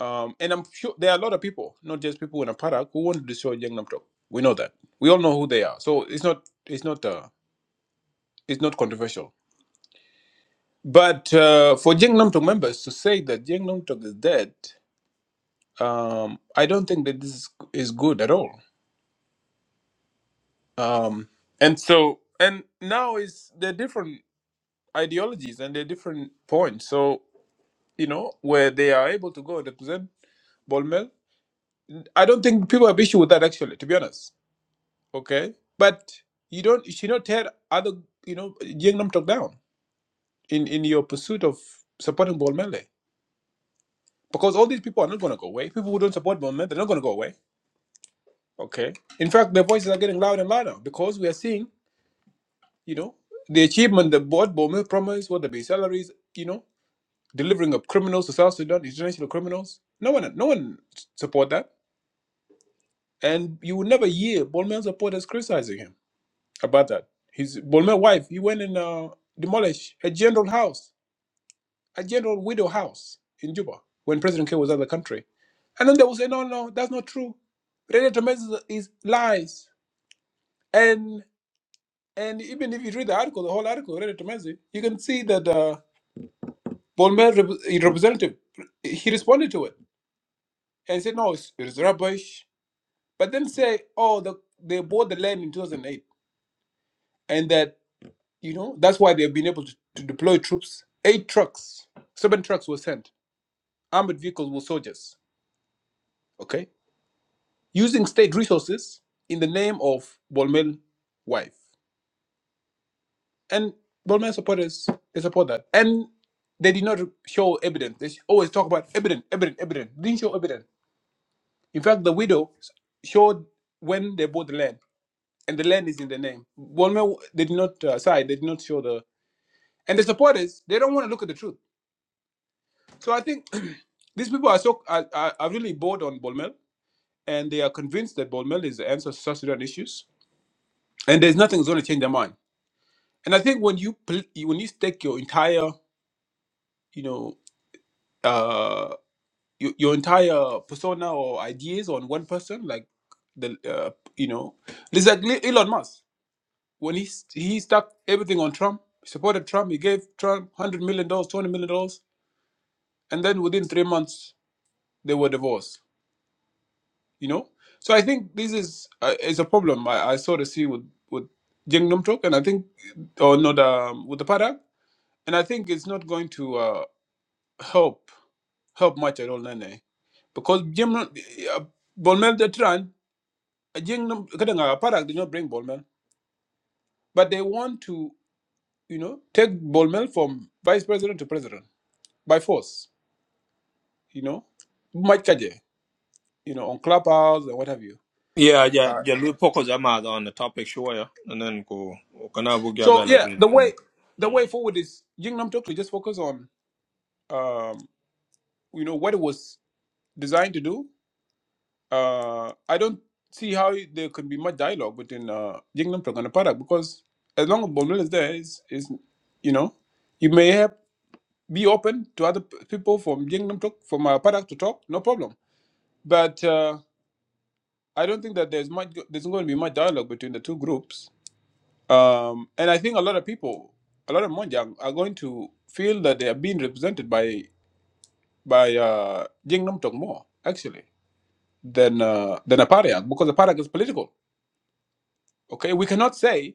Q: Um, and I'm sure there are a lot of people, not just people in a Parak, who want to destroy Jingnam Tok. We know that. We all know who they are. So it's not. It's not. Uh, It's not controversial. But uh, for Jeng Namtok members to say that Jeng Namtok is dead, um, I don't think that this is, is good at all. Um, and so, and now is the different ideologies and the different points. So, you know, where they are able to go and represent Bolmel. I don't think people have issue with that actually, to be honest. Okay. But you don't, you should not tear other, you know, Jeng Namtok down in, in your pursuit of supporting Bolmel. Because all these people are not going to go away. People who don't support Bournemouth, they're not going to go away. Okay. In fact, their voices are getting louder and louder because we are seeing, you know, the achievement that board Bournemouth promised, whether it be salaries, you know, delivering of criminals to South Sudan, international criminals. No one, no one support that. And you will never hear Bournemouth supporters criticizing him about that. His Bournemouth wife, he went and uh, demolished a general house a general widow house in Juba when President K was out of the country. And then they will say, no, no, that's not true. Ready to is lies. And and even if you read the article, the whole article, Ready to you can see that uh, Bolmer rep- representative, he responded to it and said, no, it's, it's rubbish. But then say, oh, the, they bought the land in 2008 and that, you know, that's why they've been able to, to deploy troops. Eight trucks, seven trucks were sent, armored vehicles were soldiers. Okay using state resources in the name of Bolmel wife. And Bolmel supporters, they support that. And they did not show evidence. They always talk about evidence, evidence, evidence. Didn't show evidence. In fact, the widow showed when they bought the land, and the land is in the name. Bolmel, they did not uh, side, they did not show the. And the supporters, they don't want to look at the truth. So I think these people are so are, are, are really bored on Bolmel, and they are convinced that Bolmel is the answer to South Sudan issues, and there's nothing that's going to change their mind. And I think when you pl- when you stake your entire, you know, uh, your, your entire persona or ideas on one person, like the, uh, you know, it's like Le- Elon Musk when he s- he stuck everything on Trump, supported Trump, he gave Trump hundred million dollars, twenty million dollars, and then within three months they were divorced. You know, so I think this is uh, is a problem I, I sort of see with with Jing Numtok, and I think or not um, with the Parak, and I think it's not going to uh, help help much at all nene because jim uh, bolmel the tran a jing kadanga parak did not bring bolmel but they want to you know take bolmel from vice president to president by force you know much kaje you know on clubhouse and what have you
A: yeah ja
Q: All right.
A: ja lu poko jama on the topic sure and then ku kana bu ga be
Q: so
A: la
Q: yeah
A: luel
Q: the way the way forward is jing nam Tok to just focus on um you know what it was designed to do uh, I don't see how there could be much dialogue between uh, Jingnam Tok and the product because as long as Bonmel is there, is is you know, you may have be open to other p- people from Jingnam Tok from uh, product to talk, no problem. But uh, I don't think that there's much there's going to be much dialogue between the two groups. Um, and I think a lot of people, a lot of Monjang are going to feel that they are being represented by by uh, Jingnam Tok more actually than uh, than a Apariak because a Apariak is political Okay, we cannot say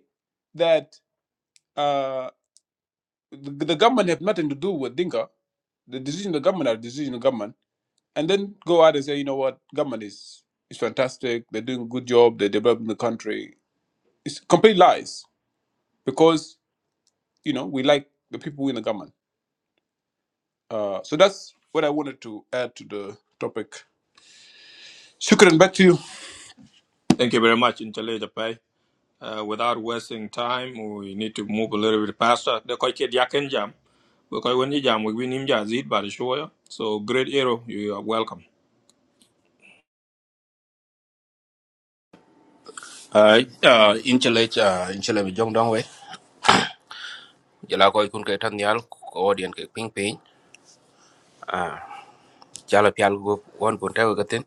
Q: that uh, the, the government have nothing to do with Dinka. The decision of the government are the decision of government, and then go out and say, you know what, government is is fantastic. They're doing a good job. They're developing the country. It's complete lies because you know we like the people in the government. Uh, so that's what I wanted to add to the topic. Shukran, back to you.
A: thank you very much in chale Uh, without wasting time, we need to move a little bit faster. The koi kid yakin jam. Because koi you jam, we win him jazid by the show. So great hero, you are welcome.
T: Uh, uh, inchele uh, inchele bi jong dong we jela ko kun ke tan yal ko odien ke ping ping ah jala pial go won bon taw gaten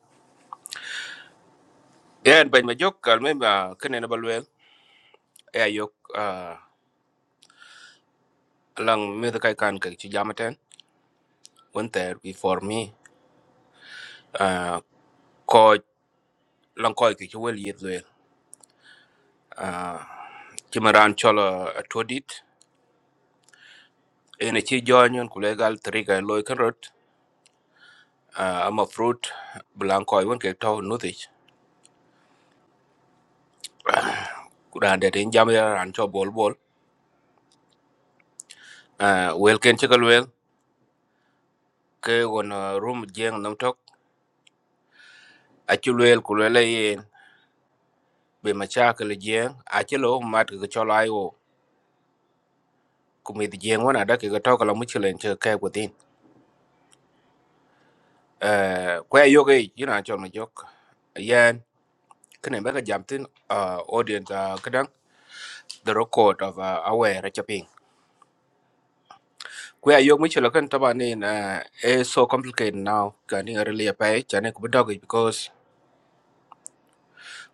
T: yen bañ ma jok kal me ma kene na balwel e ayok ah lang me de kay kan ke ci jamaten won ter bi for me ah ko lang ko ke ci wel yet wel ah ci maran cholo todit ene ci jonyon ku legal triga loy kan rot ah ama fruit blanco won ke taw nutich kuran de tin jam ya ran cho bol bol ah wel ken che kalwel ke won room jeng nam tok a chu wel ku le yin be ma cha ke le jeng a che lo mat ke cho lai wo ku mi jeng wona da ke to kala mu chilen che ke ku tin eh kwa yo ke yina cho no jok yan kene be ka jam tin ah, audience ah, kadang the record of uh, aware chaping kwe ayok mi chulo kan taba ni na eh, so complicated now kani ngarili ya pai chane kubidog because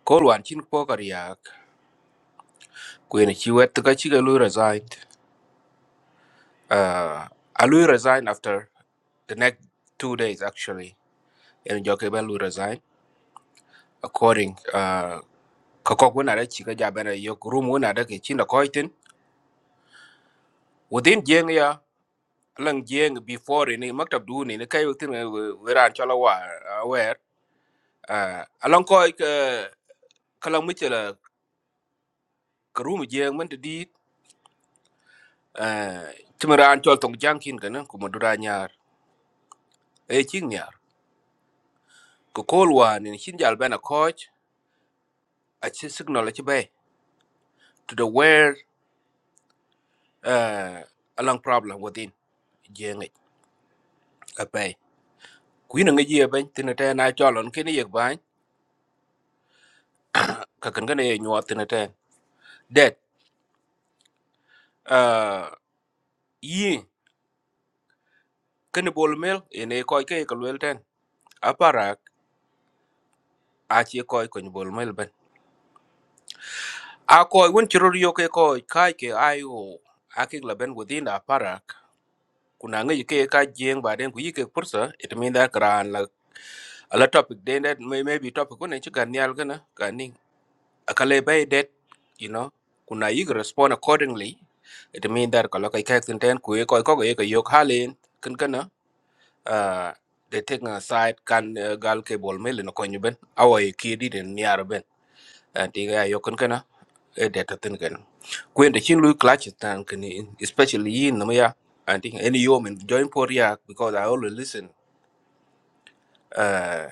T: kol wan chin po kariya Queen chi wet ka chi ga lui resigned. Uh, a lui resigned after the next two days actually. En jo ke ben lui resign according uh ka kok wona da chi ga ja ben yok room wona da ke chi na ko itin. Within jeng ya lang jeng before ni maktab du ni ne kay tin we ran chala wa uh, aware. Uh, along ko ka kala mu chala ka room jeng man di uh timran chol tong jangkin kana kuma dura nyar. E chi nyar. Ko kolwa ni chin jal ben a a chi signal a chi bay to the where uh, a long problem within jeng a bay kuin nga ye ban tin ta na cholon ken ye ban ka kan ne nyo tin ta det uh, yi ken bol mel ene koy ke ko wel ten a parak a chi koy ko bol mel ban a koy won chiro yo ke koy kai ke ayo akik la ben within a parak kuna nga ke ka jeng ba den ku yi ke pursa it mean that kran la ala topic den that may maybe topic ko ne chi kan yal kana kan akale bay det you know kuna yig respond accordingly it mean that kala kai kai tin ten ku ko ko ye ko yok halin kin kana uh they take a side kan uh, gal ke bol mel no konyu ben awai ki di den niar ben and diga yok kin kana e det tin kana kwen de chin lui clutch tan kini especially yin namaya i think any yom in join poria because i always listen uh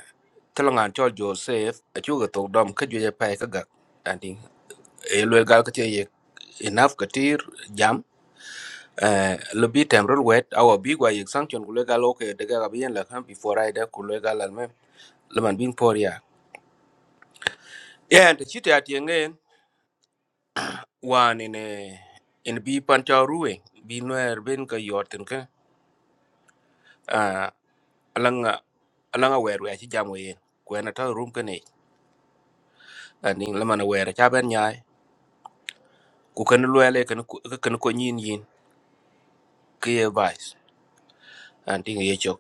T: talangan cho joseph achu ga tok dom ka ju ya pai ka ga elwe gal ka ye enough katir jam eh lo bi tem rol wet awa bi gwa yek sanction ku le gal oke de ga bi la kan before i da ku le gal al mem le man bin por ya yeah the chita at yenge wan in eh in bi pan cha ruwe bi noer ben ka yoten ka ah alanga alanga wer wer ci jam wen ku na ta rum ka ne ani le man wer cha ben nyaay ku kan lwele kan kan ko nyin yin ke vice anting ye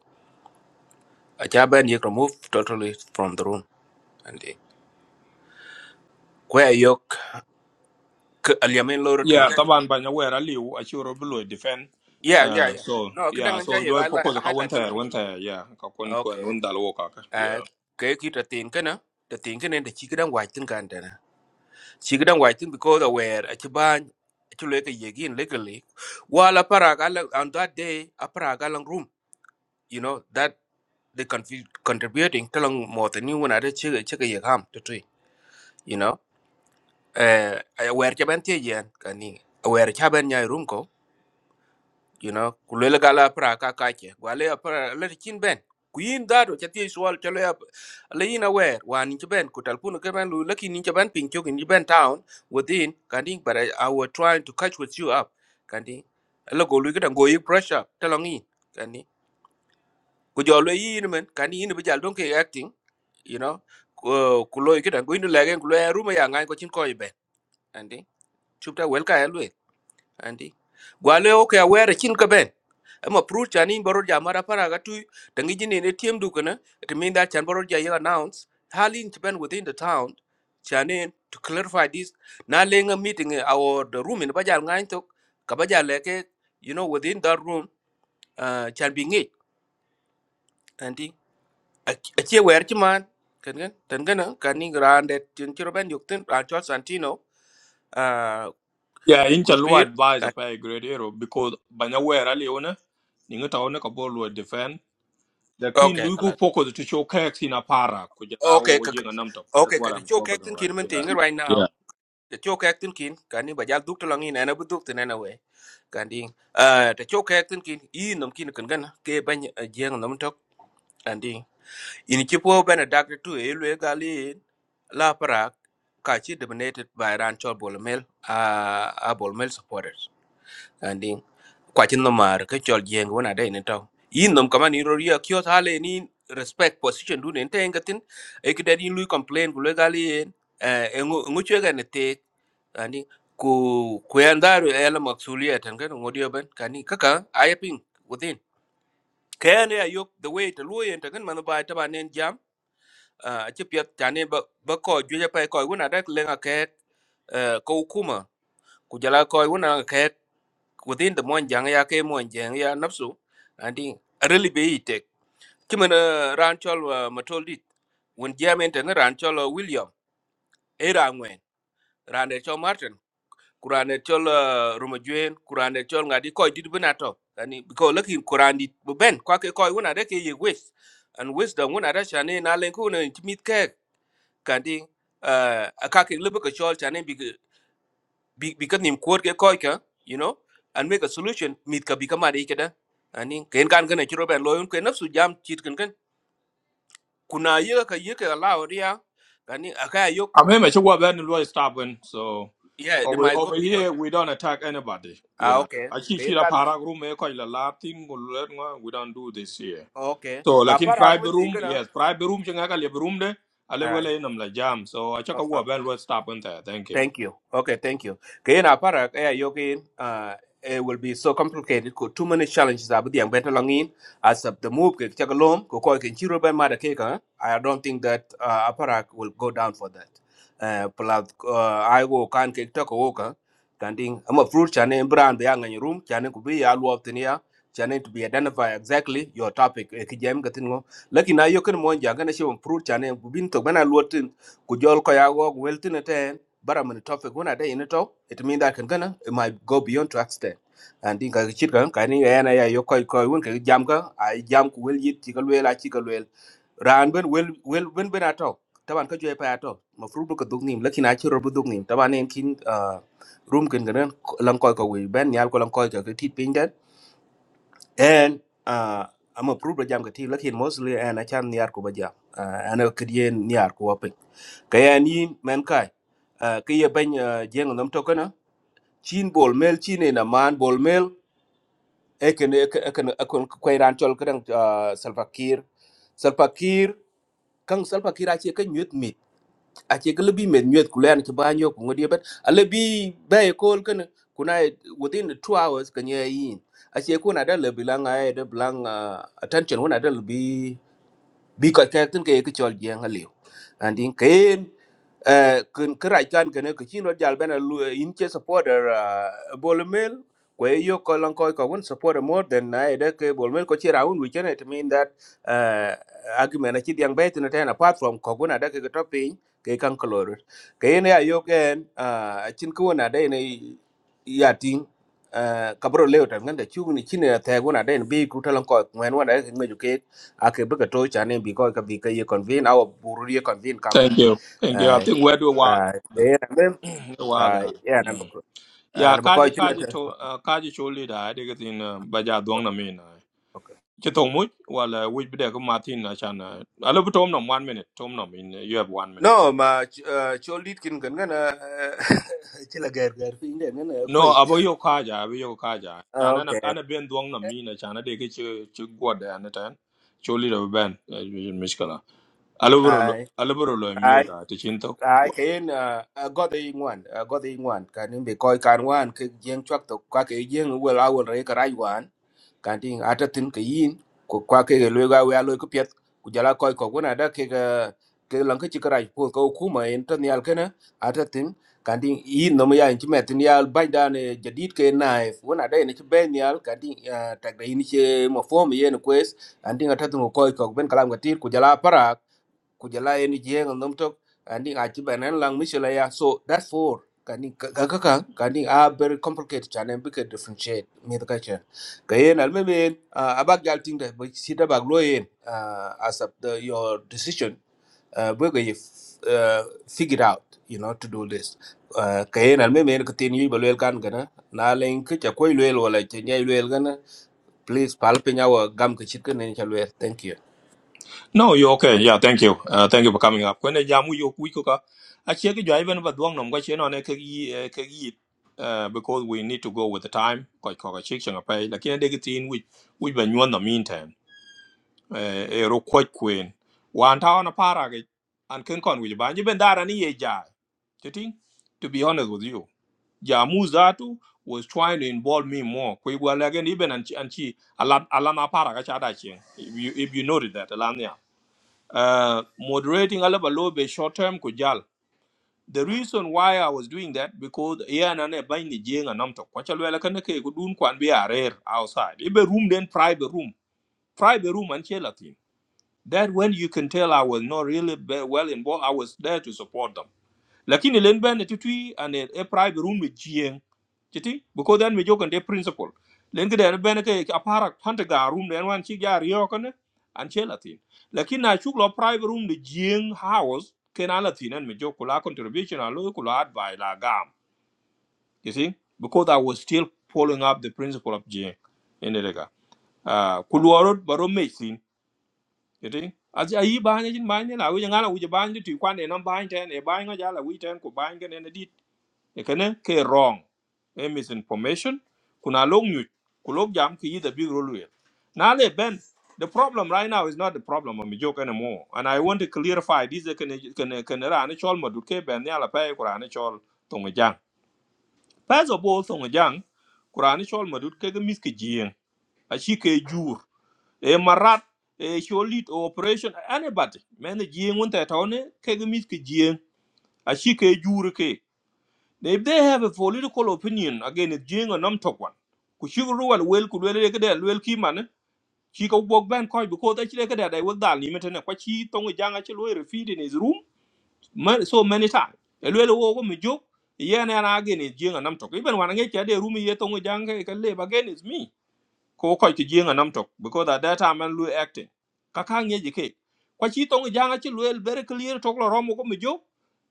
T: acha ben yek remove totally from the room and eh, kwe yok k aliamen loro ten
A: Yeah, taban banya wera liu, achiro below defend.
T: yeah yeah
A: Uh,
T: yeah
A: so
T: no cái đang
A: yeah,
T: kidang anja
A: so
T: yek
A: joy
T: highlight
A: poko the one
T: highlight to
A: tier,
T: lang
A: one tier, yeah, ka kun kun
T: okay
A: undal woka,
T: uh
A: yeah.
T: tiền cái ta tin tiền cái tin kana de chi kidang wa tin cái anh ta nè. Chỉ cái đang wa tin because aware acha ban acha le ke yegin legally wala para gala on that day para gala room you know that they confi- contributing to lang more than you when i check check cái gì ham to tree eh awer ca ban tie yen kani awer ca ban nyai rum ko you know ku le gala pra ka ka che gwa le pra le kin ben ku yin da do ca tie swal ca le le yin awer wa ni ca ben ku tal pun ke ben lu le kin ni ban pin chu ni ben town within kani but I, i was trying to catch with you up kani le go lu ga go yi pressure ta long yin kani ku jo le yin men kani yin bi jal don ke acting you know ku ku lo yi ga go yin le gen ku le ru ma ya ngai ko chin ko yi ben kani chupta wel ka ya anti gwale o ke aware chin ka ben ama pru chani baro ja mara para ga tu tangi jine ne tiem du kana it mean that chan baro ja ya announce halin to ben within the town chani to clarify this na lenga meeting eh, our the room in bajal ngain to ka bajal leke you know within that room uh, chan bi ngi anti a che wer chi man kan gan tan gana kaning rande chin chiro ben yukten rancho santino uh
A: Yeah, in
T: kuch
A: chalu
T: pir
A: advise a pay great hero because banya wera liu ne, ninga taone ka bolo defend Lakini
T: okay
A: lugu
T: kala
A: poko the tisho keks in a para kuja au
T: okay
A: jenga namto. That's
T: Okay, ka
A: what
T: the
A: I'm
T: choke
A: focusing on
T: acting
A: right.
T: kin man
A: Yeah.
T: tinga right
A: Yeah.
T: now. The choke acting kin kani ba jal duk tolong ina na bu duk tena na we. Kandi uh the choke acting kin i nom kin kan gana ke ban jeng nom tok andi. In chipo ben a doctor to elwe gali la parak ka chi dominated by Ranchol Bolomel uh a Bolomel supporters. kwa chin no mar ke chol jeng wona de ne to yin nom kama ni roria kyo thale ni respect position du ne tenga tin e ke dadin lui complain ku legali en e ngu chwe ga ne te ani ku ku yandaru e la maksulia tan ga ngodio ben kani kaka ayaping within kayane ayok the way to lui en tan man ba ta ba nen jam a che pyat tane ba ba ko ju ja pa ko wona da lenga ke ko kuma ku jala ko wona ke within the mon jang ya ke mon jang ya nafsu andi really be ite kimen ranchol chol uh, matoldi won jamen ten ran chol uh, william era ngwen ran de chol martin kuran de chol uh, rumajuen kuran de chol ngadi koy dit benato ani ko lakin kuran dit bu ben kwa ke koy wona de ke ye wis and wisdom wona da shane na len ko ne timit ke kandi uh, akake lebe ke chol chane bi bi because nim kuot ke koi ka you know and make a solution mit ka bi ka mari ke da ani ken kan gane chiro ben loyun ke nafsu jam chit kan kan kuna ye ka ye ka la oria ani aka yok
A: I'm here sure what Ben Louis stopping. So
T: yeah the
A: over
T: my go
A: over
T: beyond
A: here we don't attack anybody.
T: ah
A: Yeah.
T: okay
A: I Achi
T: ken
A: chira
T: kan kan
A: para room e ko la latin go let ngwa, we don't do this here.
T: okay
A: So
T: ka
A: like in
T: par
A: private
T: argument
A: room,
T: inga na
A: yes, private room chenga ka le room de. Ale wele nam la jam. So I check out what Ben Louis stopping there. Thank you.
T: Thank you. Okay, thank you. Kayen apara kaya yokin uh it will be so complicated ko too many challenges abu diang better langin as of the move ke chakalom ko ko ken chiro ben mada keka I don't think that uh, apara will go down for that. Uh plus uh, I go kan ke to ko ka kanding am a fruit chane brand the yang in room chane ko be ya lu tenia chane to be identify exactly your topic e ki jam gatin ngo lakini ayo ken mon janga na shi fruit chane bu bin to bana luotin ku jol ko ya go weltin but I'm in the topic when I day in it all, it mean that I can gonna it might go beyond to accident. And think I chit kan kan ni ana ya yo koi koi won ka jam ka ai jam ku wel yit chikal wel a chikal wel ran ben wel wel ben ben ato taban ka joy pa ato ma fru ka dug nim lakin a chiro bu dug nim taban en kin ah, room kin gan lan koi ka we ben nyal ko lan koi ka ka tit piny and uh, I'm a prove jam ka ti lakin mostly uh, and I can niar ko bajam uh, and I could yen niar ko apin kaya ni men kai uh, kaya ban uh, jeng nam to kana chin bol mel chin na man bol mel eken eken eken eken kwairan chol kadang uh, salfakir salfakir kang salfakir achi ka nyut ache kele bi med nyet kulen ke ban yo ngodi bet ale bi be kol ken kuna within the 2 hours kan ye yin ache kuna da le bilanga e de bilang attention kuna da le bi ko ka tin ke ke chol jeng aliu andin ken eh kun kra chan ke ne ke chino jal bena lu in che supporter bol mel ko yo ko lan ko ko won supporter more than na ede ke bol mel ko chi raun we it mean that eh argument a chi diang bet na ten apart from ko guna da ke to pin ke kan kolor ke ne ayo ken a chin ko na de ne ya ting eh kabro leo tan ngande chu ni chine ta guna de bi ku talan ko ngwen wa da ngi ake bika to chane bi ko ka bi ka ye convene aw buru ye convene kam ka
A: Thank you. Thank you. I
T: ai
A: think we are do what
T: ai eh mem
A: what.
T: ai
A: uh,
T: ya na
A: mm.
T: ko
A: Ya
T: na ko
A: kaji
T: chine
A: kaji
T: ta
A: to uh, kaji choli da De daga tin uh, baja duang na min. ai.
T: okay
A: Ki tong mu wala wuj bide ko matin na chan. ai. Alo bu tom nam 1 minute tom nam in uh, you have 1 minute. Yeah.
T: no ma cholit kin kan gana chila gar gar fi inde ngana
A: No
T: koi
A: abo yo kaja abo yo kaja. Chan ana
T: okay
A: ana ben duang na min na chan de ke chu chu gwa da na tan. Choli da bu ben uh, mishkala. Alo bu
T: ai
A: alo bu lo mi
T: ai
A: da ti chin
T: ai kayen god ei ngwan god ei ngwan kanin bi ko kan wan ke jeng chwak to ka ke jeng wel awol re ka rai wan kanti ata tin ka yin ko kwa ke ga lwe ga we alo ko pet ku jala koy ko gona da ke ga ke lan ka ci karaj po ko kuma en tan yal kana ata tin kanti yin no ya ci metin yal bay da ne jadid ke naif wona da e ne ci ben yal kanti tag da yin ci mo fo mi yen kwes anti ata tin ko koy ko ben kalam ga tir ku jala para kujala eni jeng nom tok kandi ngaji banan lang mishala ya so that's four kandi kaka ka kandi a very complicated chane bi ke differentiate mi ka chen kayen almemen abak gal ting da bi sita bag loyen as of the, your decision uh, we go uh, figure out you know to do this uh, kayen almemen ka tin yu balwel kan gana na len ke cha koy lwel wala cha nyai lwel gana please palpinya wa gam ke chit ken ne cha thank you
A: No, you okay. Yeah, thank you. Uh, thank you for coming up. When jamu yo kui kuka, I check you even but duang nom gachi no ne kegi eh, kegi uh, because we need to go with the time. Koi koi chick changa pay. Lakini degi tin we we ben yuan the meantime. Eh, eh, ro koi queen. Wan tao na para ge an ken kon we ban. You ben dara ni ye jai. Chiting. To be honest with you, jamu zatu was trying to involve me more. Koi gua lagen even an chi an chi alan alan na para gacha da chien. If you if you noted that alan uh, moderating alaba lobe short term kujal. The reason why I was doing that because yeah na ne bain ni jeng anam to kwachal wela kan ke gudun kwan be arer outside. Ibe room then private room. Private room and chela thing. That when you can tell I was not really be- well involved, I was there to support them lakini len ben ti tutui an e private room with jieng chiti because then we joke and the principle len ke den ben ke apara hante ga room den wan chi ga rio kone an che latin lakini na chuk lo private room de jieng house ken a latin and me joke kula contribution a lo kula advise la gam you see because i was still following up the principle of jieng in the lega ah kuluoro baro me you see as ayi banye jin banye la wi ngala wi banye ti kwane nan banye ten e banye ga la wi ten ko banye ken ekene ke wrong e misinformation kuna long nyu kulok jam ki the big role here now le ben the problem right now is not the problem of joke anymore and i want to clarify this can can can ra ni chol madut ke ben ya la pe ku ra ni chol tong first of all tong jang ku ra ni chol madut ke ga mis ke jien a chi ke jur e marat e cholit operation anybody men jien won ta tawne ke ga mis ke jien a chi ke jur if they have a political opinion, again, it's Jing or Namtok one. could you Kushiru and Will could really get that. Will Kiman, she could walk back quite because actually like that I was done limit and what she tongue young actually refeed in his room ma- so many times. A little over me joke, yeah, and again, it's Jing and Namtok. Even when I get the room here, tongue young, I can live again, it's me. Ko quite to Jing and Namtok because at that time I'm Louis acting. Kakang educate. What she tongue young actually very clear, talk around with me joke.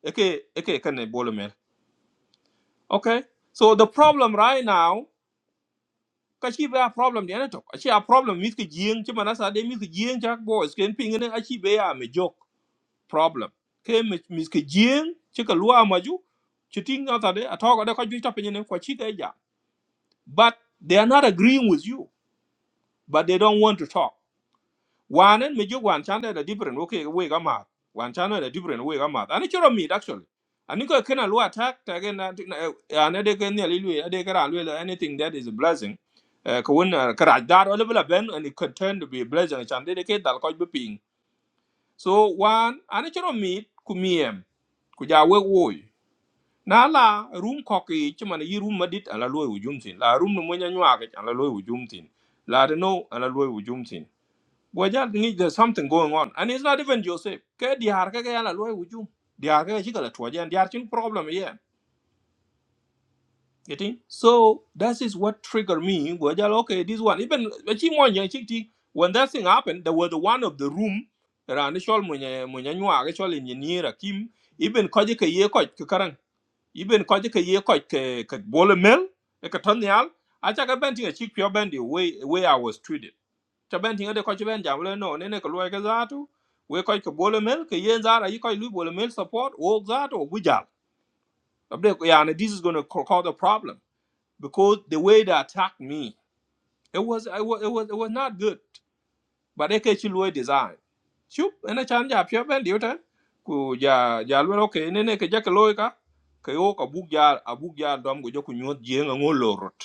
A: Okay, okay, can I bowl Okay. So the problem right now, kachi be a problem the anatok. Achi a problem miski jing chimanasa de miski jing jack boys ken ping ne achi be a me joke problem. Ke miski jing chika lua maju chiting out de atok de kaji tapin ne kwachi ke ja. But they are not agreeing with you, but they don't want to talk. One and me wan chanda the different okay way gama. Wan chanda the different way gama. And it choro meat actually. And you can allow attack again and they can nearly they can allow anything that is a blessing. Uh, when karaj or level ben and it could turn to be a blessing and they can that could be ping. So one and it choro meat kumiem kuja we woi. Na la room cocky chimana yi room madit and la loy ujumtin. La room no mwanya nyuage and la loy ujumtin. La no and la loy ujumtin we just need there's something going on. And it's not even Joseph. Ke diar ke ke yala loy wujum. Diar ke chika la tuwa jan. Diar chin problem yeah. Getting? So that is what triggered me. We Wajal, okay, this one. Even achi mo nyang chik ti. When that thing happened, there was the one of the room. Rani shol mo nyang mo nyang nyua ke shol engineer akim. Even kaje ke ye kaj ke karang. Even kaje ke ye kaj ke ke bole mel. eh, Ke katanyal. Acha ke benti a chik pure bendi way way I was treated ta ben tinga de ko ben jam le no ne ne ko loy ka zatu we ko ko bole mel ke yen zara yi ko lu bole mel support o zatu o bujal abde ko ya ne this is going to cause a problem because the way they attacked me it was it was it was, it was not good but they ke chi loy design chup ene chan ja pyo ben diu tan ku ja ja lu ke ne ne ke ja ke loy ka ke o ko bug ja abug ja dom go jo ku nyot jeng ngolorot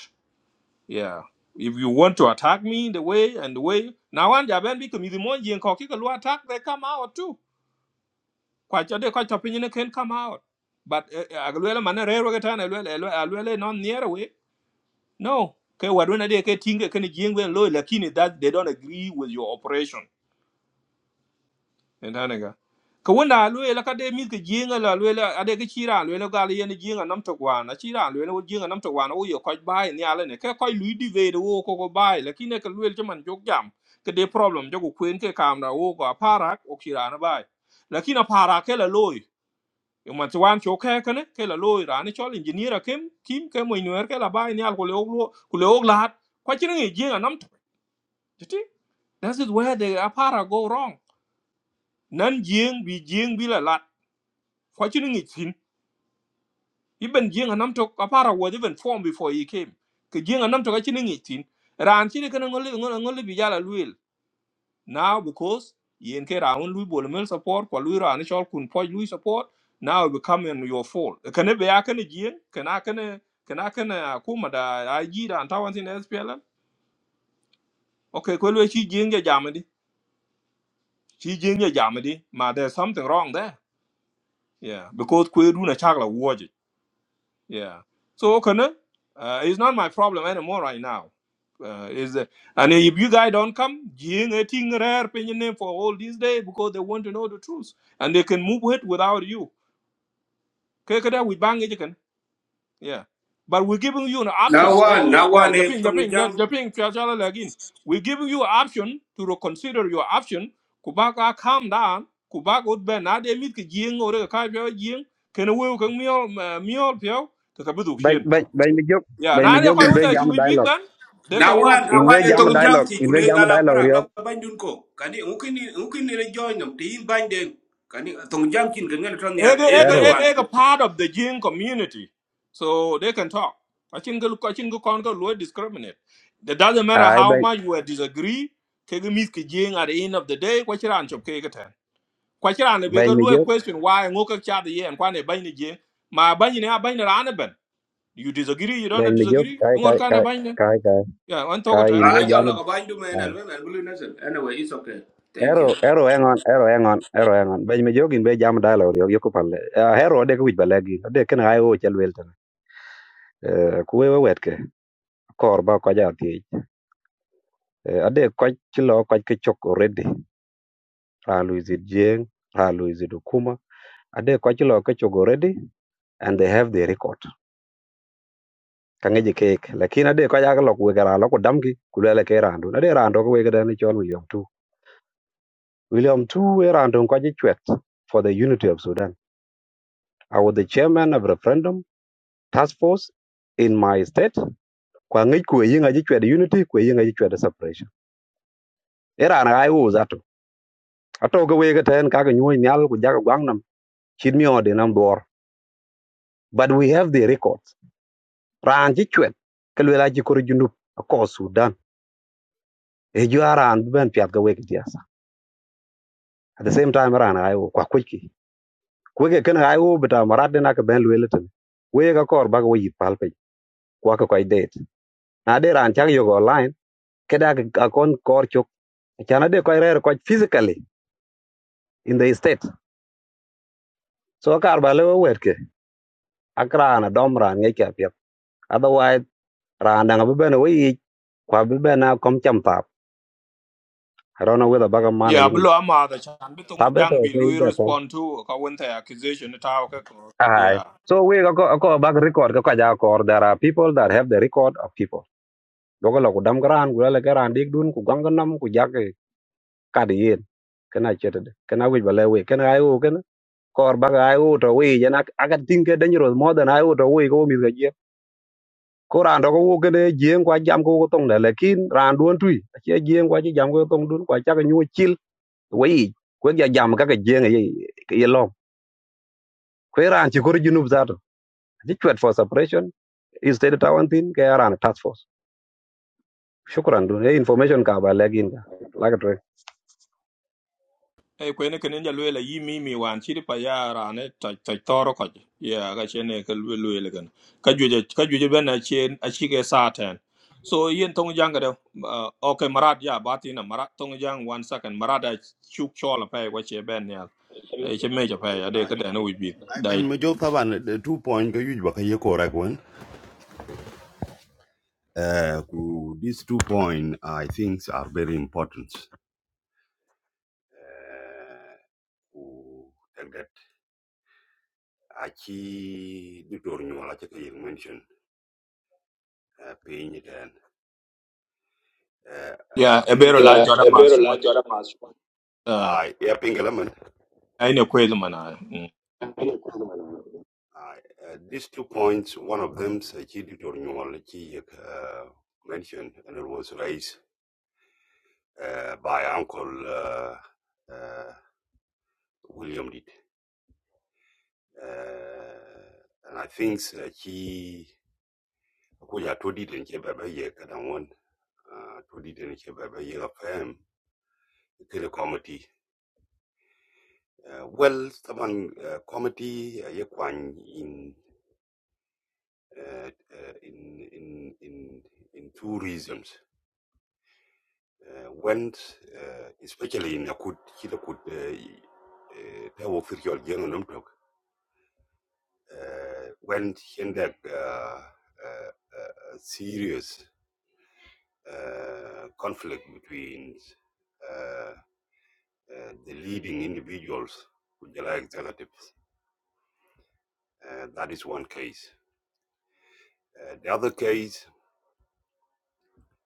A: yeah. If you want to attack me the way and the way now one jaben bi kamizi monji and koki kalu attack they come out too. Quite a day quite opinion they can come out. But eh, eh, I will man agluela mana rero getan alwele alwele not near away. No. Okay, what when they can think can jing when low lakini that they don't agree with your operation. entaniga ka wanda lwe la ka de mi ka jinga la lwe la ade ka chira lwe la gal yen jinga nam to kwana chira lwe la jinga nam to kwana o yo ko bai ni ala ne ka ko lu di ve de wo ko ko bai la kine ka lwe chaman jok jam ka de problem jogo kwen ke kam da wo ko para o chira na bai la kina para ke la loy yo man twan cho ke ka ne ke la loy ra ni chol engineer kem kim ke mo iner ke la bai ni al ko le o ko le o la ko chira ni jinga nam to That's is where the apara go wrong. Nan jing bi jing bi la lat fortuning it sin even jing anam to apara was even formed before he came ke jing anam to kachini it sin ran chini kana ngoli ngoli ngoli bijala luil now because yen ke raun lui bol mel support kwa lui ran chol kun poj Louis support now it become in your fault Can kana be akane jing kana kana kana kana kuma da aji da antawan sin SPL okay ko lui chi jing ya jamadi chi jing ya jamadi ma there's something wrong there yeah because kwe runa chakla Yeah. So Okana, uh, it's not my problem anymore right now. Uh, is uh, and if you guys don't come, Jing a ting rare pinyin name for all these days because they want to know the truth and they can move it without you. Kekada we bang it again. Yeah. But we're giving you an
T: Now
A: option that
T: one, now
A: yeah,
T: one, if
A: Japing, Japing, Ja-
T: Tongjang.
A: Japing, Chia- Chia- Chia- again. We're giving you an option to reconsider your option. Kubaka calm down. Kubaka would be not a meet jing or a kai jing. Can a will can meal meal pio to
G: By
A: kabuduk
G: by by me jog
A: yeah,
G: by me
A: now they
G: jog
A: quite
G: in
A: want
G: way
A: to
G: jam
A: with Big
G: dialogue.
A: Band. They
T: na
A: can
T: wan
A: go.
T: na
G: In
T: wan
G: way
T: e
G: jam
A: Yeah,
T: tong jang
G: dialogue.
T: ti
G: In way
T: kule
A: yeah.
G: jam
T: gala
G: dialogue
T: parak la
G: riok.
T: bandun ko kani mungkin ni- mungkin ne join nam ti in banden kani tong jang kin gangan ton yal e le
G: Ero.
T: wan
A: It's a, part of the Jin community, so they can talk. I think the I think the Congo will discriminate. It doesn't matter
G: Ai
A: how
G: by
A: much we disagree. Kegi mis ki Jin at the end of the day, kwa chira anchop kegi ten. Kwa chira ane
G: by
A: beka
G: me
A: luwe
G: jog
A: question why ngoka chada ye and kwa ne bany ni Jin. Ma bany ni a bany ni rana ben. You disagree, you
G: by
A: don't
G: me jog
A: disagree.
G: kai
A: Ngor
G: kai
A: ka ne
G: kai
A: bany ni.
G: kai kai
A: Yeah, one
G: kai
A: talk
T: a
G: in way
T: jo la ko
G: jam.
T: bandu men al men al bulu nasel anyway it's okay thank you
G: Hero, hero, hang on, hero, hang on, hero, hang on. Benj me jogin be jam dialogue yo yo kupal. Hero de kuj balegi. Ade ken ay o chel wel tan. Kuwe we wet ke. Kor ba ko ja ti. Eh, Ade ko chilo ko ke chok already. Ralu is it jeng, ralu is it kuma. Ade ko chilo ke chok already and they have the record. Kange je kek. Lakin ade ko ja lok we gara lok damgi kulele ke randu. Ade rando ko chon William Tu. William Tu we rando for the unity of Sudan. I was the chairman of referendum task force in my state kwa ngi ku yin aji chwede unity ku yin aji chwede separation era na ai wo zato ato ga we ga ten ka ga nyu nyal ku jaga gwang nam chin mi ode nam dor but we have the records ran ji chwed ke le la ji kor jundu ko sudan e ju aran ben piat ga we diasa at the same time ran ai wo kwa ku ki ku ga ken ai wo bita marad na ka ben le le ten we ga kor ba ga we pal pe kwa ka kai date na de ran chang yo go online ke da ga kon kor chok chana de kai re ko physically in the state so kar ba lewe wetke ak raan dom raan nge ke pet otherwise raan danga bibene we yic kwa bibene a kom cham tap i don't know whether baga mana
A: Yeah,
G: yingi
A: below I'm out of chan. But tung
G: tabe to
A: jang bi
G: ko yic
A: lui
G: da kom
A: respond to ka wente accusation ta ka ko.
G: ai
A: Yeah.
G: so we ko ko bag record ka ja ko kaja kor there are people that have the record of people dogo lo ku dam gran ku lele gran dik dun ku ganga nam ku jage kad yen kana chete de kana we ba lewe kana ai u kana kor baga ai u to we jan agat tinke dangerous more than ai u to we ko mi ga ko ran do ko kene jeng kwa jam ko ko tong le lekin ran duon tui che jeng kwa chi jam ko tong dun kwa cha ka nyu chil wei ko ya jam ka ka jeng ye ye long ko ran chi ko junub za to ji chwet for suppression is state tawan tin ke ran task force shukran dun e information ka ba lekin ka la ka tre
A: Hey, when ke can enjoy la yi mi one, wan chi pa ya ra ne ta ta toro ko. Yeah, ka Can ka lui lui le gan. Ka juje ka juje ben a chen a chi ke sa ten. So yin tung jang uh, okay marat ya ba ti marat tung jang one second marat I shook shawl a chuk chola pa wa che ben ya. E che me che pa ya de ka de no wi bi.
E: i ben mo jo the two point ko yuj ba ka ye ko ra ko en. eh ku these two point i think are very important eh ku tek det a nyola che ka mention eh pin den eh eh,
A: Yeah,
E: i
A: e
E: think
A: bero la
E: Yeah,
A: jora
E: a
A: ma
E: very large order mass.
A: Uh,
E: ai ya pin
A: ai ne kwe
E: Uh, uh, these two points, one of them, Chiditor Nyumalchi uh, mentioned, and it was raised uh, by Uncle uh, uh, William Did. Uh, and I think he kuya to did and Chebaba Yekadan to did and Chebaba Yekafam, the committee. Uh, Well, someone uh, committee uh, Yekwan in, uh, uh, in, in, in, in two reasons. uh, went, uh, especially in Akut, Hilakut, Tawo Kirchhoff, Janganum Tok, went in that uh, uh, uh, serious uh, conflict between uh, uh, the leading individuals, with the executives. Uh, that is one case. Uh, the other case,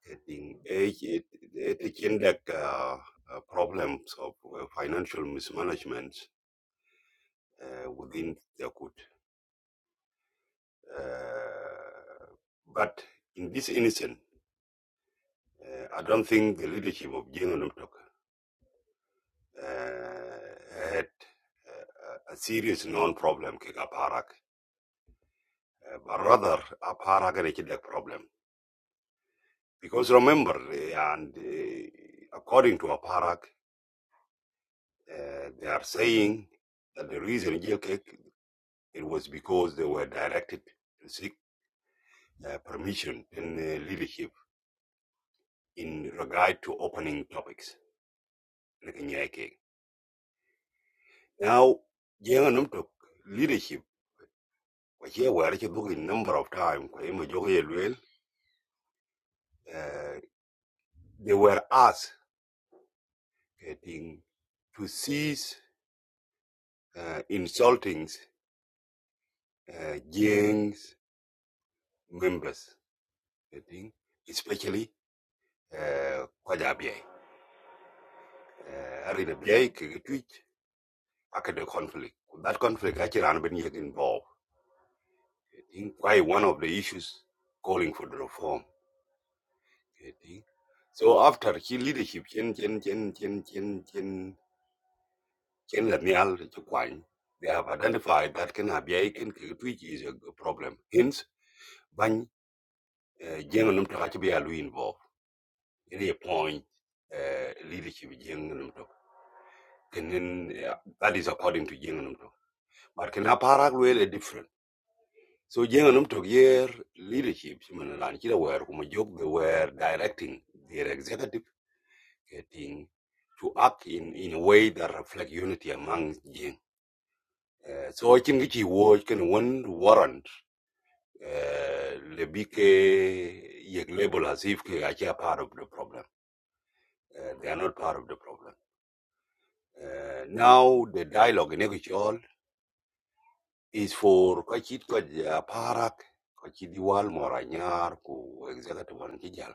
E: getting age, it, it, it in uh, uh, problems of uh, financial mismanagement uh, within Yakut. Uh, but in this instance, uh, I don't think the leadership of Jane Numtok uh, had uh, a serious known problem kick up Harak, uh, but rather up Harak and a problem. Because remember, uh, and uh, according to Aparak, uh, they are saying that the reason jail kick it was because they were directed to seek uh, permission and uh, leadership in regard to opening topics. Like in Now, jenga num to leadership, kwa hiyo were ke book number of times, kwa hiyo jogo ye lwel, eh, they were asked getting to cease uh, insulting uh, gangs members, getting, especially uh, kwa jabie. Uh, Ari na biye akade conflict. Well, That conflict actually ran been yet involved. I think why one of the issues calling for the reform. getting. So after he leadership, Chen Chen Chen Chen Chen Chen Chen Lanial Chukwang, they have identified that can have a can tweet is a problem. Hence, Bang Jenganum to Hachibialu involved. Any point uh, leadership Jenganum to. Can uh, that is according to Jenganum to. But can Aparag really different? So Jenganum to year leadership, Simon Lanchira were whom a joke they were directing their executive getting to act in, in a way that reflect unity among Jin. Uh, so I think it was can one warrant uh, the big uh, label as if they are part of the problem. Uh, they are not part of the problem. Uh, now the dialogue in Ekichol is for Kachit Kaj Parak, Kachidiwal Moranyar, ku executive one Kijal.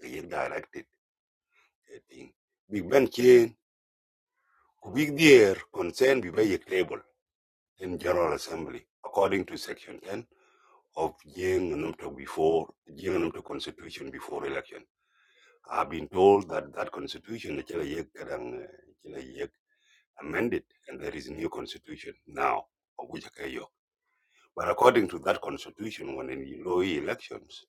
E: They directed thing. Big Ben Chain, ku big dear concern be very label. in General Assembly, according to Section 10 of Jing Numto before Jing Numto Constitution before election. I've been told that that Constitution the Chile Yek Kadang, eh, Chile amended, and there is a new Constitution now of But according to that Constitution, when in low elections,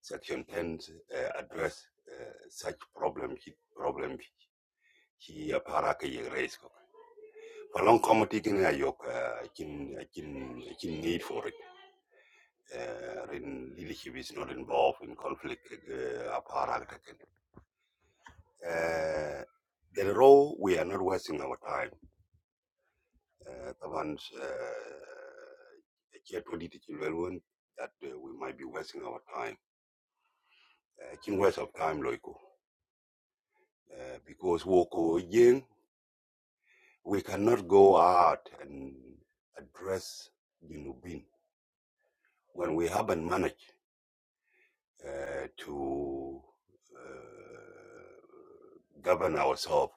E: Section 10 uh, address uh, such problem problem he aparaka raised along comedy kin I yok uh, kin need for it. Uh, in leadership is not involved in conflict. Uh, apart again. uh, the role we are not wasting our time. Uh, the ones uh, here political one that uh, we might be wasting our time. King Uh, kin waste of time loiko uh, because woko yin we cannot go out and address the Nubin when we haven't managed. uh, to uh, govern ourselves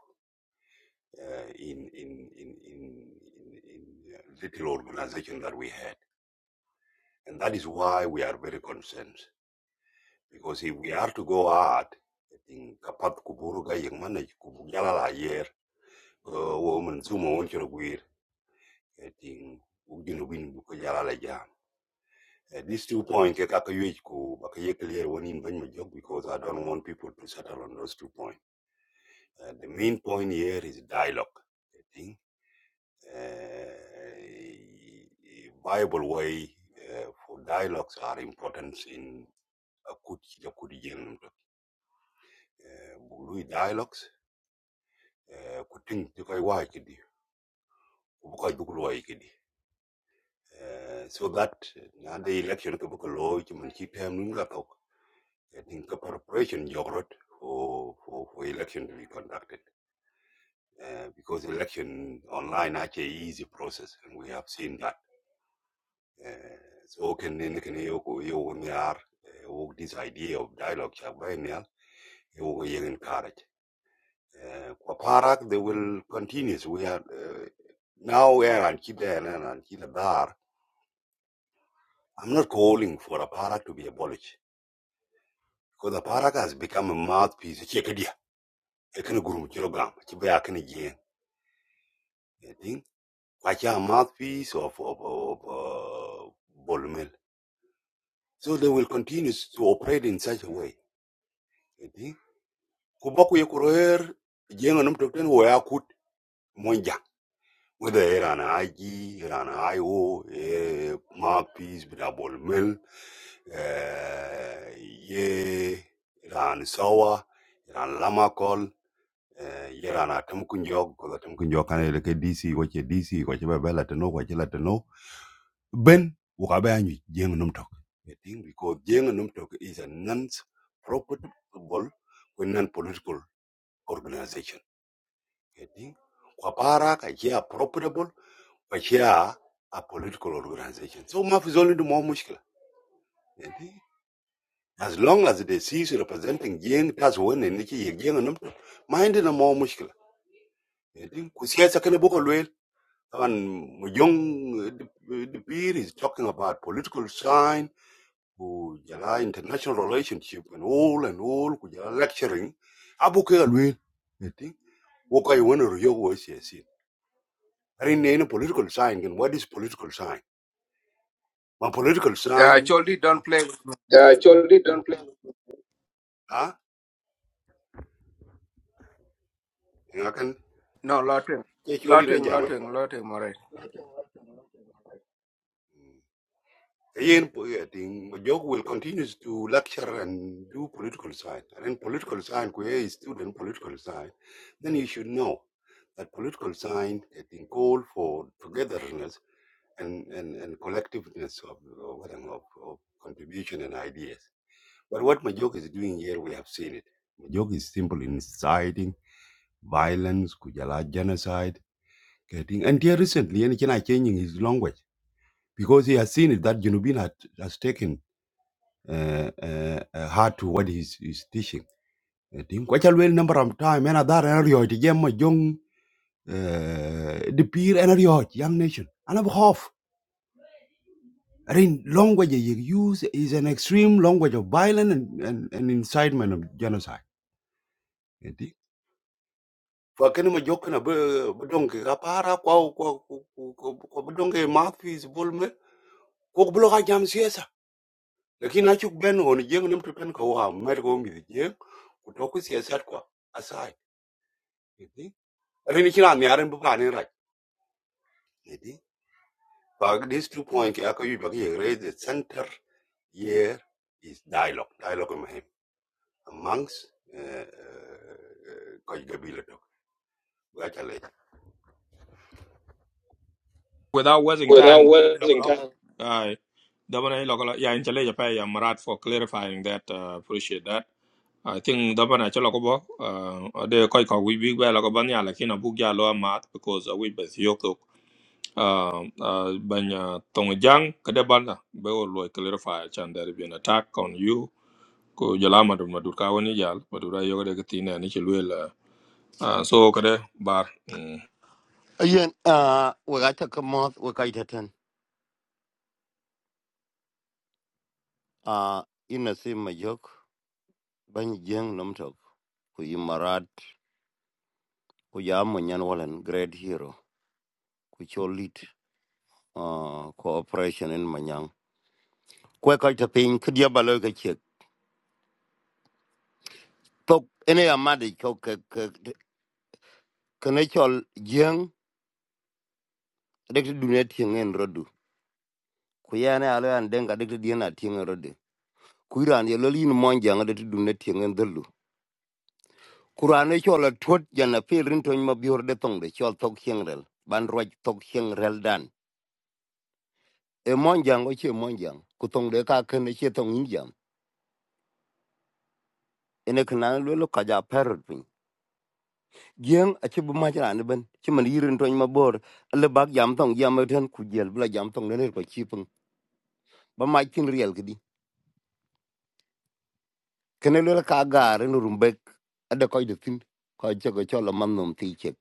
E: uh, in, in, in, in, in, in uh, little organization that we had. And that is why we are very concerned. Because if we are to go out, I think kapat kuburu ga yang mana kubu jala la yer, woman sumo won chero gwir, I think ugin ubin buko jala la jam. Uh, these two points, ke kaka yuej ku baka ye clear one in banyo because I don't want people to settle on those two points. Uh, the main point here is dialogue. I think uh, Bible way uh, for dialogues are important in a good a good young Bului dialogues. uh, Kuting to kai wai kidi, bukai bukul wai kidi. So that na the election to bukul loy chiman chi tem nunga tok. I think the preparation jogrot for for for election to be conducted. Uh, because election online actually is easy process and we have seen that Uh, so can in can you you on yar this idea of dialogue chak you go you encourage. Uh, they will continue. We are uh, now and and keep there and keep the bar. I'm not calling for a parak to be abolished because the parak has become a mouthpiece. Check it here. Ekene guru kilogram. Chibe akene again. I think kwacha a mouthpiece of of of uh, ball mill? So they will continue to operate in such a way. I think. kuboku ye kuroer jenga num tokten wo ya kut monja whether era aji era ayo e mapis peace bida mel eh, ye era na sawa era na eh, ye era na tem kunjog ko tem kunjog kan ke dc ko che dc ko che bela teno ko che la teno ben wo ka ba ni jenga num tok i think because jenga num is a non profitable non political organization getting kwapara kachia profitable kachia a political organization so Maf is only the more muscular. getting as long as they see representing jeng that's when they need to gain a number, mind in a more muscular. getting kusiasa kene boko lwel and young the peer is talking about political sign who jala international relationship and all and all who jala lecturing abuke alwel getting wokai wono yogo is Rin a political sign. And what is political sign? My political
T: Yeah,
E: sign,
T: Choldi,
E: yeti.
T: don't play with me.
E: Uh, Choldi don't play. Ah, I can
T: No, Lotwing.
E: catch you all in a
T: Lotwing,
E: jam.
T: Lotwing, Lotwing, alright.
E: Again, poeting, Jog will continue to lecture and do political science. And in political science, where is student political science, then you should know that political science has been called for togetherness and, and, and collectiveness of, of, of, of contribution and ideas. But what Majok is doing here, we have seen it. Majok is simply inciting violence, Kujala genocide, getting and here recently, and China changing his language because he has seen it that Junubin had, has taken uh, uh, uh, heart to what he's, he's teaching. I think quite a well number of time, and other area, the young, young, uh, the peer area, young nation, and of half. I mean, language you use is an extreme language of violence and, and, and incitement of genocide. What can we make jokes about? Bedonge, kapara, kwa kwa kwa kwa bedonge, marfish, bulmer. Cook bloga jam siasa. Lekin nacuk benho ni jeng nem tukan kwaam merko mbi jeng. Kuto kusiasa kwa asai. Di. Rinichinani arin bupaka nilai. Di. Bagi dispute pointe aku yu bagi egress center here is dialogue. Dialogue mah. Amongst kau jebilatuka. Gakalaya.
A: without wasting
E: Kuda,
A: time
E: wedding kan?
A: uh, Dabana Lokala yeah Inchele Japan yeah Marat for clarifying that uh, appreciate that. I think Dabana Chalokobo uh de Koiko we big well Lokobanya Lakina Bugya Loa Mat because uh, we best Yoko uh uh Banya Tongjang Kadebana Beo Loy clarify chan there be an attack on you ko jalama do madurka woni jal madura yoga de katina ni chilwel uh, uh, so kade bar mm.
U: Ayen, uh, we got a come out, we got a ten. Uh, in a same majok, ban jeng nom tok, ku yi marat, ku ya manyan walan great hero, ku cho lead, uh, cooperation in manyang. Kwe kai ta pin, ku dia balo ka chek. Tok, ene ya madi cho ke, ke, kene chol jeng, dek ti dunia tieng en rodu. Ku ya ne alo an denga dek ti diena tieng en rodu. Ku iran ye loli ni monjang dek ti dunia tieng en dhulu. Kurane chol a tuot jana pirin tony ma biur de tong de chol tok hieng rel. Ban roj tok hieng rel dan. E monjang o che monjang. Kutong de ka ken e che tong injam. Ene kena lwelo kaja parrot pin. Gieng a che bumajra ne ben. Che man yirin tony ma bor. Le bak jam tong jam e ten kujel bila jam tong de ner pa chipung. Ba mach kin riel kidi. Kene lwelo ka gar en rumbek. Ada koi de tin. Koi che ko chol a man nom ti chek.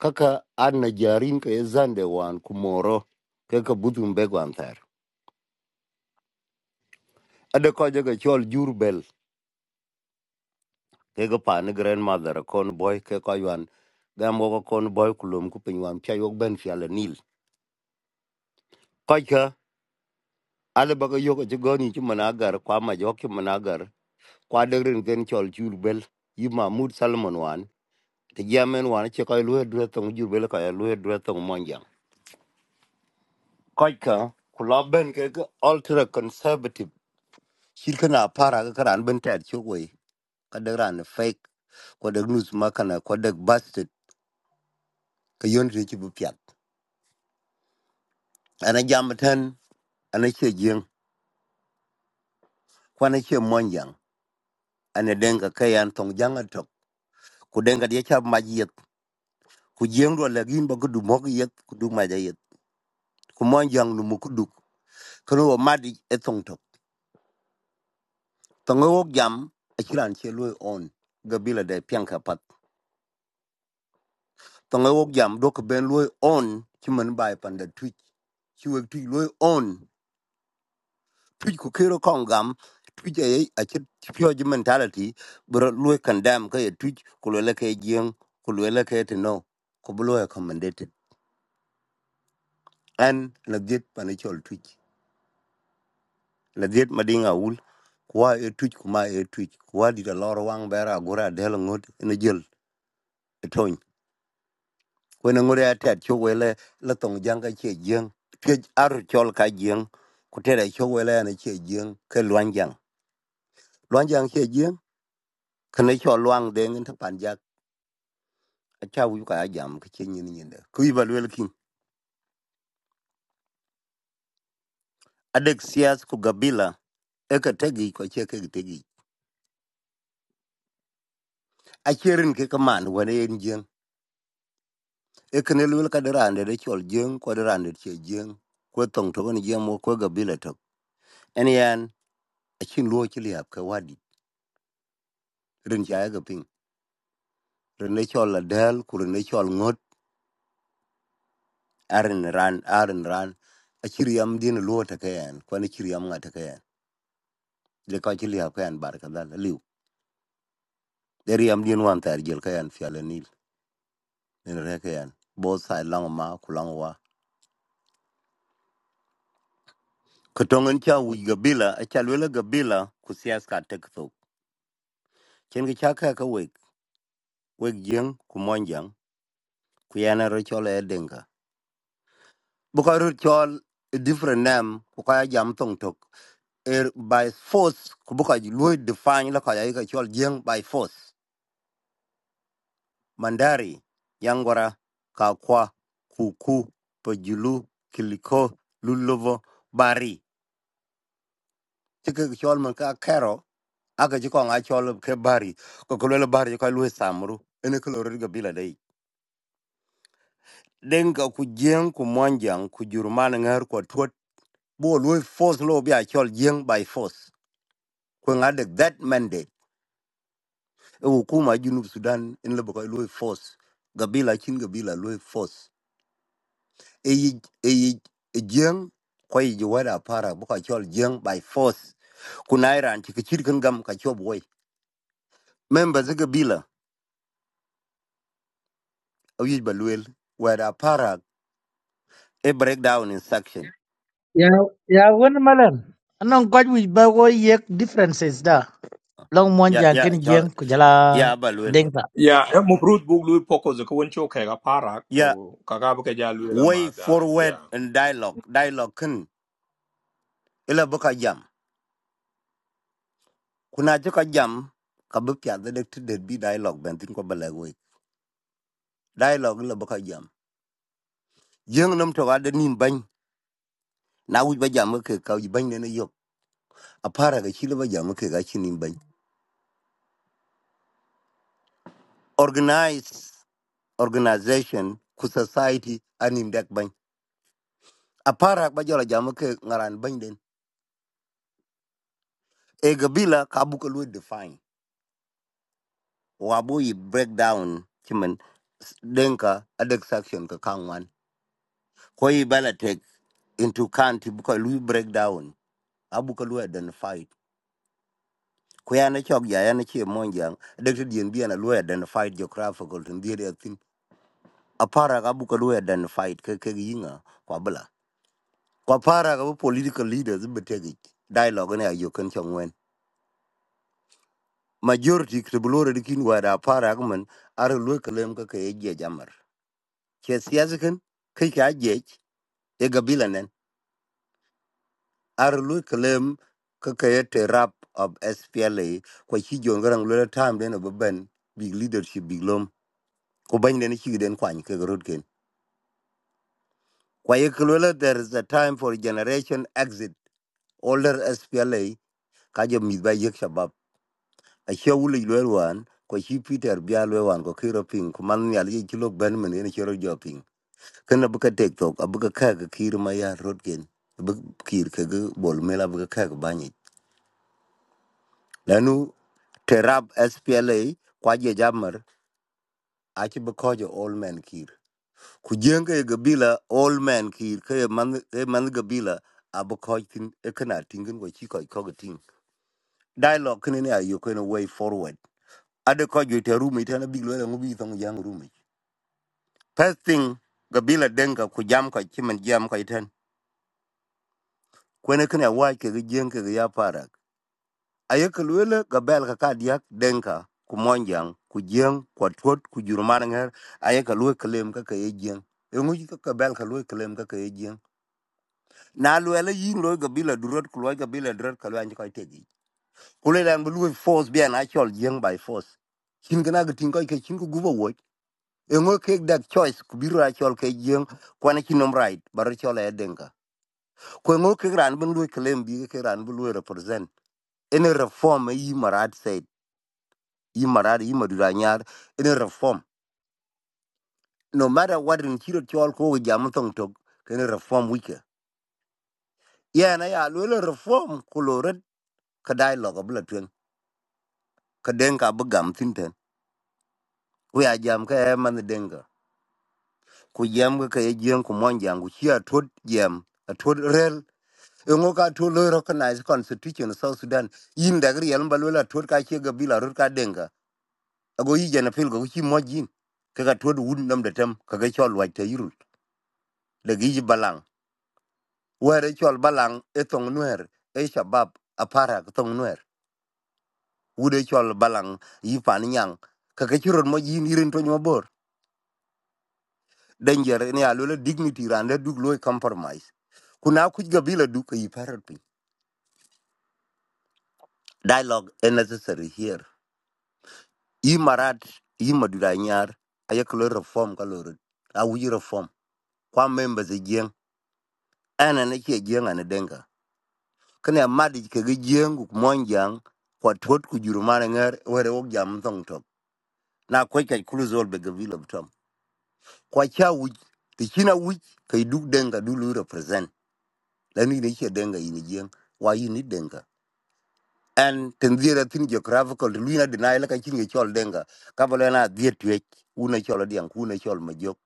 U: Kaka an na jarin ka e zande wan kumoro. Kaka butum beg wan thar. ade ko je ke chol jur bel ke ga pa ne grandmother kon boy ke ko yan ga mo ko kon boy kulum ku pin wan pya yok ben fya le nil ko ka ale ba ga yok je goni ti mana gar kwa ma jo ki mana gar kwa de rin gen chol jur bel yi mahmud salman wan te jamen wan che ko lu dre tong jur bel ko lu dre tong monja ko ka kula ben ke ga ultra conservative shirkana para ga karan ben ta chok we ka de ran fake ko de news makana ko de bastard ka yon re ci bu pya ana jam tan ana che jing kwana che mon yang ana denga kayan tong jang atok ku denga de cha ma yet ku jing ro la gin ba ku du mok yet ku du ma ja yet ku mon yang nu mu ku du ku ro ma di e tong tok tong wo jam a chiran che lo on gabila de pian ka pat tong wo jam do ko ben lo on chi man bai pan da twitch chi wek tu lo on tuj ku kero kon gam tuj ay acit pure mentality bro lu condemn ka ye tuj ku le ke jeng ku le ke to no ku blo accommodated and legit panichol tuj legit madinga ul kuwa e tuj kuma e tuj kuwa di da lor wang bera gura del ngut ne jel tony kwena ngure atet cho wele la tong janga che jeng tuj ar chol ka jeng ku tere cho wele ne che jeng ke luanjang luanjang che jeng kene cho luang de ngin ta panja acha wuyu ka jam ke chen yin yin da ku ba lwel kin adek sias ku gabila e ka tegi ko che ke tegi a cherin ke ka man wane yen jen e ka ne lwel ka derande de chol jen ko derande che jen ko tong to ni jen mo ko gabila to en yan a chin luo chi liap ka wadi rin cha ga ping rin ne chol la del ku rin ne chol ngot arin ran arin ran a chiri yam din luo ta ka yan ko ne chiri yam nga ta ka yan le ka chi liap ka yan bar ka dal liu der yam din wan tar jel ka yan fiala in reke yan both side long ma ku wa ko tongen cha wi gabila a cha lwela gabila ku sias ka tek to chen gi cha ka ka wek wek jeng ku mon jang ku yana ro chol e denga bu ka ro chol a different name ku ka ya jam tong tok er by force ku bu ka lwe define la ka ya ka chol jeng by force mandari yangwara kakwa kuku pajulu kiliko lulovo bari chike chol man ka kero aka ci kong achol ke bari ko ko le bari ko lu samru ene ko lor ga bila dai den ga ku jeng ku monjang ku jurman ngar ko tot bo lu force lo bi achol jeng by force ko ngade that mandate e hukuma junub sudan en le ko lu force ga bila chin ga bila lu force e yi e yi e jeng ko yi ji wada para bu ka chol jeng by force ku nairan ti kichir kan gam ka chob boy member zaga bila awi ba luel wada para a breakdown in section
H: Ya, ya wun malan. Anong god wich ba go yek differences da. Long mon
U: Yeah,
H: jang
U: yeah,
H: ken
U: chol.
H: jeng kujala
U: Yeah, balwin.
A: Yeah, mufrut bug lui poko zo ko cho ke ga para
U: Yeah,
A: ko kaga bu ke ja lui la ma
U: way
A: da.
U: forward
A: Yeah.
U: and dialogue. Dialogue kin ila buka jam. Kuna chuka jam ka bukya the dek to be dialogue ben tin ko balag way. Dialogue ila buka jam. Jeng nam to ada nim bany. Na wuj ba jam ke ka wuj bany ne yok. Apara ga chila ba jam ke ga chi nim bany. Organize organization ku society anim dek bany. Apara ba jola jam ke ngaran bany den. E gabila ka buka lu define. wabu yi break down chimen denka adek section ka kangwan ko yi bala take into count buka lu break down abu ka lu identify ko ya na chok ya ya na che monjang adek to dien bien lu identify geographical to ndire atin apara ka buka lu identify ke ke yinga kwa bala kwa para ka bu political leaders be take dialogue ne ayo kan chongwen majority kribulore dikin wada para ka man are lu kalem ka ke ye jamar ke siyasa kan kai ka je e gabila nen ar lu kelem ke ke te rap of SPLA ko chi jongrang lu tam den ob ben big leadership big lom ko ban den chi den kwan ke rod ken kwa ye kelula there is a time for generation exit older SPLA ka jo mi ba yek shabab a che wuli lu wan ko chi Peter bia lu wan ko kiro ping ko man nyal ye chi lo ben men ne chero jo ping kana buka tek tok abuka ka ke kir ma ya rod ken buk kir ke ge bol mela buka ka ke banyi lanu terab SPLA kwa je jamar achi bekojo old man kir. Kujenga ye gabila old man kir ke man ke man gabila abekoj tin ekana tingin go chiko ikoga ting. Dialogue kene ne ayo kene way forward. Ade kojo te rumi tena big lwela ngubi thong jang rumi. First thing gabila denga kujam kwa chiman jam kwa itan. Kwene kene awaj ke gijeng ke gaya ayeke luele ga bel kaka diak denka ku monjang ku jieng ku tuot ku jur man ŋer ayeke lue kelem kaka ye jieng eŋuc kaka bel ka lue kelem kaka ye jieng na luele yin loi gabila durot ku luoc gabila durot ka luanci kɔc tegic ku le dɛn bi lue force bian acɔl jieng by force cin kena ke tiŋ kɔc ke cin ku gup awuoc eŋo kek dek choice ku biro acɔl ke jieng kuan aci nom right baro cɔl aye denka ku eŋo kek raan bin lue kelem bi kek raan bi lue represent ene reform eyi marat said yimarade yimadura nyar ene reform no matter what in chiro chol ko we jam tong tok kene reform wike yeah na ya lo reform koloret ka dialogue bla twen ka denga bu gam tinten we a jam ka e man denga ku jam ka ye jeng ku mon jang ku chia tot jam a tot rel E ngo ka to lo recognize constitution of south sudan yin da gri yalba lo la tot ka che ga bila rut ka denga ago yi jana pil go chi mo jin ka ga tot wun nam da tam ka ga chol wa ta yirul da gi balang were chol balang etong nuer e shabab apara tong nuer wude chol balang yi pan nyang ka ke churon mo yin irin to mabor danger eh, ne alule dignity ran le dug loy compromise kuna kuj gabila du ka yi parot piny dialogue is necessary here yi marat yi madura nyar ayek lo reform ka lo awuji reform kwa members e jeng ana ne che jeng ana denga kane amadi ke ge jeng ku monjang kwa tot ku juru mane wer were wok jam thong tok na ko ka kulu zol be gabil of tom ko cha wi ti china wi kai duk denga du lu represent la ni ne che denga yin jeng wa yin ni denga and tendira tin geographical lu na deny la ka chin ge chol denga ka bole na diet we una chol diang kuna chol ma jok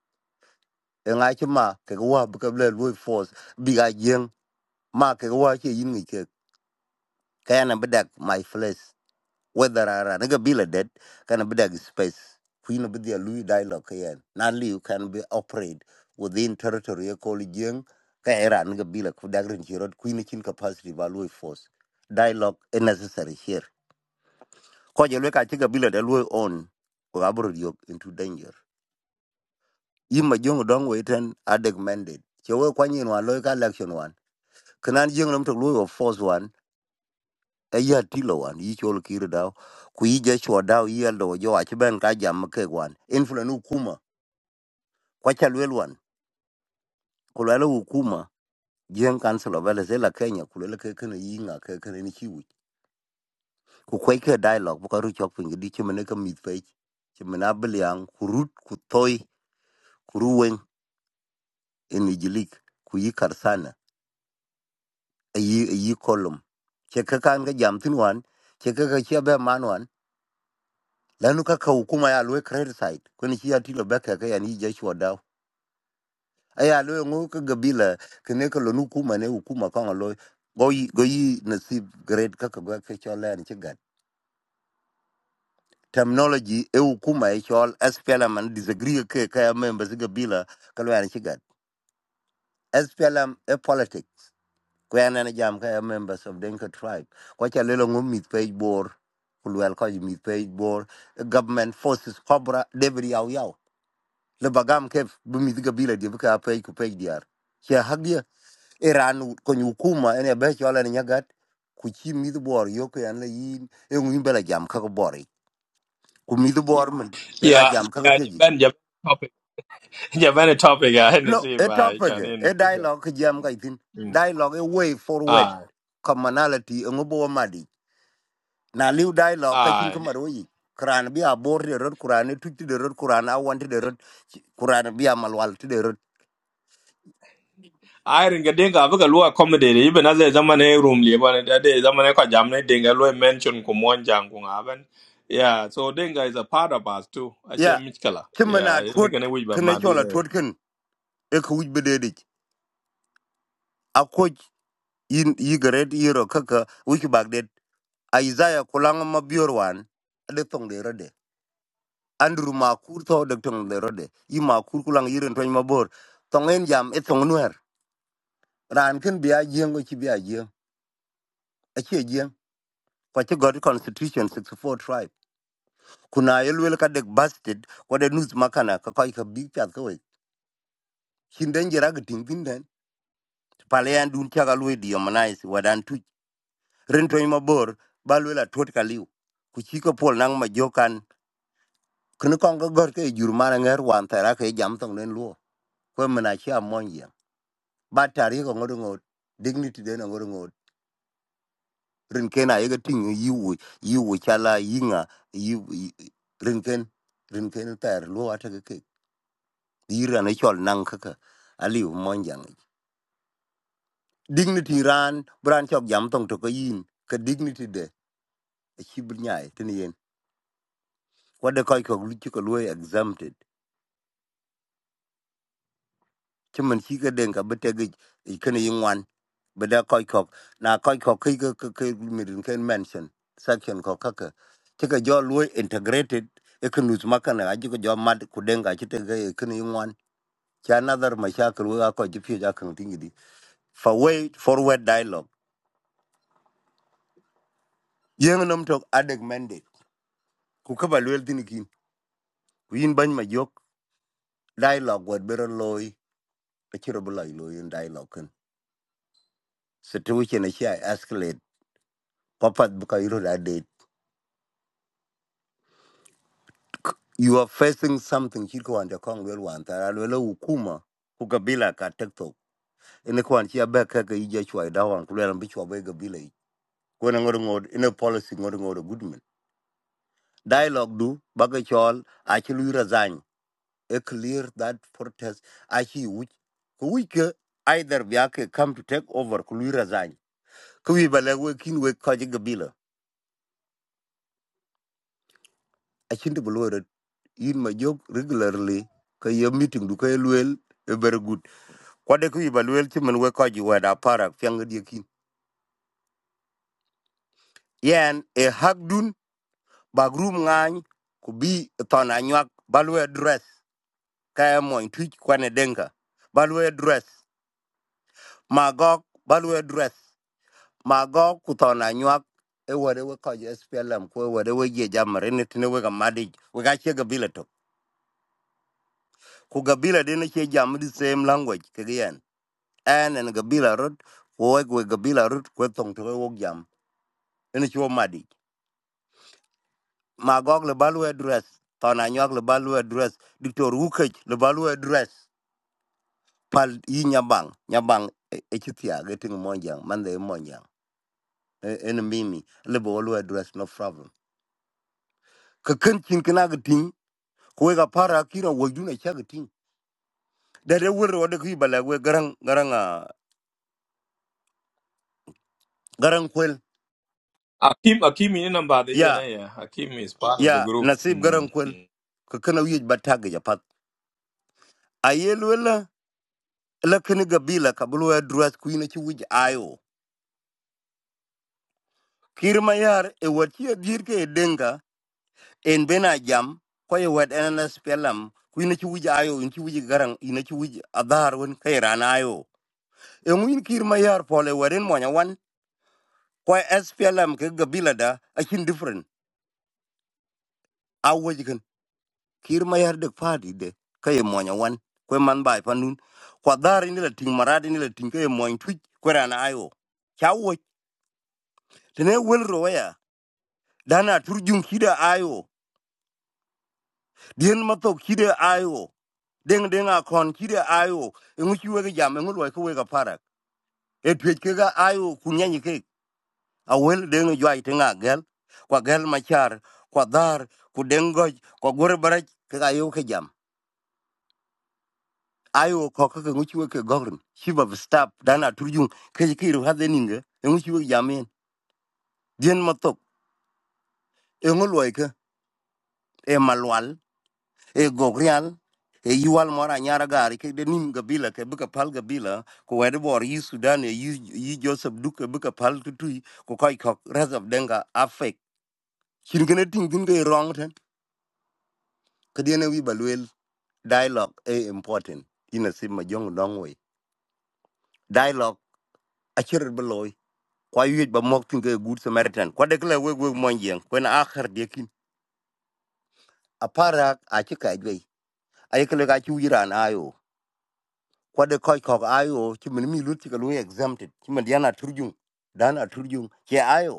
U: e nga chi ma ke ga wa bu ka le force bi ga jeng ma ke ga wa che yin ni ke ka na bedak my flesh whether ara naga bila dead kana bidag space kuina bidia lui dialogue yan na liu can be operate within territory ya kol jeng ka era naga bila ku dagrin chirot kuina chin capacity ba lui force dialogue is necessary here ko je leka chiga bila de lui on ko abro yok into danger yima jong dong weten adeg mandate chewe kwanyin wan loy ka election wan kanan jeng nam to lui of force one. eya tilo wan yi chol kir daw ku yi je chwa daw yi el do jo ach ben ka jam ke wan influence ukuma kwa cha lwel wan ku lwel ukuma jen council of elders la kenya ku lwel ke ken yi nga ke ken ni chi wi ku kwai ke dialogue bu ka ru chok pin di chimene ka mit pe chimene abliang ku rut ku toy ku ruwen en ijilik ku yi karsana ayi ayi kolum che ka kan ga jam tin wan che ka ka che be man wan lanu kaka hukuma ya loe credit side kwen chi atilo beka ka yani jeshua daw aya loe ngo ka gabila kene ka lonu hukuma ne hukuma ka ngo goyi goyi nasib grade kaka gwa ke chola ni chigat terminology e hukuma e chol SPLM and disagree ke ka ya members e gabila ka lo yani chigat SPLM e politics ko yana na jam ka ya members of Dinka tribe ko cha lelo ngo mit page bor kulwel ko mit page bor government forces cobra debri yaw yaw le bagam ke bi mi ga bila di ka pe ku pe diar che hak dia iran ko nyu kuma ene be chola ni nyagat ku chi mi du bor yo ko an le yin e ngi bela jam ka ko bori ku mi du bor men be ga
A: Yeah,
U: jam ka ko
A: yeah,
U: teji
A: Japan Japan topic. Japan topic ga hen
U: no
A: si
U: e
A: ba
U: topic
A: cha
U: e
A: ne no
U: e
A: bu ga.
U: dialogue ki jam ga itin
A: Mm.
U: dialogue a way forward
A: Ai,
U: commonality ngo bo madi na liu dialogue ka chin ka
A: ai.
U: maro yi kuran bi a bor de rot kuran e tuti de rot kuran a wanti de rot kuran bi a malwal ti de rot
A: Ai ringa denga bu ga lu accommodate even as a zaman e room li ba ne da de zaman e ko jam ne denga lu mention ko mon jang ko ngaben. Yeah, so denga is a part of us too. Ache
U: Yeah.
A: michkala.
U: ci man
A: Yeah,
U: a
A: ne
U: tuot
A: kana wi ba
U: kene
A: ma di
U: chola
A: ne.
U: tuot ken e ka wuj bededic akoc yin yigaret yiro kaka wich bagdet aizaya kulanga ma bior wan ade thong de rode andru ma kur tho de tong de rode yi ma kur kulang yiren tony mabor thong en jam e thong nwer ran ken bia jieng o ci bia jieng achie jieng kwa ci god constitution 64 tribe kuna yelwel ka dek bastard kwa de nus makana ka koi ka big chat ka we chinden jira ga ting pinden pale yan dun chaga lwe dio manais wadan ren tony mabor ba luel atuot ka liu ku ci ko pol naŋ ma jokan k e n kɔŋ ke gɔt ke e jur man aŋer wan t h r ake jam thoŋ den luo kue men aci amɔny e ba tar yek ɔŋot ŋot dignity den ɔŋot ŋot ren ken ayeke tiŋ yi wo yi wo cala yi ŋa yi yi- ren ken ren ken t h r luo ateke kek i r ane cɔl naŋ keke aliu m ɔ n jaŋ i dignity r a n b r a n cɔk jam thoŋ toke yin ke dignity de aci b nyai tene yen k a d e kɔc k ɔ luci ke luo exempted chứ mình chỉ cái đền cả bên trên cái cái cái này yên ngoan bên đó coi khóc na coi khóc khi cái cái cái mình cái mention section khóc các c á chứ cái do luôn integrated cái cái nút mắc này cái cái do mad của đền cả chứ cái cái cái này yên ngoan chứ another mà sao cái luôn coi chứ phía ra không tin gì đi forward forward dialogue nhưng n thuộc adek mandate ku ka ba luôn tin kin ku yin ban ma yok dialogue word better loy cái chữ rồi lại y in dialogue kan situation này sẽ escalate papat buka iru ada you are facing something chiko wanja kong lwel wan tara lwel ukuma ku gabila ka tiktok ene kwan chia be ka ka ija chwa da wan ku lwel bi chwa be gabila i kwena ngor ngod ene policy ngor ngod goodman dialogue do. baga chol a chi lu a clear that protest a chi wuch ku wuch ke either bi come to take over ku lu razany ku wi bale we we ka ji gabila a chin de in ma jog regularly ka ye meeting Do ka lwel e very good kwade ku yiba luel ci men we ko ji weda parak fiang di kin yen e hak dun bag rum ngany ku bi e ton anyak balwe dress ka mo twitch kwane denga balwe dress magok balwe dress magok ku ton anyak e wede we ko ji SPLM ku e wede we ye jamre ne tine we ga madi we ga che gabila to ku gabila de ne che jam di same language ke yen en en gabila rut ku we we gabila rut ku e tong to we wo jam ene che wo madi magog le balu address tona nyok le balu address dictor wukej le balu address pal yi nyabang nyabang e chitia getting monjang mande monjang e, en mimi le balu address no problem ka kan chin kana gatin ko ga para kira wajuna cha gatin da da wurro wada ku bala we garang garang ah, garang kwel
A: Akim Akim ni namba de ye na
U: ya
A: yeah. Akim is part of the
U: ya
A: group.
U: nasib
A: Mm.
U: garang kwel
A: mm.
U: ka kana wi bataga japat ayel wala la kana gabila ka bulu address ku ina chi wuj ayo Kir Mayar e watia dirke e denga en bena jam ko e wad enas pelam ku ina ci wuji ayo in ci wuji garang ina ci wuji adar won kay rana ayo e ngin Kir Mayar pole waren monya wan ko SPLM ke gabila da akin different awoji kan Kir Mayar de fadi de kay monya wan ko man bay panun ko adar ni la ting marade ni la ting kay moñ tuj ko rana ayo chawo tene wel roya dana turjum kida ayo dien matok kida ayo deng deng a kon kire ayo ngu chiwe ga jam ngu loy kuwe ga parak e twech ke ga ayo kunyanyi ke a wel deng eh, jwai tinga gel kwa gel machar kwa dar ku deng goj kwa gore barach ke ga yo ke jam ayo ko ke ngu chiwe ke gogrin shiba stap dana turjung ke ke ru ha deninga ngu chiwe jam en dien matok e ngu loy ke e malwal e gok real e yuwal mora nyara gari ke de nim gabila ke buka pal gabila ko wede bor yi sudan e yi yi joseph duke buka pal tutui ko koy kok res of denga afek kin gene ting tin ke wrong ten ke de ne wi balwel dialogue e important ina sim ma jong dong we dialogue a chirer beloy kwa yuj ba mok tin ke good samaritan kwa de kle we we mon ko na akhar de kin aparak a chika jwe ay kle ga chu iran ayo kwa de koi kok ayo chi min mi lut chi ka lu exempted chi min yana turjung dana turjung che ayo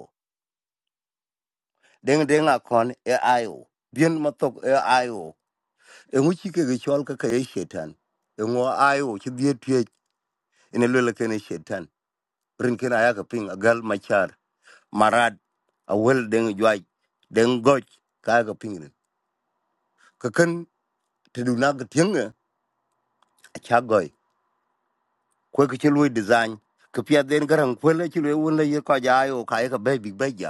U: deng deng a kon e ayo dien ma tok e ayo e ngu chi ke ge chol ka ka e shetan e ngu ayo chi die tie ene lele ken e shetan rin ken aya ka ping agal machar marad a wel deng jwai deng goch ka aya ka ping rin ka ken te du na ga tienge a cha goy ko ke chi lu design ka pia den garang kwele chi lu won le ye ka ja ayo ka ye ka be big be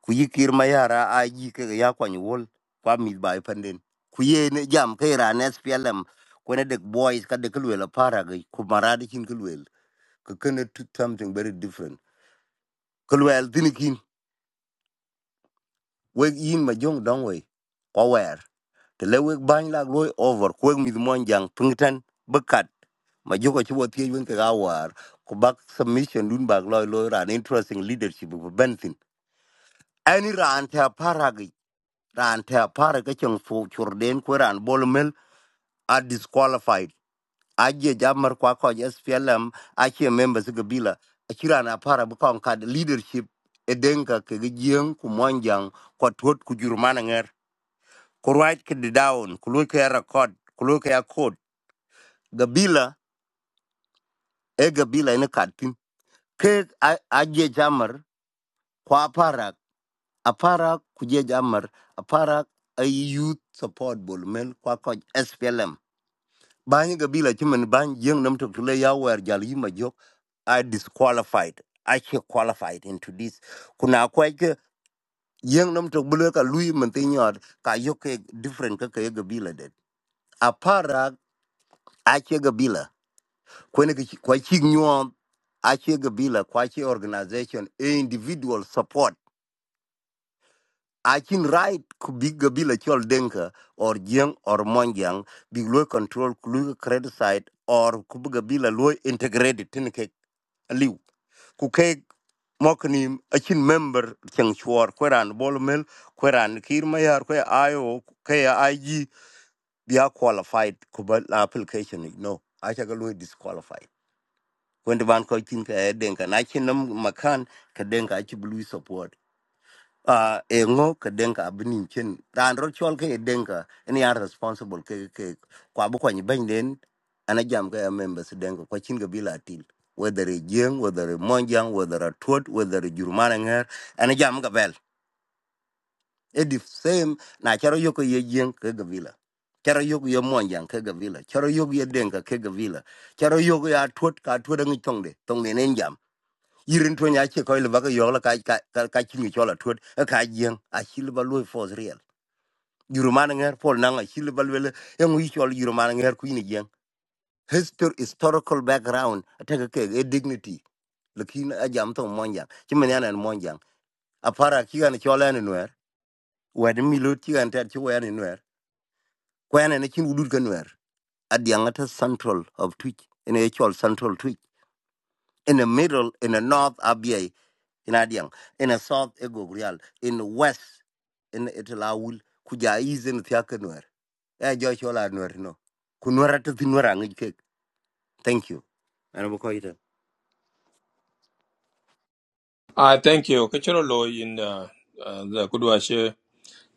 U: ku yi kir ma yara a yi ke ya kwany wol kwa mi ba i pandin ku ye ne jam ke ra ne SPLM ko ne dek boys ka dek lwel para ga ku mara de kin lwel ka ken to something very different ku lwel tin kin we yin ma jong dong we ko wer te le we ban la loy over ku mi mon jang pungtan bekat ma joko chi wo tie yun ke ga war ku bak submission dun bak loy loy ran interesting leadership bu bentin any ran ta para ran te apare ke cheng fu chur den ku ran bol mel are disqualified aje jamar kwa ko SPLM ache members ke bila achiran apare bu kon kad leadership edenka ke gieng ku monjang kwa tot ku jurmana nger ku right ke di down ku lu ke record ku lu ke code gabila e gabila ne katin ke a- aje jamar kwa apara apara ku je jamar apara a youth support bol mel kwa ko SPLM bany gabila chimen bany jeng nam tok tule ya wer jal yima jok i disqualified i che qualified into this kuna kwa ke jeng nam tok bule ka lui men ti nyot ka yo ke different ka ke gabila det apara a che gabila kwene ke kwa chi nyom a che gabila kwa che organization e individual support a chin right ku big gabila chol denka or jeng or monjang big loy control ku lui credit side or ku bu gabila loy integrated tin ke ku ke mokni achin member cheng chuor kweran bolmel kweran kir mayar kwe ayo ke ig be are qualified ku ba la application ni, no acha ga lo disqualified when the ban ko tin ka den ka na chin nam makan ka den ka achi blue support uh, e ngo ke denka abinin chen ran ro chol ke e denka any are responsible ke ke kwa bu kwani ben den ana jam ke members denka kwa chin ga bila til whether e jeng whether e monjang whether a twot whether e jurmana ngher ana jam ga bel e the same na charo yoko ye jeng ke ga bila charo yoko ye monjang ke ga bila charo yoko ye denka ke ga bila charo yoko ya twot ka twot ngi tongde tongde nen jam yirin to nya che ko le baga yo la ka ka ka ka chi mi chola tut ka yen a chi le balu fo real yuru man nger pol na nga chi le balu le wi chol yuru man nger ku Histor historical background ta ka ke e dignity lekin a jam to monjang chi men yana monjang a para ki gan chola ni nwer wed mi lu ti gan ta chi wer ni ni chin udut kan nwer a dianga central of twitch in a chol central twitch in the middle in the north abia in Adiang, in a South Egogrial, in the West, in Italawul, Kuja is in Thiakanwer. Eh, Joshua Nwer, no. Kunwara to Tinwara, cake. Thank you. And I'm quite.
A: I thank you. Kichiro lo in the uh, the kudwa she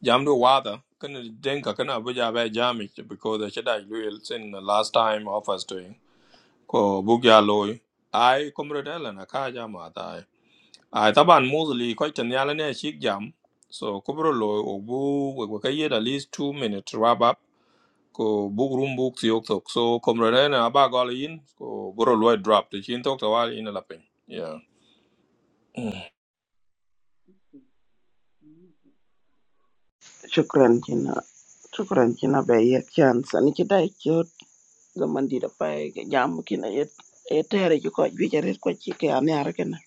A: jam do wada kan denka kana buja ba jami because the shada will sin the last time offers to him. ko bugya lo I komrodela na ka jama ta I taban mostly quite an yala ne shik jam so kubro lo obu we we kay at least 2 minutes wrap up ko bug room book ti ok tok so komrodela na ba gol in ko bro lo drop the chin tok ta wal in la pen yeah Mm.
C: shukran kina shukran kina be ye chance ani kita ikot zaman di da pai ga jam kina ye e tere ki ko bi jare ko chi ke ame ar kana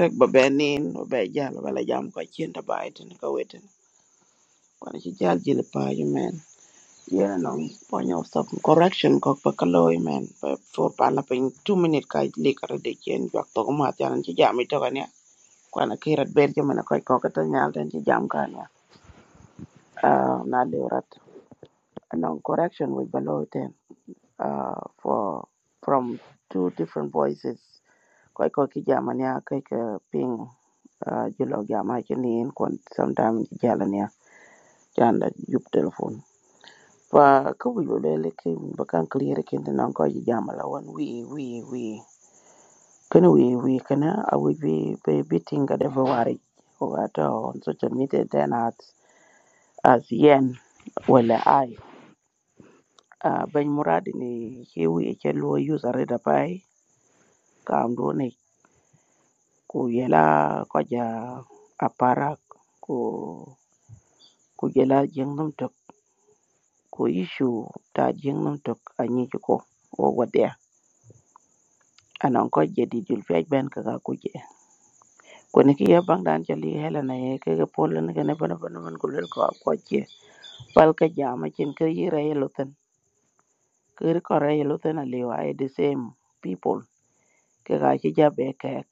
C: rek ba benin ba be jal bala jam ko chin da bai tin ka wetin kon chi jal jil pa Yeah, no, ponyo stop correction kok pa man. Pa for pala pa in two minute ka liquor de chen jak to ma chan chi jam ito ka niya. Kwana kirat ber jo mana koy kok to nyal den chi jam ka niya. Ah, na rat. No correction with below ten. Ah, for from two different voices. Koy kok ki jam niya ping. Ah, julo jam ha chen in kon sometime jalan niya. Chan da yup telephone. fa ka wic ba luele ke ba kan clear ken te nan ko ji jama la wan wi wi wi kana wi wi kana a wic bi bi bi tinga de va wari ko ga to on social media then at as yen wala ai a ben muradi ni ke wi ke lo user da pai ka am do ne ko yela ko ja apara ko ko yela jeng nam tok ko issue ta jeng nam tok anyi ko o wa there anan ko je di jul fiaj ben ka ka kuje kone ki ya bang dan chali hela na ye ke ke polo ne kene bana bana man kulel ko ko je pal ka jama chin ke yi re yelo ten ke ri ko re yelo ten ali wa e the same people ke ka chi ja be ke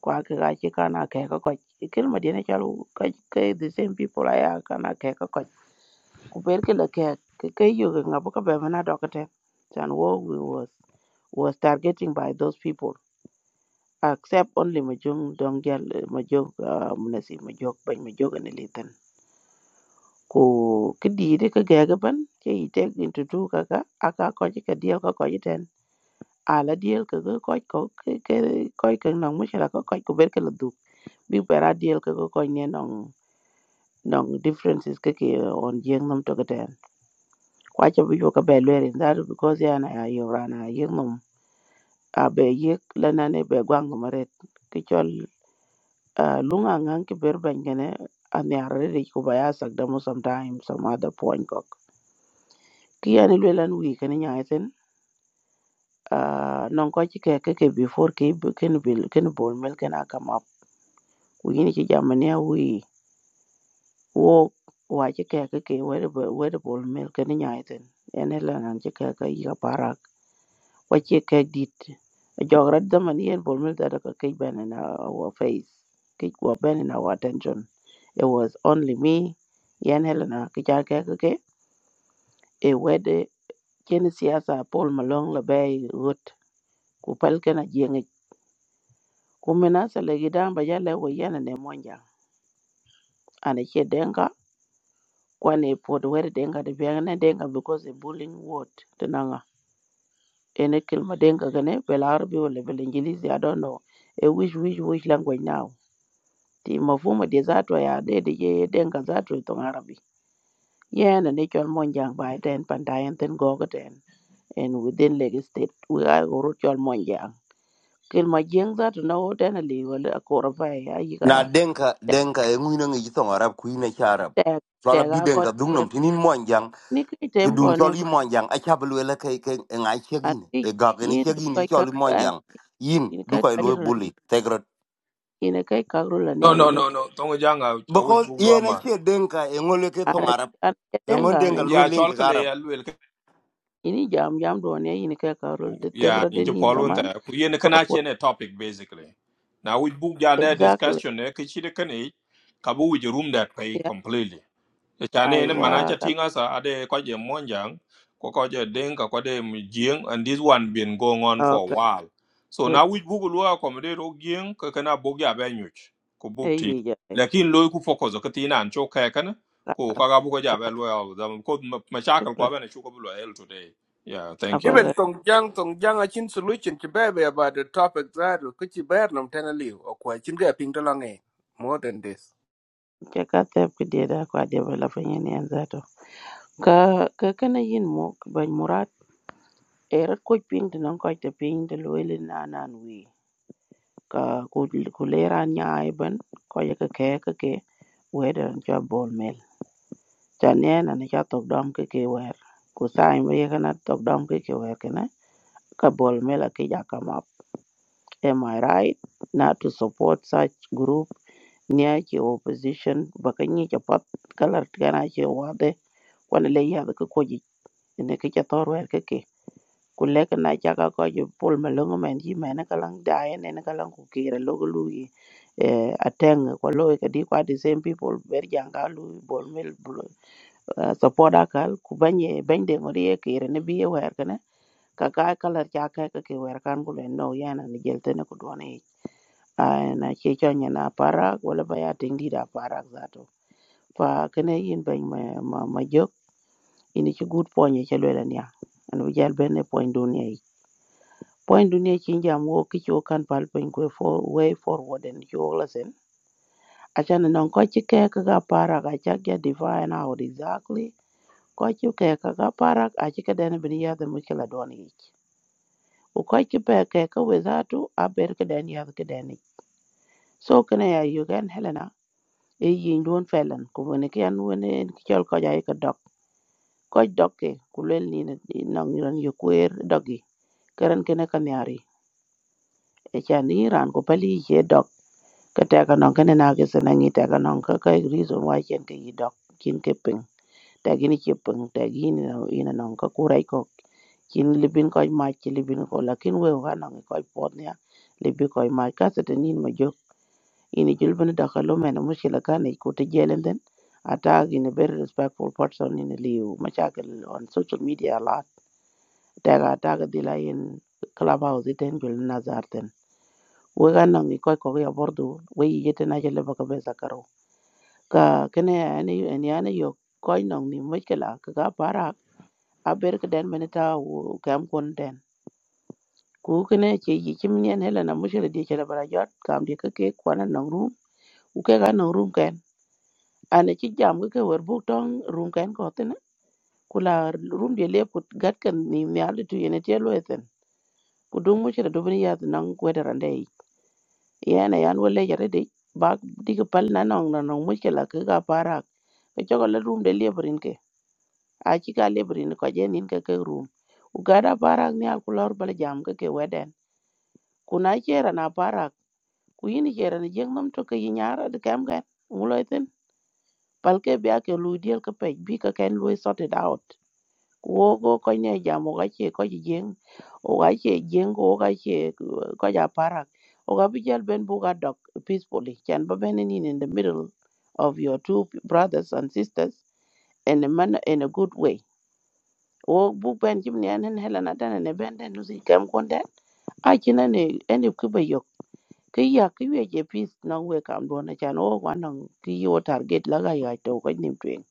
C: kwa ke ka chi kana ke ka ko kil ma dine chalu ka ke the same people aya kana ke ka ko ku ber ke le ke ke ke yu ke ngabu ka be mana dokate chan wo we was was targeting by those people accept only ma jong dong jal ma jog munasi ma jog ban ma jog ne litan ko kidi de ka ga ga ban ke ite into do ka ga aka ko ji ka diel ka ko ji ten ala diel ka ga ko ko ke ke ko ke nong mu shara ko ko ko ber ka du bi bara diel ka ko ko ne nong nong differences ka ke on jeng nam to ka ten kwa cha bi yo ka be le rin dar because ya na ya yo rana yeng nam a be yek lana ne be gwang maret ke chol Uh, lunga ngan ki ber ben gene an ya rede ko baya sak damo sometime some other point kok. Ki yani lwelan wi kene nyaiten uh, non ko ci ke ke ke before ke b- ken bil ken bol mel ken come up. Wi ni ci jamani a wi wo wa ci ke ke ke wer wer bol mel ken nyaiten. Ene lanan ci ke ke yi ka para what you cake did a jog rat the money and bull that a cake ban in our face cake were ban in our attention it was only me yan helena kichar cake okay a wede chen siasa paul malong la bay gut ku palken a jeng ku menasa le gidan ba a wo yana ne monja ana che denga kwane pod wede denga de biangne denga because a bullying word tenanga ene kilma denga gane belarbi or level English? i don't know a which which which language now thì mafhuma de zato ya de de ye denga zato to arabi yena ne chol monjang ba ten pandayen ten gogo ten and within Lagos state we are go chol monjang kel ma jeng zato na o den ali wala ko ra ba ya
U: Na
C: yiga
U: denka denka e ngwina ngi thong arab kuina cha arab
C: te te
U: chola bi
C: ga ko
U: denka
C: yer
U: dungnam tinin monjang
C: ni ki
U: to
C: tem
U: dun
C: ko ne
U: choli monjang a chablu ele ke ke ngai
C: a
U: chegin
C: ti
U: e gagani
C: yin du
U: chegin i
C: kai ka
U: choli
C: an
U: monjang yin
C: in
U: du
C: kai
U: koy
C: ka
U: lo
C: yir
U: bully tegrot
C: in kai ka ru la
A: No,
C: ne
A: no,
C: yin
A: no,
C: ki
A: no. Don't we jang out? I will
U: because
A: go
U: yen a
A: lama.
U: che denka e ngole ke thong
C: ara
U: arab
C: an
U: e ngon
C: denga ne
U: denka lo
A: Yeah,
U: link
A: chalkale,
U: arab
A: I will.
C: ini jam jam do ne yin kai ka ru de te
A: Yeah,
C: gra
A: in
C: den yin
A: Japan, one
C: gaman
A: there. You know, can actually a topic basically. Now we book ya that
C: Exactly.
A: discussion. Eh, kichide kane kabu with your room that way
C: Yeah.
A: completely. e Chane ne
C: Aiwa
A: manacha tinga sa ade kwaje monjang, kwa kwaje denka kwade mjing, and this one been going on for a
C: karaoka
A: while. So
C: good
A: now we book lu accommodate o gieng ka kana bogya benyuch ko book ti.
C: eyi jai
A: Lakin loy ku focus ka tina an choka kana ko
C: ras
A: kaga bugo ja be
C: kata
A: lo da ko machakal
C: tukra
A: kwa bana chuko bulo el today. Yeah, thank you.
T: Even
C: abada
T: Tongjang, Tongjang, a chin solution to baby about the topic that Kuchi Bernum Tenali or quite chin gapping the long Pingdalange. More than this.
C: jaka tep kidi da kwa develop yani an zato ka ka kana yin mo ban murat erat ko ping de non ko te ping de loele na nan wi ka ku ku leran nya ai ban ko ye ka ke ka ke weder jo bol mel chan ne na ne cha tok dom ke ke wer ku sai me ye kana tok dom ke ke wer kana ka bol mel ke ja Am I right not to support such group near ke opposition bakanyi ke pat kalar tigana ke wade kwana le ya ke koji ne ke ke torwer ke ke kulle ke na chaka ko je pol malongo men ji men kalang dae ne kalang ku kire logo lui eh ateng ko lo e ke di kwa the same people ber janga lui bol mel bul- eh, support akal ku banye bende ngori ke kire ne biye wer kana ka ka kalar chaka ke ke wer kan kulen no yana ni jelte ne ku duane ai na ke chanya na parak wala ba ya ting di da parak zato fa kene yin ben ma ma ma jok ini chi good point ye chelo la nya an bi jal ben ne point dunia yi point dunia chin jam wo ki cho kan pal pen ko for way forward and yo la sen acha na non ko chi ke ka ga parak acha ge define out exactly ko chi ke ka ga parak achi ka den bin ya da mukila don yi ko ko chi pe ke ka we zato a ber ka den ya ka den so kene ya yugen helena e yin don felan ko woni ki an woni en ki chol ko jai ka dok ko dok ke ku lel ni na nang ran yo kwer dogi karan kene ka nyari e chan ni ran ko pali ye dok ka te ka non kene na ke sene ngi te ka non ka ka e reason why chen ke yi dok kin ke ping te gi ni ke ping te gi ni na ina non ka kurai ko kin libin ko ma ki libin ko lakin we wa non ko pot ne libi ko ma ka se te nin ma jo ini julbana dakalo mena mushkila kan e ko tejelen den attack in a very respectful person in liu mashakil on social media a lot daga attack dila in clubhouse iten jul nazar ten we ga nan ko ko ya bordo we yete na jele baka be zakaro ka kene ani ani ani yo ko nan ni mushkila ka ga para a ber ka den menita wo kam kon den ku kene ke yi kim ne hele na mushkila di jele bara jot kam di ka ke kwana nan ru u ke ga nan ru ken ane ci jam ga ke wer buk tong rum kan ko tene kula rum de le ku gat kan ni nyal tu yene te lo eten ku dung mu chere dubni ya nan weda rande yana yan wala yare de ba diga pal na nong na nong mu chela ke ga para ke jogo le rum de le brin ke a ci ka le brin ko je nin ke ke rum u gada para ni al kulor bal jam ga ke weden kuna chera na para ku yini chera ni jeng nam to ke yinyara de kam gan mu lo eten pal ke bia ke lu diel ke pe bi ka ken lu sort it out của có cái này giờ một cái chuyện Kuwoko gì jamo kache koji jeng o kache jeng o kache koja parak o ka bijal ben buka dok peacefully chan ba ben in in the middle of your two brothers and sisters in a manner in a good way o bu ben jim ni anen hela na tane ne ben den nusi kam konde a china ne ene kuba yok ki ya ki we je peace na we kam do na chan o wa nang ki yo target la ga ya to ko nim twen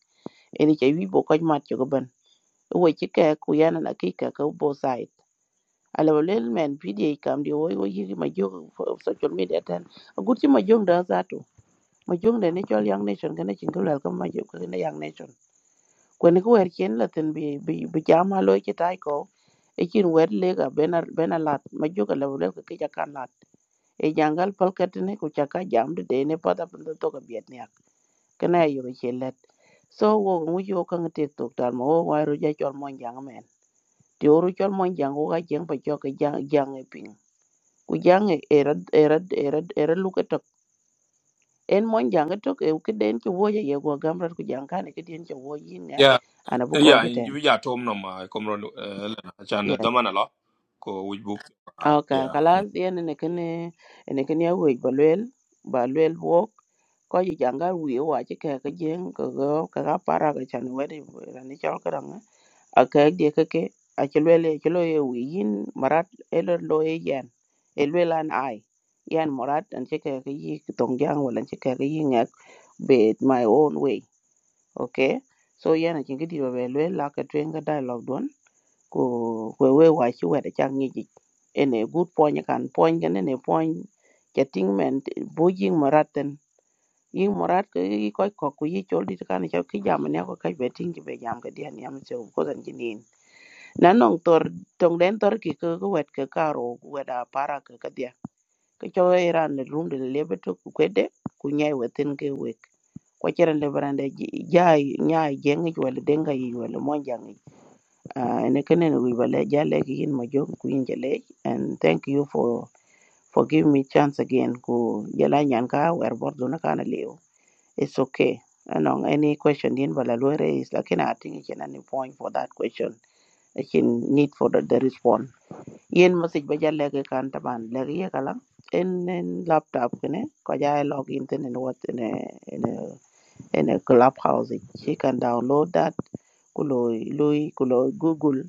C: ene che wi bo ko mat cho ko ben we chi ke ku yana na ki ka ko bo sai. ala walel men pda kam de wo wo yigi ma jog fo- social media tan gut ci ma jog da zato ma jog de ne chol young nation gane cin ko lal kam ma jog ko ne young nation ko ne ko wer chen la tan bi bi bi jama lo ci tay ko e cin wer le ga benar benalat ma jog ala walel ko ki kan lat e jangal palkat ne ko chaka jam de de ne pada pun to ko biet ne ak kana yo ci let so wo mu yo kan te tok dal mo wo wa ro ja chol mon jang men ti oru chol mon jang wo ga jeng pa jok jang jang e ping ku jang erad era era era luke tok en mon jang e tok e ke den ke woje ye go gamrat ku jang kan ke den ke woje yin ngat
A: Yeah,
C: ana bu ko
A: yeah,
C: jeten
A: you ya tom no ma komro eh, lena chan
C: yes
A: damana lo ko We book.
C: okay
A: Yeah,
C: kalas yen ne ken ne ken ya wo balwel balwel wo ko ji janga wi wa ke ke ke jeng ko go ka ga para ga chan wede ran ni chol karang akak dia keke achelwele chelo ye yin marat elo lo ye yan elwela an ai yan marat an cheke ke yi tong jang wala an cheke ke yi ngak be my own way okay so yan achin kidi be lwe la ka twen ga dialogue don ko we we wa chi we da chang ni ji ene good point kan point gan ene point chatting men bo yin marat ten yin marat ke yi ko ko ku yi chol dit kan cha ki jam ne ko ka be ting ki be jam ga dia ni am che ko zan jinin na nong tor tong den tor ki ke ke wet ke karo wet a para ke ke dia ke cho iran le rum de le beto ku kwede ku nyai wetin ke wek ko cheren le barande jai nyai jeng ju le denga yi wala mon jang ene kenen wi bale jale ki yin ma jong ku yin jale and thank you for for giving me chance again ku jala nyan ka wer bor do na kana leo it's okay anong any question din bala lo raise lakini i think it's an any point for that question I can need for the, the response ยันมันจะไปเจอเลกเกอร์แคนท์ประมาณเลกเกอร์เองก็แล้วยันยันแล็ปท็อปกันเนี่ยแค่จะเอล็อกอินที่นี่นวตินะยันยันคลับเฮาส์เองที่คุณดาวน์โหลดดัตคุณลุยคุณลุยคุณลุย Google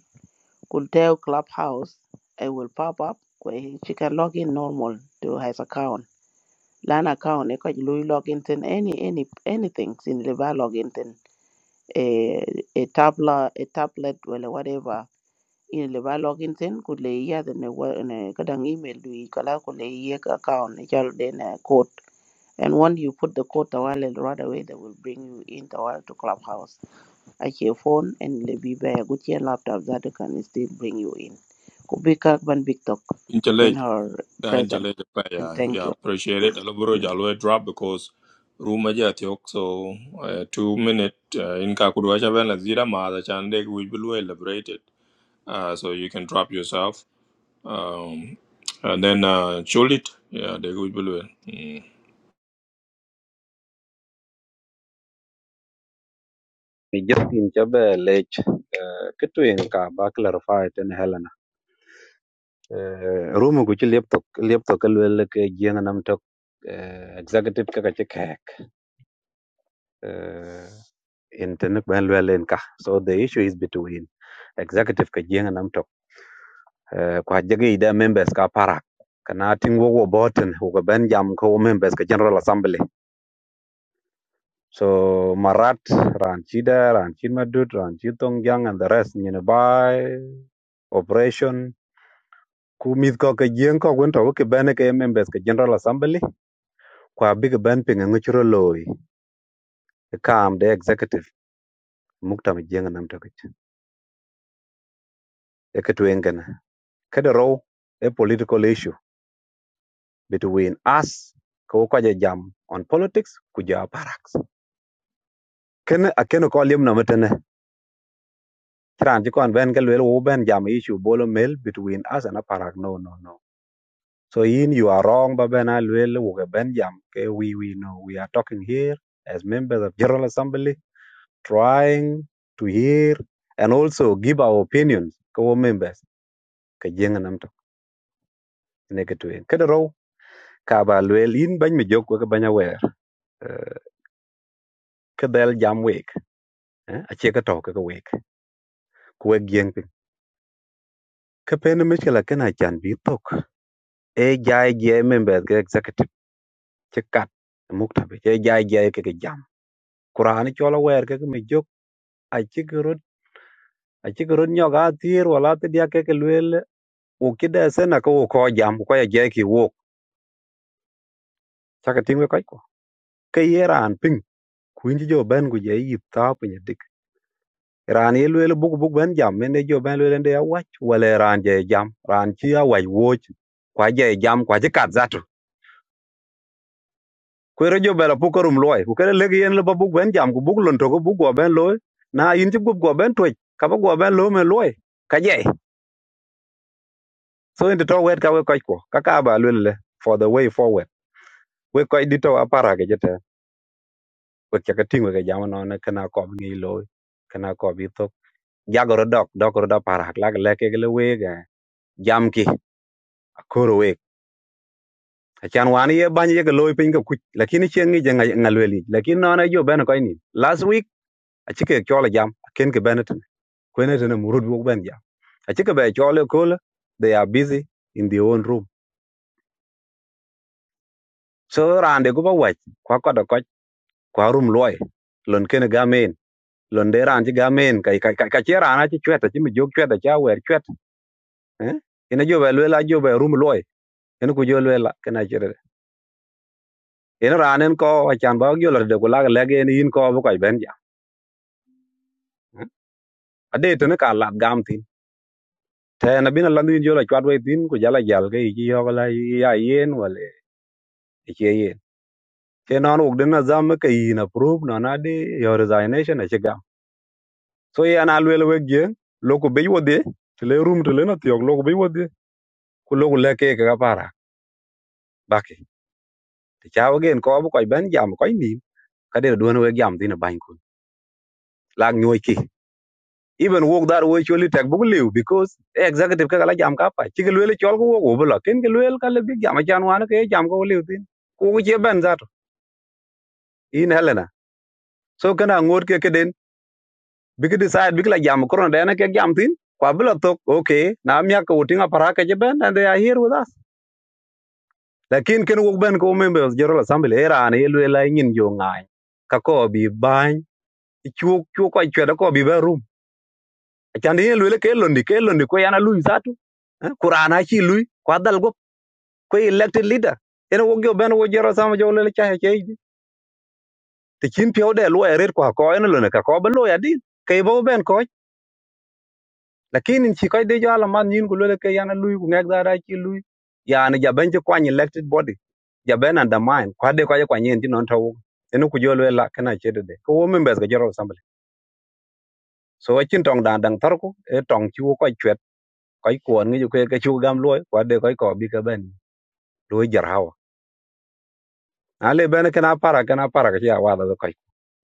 C: คุณเดลคลับเฮาส์เขาจะป๊อปอัพคุณยันที่คุณล็อกอิน normal ตัวเฮซ่าแค่ออนแลนแอคเอนแค่คุณลุยล็อกอินที่ any any anything ซึ่งเรื่องการล็อกอินที่เอ่อเทปลาเทปเล็ตหรือ whatever In le ba login tin ku le ya de ne wa ne ka dang email du kala ku le ye ka account ne chal de ne code and when you put the code tawale right away they will bring you in tawale to clubhouse at your phone and le bi ba ya gut laptop that they can still bring you in ku bi ka ban big talk in
A: intellectual.
C: her
A: Thank you,
C: present and
A: Yeah,
C: thank
A: yeah, appreciate it. Alubro
C: you
A: Jalwe drop because room aja tiok so uh, two minute uh, in kakudwa chaben la zira ma the chande we will elaborate it. Uh, so you can drop yourself. Um, and then uh, show it. yeah, they will be well. mm.
G: ni jetin cha be lech kituen ka ba clarify ten helena rumu ku chi laptop laptop ka le ke jeng nam tok eh, executive ka ka che kek in tin ben so the issue is between executive ka jeng nam tok eh, kwa members ka parak kana ting wo wo boten ko members ka general assembly so marat Ranchida, chida ran madut ran chitong and the rest nyine bai operation ku ko ke jien ko gun to ke bene ke members ka general assembly kwa big ben pinga nguchro loy e kam the executive mukta mi jien nam to ke e ke tuen a political issue between us ko ko jam on politics ku ja barracks ken a ken ko liam na metene tran ji kon ben kel wo ben jam issue bolo mel between us and aparak no no no so in you are wrong ba ben al wo ben jam ke we we know we are talking here as members of general assembly trying to hear and also give our opinions ko members ke jeng nam to ne ke tuen ke ro ka ba lwel in ban mi jok ko banya wer ke jam wek eh, a che to ke wek kuwek gieng piny ke pen mechkela kena chan bi tok e jai je members ke executive che kat e muktabe e jai je ke ke jam kurani chola wer ke ke mi jok a chigurut a chigurut nyoga tir wala te dia ke ke luel u kida sena ko wo ko jam ko ya je ki wo chaka tingwe kai ko ke yeran ping kuinji jo ben gu je yi ta pe dik ran ye luel buk buk ben jam mende jo ben luel nde ya wach wala ran je jam ran chi ya wach wo kwa je jam kwa je kat zat kwero jo bela pu korum loy ku kere legi yen leba buk ben jam ku buk lon to ko buk go ben loy na in ti gup go ben twech ka ba go ben lo me loy ka je so in to wet ka we koy ko ka ka ba le, for the way forward we koy di to apara ke jete we ke ka tingo ke jam no ne kana ko ngi loy kana ko bi to jagoro dok dok ro para la le ke le we ga jam ki akoro we achan wan ye bany ye ke loy pin ka kuch lakini chen ngi je ngal weli lakini no na jo ben koy ni last week achike chola jam ken ke ben kwene tene murut wok ben ja achi ke be chole kole they are busy in their own room so rande go ba wach kwa kodo koch kwa room loy lon kene gamen lon de ran ji gamen kai kai kai chi rana chi chweta chi mi jog chweta cha wer chwet eh ina jo be lela jo be room loy en ku jo lela kana chere en ran en ko achan ba jo lor de ko lag lege ni in ko bo kai ben ja ade tene ka lat gam tin te na bina landu in jo la chwat we tin ku jala jal ke chi yo la ya yen wale che ke non wok dina zam ke yin approve no na di your resignation e chiga so ye an alwel we gye loko be yodhi tile room tile na tiok loko be yodhi ku loko le ke ka para baki ti chawo gen ko bu koy ben jam koy nim ka de duon we jam dina ban kun lag nyoy ki even wok dar we choli tek bu liu because e executive ka la jam ka pa chi ke lwel e chol ko wok wo bla ken ke lwel ka le bi jam chan wan ke jam ko liu tin ku ke ben zato in helena so kana ngot ke keden big decide big la jam corona dena ke jam tin kwa bila tok okay na mia ko tinga para ke ben and they are here with us lakin ken wo ben ko members jero assembly era an yelwe la ngin jo ngai ka ko bi ban chu chu ko chwe ko bi ba rum chan yelwe le ke londi ke londi ko yana lui zatu Eh, qur'ana chi lui kwa dal go ko elected leader ene wo gyo ben wo jero sam jo le cha he ke te chin pyo de lo eret kwa ko ene lo ne ka ko ba lo ya din ke bo ben ko lakini chi koy de jala man nyin ku lele ke yana lui ku ngek dara chi lui yani jaben chi kwany elected body jaben undermine kwa de kwa kwa nyin ti non tawu enu ku jolo la kana chede de ko wo members ga joro assembly so chin tong dan dang tarku e tong chi wo koy chwet koy kuon ngi ku ke chu gam loy kwa de koy ko bi ka ben loy jar hawa ale ben kana para kana para ka ya wa da koy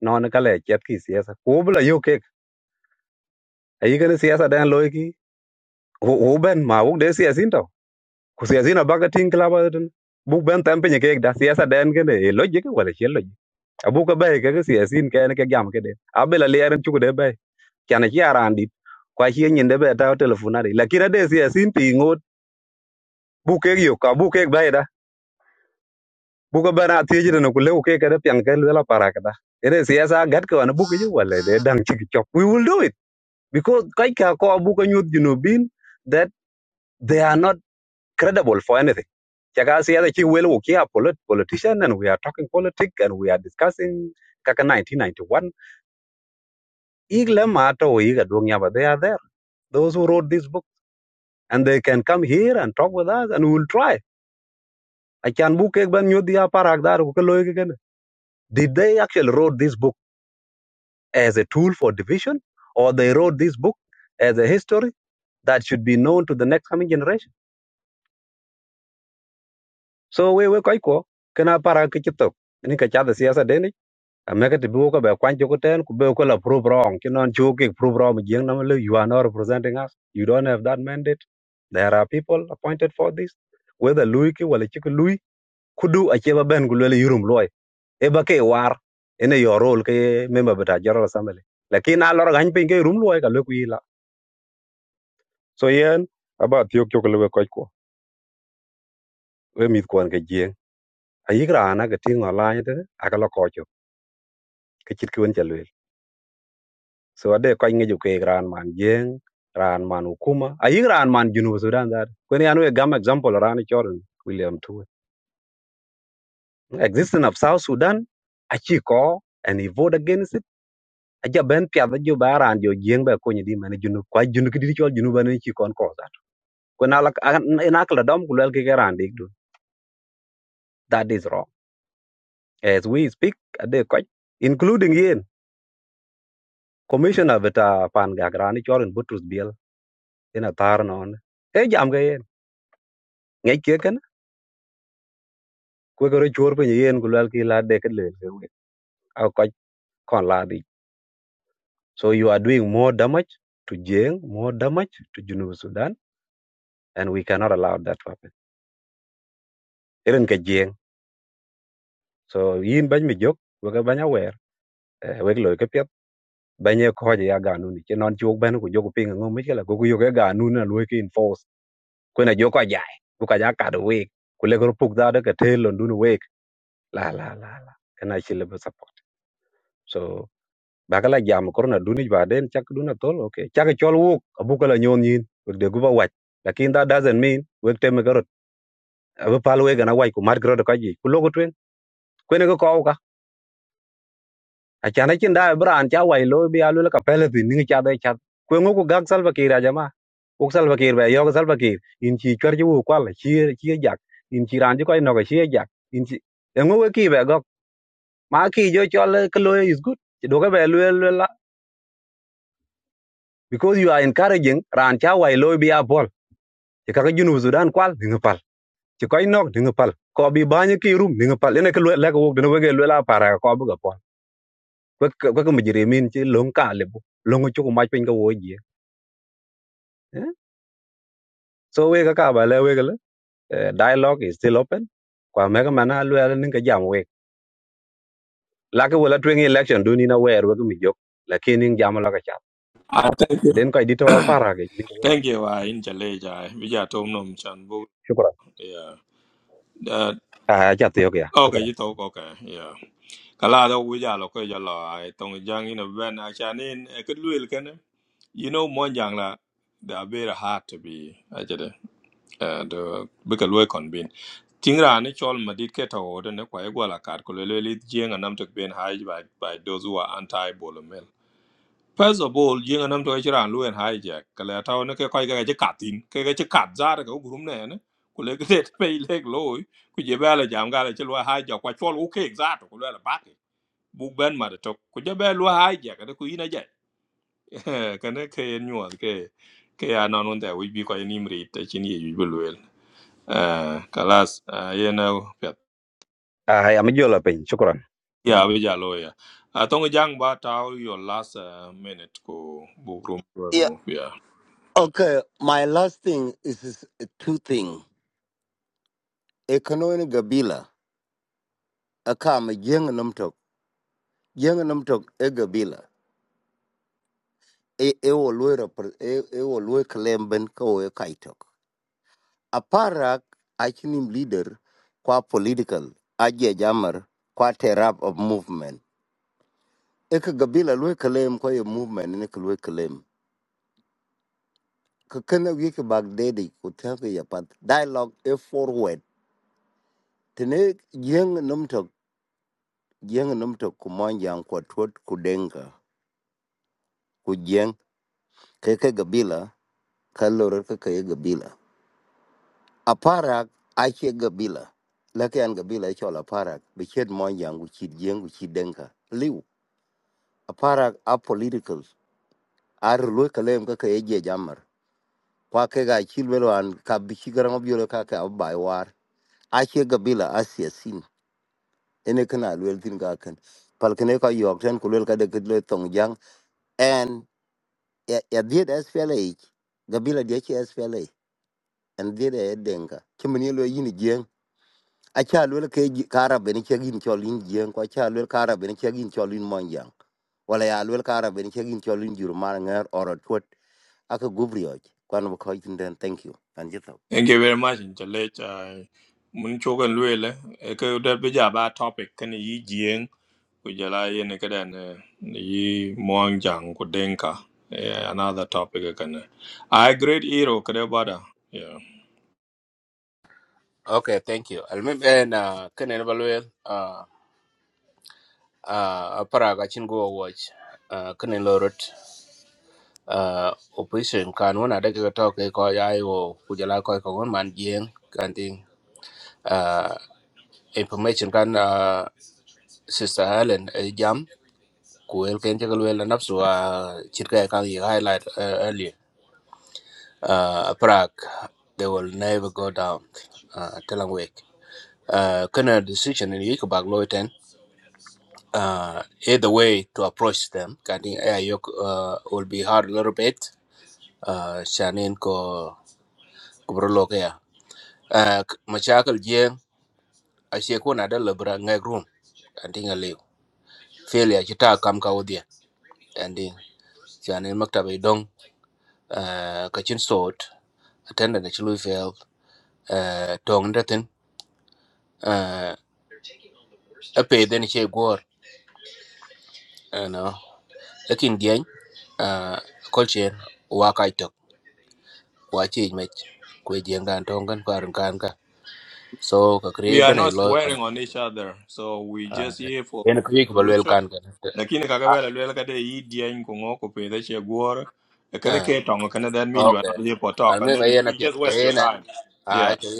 G: non ka le chet ki siasa ku bla yo ke ayi kana siasa dan loy ki wo wo ben ma wo de siasa into ku siyasi na baka tin klaba tin bu ben tam pe nyeke da siyasa den kene e loje ke ne logic wala che logic abu ka bay ke siyasi ke ne ke gam ke de abela le ran chu de bay kana chi aran dit kwa chi nyin de be ta telefona de la kira de siyasi pi ngot bu ke yo ka bu ke bay da bu ka bana ti ji na ku le ke ke de pyang ke la para ka da ere siyasa gat ko na bu ke wana buke yo wala de dang chi chok we will do it because kai ka ko bu ka nyut junubin that they are not credible for anything. Chaka si yada chi welu ki a polit- politician and we are talking politics and we are discussing kaka 1991. Igle matter o iga duong yaba, They are there. Those who wrote this book and they can come here and talk with us and we will try. I can book ek ban nyodi ya parak dar ke ken. Did they actually wrote this book as a tool for division or they wrote this book as a history that should be known to the next coming generation? So we we koi ko kana para ke chitok. Ni ka chada siyasa den ameke ti bi ko be kwan joko ten ku be ko la prove wrong ki non chu ki prove wrong jing na le you are not representing us you don't have that mandate there are people appointed for this whether lui ki wala chi ki lui kudu a che ba ben ku le yurum loy e ba war ene your role ke member beta general assembly lakin a lor gan pin ke rum loy ka le ku ila so yen aba tiok chok le ko ko we mit kwan ke jing a yigra na ke ting online te aka lo ko chok ke chit ki won so ade ko ngi ke gran man jeng ran man hukuma ayi ran man junub sudan dar ko ni anu e gam example ran choren william tuwe existence of south sudan achi ko and he vote against it aja ben pia da jo baran jo jeng ba ko ni di man junub ko junub ki di chol junub an chi kon ko dar ko na la na la dom ku lel ke ran dik du that is wrong as we speak ade ko including yen commissioner beta pan ga gran choren butrus biel ina tar non e jam ga yen ngai ke kwe kero chwor pinyo yen ku lwal ki la deket lel ke wek a koch so you are doing more damage to jeng more damage to junub sudan and we cannot allow that to happen irin ke jeng so yin bany mi jok wek bany awer eh, wek loy ke piet bany e koje ya ganu ni che non chuok ben ku joku pinga ngom michela ku yo ke ganu na lwe ki enforce kwe na joko jai ku ka ja kadu wek ku le kero puk da de ke tel lon dun wek la la la la kana chile support So bakala jam korna duni baden chak duna tol okay chak chol wuk abukala nyon yin wek de guba wach lakin that doesn't mean wek teme garot abu pal we gana wai ku mat garot ka ji ku logo twen kwene ko ko ka achana chin da bran cha wai lo bi alu ka pele bi ni cha da cha kwen ko gak salva kira jama uk salva kir ba yo salva kir in chi chwer ji wu kwal chi chi jak in chi ran ji ko no ka chi jak in chi engo we ki ba gok ma ki jo chol ka lo is good do ka ba lu la because you are encouraging ran cha wai lo bi a bol ikaka junub sudan kwal ningi pal ci koy nok ningi pal ko bi baña ki rum ningi pal ene ke le ko wog dina wege le la para ko bu ga pon ko ko mujire min ci long ka le bu long ci ko maj pin ga woji so we ka ka ba le we le eh, dialogue is still open kwa mega mana lu ala ninga jam we la ke wala twing election do ni na wer we mi jok la ke ning jam la ka chat
A: Ah, thank you.
G: den koy dito para ge
A: Thank you, I in Jaleel. I we are tom nom chan bo.
G: shukran
A: Yeah. Uh,
G: ah chat yo ya
A: okay,
G: shukran
A: you talk okay. Yeah. Kala da wuja lo ko jalo ai tong jang ina ben a chanin e kud luil ken. You know mon jang la da very hard to be a jade. Uh, the bika luil kon bin. Tingra ni chol madit ke ta wo de ne kwa egwa la kat ko lele li jeng anam to ben high by by those who are anti bolomel. First of all, jeng anam to chira lu en hijack. Kala ta ne ke kwa ga je katin. Ke ga je kat zar ko gurum ne ne. Ko le ke pe le loy. Ku je ba la jam ga la chwa hijack kwa chol u ke zar ko le la bak buk ben ma tok ku ja be lua hai ja kada ku ina ja kana ke en nyuol ke ke ya non un ta wi bi ko ni mri ta chin ye yu bulwel kalas ah, ye na pet
G: ah ya mi jola pin shukran
A: ya bi ja lo ya a tong jang ba ta your last ah, minute ko buk rum
U: Eh,
A: mo ya
U: Okay, my last thing is, is uh, two thing. Ekono ni gabila. Aka ma yenga namtok. Yenga namtok e gabila. E e wo lwe rapor e e wo lwe kalemben ka wo e kaitok. Aparak achinim leader kwa political aje jamar kwa terap of movement. Eka gabila lwe kalem kwa ye movement ne ka lwe kalem. Kakana wiki bag dedi kutaka ya pat dialogue e forward. Tene yenga namtok jeng nomtok kumwanja kwa tuot kudenga kujeng keke gabila kalore keke gabila aparak ache gabila lake an gabila ichol aparak bichet mwanja nguchid jeng nguchid denga liu aparak a political ar lwe kalem keke eje jamar kwa ke ga chilwelo an kabichi garang obyolo kake abai war ache gabila asia sin ene kana lwel tin ga kan palkene ka yok ten kulwel ka de kidle tong jang ya ya dhiet SPLA ich gabila dia chi SPLA en dhiet e denga chimani lo yin jeng acha lo ke ji- ka arab ni chagin cholin jeng ko acha lo ka arab ni chagin cholin monjang wala ya lo ka arab ni chagin cholin jur mar ngar oro twot aka gubrioj kwan ko itin den thank you and jita.
A: Thank you very much, Intellectual. Uh, mun chokan luele e ka da ba topic kan yi jien ku ye ne yi moang jang ku yeah, another topic kan I great hero kada bada yeah
T: Okay, thank you. I'll remember and uh, can evaluate. uh, aparaga chin go watch uh, kene lorot uh, opposition kan wana de ga to ke ko ya yo kujala ko ko gon man jien kan ting uh, information kan uh, sister Helen eh, jam ku el ken je galwe la nafsu uh, chit ka kan yi highlight uh, earlier uh, aparag they will never go down uh, telang wek uh, kene decision in yik bag loiten uh, either way to approach them. I think uh, yok, uh, will be hard a little bit uh, shanin ko kubro loke ya uh, machakal jeng ashe ko na da labra ngai room anting a lew fail ya kita kam ka odia anding shanin maktaba i dong uh, kachin sort attendant a chulu fail uh, tong datin uh, a pay den che gor uh, no akin dieng uh, kolchen wa kai tok wa chi mech kwe jeng dan tong kan parun kan ka so ka
A: we
T: create
A: are
T: bena i
A: not
T: lo on
A: swearing on each other so we
T: uh,
A: just here for
T: en kwi ko balwel
A: solution
T: kan ka
A: lakini kaka vela luele kada yi jien ku ngo che guor e kana
T: à
A: ke kana that mean you
T: ok
A: are not here for talk
T: anh
A: and
T: mới
A: then
T: bây
A: you,
T: giờ nó
A: you
T: biết
A: just waste
T: cái
A: your
T: này
A: time Yeah.
T: à cái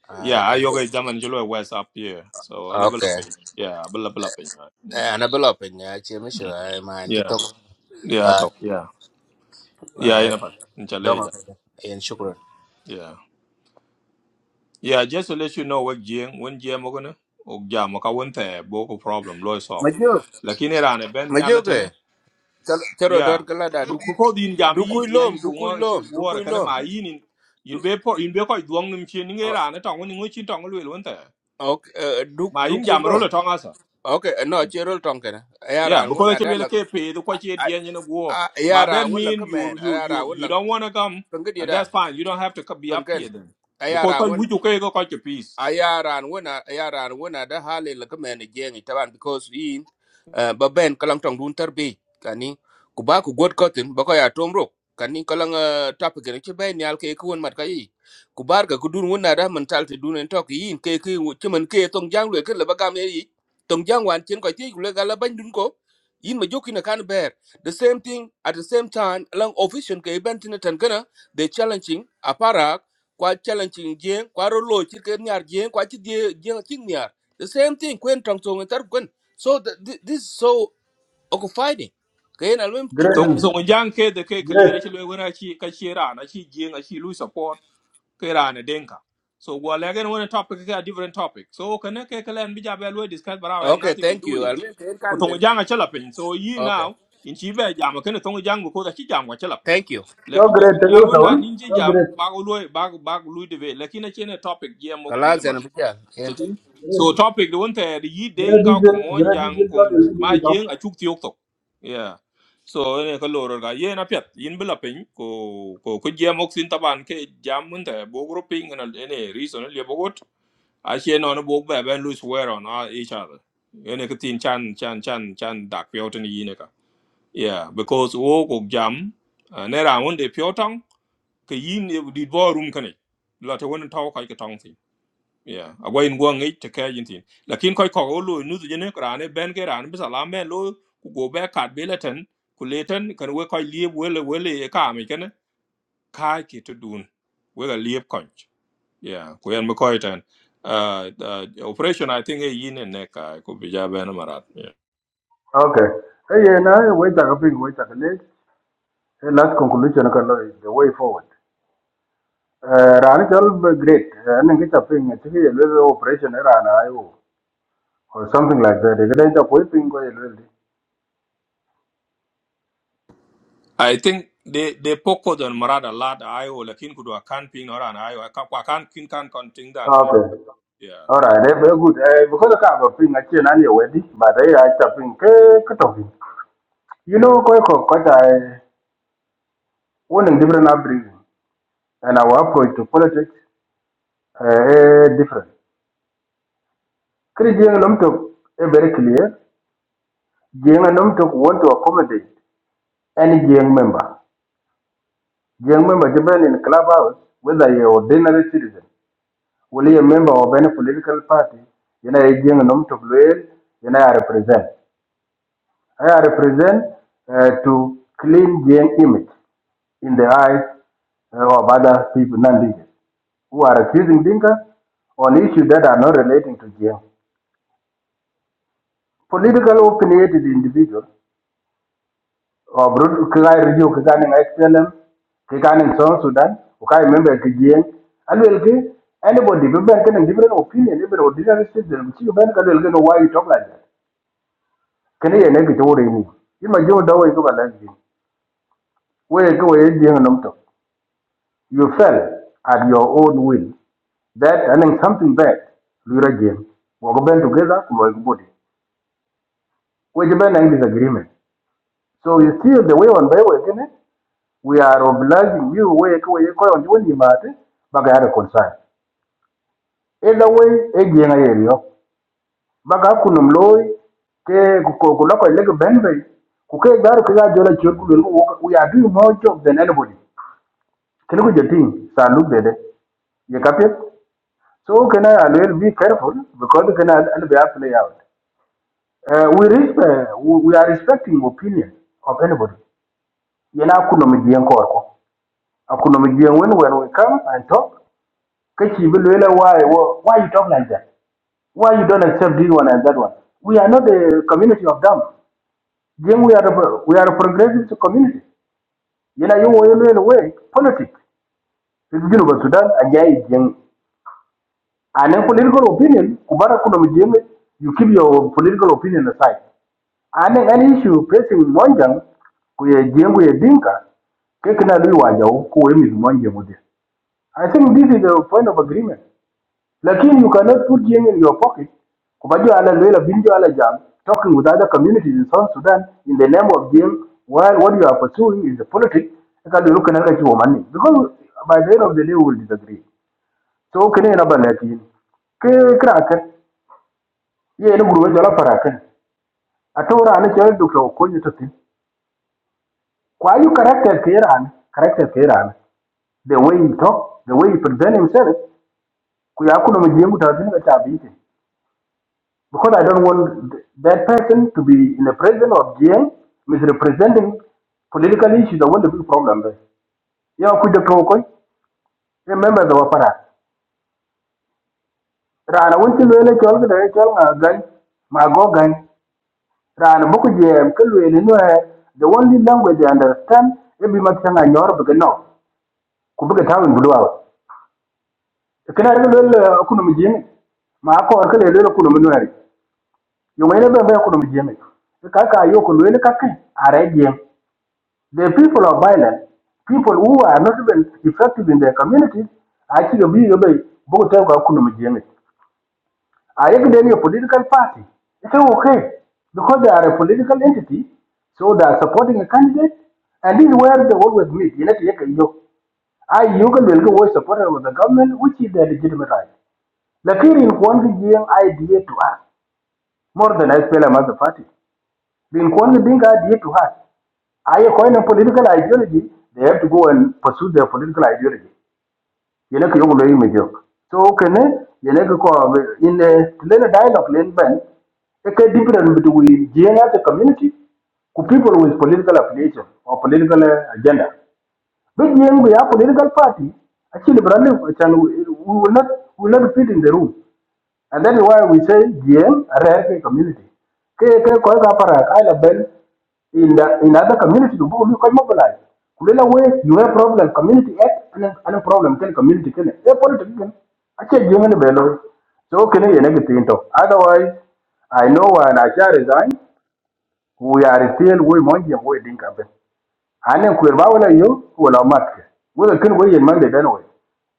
T: à
A: Yeah, I
T: cái
A: yoga daman jolo west up here. So a
T: ok
A: level up in. Yeah, a level up in. Right? Mm.
T: anh ở bên lọp nha chị mới
A: Mm.
T: sửa mà anh chỉ
A: Yeah.
T: tục
A: Yeah, I
T: à
A: thought. Yeah. Yeah, you
T: à
A: know, but in
T: đông
A: Chaleja.
T: ok anh shukran
A: Yeah. Yeah, just to let you know what Jing, when Jim Ogana, or Jamaka went there, Boko problem, low
T: mà
A: off.
T: chưa
A: Lakini Rana, Ben
T: mà chưa cái
A: Yalatane.
T: cái rồi đó
A: Yeah.
T: cái là đã đục
A: Because in Jam
T: đục
A: E.
T: cùi lom đục cùi
A: Dianku,
T: lom đục
A: water, kind of my in ku ngo che war kana
T: lom
A: ma yin in
T: Đu-
A: Bepor, in Bepor, Dwang
T: ờ,
A: Mchin, Rana, Tongue, in which in Tongue will, went there.
T: ok ờ, đục
A: My
T: đục
A: in
T: lom
A: Jamarolo Tongue
T: ok no chơi rồi trong cái này ai ra
A: Yeah,
T: anh muốn
A: because actually
T: đã
A: we
T: là
A: like eh, pay the
T: ai
A: kwachi in the war.
T: ai
A: But that
T: ra muốn là
A: mean
T: cái
A: you
T: mền
A: you
T: ai ra
A: you
T: muốn
A: you
T: là
A: don't wanna come
T: cái gì
A: and that's
T: đó
A: fine. You don't have to co- be up
T: kan
A: here then. Because
T: ayaran
A: quite
T: wen
A: we do go kwachi peace.
T: ayaran wen ayaran wen da hali la ka men jeng taban because in ba ben kalang tong dun tarbi kani ku ba ku god kotin ba ko ya tomro kani kalang tap gere ci ben yal ke ku won mat kayi ku bar ga ku dun wona da man talti dun en tok yin ke ke ci man ke tong jang le ke la ba gam yi tong jang wan cin ko ci le ga la ban dun ko yin ma jokina kan ber the same thing at the same time along official ke ben tin tan kana they challenging aparak kwa challenging jeng kwa ro lo chi ken nyar jeng kwa chi die jeng chi nyar the same thing kwen tong tong tar kwen so the, thi- this is so occupying kayen alwem
S: Great,
A: so
T: chukran
S: du.
A: so mo jang ke de ke
S: great.
A: clear ci le wona ci ka ci rana ci jinga ci lu support ke rana denka so go again gen wona topic a different topic so kana ke kalen bi jabe lo discuss but I has
T: okay
A: nothing to
T: thank
A: do
T: you
A: here
T: alwem kayen
A: ko
T: kan
A: to mo
T: den
A: jang a chala so yi
T: okay
A: now in ci jam ke ne to mo jang ko da ci jam a chala pin
T: thank you
S: So
A: lekin ne
S: great,
A: to
S: tell you
A: nyal
S: so.
A: wona nin ci
S: So
A: jam
S: great.
A: ba go lo ba ba lu de be lekin ne a topic je mok
T: kalas and
A: Chiti.
S: Yes.
A: So topic the one that yi den
S: Great
A: ka ko
S: diesel,
A: mon
S: great
A: jang
S: diesel, so
A: ko
S: you
A: ma
S: do it up.
A: jeng a chuk tiok tok. Yeah. So ne ka loro ga ye na pet yin bela pin ko ko ko jam ok sin taban ke jam mun ta bo gro pin na ne reason le bo got a she no no bo ba ben lose wear on uh, each other. Ye ne ka tin chan chan chan chan dak pyo tin yi ne ka. Yeah, because wo ko jam uh, ne ra won de pyo tong ke yin e di bo room kane. La ta won taw ka ke tong yeah awa in guang ngai te ka yin tin lakin koi ko lo nu je ne krane ben ke ran bi sala men lo ku go be ka be leten ku leten kan we koi lieb wele wele e ka mi ken ka ki to dun we ga lieb kon yeah ku yan mo koi tan uh, uh operation i think e yin ne ka ku bi ja ben marat yeah.
S: Okay. Hey, yeah, now wait a couple, wait a couple. Hey, last conclusion, okay, the way forward. Uh, Rani chal b- great. Uh, Nang kita ping actually a little operation era na or something like that. Kita kita koi ping koi railway.
A: i think they they focus on marat a lot i o lakin ku do kan ping ora na i o ka kwa kan kin kan kon ting dan o
S: Okay.
A: yeah
S: Alright, eh, very good. Uh, because I have a ping actually nani wedi, but I I ping eh, cut, katoki. You know quite quite koi I one in different upbringing and our approach to politics uh, eh, different. Kiri jeng nam tok eh, very clear. Jeng nam tok want to accommodate any jeng member. Jeng member depend in clubhouse whether you're ordinary citizen. will be a member of any political party, you know, Jing Nom to Luel, you know, I represent. I represent uh, to clean Jing image in the eyes uh, of other people, non leaders, who are accusing Dinka on issues that are not relating to Jing. Political opinionated individuals, or broad Kigai Review, Kigani XLM, Kigani South Sudan, Ukai member Kijing, and will give anybody, people can different opinion, different ordinary citizen, which you can no why you talk like that. kene ye negi churi ni ima jo da we ko balanji we ko we jeng nam to Valenzi. Where go a young numto. you fell at your own will that and then something bad lura jeng we go band together we go body we je ben disagreement so you see the way on by we kene we are obliging you we ko we ko on woni mate baga are concern either way e jeng area. yo baga kunum loy ke ko ko lokko le ben be ku we are doing more job than anybody Can Kini ku jetin sanduk dede ye it. So can I will be careful because can I be a play out. Uh, we, respect, we we are respecting opinion of anybody. Yena kuno mijian korko. Akuno mijian when when we come and talk. Kachi bilwela why why you talk like that? Why you don't accept this one and that one? We are not a community of them. Then we are a, we are a progressive community. Yena yung way way politics. Sisi Sudan ajai jeng And a political opinion, Kubara Kunomijim, you keep your political opinion aside. And any issue facing Monjang, kuye jengo ya dinka, kekina lui wajau kuwe mizu mwanje mudi. I think this is the point of agreement. Lakini you cannot put jeng in your pocket, kubajua ala lwela binjo ala jam, talking with other communities in South Sudan in the name of jeng, while what you are pursuing is a politics, ekadu luka nalika chiwa mani. Because by the end of the day we will disagree. So kene inaba lakini. Kekra akar ye ne gurwe jola parakan atora ne chol dukto ko ni to tin kwa you character ke ran character ke the way he talk the way he present himself ku ya kuno mjengu ta ka tabi because i don't want th- that person to be in the presence of jeng misrepresenting political issues the want the big problem there ya could de to ko remember the wapara rana won to lele chol ga chol ga gan my go gan ran boku jem ke lwele no the only language they understand e bi mat sanga nyor bi no ku bi ta won bulwa kana re lwele ku no mjeng You ko ke lwele ku no mnwari yo mele be be ku no mjeng ka ka yo ku lwele ka ke are jem the people of violence people who are not even effective in their communities actually bi yo be boku ta ku no mjeng I then your political party. It's okay because they are a political entity, so they are supporting a candidate, and this is where they always meet. You know, you can- I you can will go supporter of the government, which is their legitimate right. Lakini in Kwanzi Jiang idea to us more than SPLM as a mother party. being Kwanzi Ding idea to us. I coin a political ideology, they have to go and pursue their political ideology yelek yong lo mi so kene yelek ko in lene dialogue len ben e ke different between jeng as a community ku people with political affiliation or political eh, agenda but jeng be political party actually brother we will not we will not fit in the room and then why we say GM Rare community. Ke ke koi ka para kai la ben in the in other community to bu koi mobilize. Kulela way you have problem community act and and problem ken community ken. E politics ken. Ache GM ne belo. So ken you ne gitin to. Otherwise I know when I shall resign we are still we monje we dinka ben. Ane kwer ba wala yo, wala matke. Wala kin wey yen mangde den wey.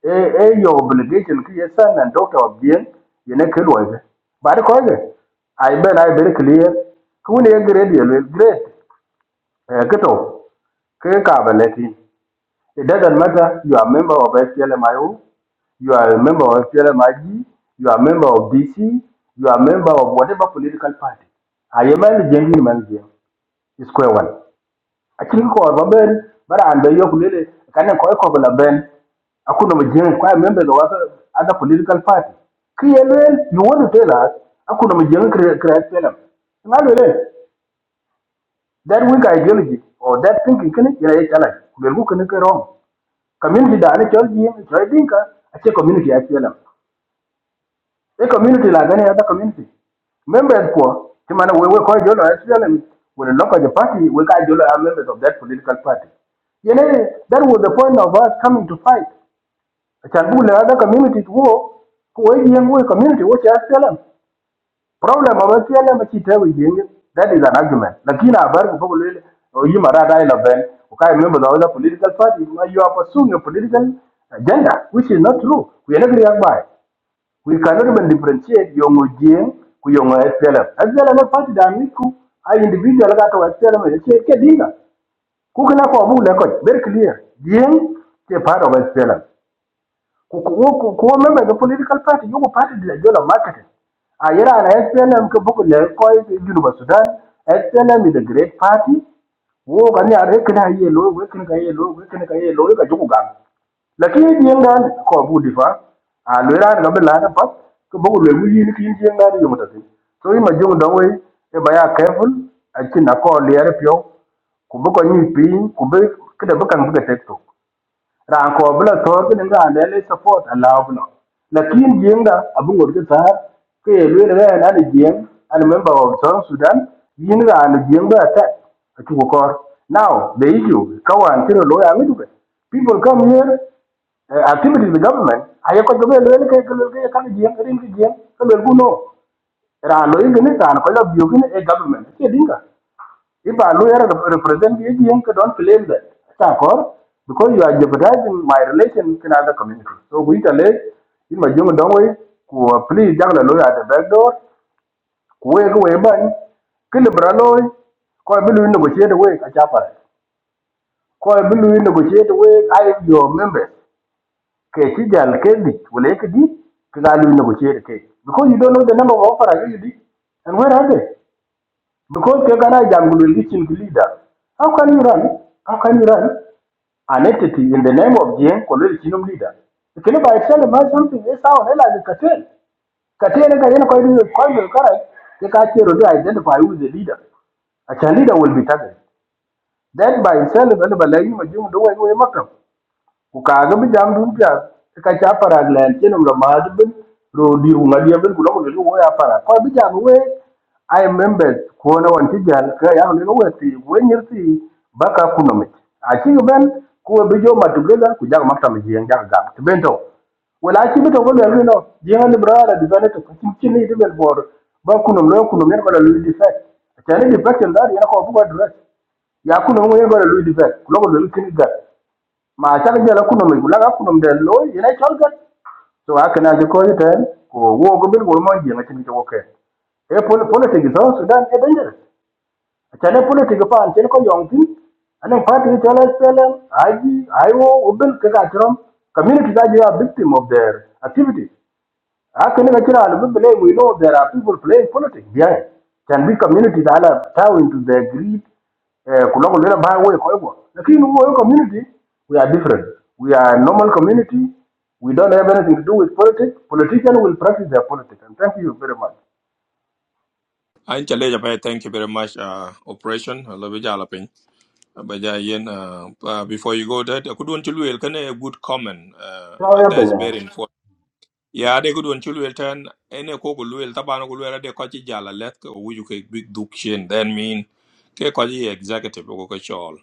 S: E, e your obligation ki ye son and doctor of bien, ye ne kin wey. Ba de koy ge. Ay ben ay very clear. Kuni ye grade ye lwe, grade. E, kito, ke ka ba leti. It doesn't matter, you are member of SLMIO, you are a member of SLMIG, you are a member of DC, you are a member of whatever political party. Aye man jengi man jengi. Square one acin ko ba ben baran be yok lele kanen ko ko la ben akuno mjeng kwa members of other, other political party Clearly, you want to tell us akuno mjeng create them ngalo le that weak ideology or that thinking kene ina ye chala kulel ku kene wrong community da ne chol ji chol dinka ache community ya a community like any other community members ko ti man we we ko jolo SPLM we local party we ka jolo are members of that political party you know that was the point of us coming to fight I can bu le other community to wo ko we yeng we community wo cha SPLM problem of SPLM chi te we yeng that is an argument lakini abar ko ko le yi mara dai la ben ko ka e members of the political party you are pursuing a political agenda which is not true we are not react by we cannot even differentiate young Ojien ku young SPLM. SPLM is party dynamic ku a individual that to SPLM is ke dinga. Ku kana ko abu le very clear. Jien ke part of SPLM ko member the political party You go party de jola marketing a yira na SPLM ke bugu le ko junuba Sudan SPLM is a great party wo gani a rekna ye lo we kin ga ye lo we kin ga ye lo ga jugu ga lakini dienga ko budi fa a lo yira na be la na pat ke bugu le wi ni kin dienga ni yumata ti so ima jugu da we e baya careful a kin na ko le yar pyo ku bugo ni pi ku be kida bukan buga tekto ran ko bla tor ke nga ne le support ala bla lakin jinga abu ngor ke ta ke le le na ne jing an member of south sudan yin ra ne jing ba ta a chu ko kor. now the issue kawan tiro lo ya ngi people come here uh, activities the government aye ko jobe le le ke ke le ke kan jing rin ke jing ke le ku no ra lo yin ne ta ko la bio ke ne e government ke dinga if a lawyer rep- represent the AGM, don't claim that. Chakor, because you are jeopardizing my relation in other community. So we tell it, in my young don't wait, who are please young lawyer at the back door, who wake away by, kill a braloy, call a bill negotiate away, a chapar. Call a bill negotiate away, I am your member. Kati jal kedi, wale kedi, kizali negotiate kedi. Because you don't know the number of offers, you did. And where are they? Because Kekana Jam will reaching the leader. How can you run? How can you run an entity in the name of Jing Kolwel Chinum leader? The Kenya by itself might something is how hell as a cartel. Cartel and Kayana Koyu Koyu Karai, the cartel will identify who is the leader. A leader will be targeted. Then by itself, and by laying Majum do away Makam ku kaaga bi jam dun pya ka cha parak len chen ula ma de bin ro dir wu ngadi bin ku lo ku ya para ko bi we i remember ko na wan ti jan ka ya ne we ti we nyir ti baka kuno mi a chi ben ko bi jo ku jang ma tam ji yang jang gam ti ben to bento wala chi bi to ko le no ji han di ben to chi chi ni de bel bor ba kuno lo kuno mer ko la lu di fa ta ne di fa ken ya ko bu ko dress ya kuno mo yego la lu di fa ku ko lu kin ga ma chak jela kunom igulaga kunom de lo ina cholgat so akana je ko yete ko wo go bil go mon je ngati to ke e pol politics so sudan e dangerous chane politics pa an chen ko yong tin ane party to spela aji ayo obel ka ka trom community da je a victim of their activities how can you get out of blame? We know there are people playing politics behind. Can be community that are tied into their greed. eh, kulokolela by way kwa hivyo. Lakini huo community, we are different. We are a normal community. We don't have anything to do with politics. Politicians will practice their politics. And thank you very much.
A: i chale ja thank you very much uh operation lo bi ja Uh, But yeah, Ian, uh, uh, before you go, that I could want to do a good comment. Uh,
S: Sawa ya
A: and that is
S: penya.
A: very important. Yeah, they could want to do turn any cocoa luel tabano luel de cochi jala let which you can big duke shin. Then mean ke cochi executive or cochol.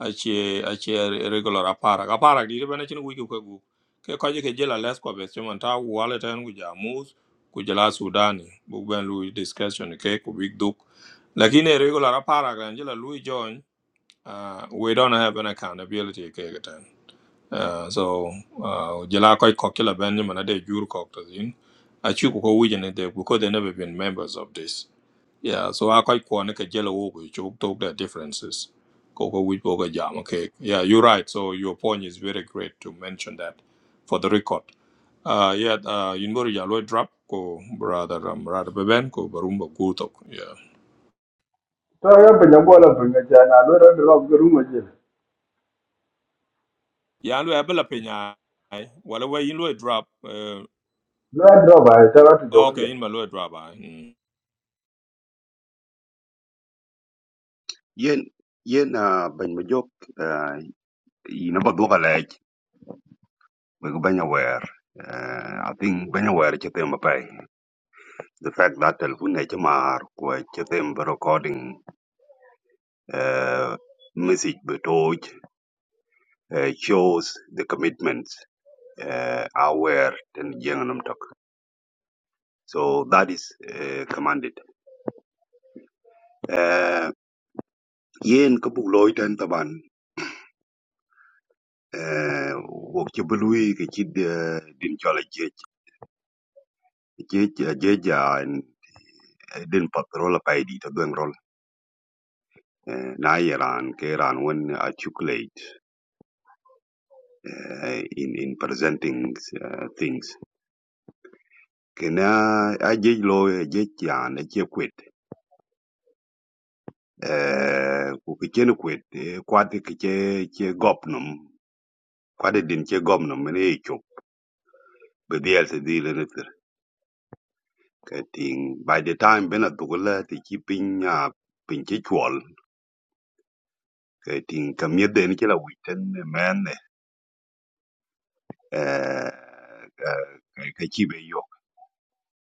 A: Achi achi regular aparag. Aparag di bana chin wiki kuku. Ke cochi ke jala let ko best man ta wallet and kuja moves kujala Sudani. Bugben Louis discussion ke ku big duke. Lakini regular aparag angela Louis John uh, we don't have an accountability kegatan. Uh, so uh, jela koi kokila benjamin ade jur koktazin achu ko wujene de because they never been members of this yeah so I quite kwane ka jela wo ko chok tok the differences ko ko wuj ko jam okay yeah you're right so your point is very great to mention that for the record uh yeah uh you know, ya lo drop ko brother um brother beben ko barumba gutok yeah
S: Sawa ya penya kwa la penya chana. Lwa drop kwa rumo jele.
A: ya lo abela penya wala we you lo drop eh,
S: Lwa drop hai. Tawa tu
A: Okay, in Maluet Rabbi. Mm.
E: Yen yen ah banyo joke. You know, but look at we go banya wear. I think banya wear chatem pay. The fact that telephone ne chamar ko chatem recording uh, message betoj uh, shows the commitments uh, aware ten jenganam tok. So that is uh, commanded. Uh, yen kabuk loy tan. taban uh, wok chibului ke uh, din chola jej. Jej uh, jej ja din patrola paidi to doing uh, na Iran ke Iran won articulate uh, in in presenting uh, things kena a jej lo jej yan che kwet eh ku ke chen kwet kwat kiche che che gopnum kwat e din che gopnum ne cho be se dile ne ter ke by the time bena dugula ti chi pin ya pin che chwal ke ting kamye den che la witen men eh eh, eh, ke be yo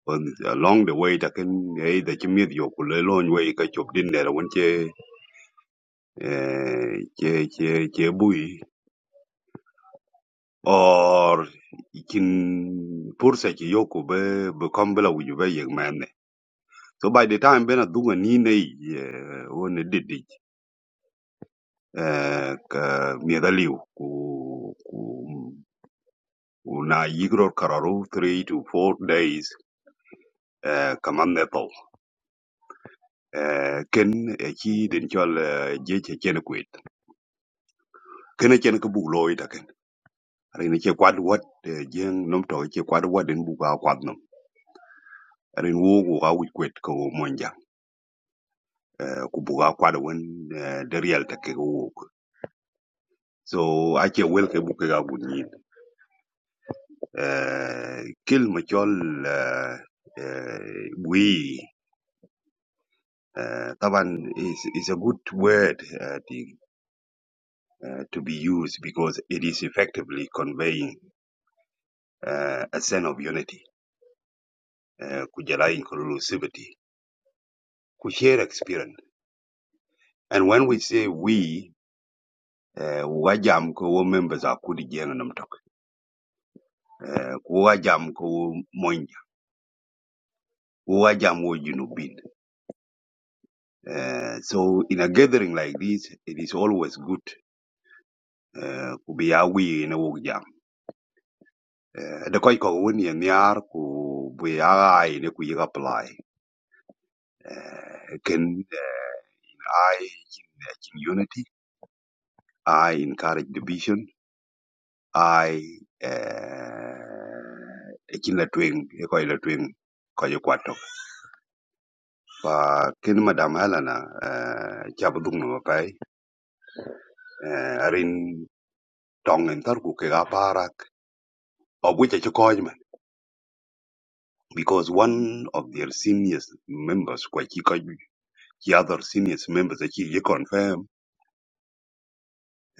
E: on along the way taken e the chimid yo ku le lon we ka chop din ne won che eh, che che che bui or kin pursa ki yo ku be be kombela wi be yeg mane so by the time bena dunga ni ne eh, won didi eh, ka mi daliu ku ku ku na yigro kararu 3 to 4 days eh, kaman ne to eh ken e chi din chol je che chen kene chen ke buk loy ta ken rin che kwad wat eh, jeng nom to che kwad wat den buka kwad nom rin wo wo ga wi kwet ko monja ku buka kwad won de real ta ke wo so a che wel ke buke ga bun yin Eh, ma chol eh, eh, we uh, taban is, is a good word uh, the, uh, to be used because it is effectively conveying uh, a sense of unity, uh, inclusivity, ku share experience And when we say we, uh, wajam ko wo members are kudi jenga namtok. Uh, wajam ko wo moinja. Wajam wo junubin. Uh, so in a gathering like this, it is always good uh, ku be a we in a wok jam. Uh, the koi ko wini and yar ku be a in a ku yiga apply. Uh, can uh, I in, eh, in unity, I encourage division. ai eh, chin la twing e ko la twing ko yo kwato pa kin madam helena eh, cha budung no pa eh, arin tong en tar ku ke ga parak of which I because one of their senior members kwa chi ko the other senior members that he confirm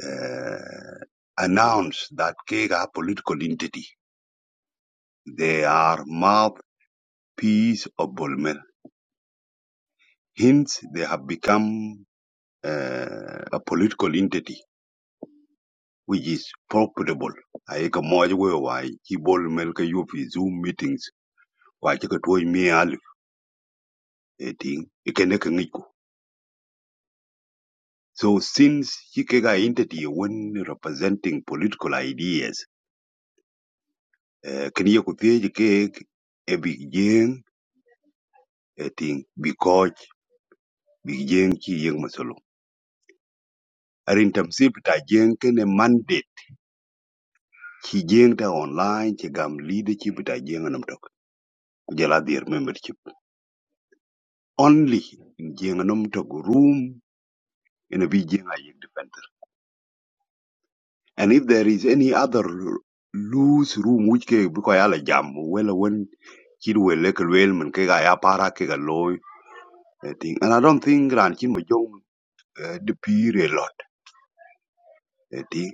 E: uh, announced that they are political entity. They are mouthpiece of Bolmer. Hence, they have become uh, a political entity which is profitable. I ka moj we why ki bol mel ka yup Zoom meetings wa chi ka tuoi mi alif eting ikende ka ngiku. So since ki ke entity when representing political ideas, uh, kini ye ku thie ke e big jeng eting because big jeng ki yeng masolo. Arin tam sip ta jeng kene mandate chi jeng ta online ki gam leadership ta jeng anam tok. Kujala dhir membership. only in Jinganum Togo room in a Vijinga defender. And if there is any other lo- loose room which ke because ala jam well when kid will like well man ke ga ya para ke loy eh, thing. And I don't think ran chin mo eh, the peer a lot eh, thing.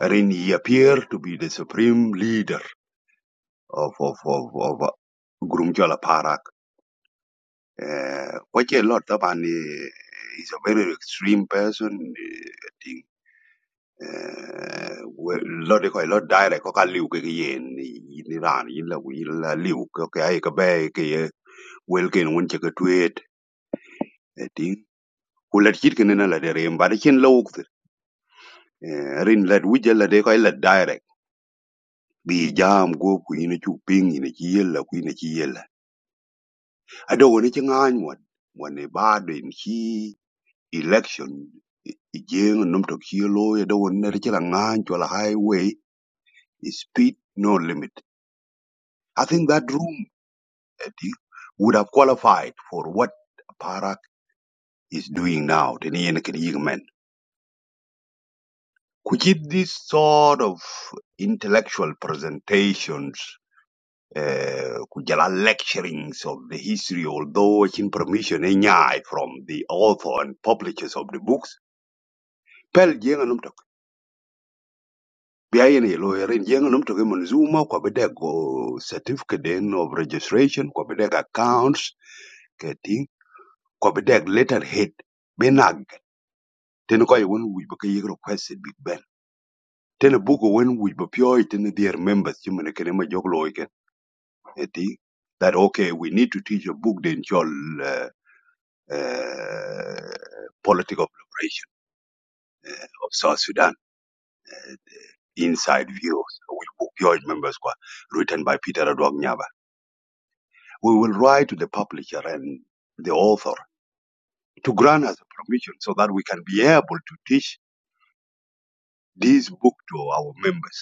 E: And then he appeared to be the supreme leader of of of of uh, Gurumjola Parak. Uh, quite a lot of and uh, he's a very extreme person. Uh, Eh, we- lo de ko lo direct ko ka liu ke ke yen ni ni ran yin la wi la liu ko ke ai ka be ke ye wel ken won che ke tweet e ting ku la chit ke ne na la de rem ba de chen lo uk rin la wi je la de ko la direct bi jam go ku yin chu ping yin chi yel la ku yin chi yel la a do woni che ngan mo mo ne ba de chi election jeng num to chi lo ye do woni ne che la ngan cho la highway is speed no limit i think that room that would have qualified for what Parak is doing now, the Nien Kin Could it this sort of intellectual presentations, uh, could you lecturings of the history, although it's in permission eh, nyai from the author and publishers of the books, Pel Jenga Numtok. Biayen ye lawyer in Jenga Numtok Manzuma, Kwabedego certificate then of registration, Kwabedeg accounts, getting Kwabedeg letterhead. bena Tene kɔc wen wic bï ke yïk request Big Ben. Tene buku wen wic bï pio tene their members cë mene kene më jök loi kënë that okay we need to teach a book den cöl uh, uh, politics of liberation uh, of South Sudan inside views which book pio members kwa written by Peter Adwang Nyaba. We will write to the publisher and the author to grant us a permission so that we can be able to teach this book to our members.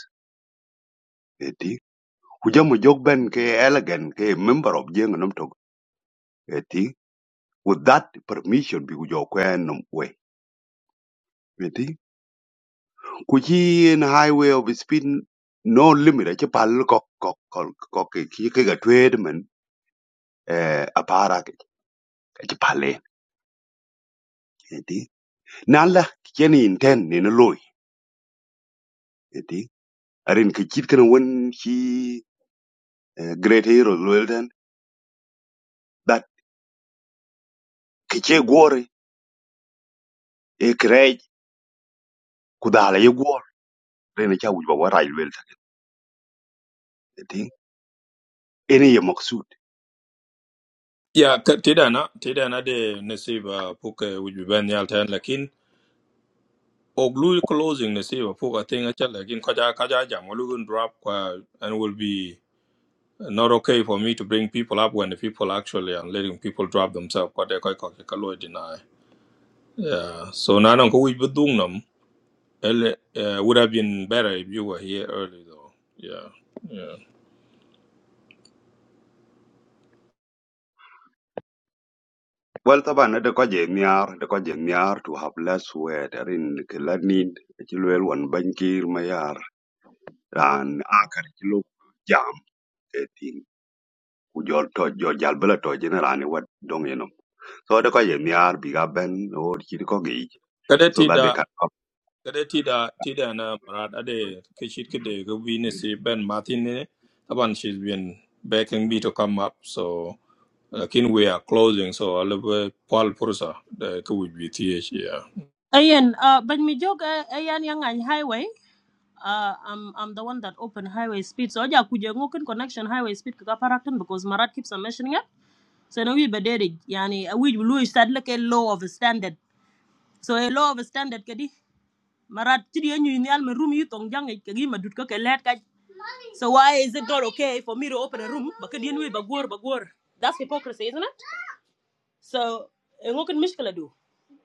E: Kujamu Jogben ke elegant ke member of Jeng Nom Tok eti with that permission bi kujo kwenum we. Eti kuchi in highway of speed no limit achi pal kok kok kok kok ke ki ke ga twed men eh pale. Eti nala kicheni inten ni no loy. Eti arin kichit when he great hero lwelden that kiche gore e krej kudala ye gore rene cha wujba wa rai lwelden. Eti ene ye
A: Yeah, ka- tidana, tidana de nasiba puke which we ben yal ten lakin. Oglu closing nasiba puka thing a chal lakin kaja kaja jam olugun drop kwa and will be not okay for me to bring people up when the people actually are letting people drop themselves kwa de koi koke kaloi deny. Yeah, so nanan ko which bedung nam ele eh, would have been better if you were here early though. Yeah, yeah.
E: Well, taban de ko je miar de ko je miar to have less weight erin ke lanin ci lwel wan bankir ma yar ran akar ci lu jam e tin ku jol to jo jal bela to generani wat dong yeno so de ko je miar bi ga ben or ci ko gi so that they
A: Kadetida
E: can up
A: Kade tida tida na Murad Ade Kishit Kide Gubini si Ben Martin Taban she's been begging me to come up so uh, kin we are closing so a little Paul Pursa the could be TH yeah.
V: Ayan, uh, but me joke, ayan yang ang highway. Uh, I'm I'm the one that open highway speed. So aja kuja ngoken connection highway speed kaka parakton because Marat keeps on mentioning it. So now we bederi yani uh, we will start like a law of a standard. So a law of a standard kadi Marat chidi anyu ni alme room you tong jang kagi madut ka kelet ka. So why is it not okay for me to open a room? Because kadi we bagor bagor. That's hypocrisy, isn't it? So eh, can mishkala do?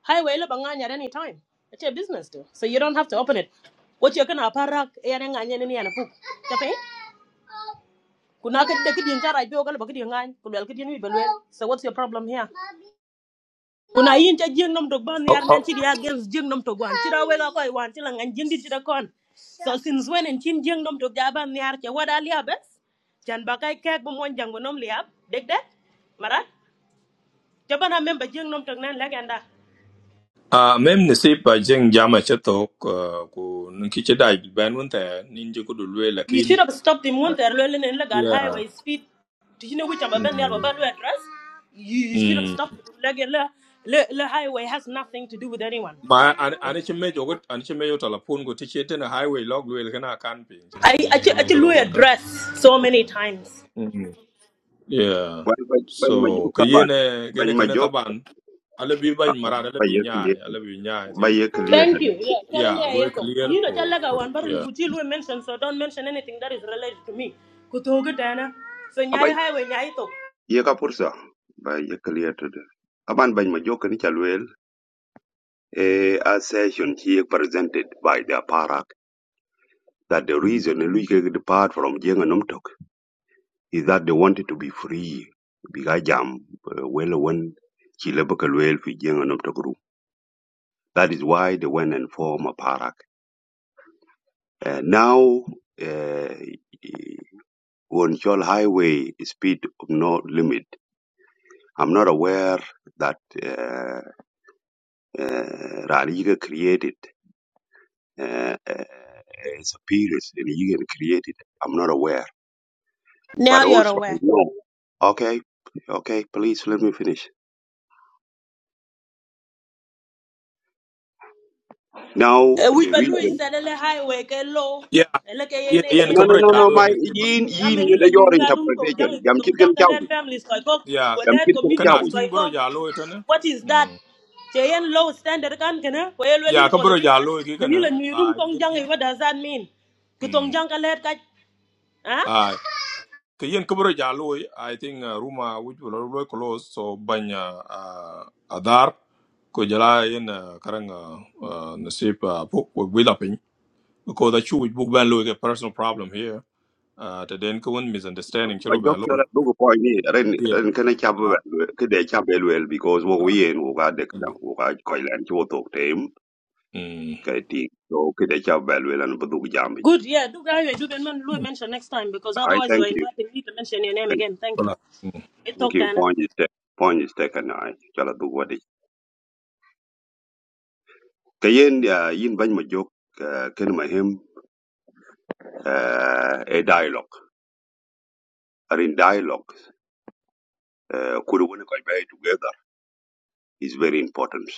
V: Highway la bangan at any time. It's your business too. So you don't have to open it. What you're gonna parak and any and poop. Tapi? Kuna ka take din jara bi ogal bagdi ngan ku lel kidin bi lel. So what's your problem here? Kuna yin ta jeng nam dog ban
A: Oh,
V: yar nan
A: oh.
V: ti dia gens jeng nam dog wan. Ti da wela koy wan ti la ngan jeng di ti da kon. So since when and chin jeng nam dog ja ban yar ke wada liya bes? Jan bakay kek bu mon jang bu nom liya. Deg deg? Mara? Jabana memba jeng nam dog nan legenda.
A: Uh, mem nisip by jeng jama chatok uh, ku nunki chedai ben wunta ninja kudu lwe
V: You should
A: lakin
V: have stopped him when
A: uh,
V: they're learning in
A: yeah
V: highway speed. Do you know which I'm about
A: mm.
V: to address? You, you should have
A: Mm.
V: stopped him. Like, the, the, the highway has nothing to do with anyone.
A: Ba an an
V: Okay.
A: chi mejo gut an chi mejo talapun ku tichete na highway log lwe lakana kan ping
V: I
A: chiting ene kalo
V: actually
A: road ka.
V: address so many times.
A: Yeah. Yeah.
E: ban ban ban ma
A: So
E: jog taban
A: kayene
E: ban
A: kene
E: ma
A: kene
E: jog
A: taban. Alle bi bany marar alle
E: ba ye
A: bi
E: clear
A: nyaay alle bi nyaay
E: ba
A: tin.
E: ye clear
V: Thank
E: de
V: you. Yeah, telling you,
A: Yeah,
V: yeah,
A: loy
V: yeah. so.
A: clear
V: You know, tell
A: ko.
V: like one, but
A: Yeah.
V: Kuchilu mention, so don't mention anything that is related to me. Kutoga Dana. So, Nyai
E: aban
V: Highway, Nyai Tok.
E: ye ka pursa ba ye clear de aban ban ma jog ni ci eh, a session here presented by the Aparak that the reason Luike depart from Jenga Numtok is that they wanted to be free. Bigajam, well, when Chilebakalwell for Jenga Numtok group, That is why they went and formed Aparak. Uh, now, uh, on Chol Highway, speed of no limit. I'm not aware that uh, uh, Raliga created uh, uh, a superiors and you can I'm not aware. but
V: Now you're
E: also I
V: aware.
E: know. Okay, okay, please let me finish. Now
V: Eh, Oui,
E: the
V: ben lui,
E: reason.
V: c'est le highway, que l'eau,
A: Yeah.
V: et le que
A: Yen
V: yene, e
A: yen
E: No,
V: yene
E: no,
A: kabro
E: no, no.
A: jalo
E: My
V: Magdalen.
A: ni siba.
E: yin yin
V: Ameni
E: yin
V: le
E: your
V: nyunya room tong jang,
E: interpretation.
V: iko
E: Jam chit
V: tong
E: kan
V: jang,
E: chau.
V: le families, koi kok,
A: Yeah.
V: ko
E: Jam chit kan chau.
A: Kana
V: communities, koi
A: ting bro jalo ita ne?
V: What is that?
A: Mm.
V: Che yen low standard Can kena, ko yel
A: Yeah,
V: weli
A: kabro
V: politician.
A: jalo ki
V: Meni
A: kana.
V: new room
A: Ah
V: tong
A: yen
V: jang, eh,
A: yen.
V: what does that mean? Ko
A: Mm.
V: jang ka le huh?
A: Ah kayen kabro jalo I think uh, Ruma which will loy close so banya uh, uh, adar ko jala yen uh, karanga uh, uh, nasib uh, because I chew book ban lo a personal problem here. Uh, the then kawan misunderstanding
E: My
A: chiro ban
E: doctor
A: lo.
E: at Lugu point ni. Ren
A: Yeah.
E: ren kan
A: Uh,
E: chau kede chau well well because wo
A: uh,
E: we en wo ga de kan
A: mm.
E: wo ga koi lan chua tok tem
A: Mm.
E: kai ting. So kede chau well well and budu jam ich.
V: Good, yeah, do guy, do can man, mention next time because
E: I
V: otherwise you are
E: thank you.
V: inviting me to mention your name
E: Thank
V: again. Thank you.
A: Bala. Mm.
V: I
E: thank
V: talk,
E: you.
V: Dana.
E: Point is taken. Point is taken. I chala du wadi. Kayen ya yin bany ma jok kan ma uh, a dialogue. Are in dialogue, uh, kulu wuni koch bai together is very important.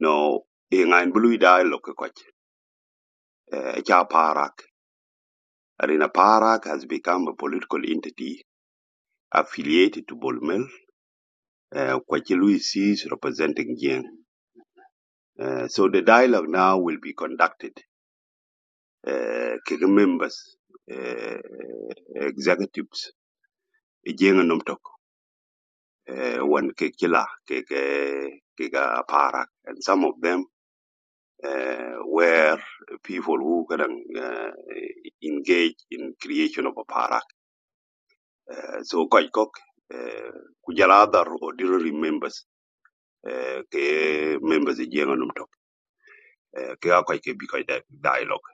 E: No, in ein blue dialogue koch, uh, cha parak. Arena Parak has become a political entity affiliated to Bolmel, uh, which Louis is representing Jiang. Uh, so the dialogue now will be conducted. Uh, members, uh, executives, e Jiang and Nomtok, uh, one Kekila, Keke, Kega Parak, and some of them uh, where people who can uh, engage in creation of a parak. Uh, so quite cock uh, kujala other members uh, ke members e jenga num top uh, ke a quite ke dialogue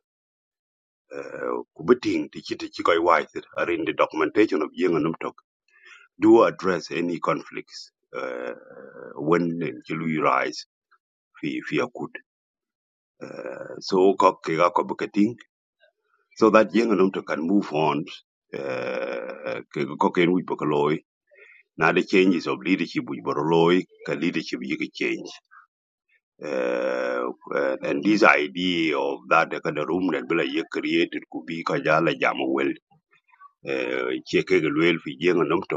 E: uh, kubiting ti chiti chi koi wise are in the documentation of jenga num top do address any conflicts uh, when chilu rise fi fi akut uh, so kok ke ga ko bukati so that young adult can move on uh, ke- ko ken now the changes of leadership which boro loy leadership you can change uh, and, this idea of that the kind of room that bila ye created could be ka jala jam well uh, che young adult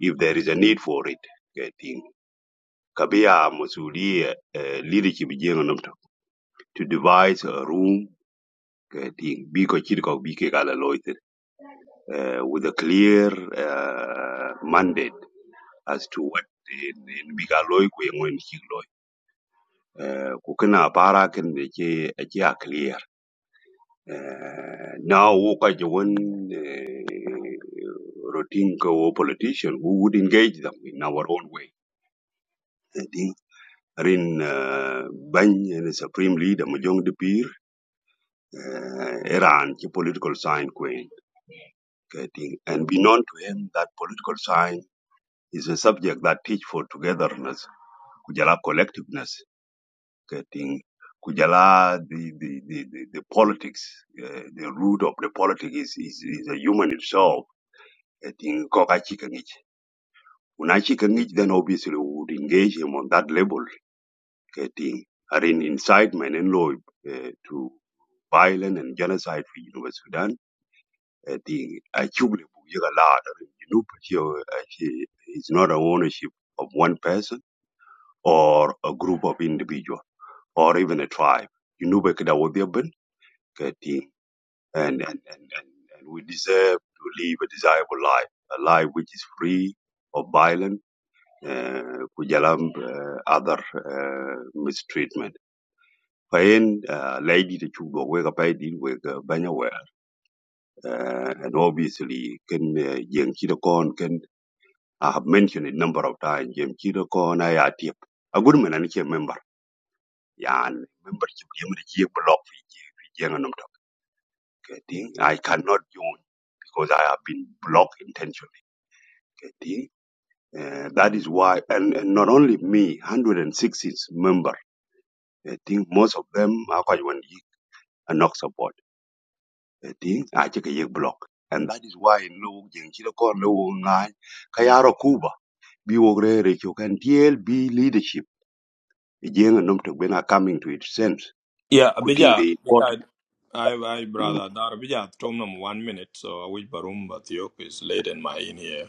E: if there is a need for it ke ting kabia masulia uh, leadership young adult to devise a room ke ting bi ko chid ko bi ke gala uh, with a clear uh, mandate as to what in biga loy ku yengo in chik loy Eh, kana para ken de che a clear Eh, now wo ka je routine ko wo politician who would engage them in our own way i think rin eh, ban and supreme leader mo jong de iran political sign queen i and be known to him that political sign is a subject that teach for togetherness, kujala collectiveness, getting kujala the the the, the, the politics, uh, the root of the politics is is, is a human itself. Getting kokachikangich. Unachikangich then obviously we would engage him on that level, getting are in incitement and law uh, to violence and genocide for University Sudan. I think achievable a lot. I mean, you know, but, you know, it's not an ownership of one person or a group of individual or even a tribe. You know, back that would be a bin, and, and, and, and, and we deserve to live a desirable life, a life which is free of violence, uh, kujalam, uh, other uh, mistreatment. Pain, uh, lady the chuba wega pay deal with banyaware, uh, and obviously can jem chidokon can I have mentioned it a number of times. Jem chidokon ayatip. A good man and a member. Yeah, and membership MDG block Fiji Fiji yang anom tak. getting I cannot join because I have been blocked intentionally. Getting uh, that is why, and, and not only me, 160 member. I think most of them are quite one and not support. I think I take a block, and that is why in Lu Jengkiro Kon Lu Ngai Kayaro Kuba Biwogre Rekyo can DLB leadership. Jeng and Numtok when are coming to its sense.
A: Yeah,
E: Cutting
A: bija
E: the important.
A: bija I I
E: Mm,
A: brother dar bija tom nam one minute so I wish barum but yok is late in my in here.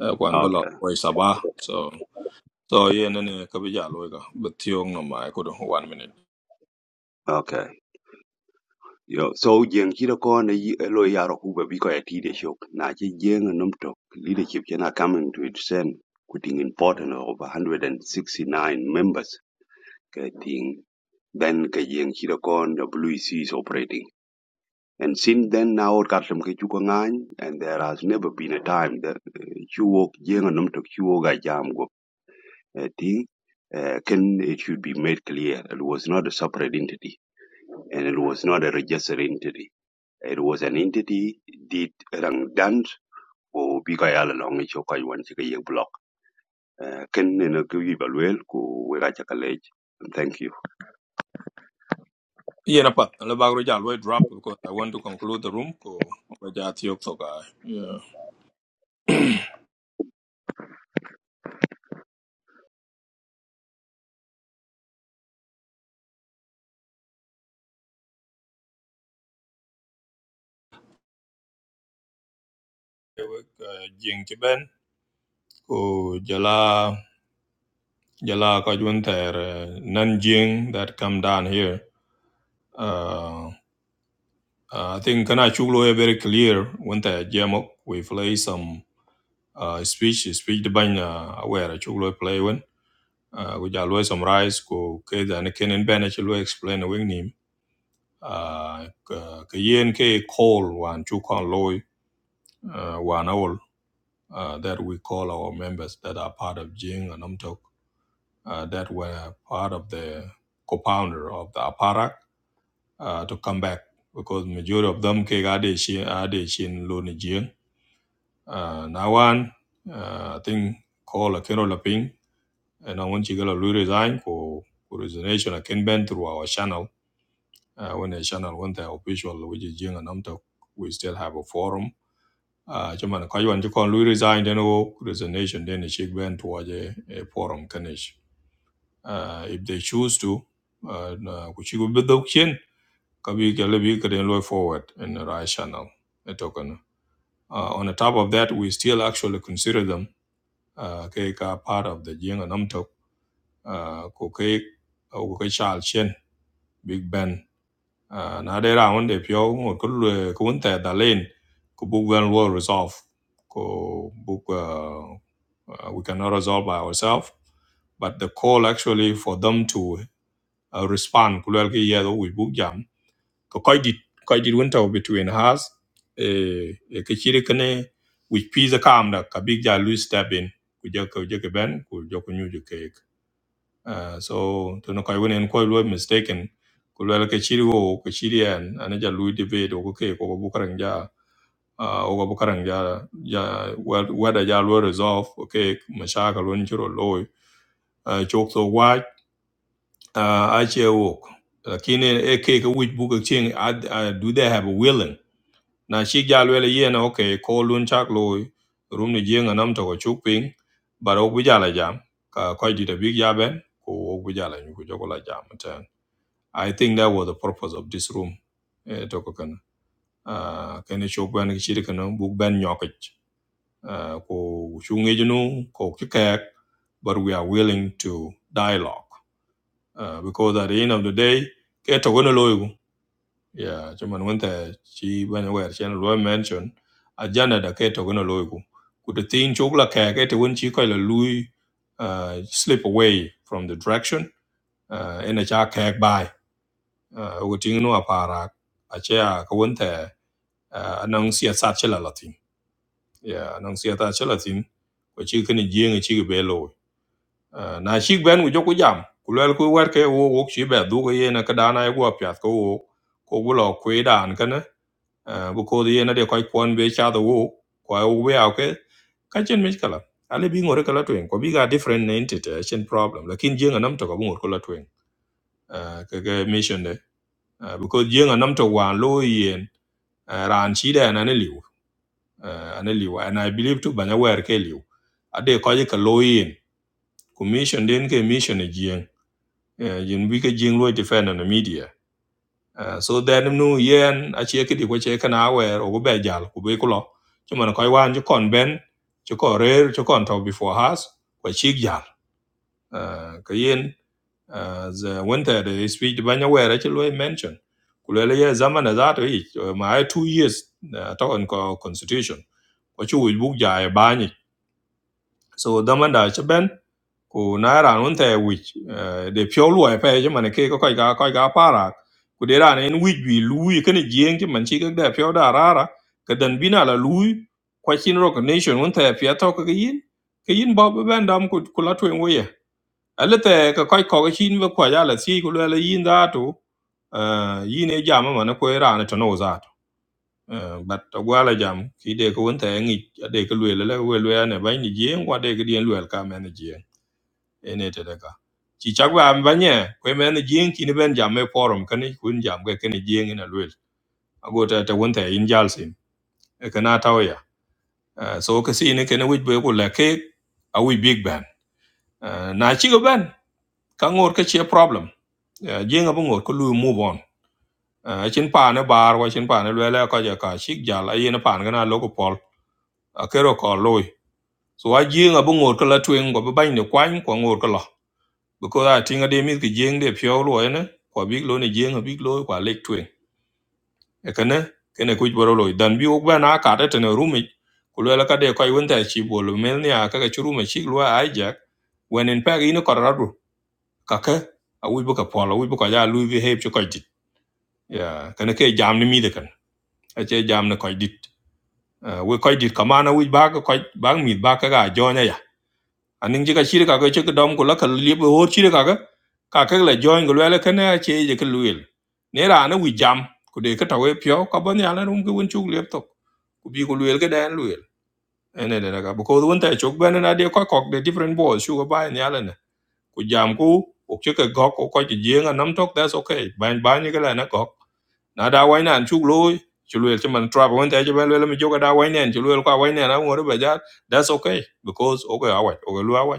A: Uh, kwan bala
E: okay.
A: oi sabah so so yeah nene kabija lo ka but yong nam I could one minute.
E: Okay. Yo, so jeng chira ko na yi elo yaro kuba biko ya tide shok. Na che jeng num tok leadership chena coming to its end. Kuting important of 169 members. Kating then ka jeng chira ko na is operating. And since then now kartam ke chuko ngany and there has never been a time that uh, chuo jeng num tok chuo ga jam go. Kating uh, can it should be made clear it was not a separate entity and it was not a registered entity It was an entity did rangdan ko bi ka yala long cho ka yuan chi block. Eh, Ken ne no ku yi balwel ku we ka cha college. Thank you.
A: Yeah, na pat le bagro ja lo drop because I want to conclude the room ko baja tiok so guy. Yeah. Jing chiben. ko jala jala ko junter nanjing that come down here uh, uh, i think kana chulo is very clear when the jamok we play some uh, speech speech the banya aware chulo play when uh, we jalo summarize ko ke dan ken en bana chulo explain the wing nim uh, ka yen ke call one chu kon loy uh, one all uh, that we call our members that are part of jing and amtok uh, that were part of the co-founder of the APARAC uh, to come back because majority of them came out in Loni Jiang. Uh, Nawan, uh, I think, called Akino Laping, and I want you to resign for resignation. I can bend through our channel. Uh, when the channel went the official, which is Jiang and Namtok, we still have a forum. Uh, Chairman, Kaiwan, you can resign, then oh, resignation, then the Sheikh Ben towards a a forum. kanish uh, if they choose to uh, na ku ci gaba da kin ka bi ka labi ka den loy forward in the right channel na token uh, on the top of that we still actually consider them uh, kai ka part of the jing and amtok uh, ko kai uh, ko kai chal chen big ben uh, na de round de pyo ngo ko le ko un ta da len ko bu gan lo resolve ko bu uh, uh, we cannot resolve by ourselves but the call actually for them to uh, respond ku lwel ki yedo wi buk jam ko koy dit koy dit won taw between us e e ke chiri kane wi pizza kam da ka big ja lu step in ku je ko je ke ben ku je ko nyu je ke uh, so to no koy won en koy lu mistaken ku lwel ke chiri wo ke chiri en an ana ja lu debate ko ke ko bu karang ja uh, o bu karang ja ja whether ja lu resolve okay mashaka lu ni chiro loy uh, chok so wa uh, ache wok lakini e ke ke wich buka ching ad, ad, do they have a willing na shi jal wele yen okay call lun chak loy rum ni jenga nam to chuk ping but ok bijala jam ka ko di da big jaben ko ok bijala nyu ko jogola jam ten i think that was the purpose of this room e to ko kana uh, kene chok ban ki shiri kana buk ben nyokich uh, ko chungi junu ko kikek but we are willing to dialogue uh, because at the end of the day ke to gono loyo yeah chairman wente chi banya wer chen mentioned mention agenda da ke to gono loyo ku the thing chokla ke ke to won chi ko la lui uh, slip away from the direction uh, in a cha ke by uh, ku ting no apara a cha ko wente uh, anong sia sa chela latin yeah anong sia ta chela tin But chi kini jing e chi ke belo Ah, na shik ben ku joku jam ku lel ku wer ke wo wo shi be du ko yena ka dana ye go pya ko wo ko bu lo ku dan ka ne bu ko ye na de ko kon be cha do wo ko ai wo ya ke ka chen mi kala ale bi ngore kala twen ko bi ga different ne entity a chen problem lakin je nam to ko bu ngor kala twen uh, ke ke mission de Ah, because je nam to wan lo yen ah, ran chi de na ne liu Ah, ane liu and i believe to banya wer ke liu ade ko ye ka lo yen ku mission den ke mission e jieng. eh, yin wike jing lo defend on the media Eh, so then nu yen a che kidi ko che kana wer o go be jal ku be kulo chuman ko wan ju kon ben ju ko rer ju kon to before has ko chi jal Eh, ka yen uh, the winter the speech banya were che lo mention kulele ye zaman za to ich uh, ma ai 2 years uh, to on ko constitution ko chu wi buk ja e bani so damanda chben ku naira nun te which uh, de pyo lu pe je man ke ko kai ga kai ga para ku de ran en which bi lu yi ken jien ki man chi ga de pyo da rara ka dan bina la lu kwa chin recognition nun te pya to ka yin ke yin ba ba ban dam ku ku la twen wo ye ale te ka kai ko ga chin ba kwa ya la si ku la yin da to uh, yin e jama man ko ran to no Ờ, bat gwala jam ki de ko wonta ngi de ko lwe la we lwe ne ba ni jien wa de ko dien lwe ka men ni jien ene te de ka chi chak ba am banye ko men ni jien ki ni ben jam me forum kan ni kun jam ga ken jien ina lwe ago ta ta wonta in jalsin e kana tawya so ka si ni ken wij be ko la ke a wij big ban Ờ, na chi go ban ka ngor ka chi problem Ờ, jien ga bo ngor ko lu move on Ờ, chin pa ne bar wa chin pa ne lwe la ka ja ka shik jal a yin pa ne na lo ko pol a kero ko loy so a jing abu ngor kala twen go ba ni kwany ko ngor kala because I think de mi ki jing de pyo lo ne ko big lo ne jing a big lo kwa lek twen e kana kene ku boro lo dan bi ok ba na ka ta ne rumi ku lo ka de ko yun ta chi bo lo mel ni a ka ka churu ma chi lo a ja when in pag ino korado ka ka a wi bu ka polo wi bu ka ja lu vi heb chu ko dit ya kana ke jam ni mi de kan a jam ne ko dit Uh, we ko dit ka mana wi ba ka ko ba mi ba ka ga jo ne aning ci ka shir ka ko ci dom ko la ka liep ho shir ka ka ka la join ko la ka na che je ka luil ne ra na wi jam ku de ka ta we pyo ka ban ya la rum ko won chuk liep to ku bi ko luil ka dan luil ene de ka ko won ta chuk ban na de ko ko de different balls shu ko ba ya la na ku jam ku ok ci ka go ko ko je nga nam tok that's okay ban ban ni ka la na ko na da wai nan chuk loy chu luil ci man trap won ta je ban luil mi jo da wai nen chu luil wai nen na ngor ba ja that's okay because okay awai okay luil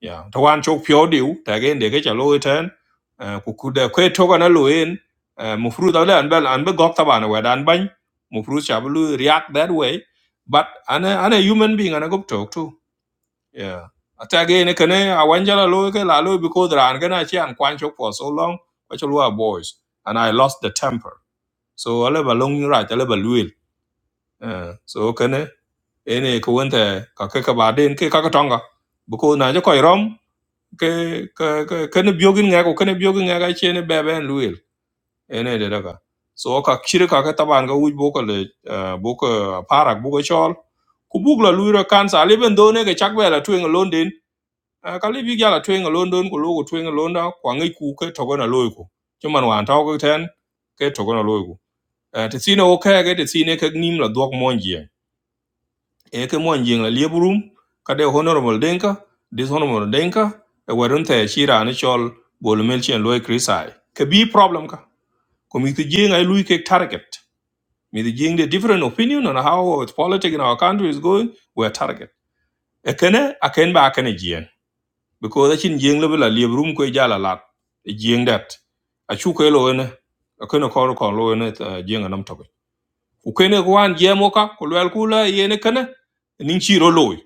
A: yeah to wan chok pyo diu ta again de ke cha lo e ten eh, ku ku de kwe to kana lo en mu fru da le an bel be gok ta dan ban mu fru react that way but an a- an a human being an a go talk too. yeah ata again ne kane a wan jala lo e ke la because ran kana chi an for so long kwa chok lo boys and i lost the temper so I ale a long right ale ba luil so kane ene ko wonte ka ke ka ba den ke ka ka tonga buku na je ke ke ke ke ne biogin nga ke ne biogin nga che ne luil ene de daga so ka kire ka ka taban ga wuj boko le eh, boko eh, parak boko chol ku bugla luira kansa leben do ne ke chakbe la london Eh, ka libi ga la london ko logo twen london kwa ngai ku ke togo na chuman wan taw ko ten ke togo na Eh, te sine o ke te sine ke nim la dog monjie eke mon jing la lieburum kade honorable denka dishonorable denka e warun te shira ne chol bol mel chen loy krisai ke bi problem ka ko mi ti jing ai lui ke target mi ti jing the different opinion on how its politics in our country is going we are target e kene a ken ba kene jien because achin jing le la lieburum ko jala lat e jing dat a chu ko lo ne a kene ko ko lo ne jing nam to ku kene ko an jemo ka ko lel kula yene kene nin chiro loy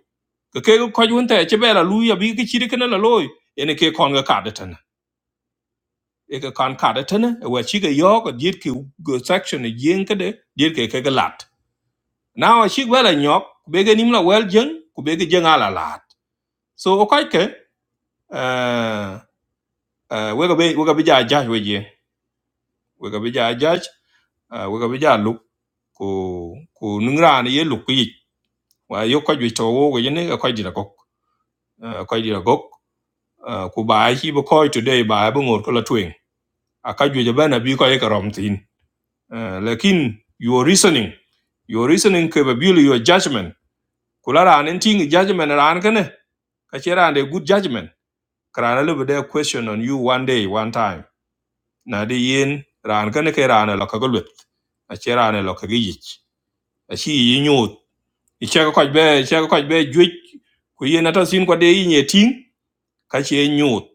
A: ke ke ko jun te che bela lu ya bi ke chiri kana la loy ene ke kon ga kada tan e ke kon kada tan e wa chi ga yo ko diet ke go section e yen ke de diet ke ke ga lat now a chi bela nyok be ga nim la wel jeng ku be ga jeng ala lat so o kai ke eh eh we ga be we ga bi ja ja we je we ga bi ja ja we ga bi ja lu ku ku nungra ne ye lu ku yi wa yo ko ju to wo ga ne ko di la ko ko di la uh, ku bai chi bu koi today bai bu ngot ko la twing a ka ju ban abi ko e ka rom tin uh, lakin your reasoning your reasoning ke ba bil your judgment kula ran en ting judgment ran ka ne ka che ran de good judgment kra na be question on you one day one time na de yin ran ka ne ke ran la ka gulut a che ran la ka gi a chi yi nyut i che ko be che ko be ju ku yin ata sin ko de yin ye ting ka che nyut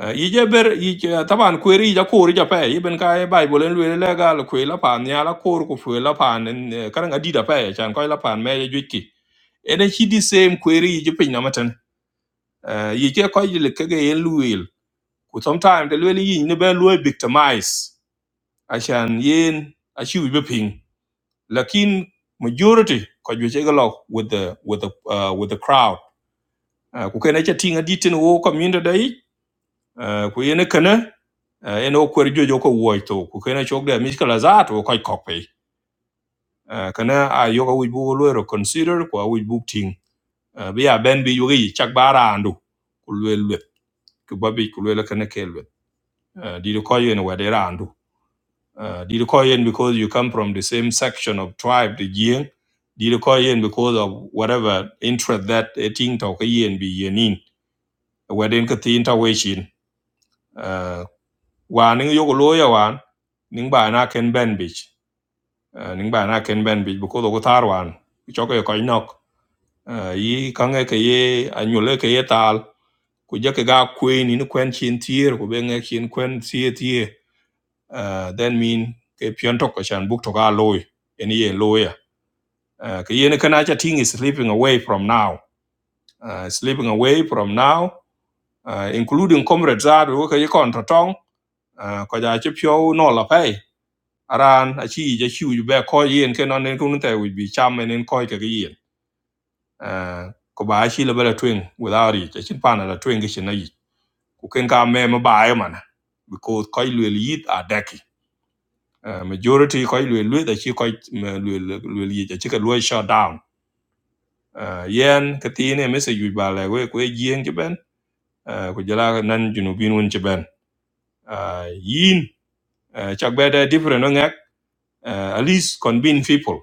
A: Eh, yije ber yije taban kweri yija kor yija pe yiben ka bible lwe le gal kwe la pan ya la kor ko fwe la pan karan adida pe chan ko la pan me ye jwiki ene chi di same kweri yije pin na matan yije ko yile ke ge yen lwe ku sometime de lwe yin ne be lwe victimize achan yen achi wi be pin lakin majority ko jwe che galo with the with the uh, with the crowd Eh, ku kene cha tinga ditin wo community dai Eh, ku yene kene eh, en okwer jojo ko wuoy to ku kene chok de mich kala zat wo koy kok piny Eh, kene a yoga wij bu lo ro consider ku a wij buk ting Eh, bi a ben bi yugi chak ba andu, ku lwe lwe ku babi ku lwe kene ke lwe Eh, di ko yen wa de randu Eh, di ko yen because you come from the same section of tribe the yin di ko yen because of whatever interest that a thing to ka yen bi yenin wa den ka tin ta we shin wa ning yogo loya wan ning ba na ken ben bich Eh, ning ba na ken ben bich buko do tar wan choke ko nok uh, yi kange ke ye anyule ke ye tal ku je ke ga kwe ni ni kwen chin tier ku ben chin kwen tie tie Eh, then mean ke pion to ko chan buk to ga loy eni ye loya Eh, ke ye ne kana cha ting is slipping away from now Eh, slipping away from now eh, including comrades are wo ke ye kon to tong eh, ko ja che pyo no la pay aran achi je chu ju be ko yen ke non nen kun te would be cham men en ko ke ge yen Eh, ko ba chi le bela twing without it ja chin pa na la twing ke na yi ku ken ka me ma ba e man because ko lu yit a deki Eh, majority ko lu lu da chi ko lu lu yi ja chi ke lu shut down Eh, yen ke ti ne me se ju ba le we ku yen ke ben eh, ku jala nan junu bin won che ben Eh, yin eh, chak be de different no ngak eh, at least convince people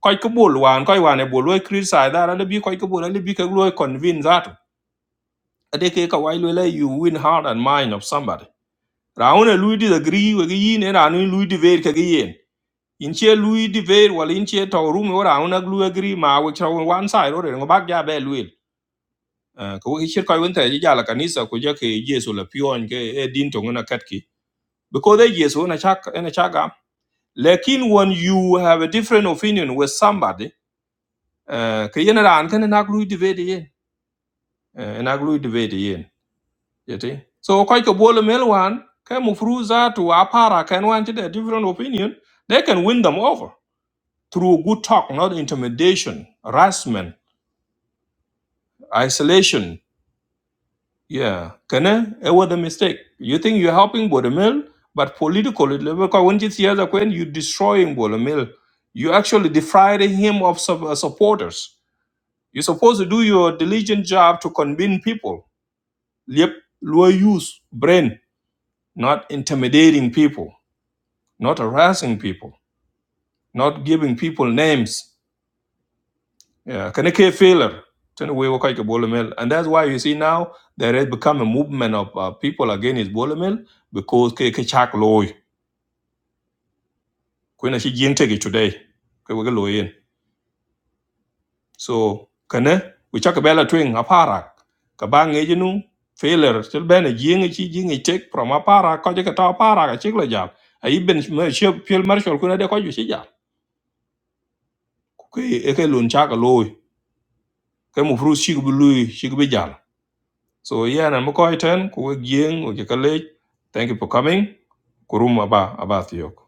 A: koy ko bol wan koy wan e bol we criticize that and be koy ko bol and be ko lo convince that ade ke ka wai lo la you win heart and mind of somebody raun e lui disagree we gi ne raun lui di ver ke gi yen in che lui di ver wal in che to room we raun ag lui agree ma we chro one side ro ngo bak ja be lui ko we che koy won te ji ja la kanisa ko je ke yesu la pion ke e din to ngona kat ki because they yesu na chak na chaga lekin when you have a different opinion with somebody uh, ke yen ran ken na lui di ver yen eh, en aglu debate yen yeti so ko ko bol mel wan ke mu fruza to apara can wan to the different opinion they can win them over through good talk not intimidation harassment isolation yeah kana it was a mistake you think you're helping Bodemil, but politically because when it's the other when you're destroying Bodemil, you actually defrauding him of sub- uh, supporters you're supposed to do your diligent job to convince people yep low use brain not intimidating people, not harassing people, not giving people names. Yeah, can it failure? And that's why you see now there has become a movement of uh, people against Bolomel because ke ke chak loy. Kuna shi jing take today. Ke wege loyen. So kana we chak bela twing aparak. Kabang ejinu failure still ben a jing chi jing take from aparak ko je ka ta aparak a chik la jam. A ibn shil marshal kuna de ko ju shi jam. ke ke lun cha ka loy ke mu fru shi bu lui shi bu jal so yeah na mo ko iten gieng o ke thank you for coming kuruma ba aba thiok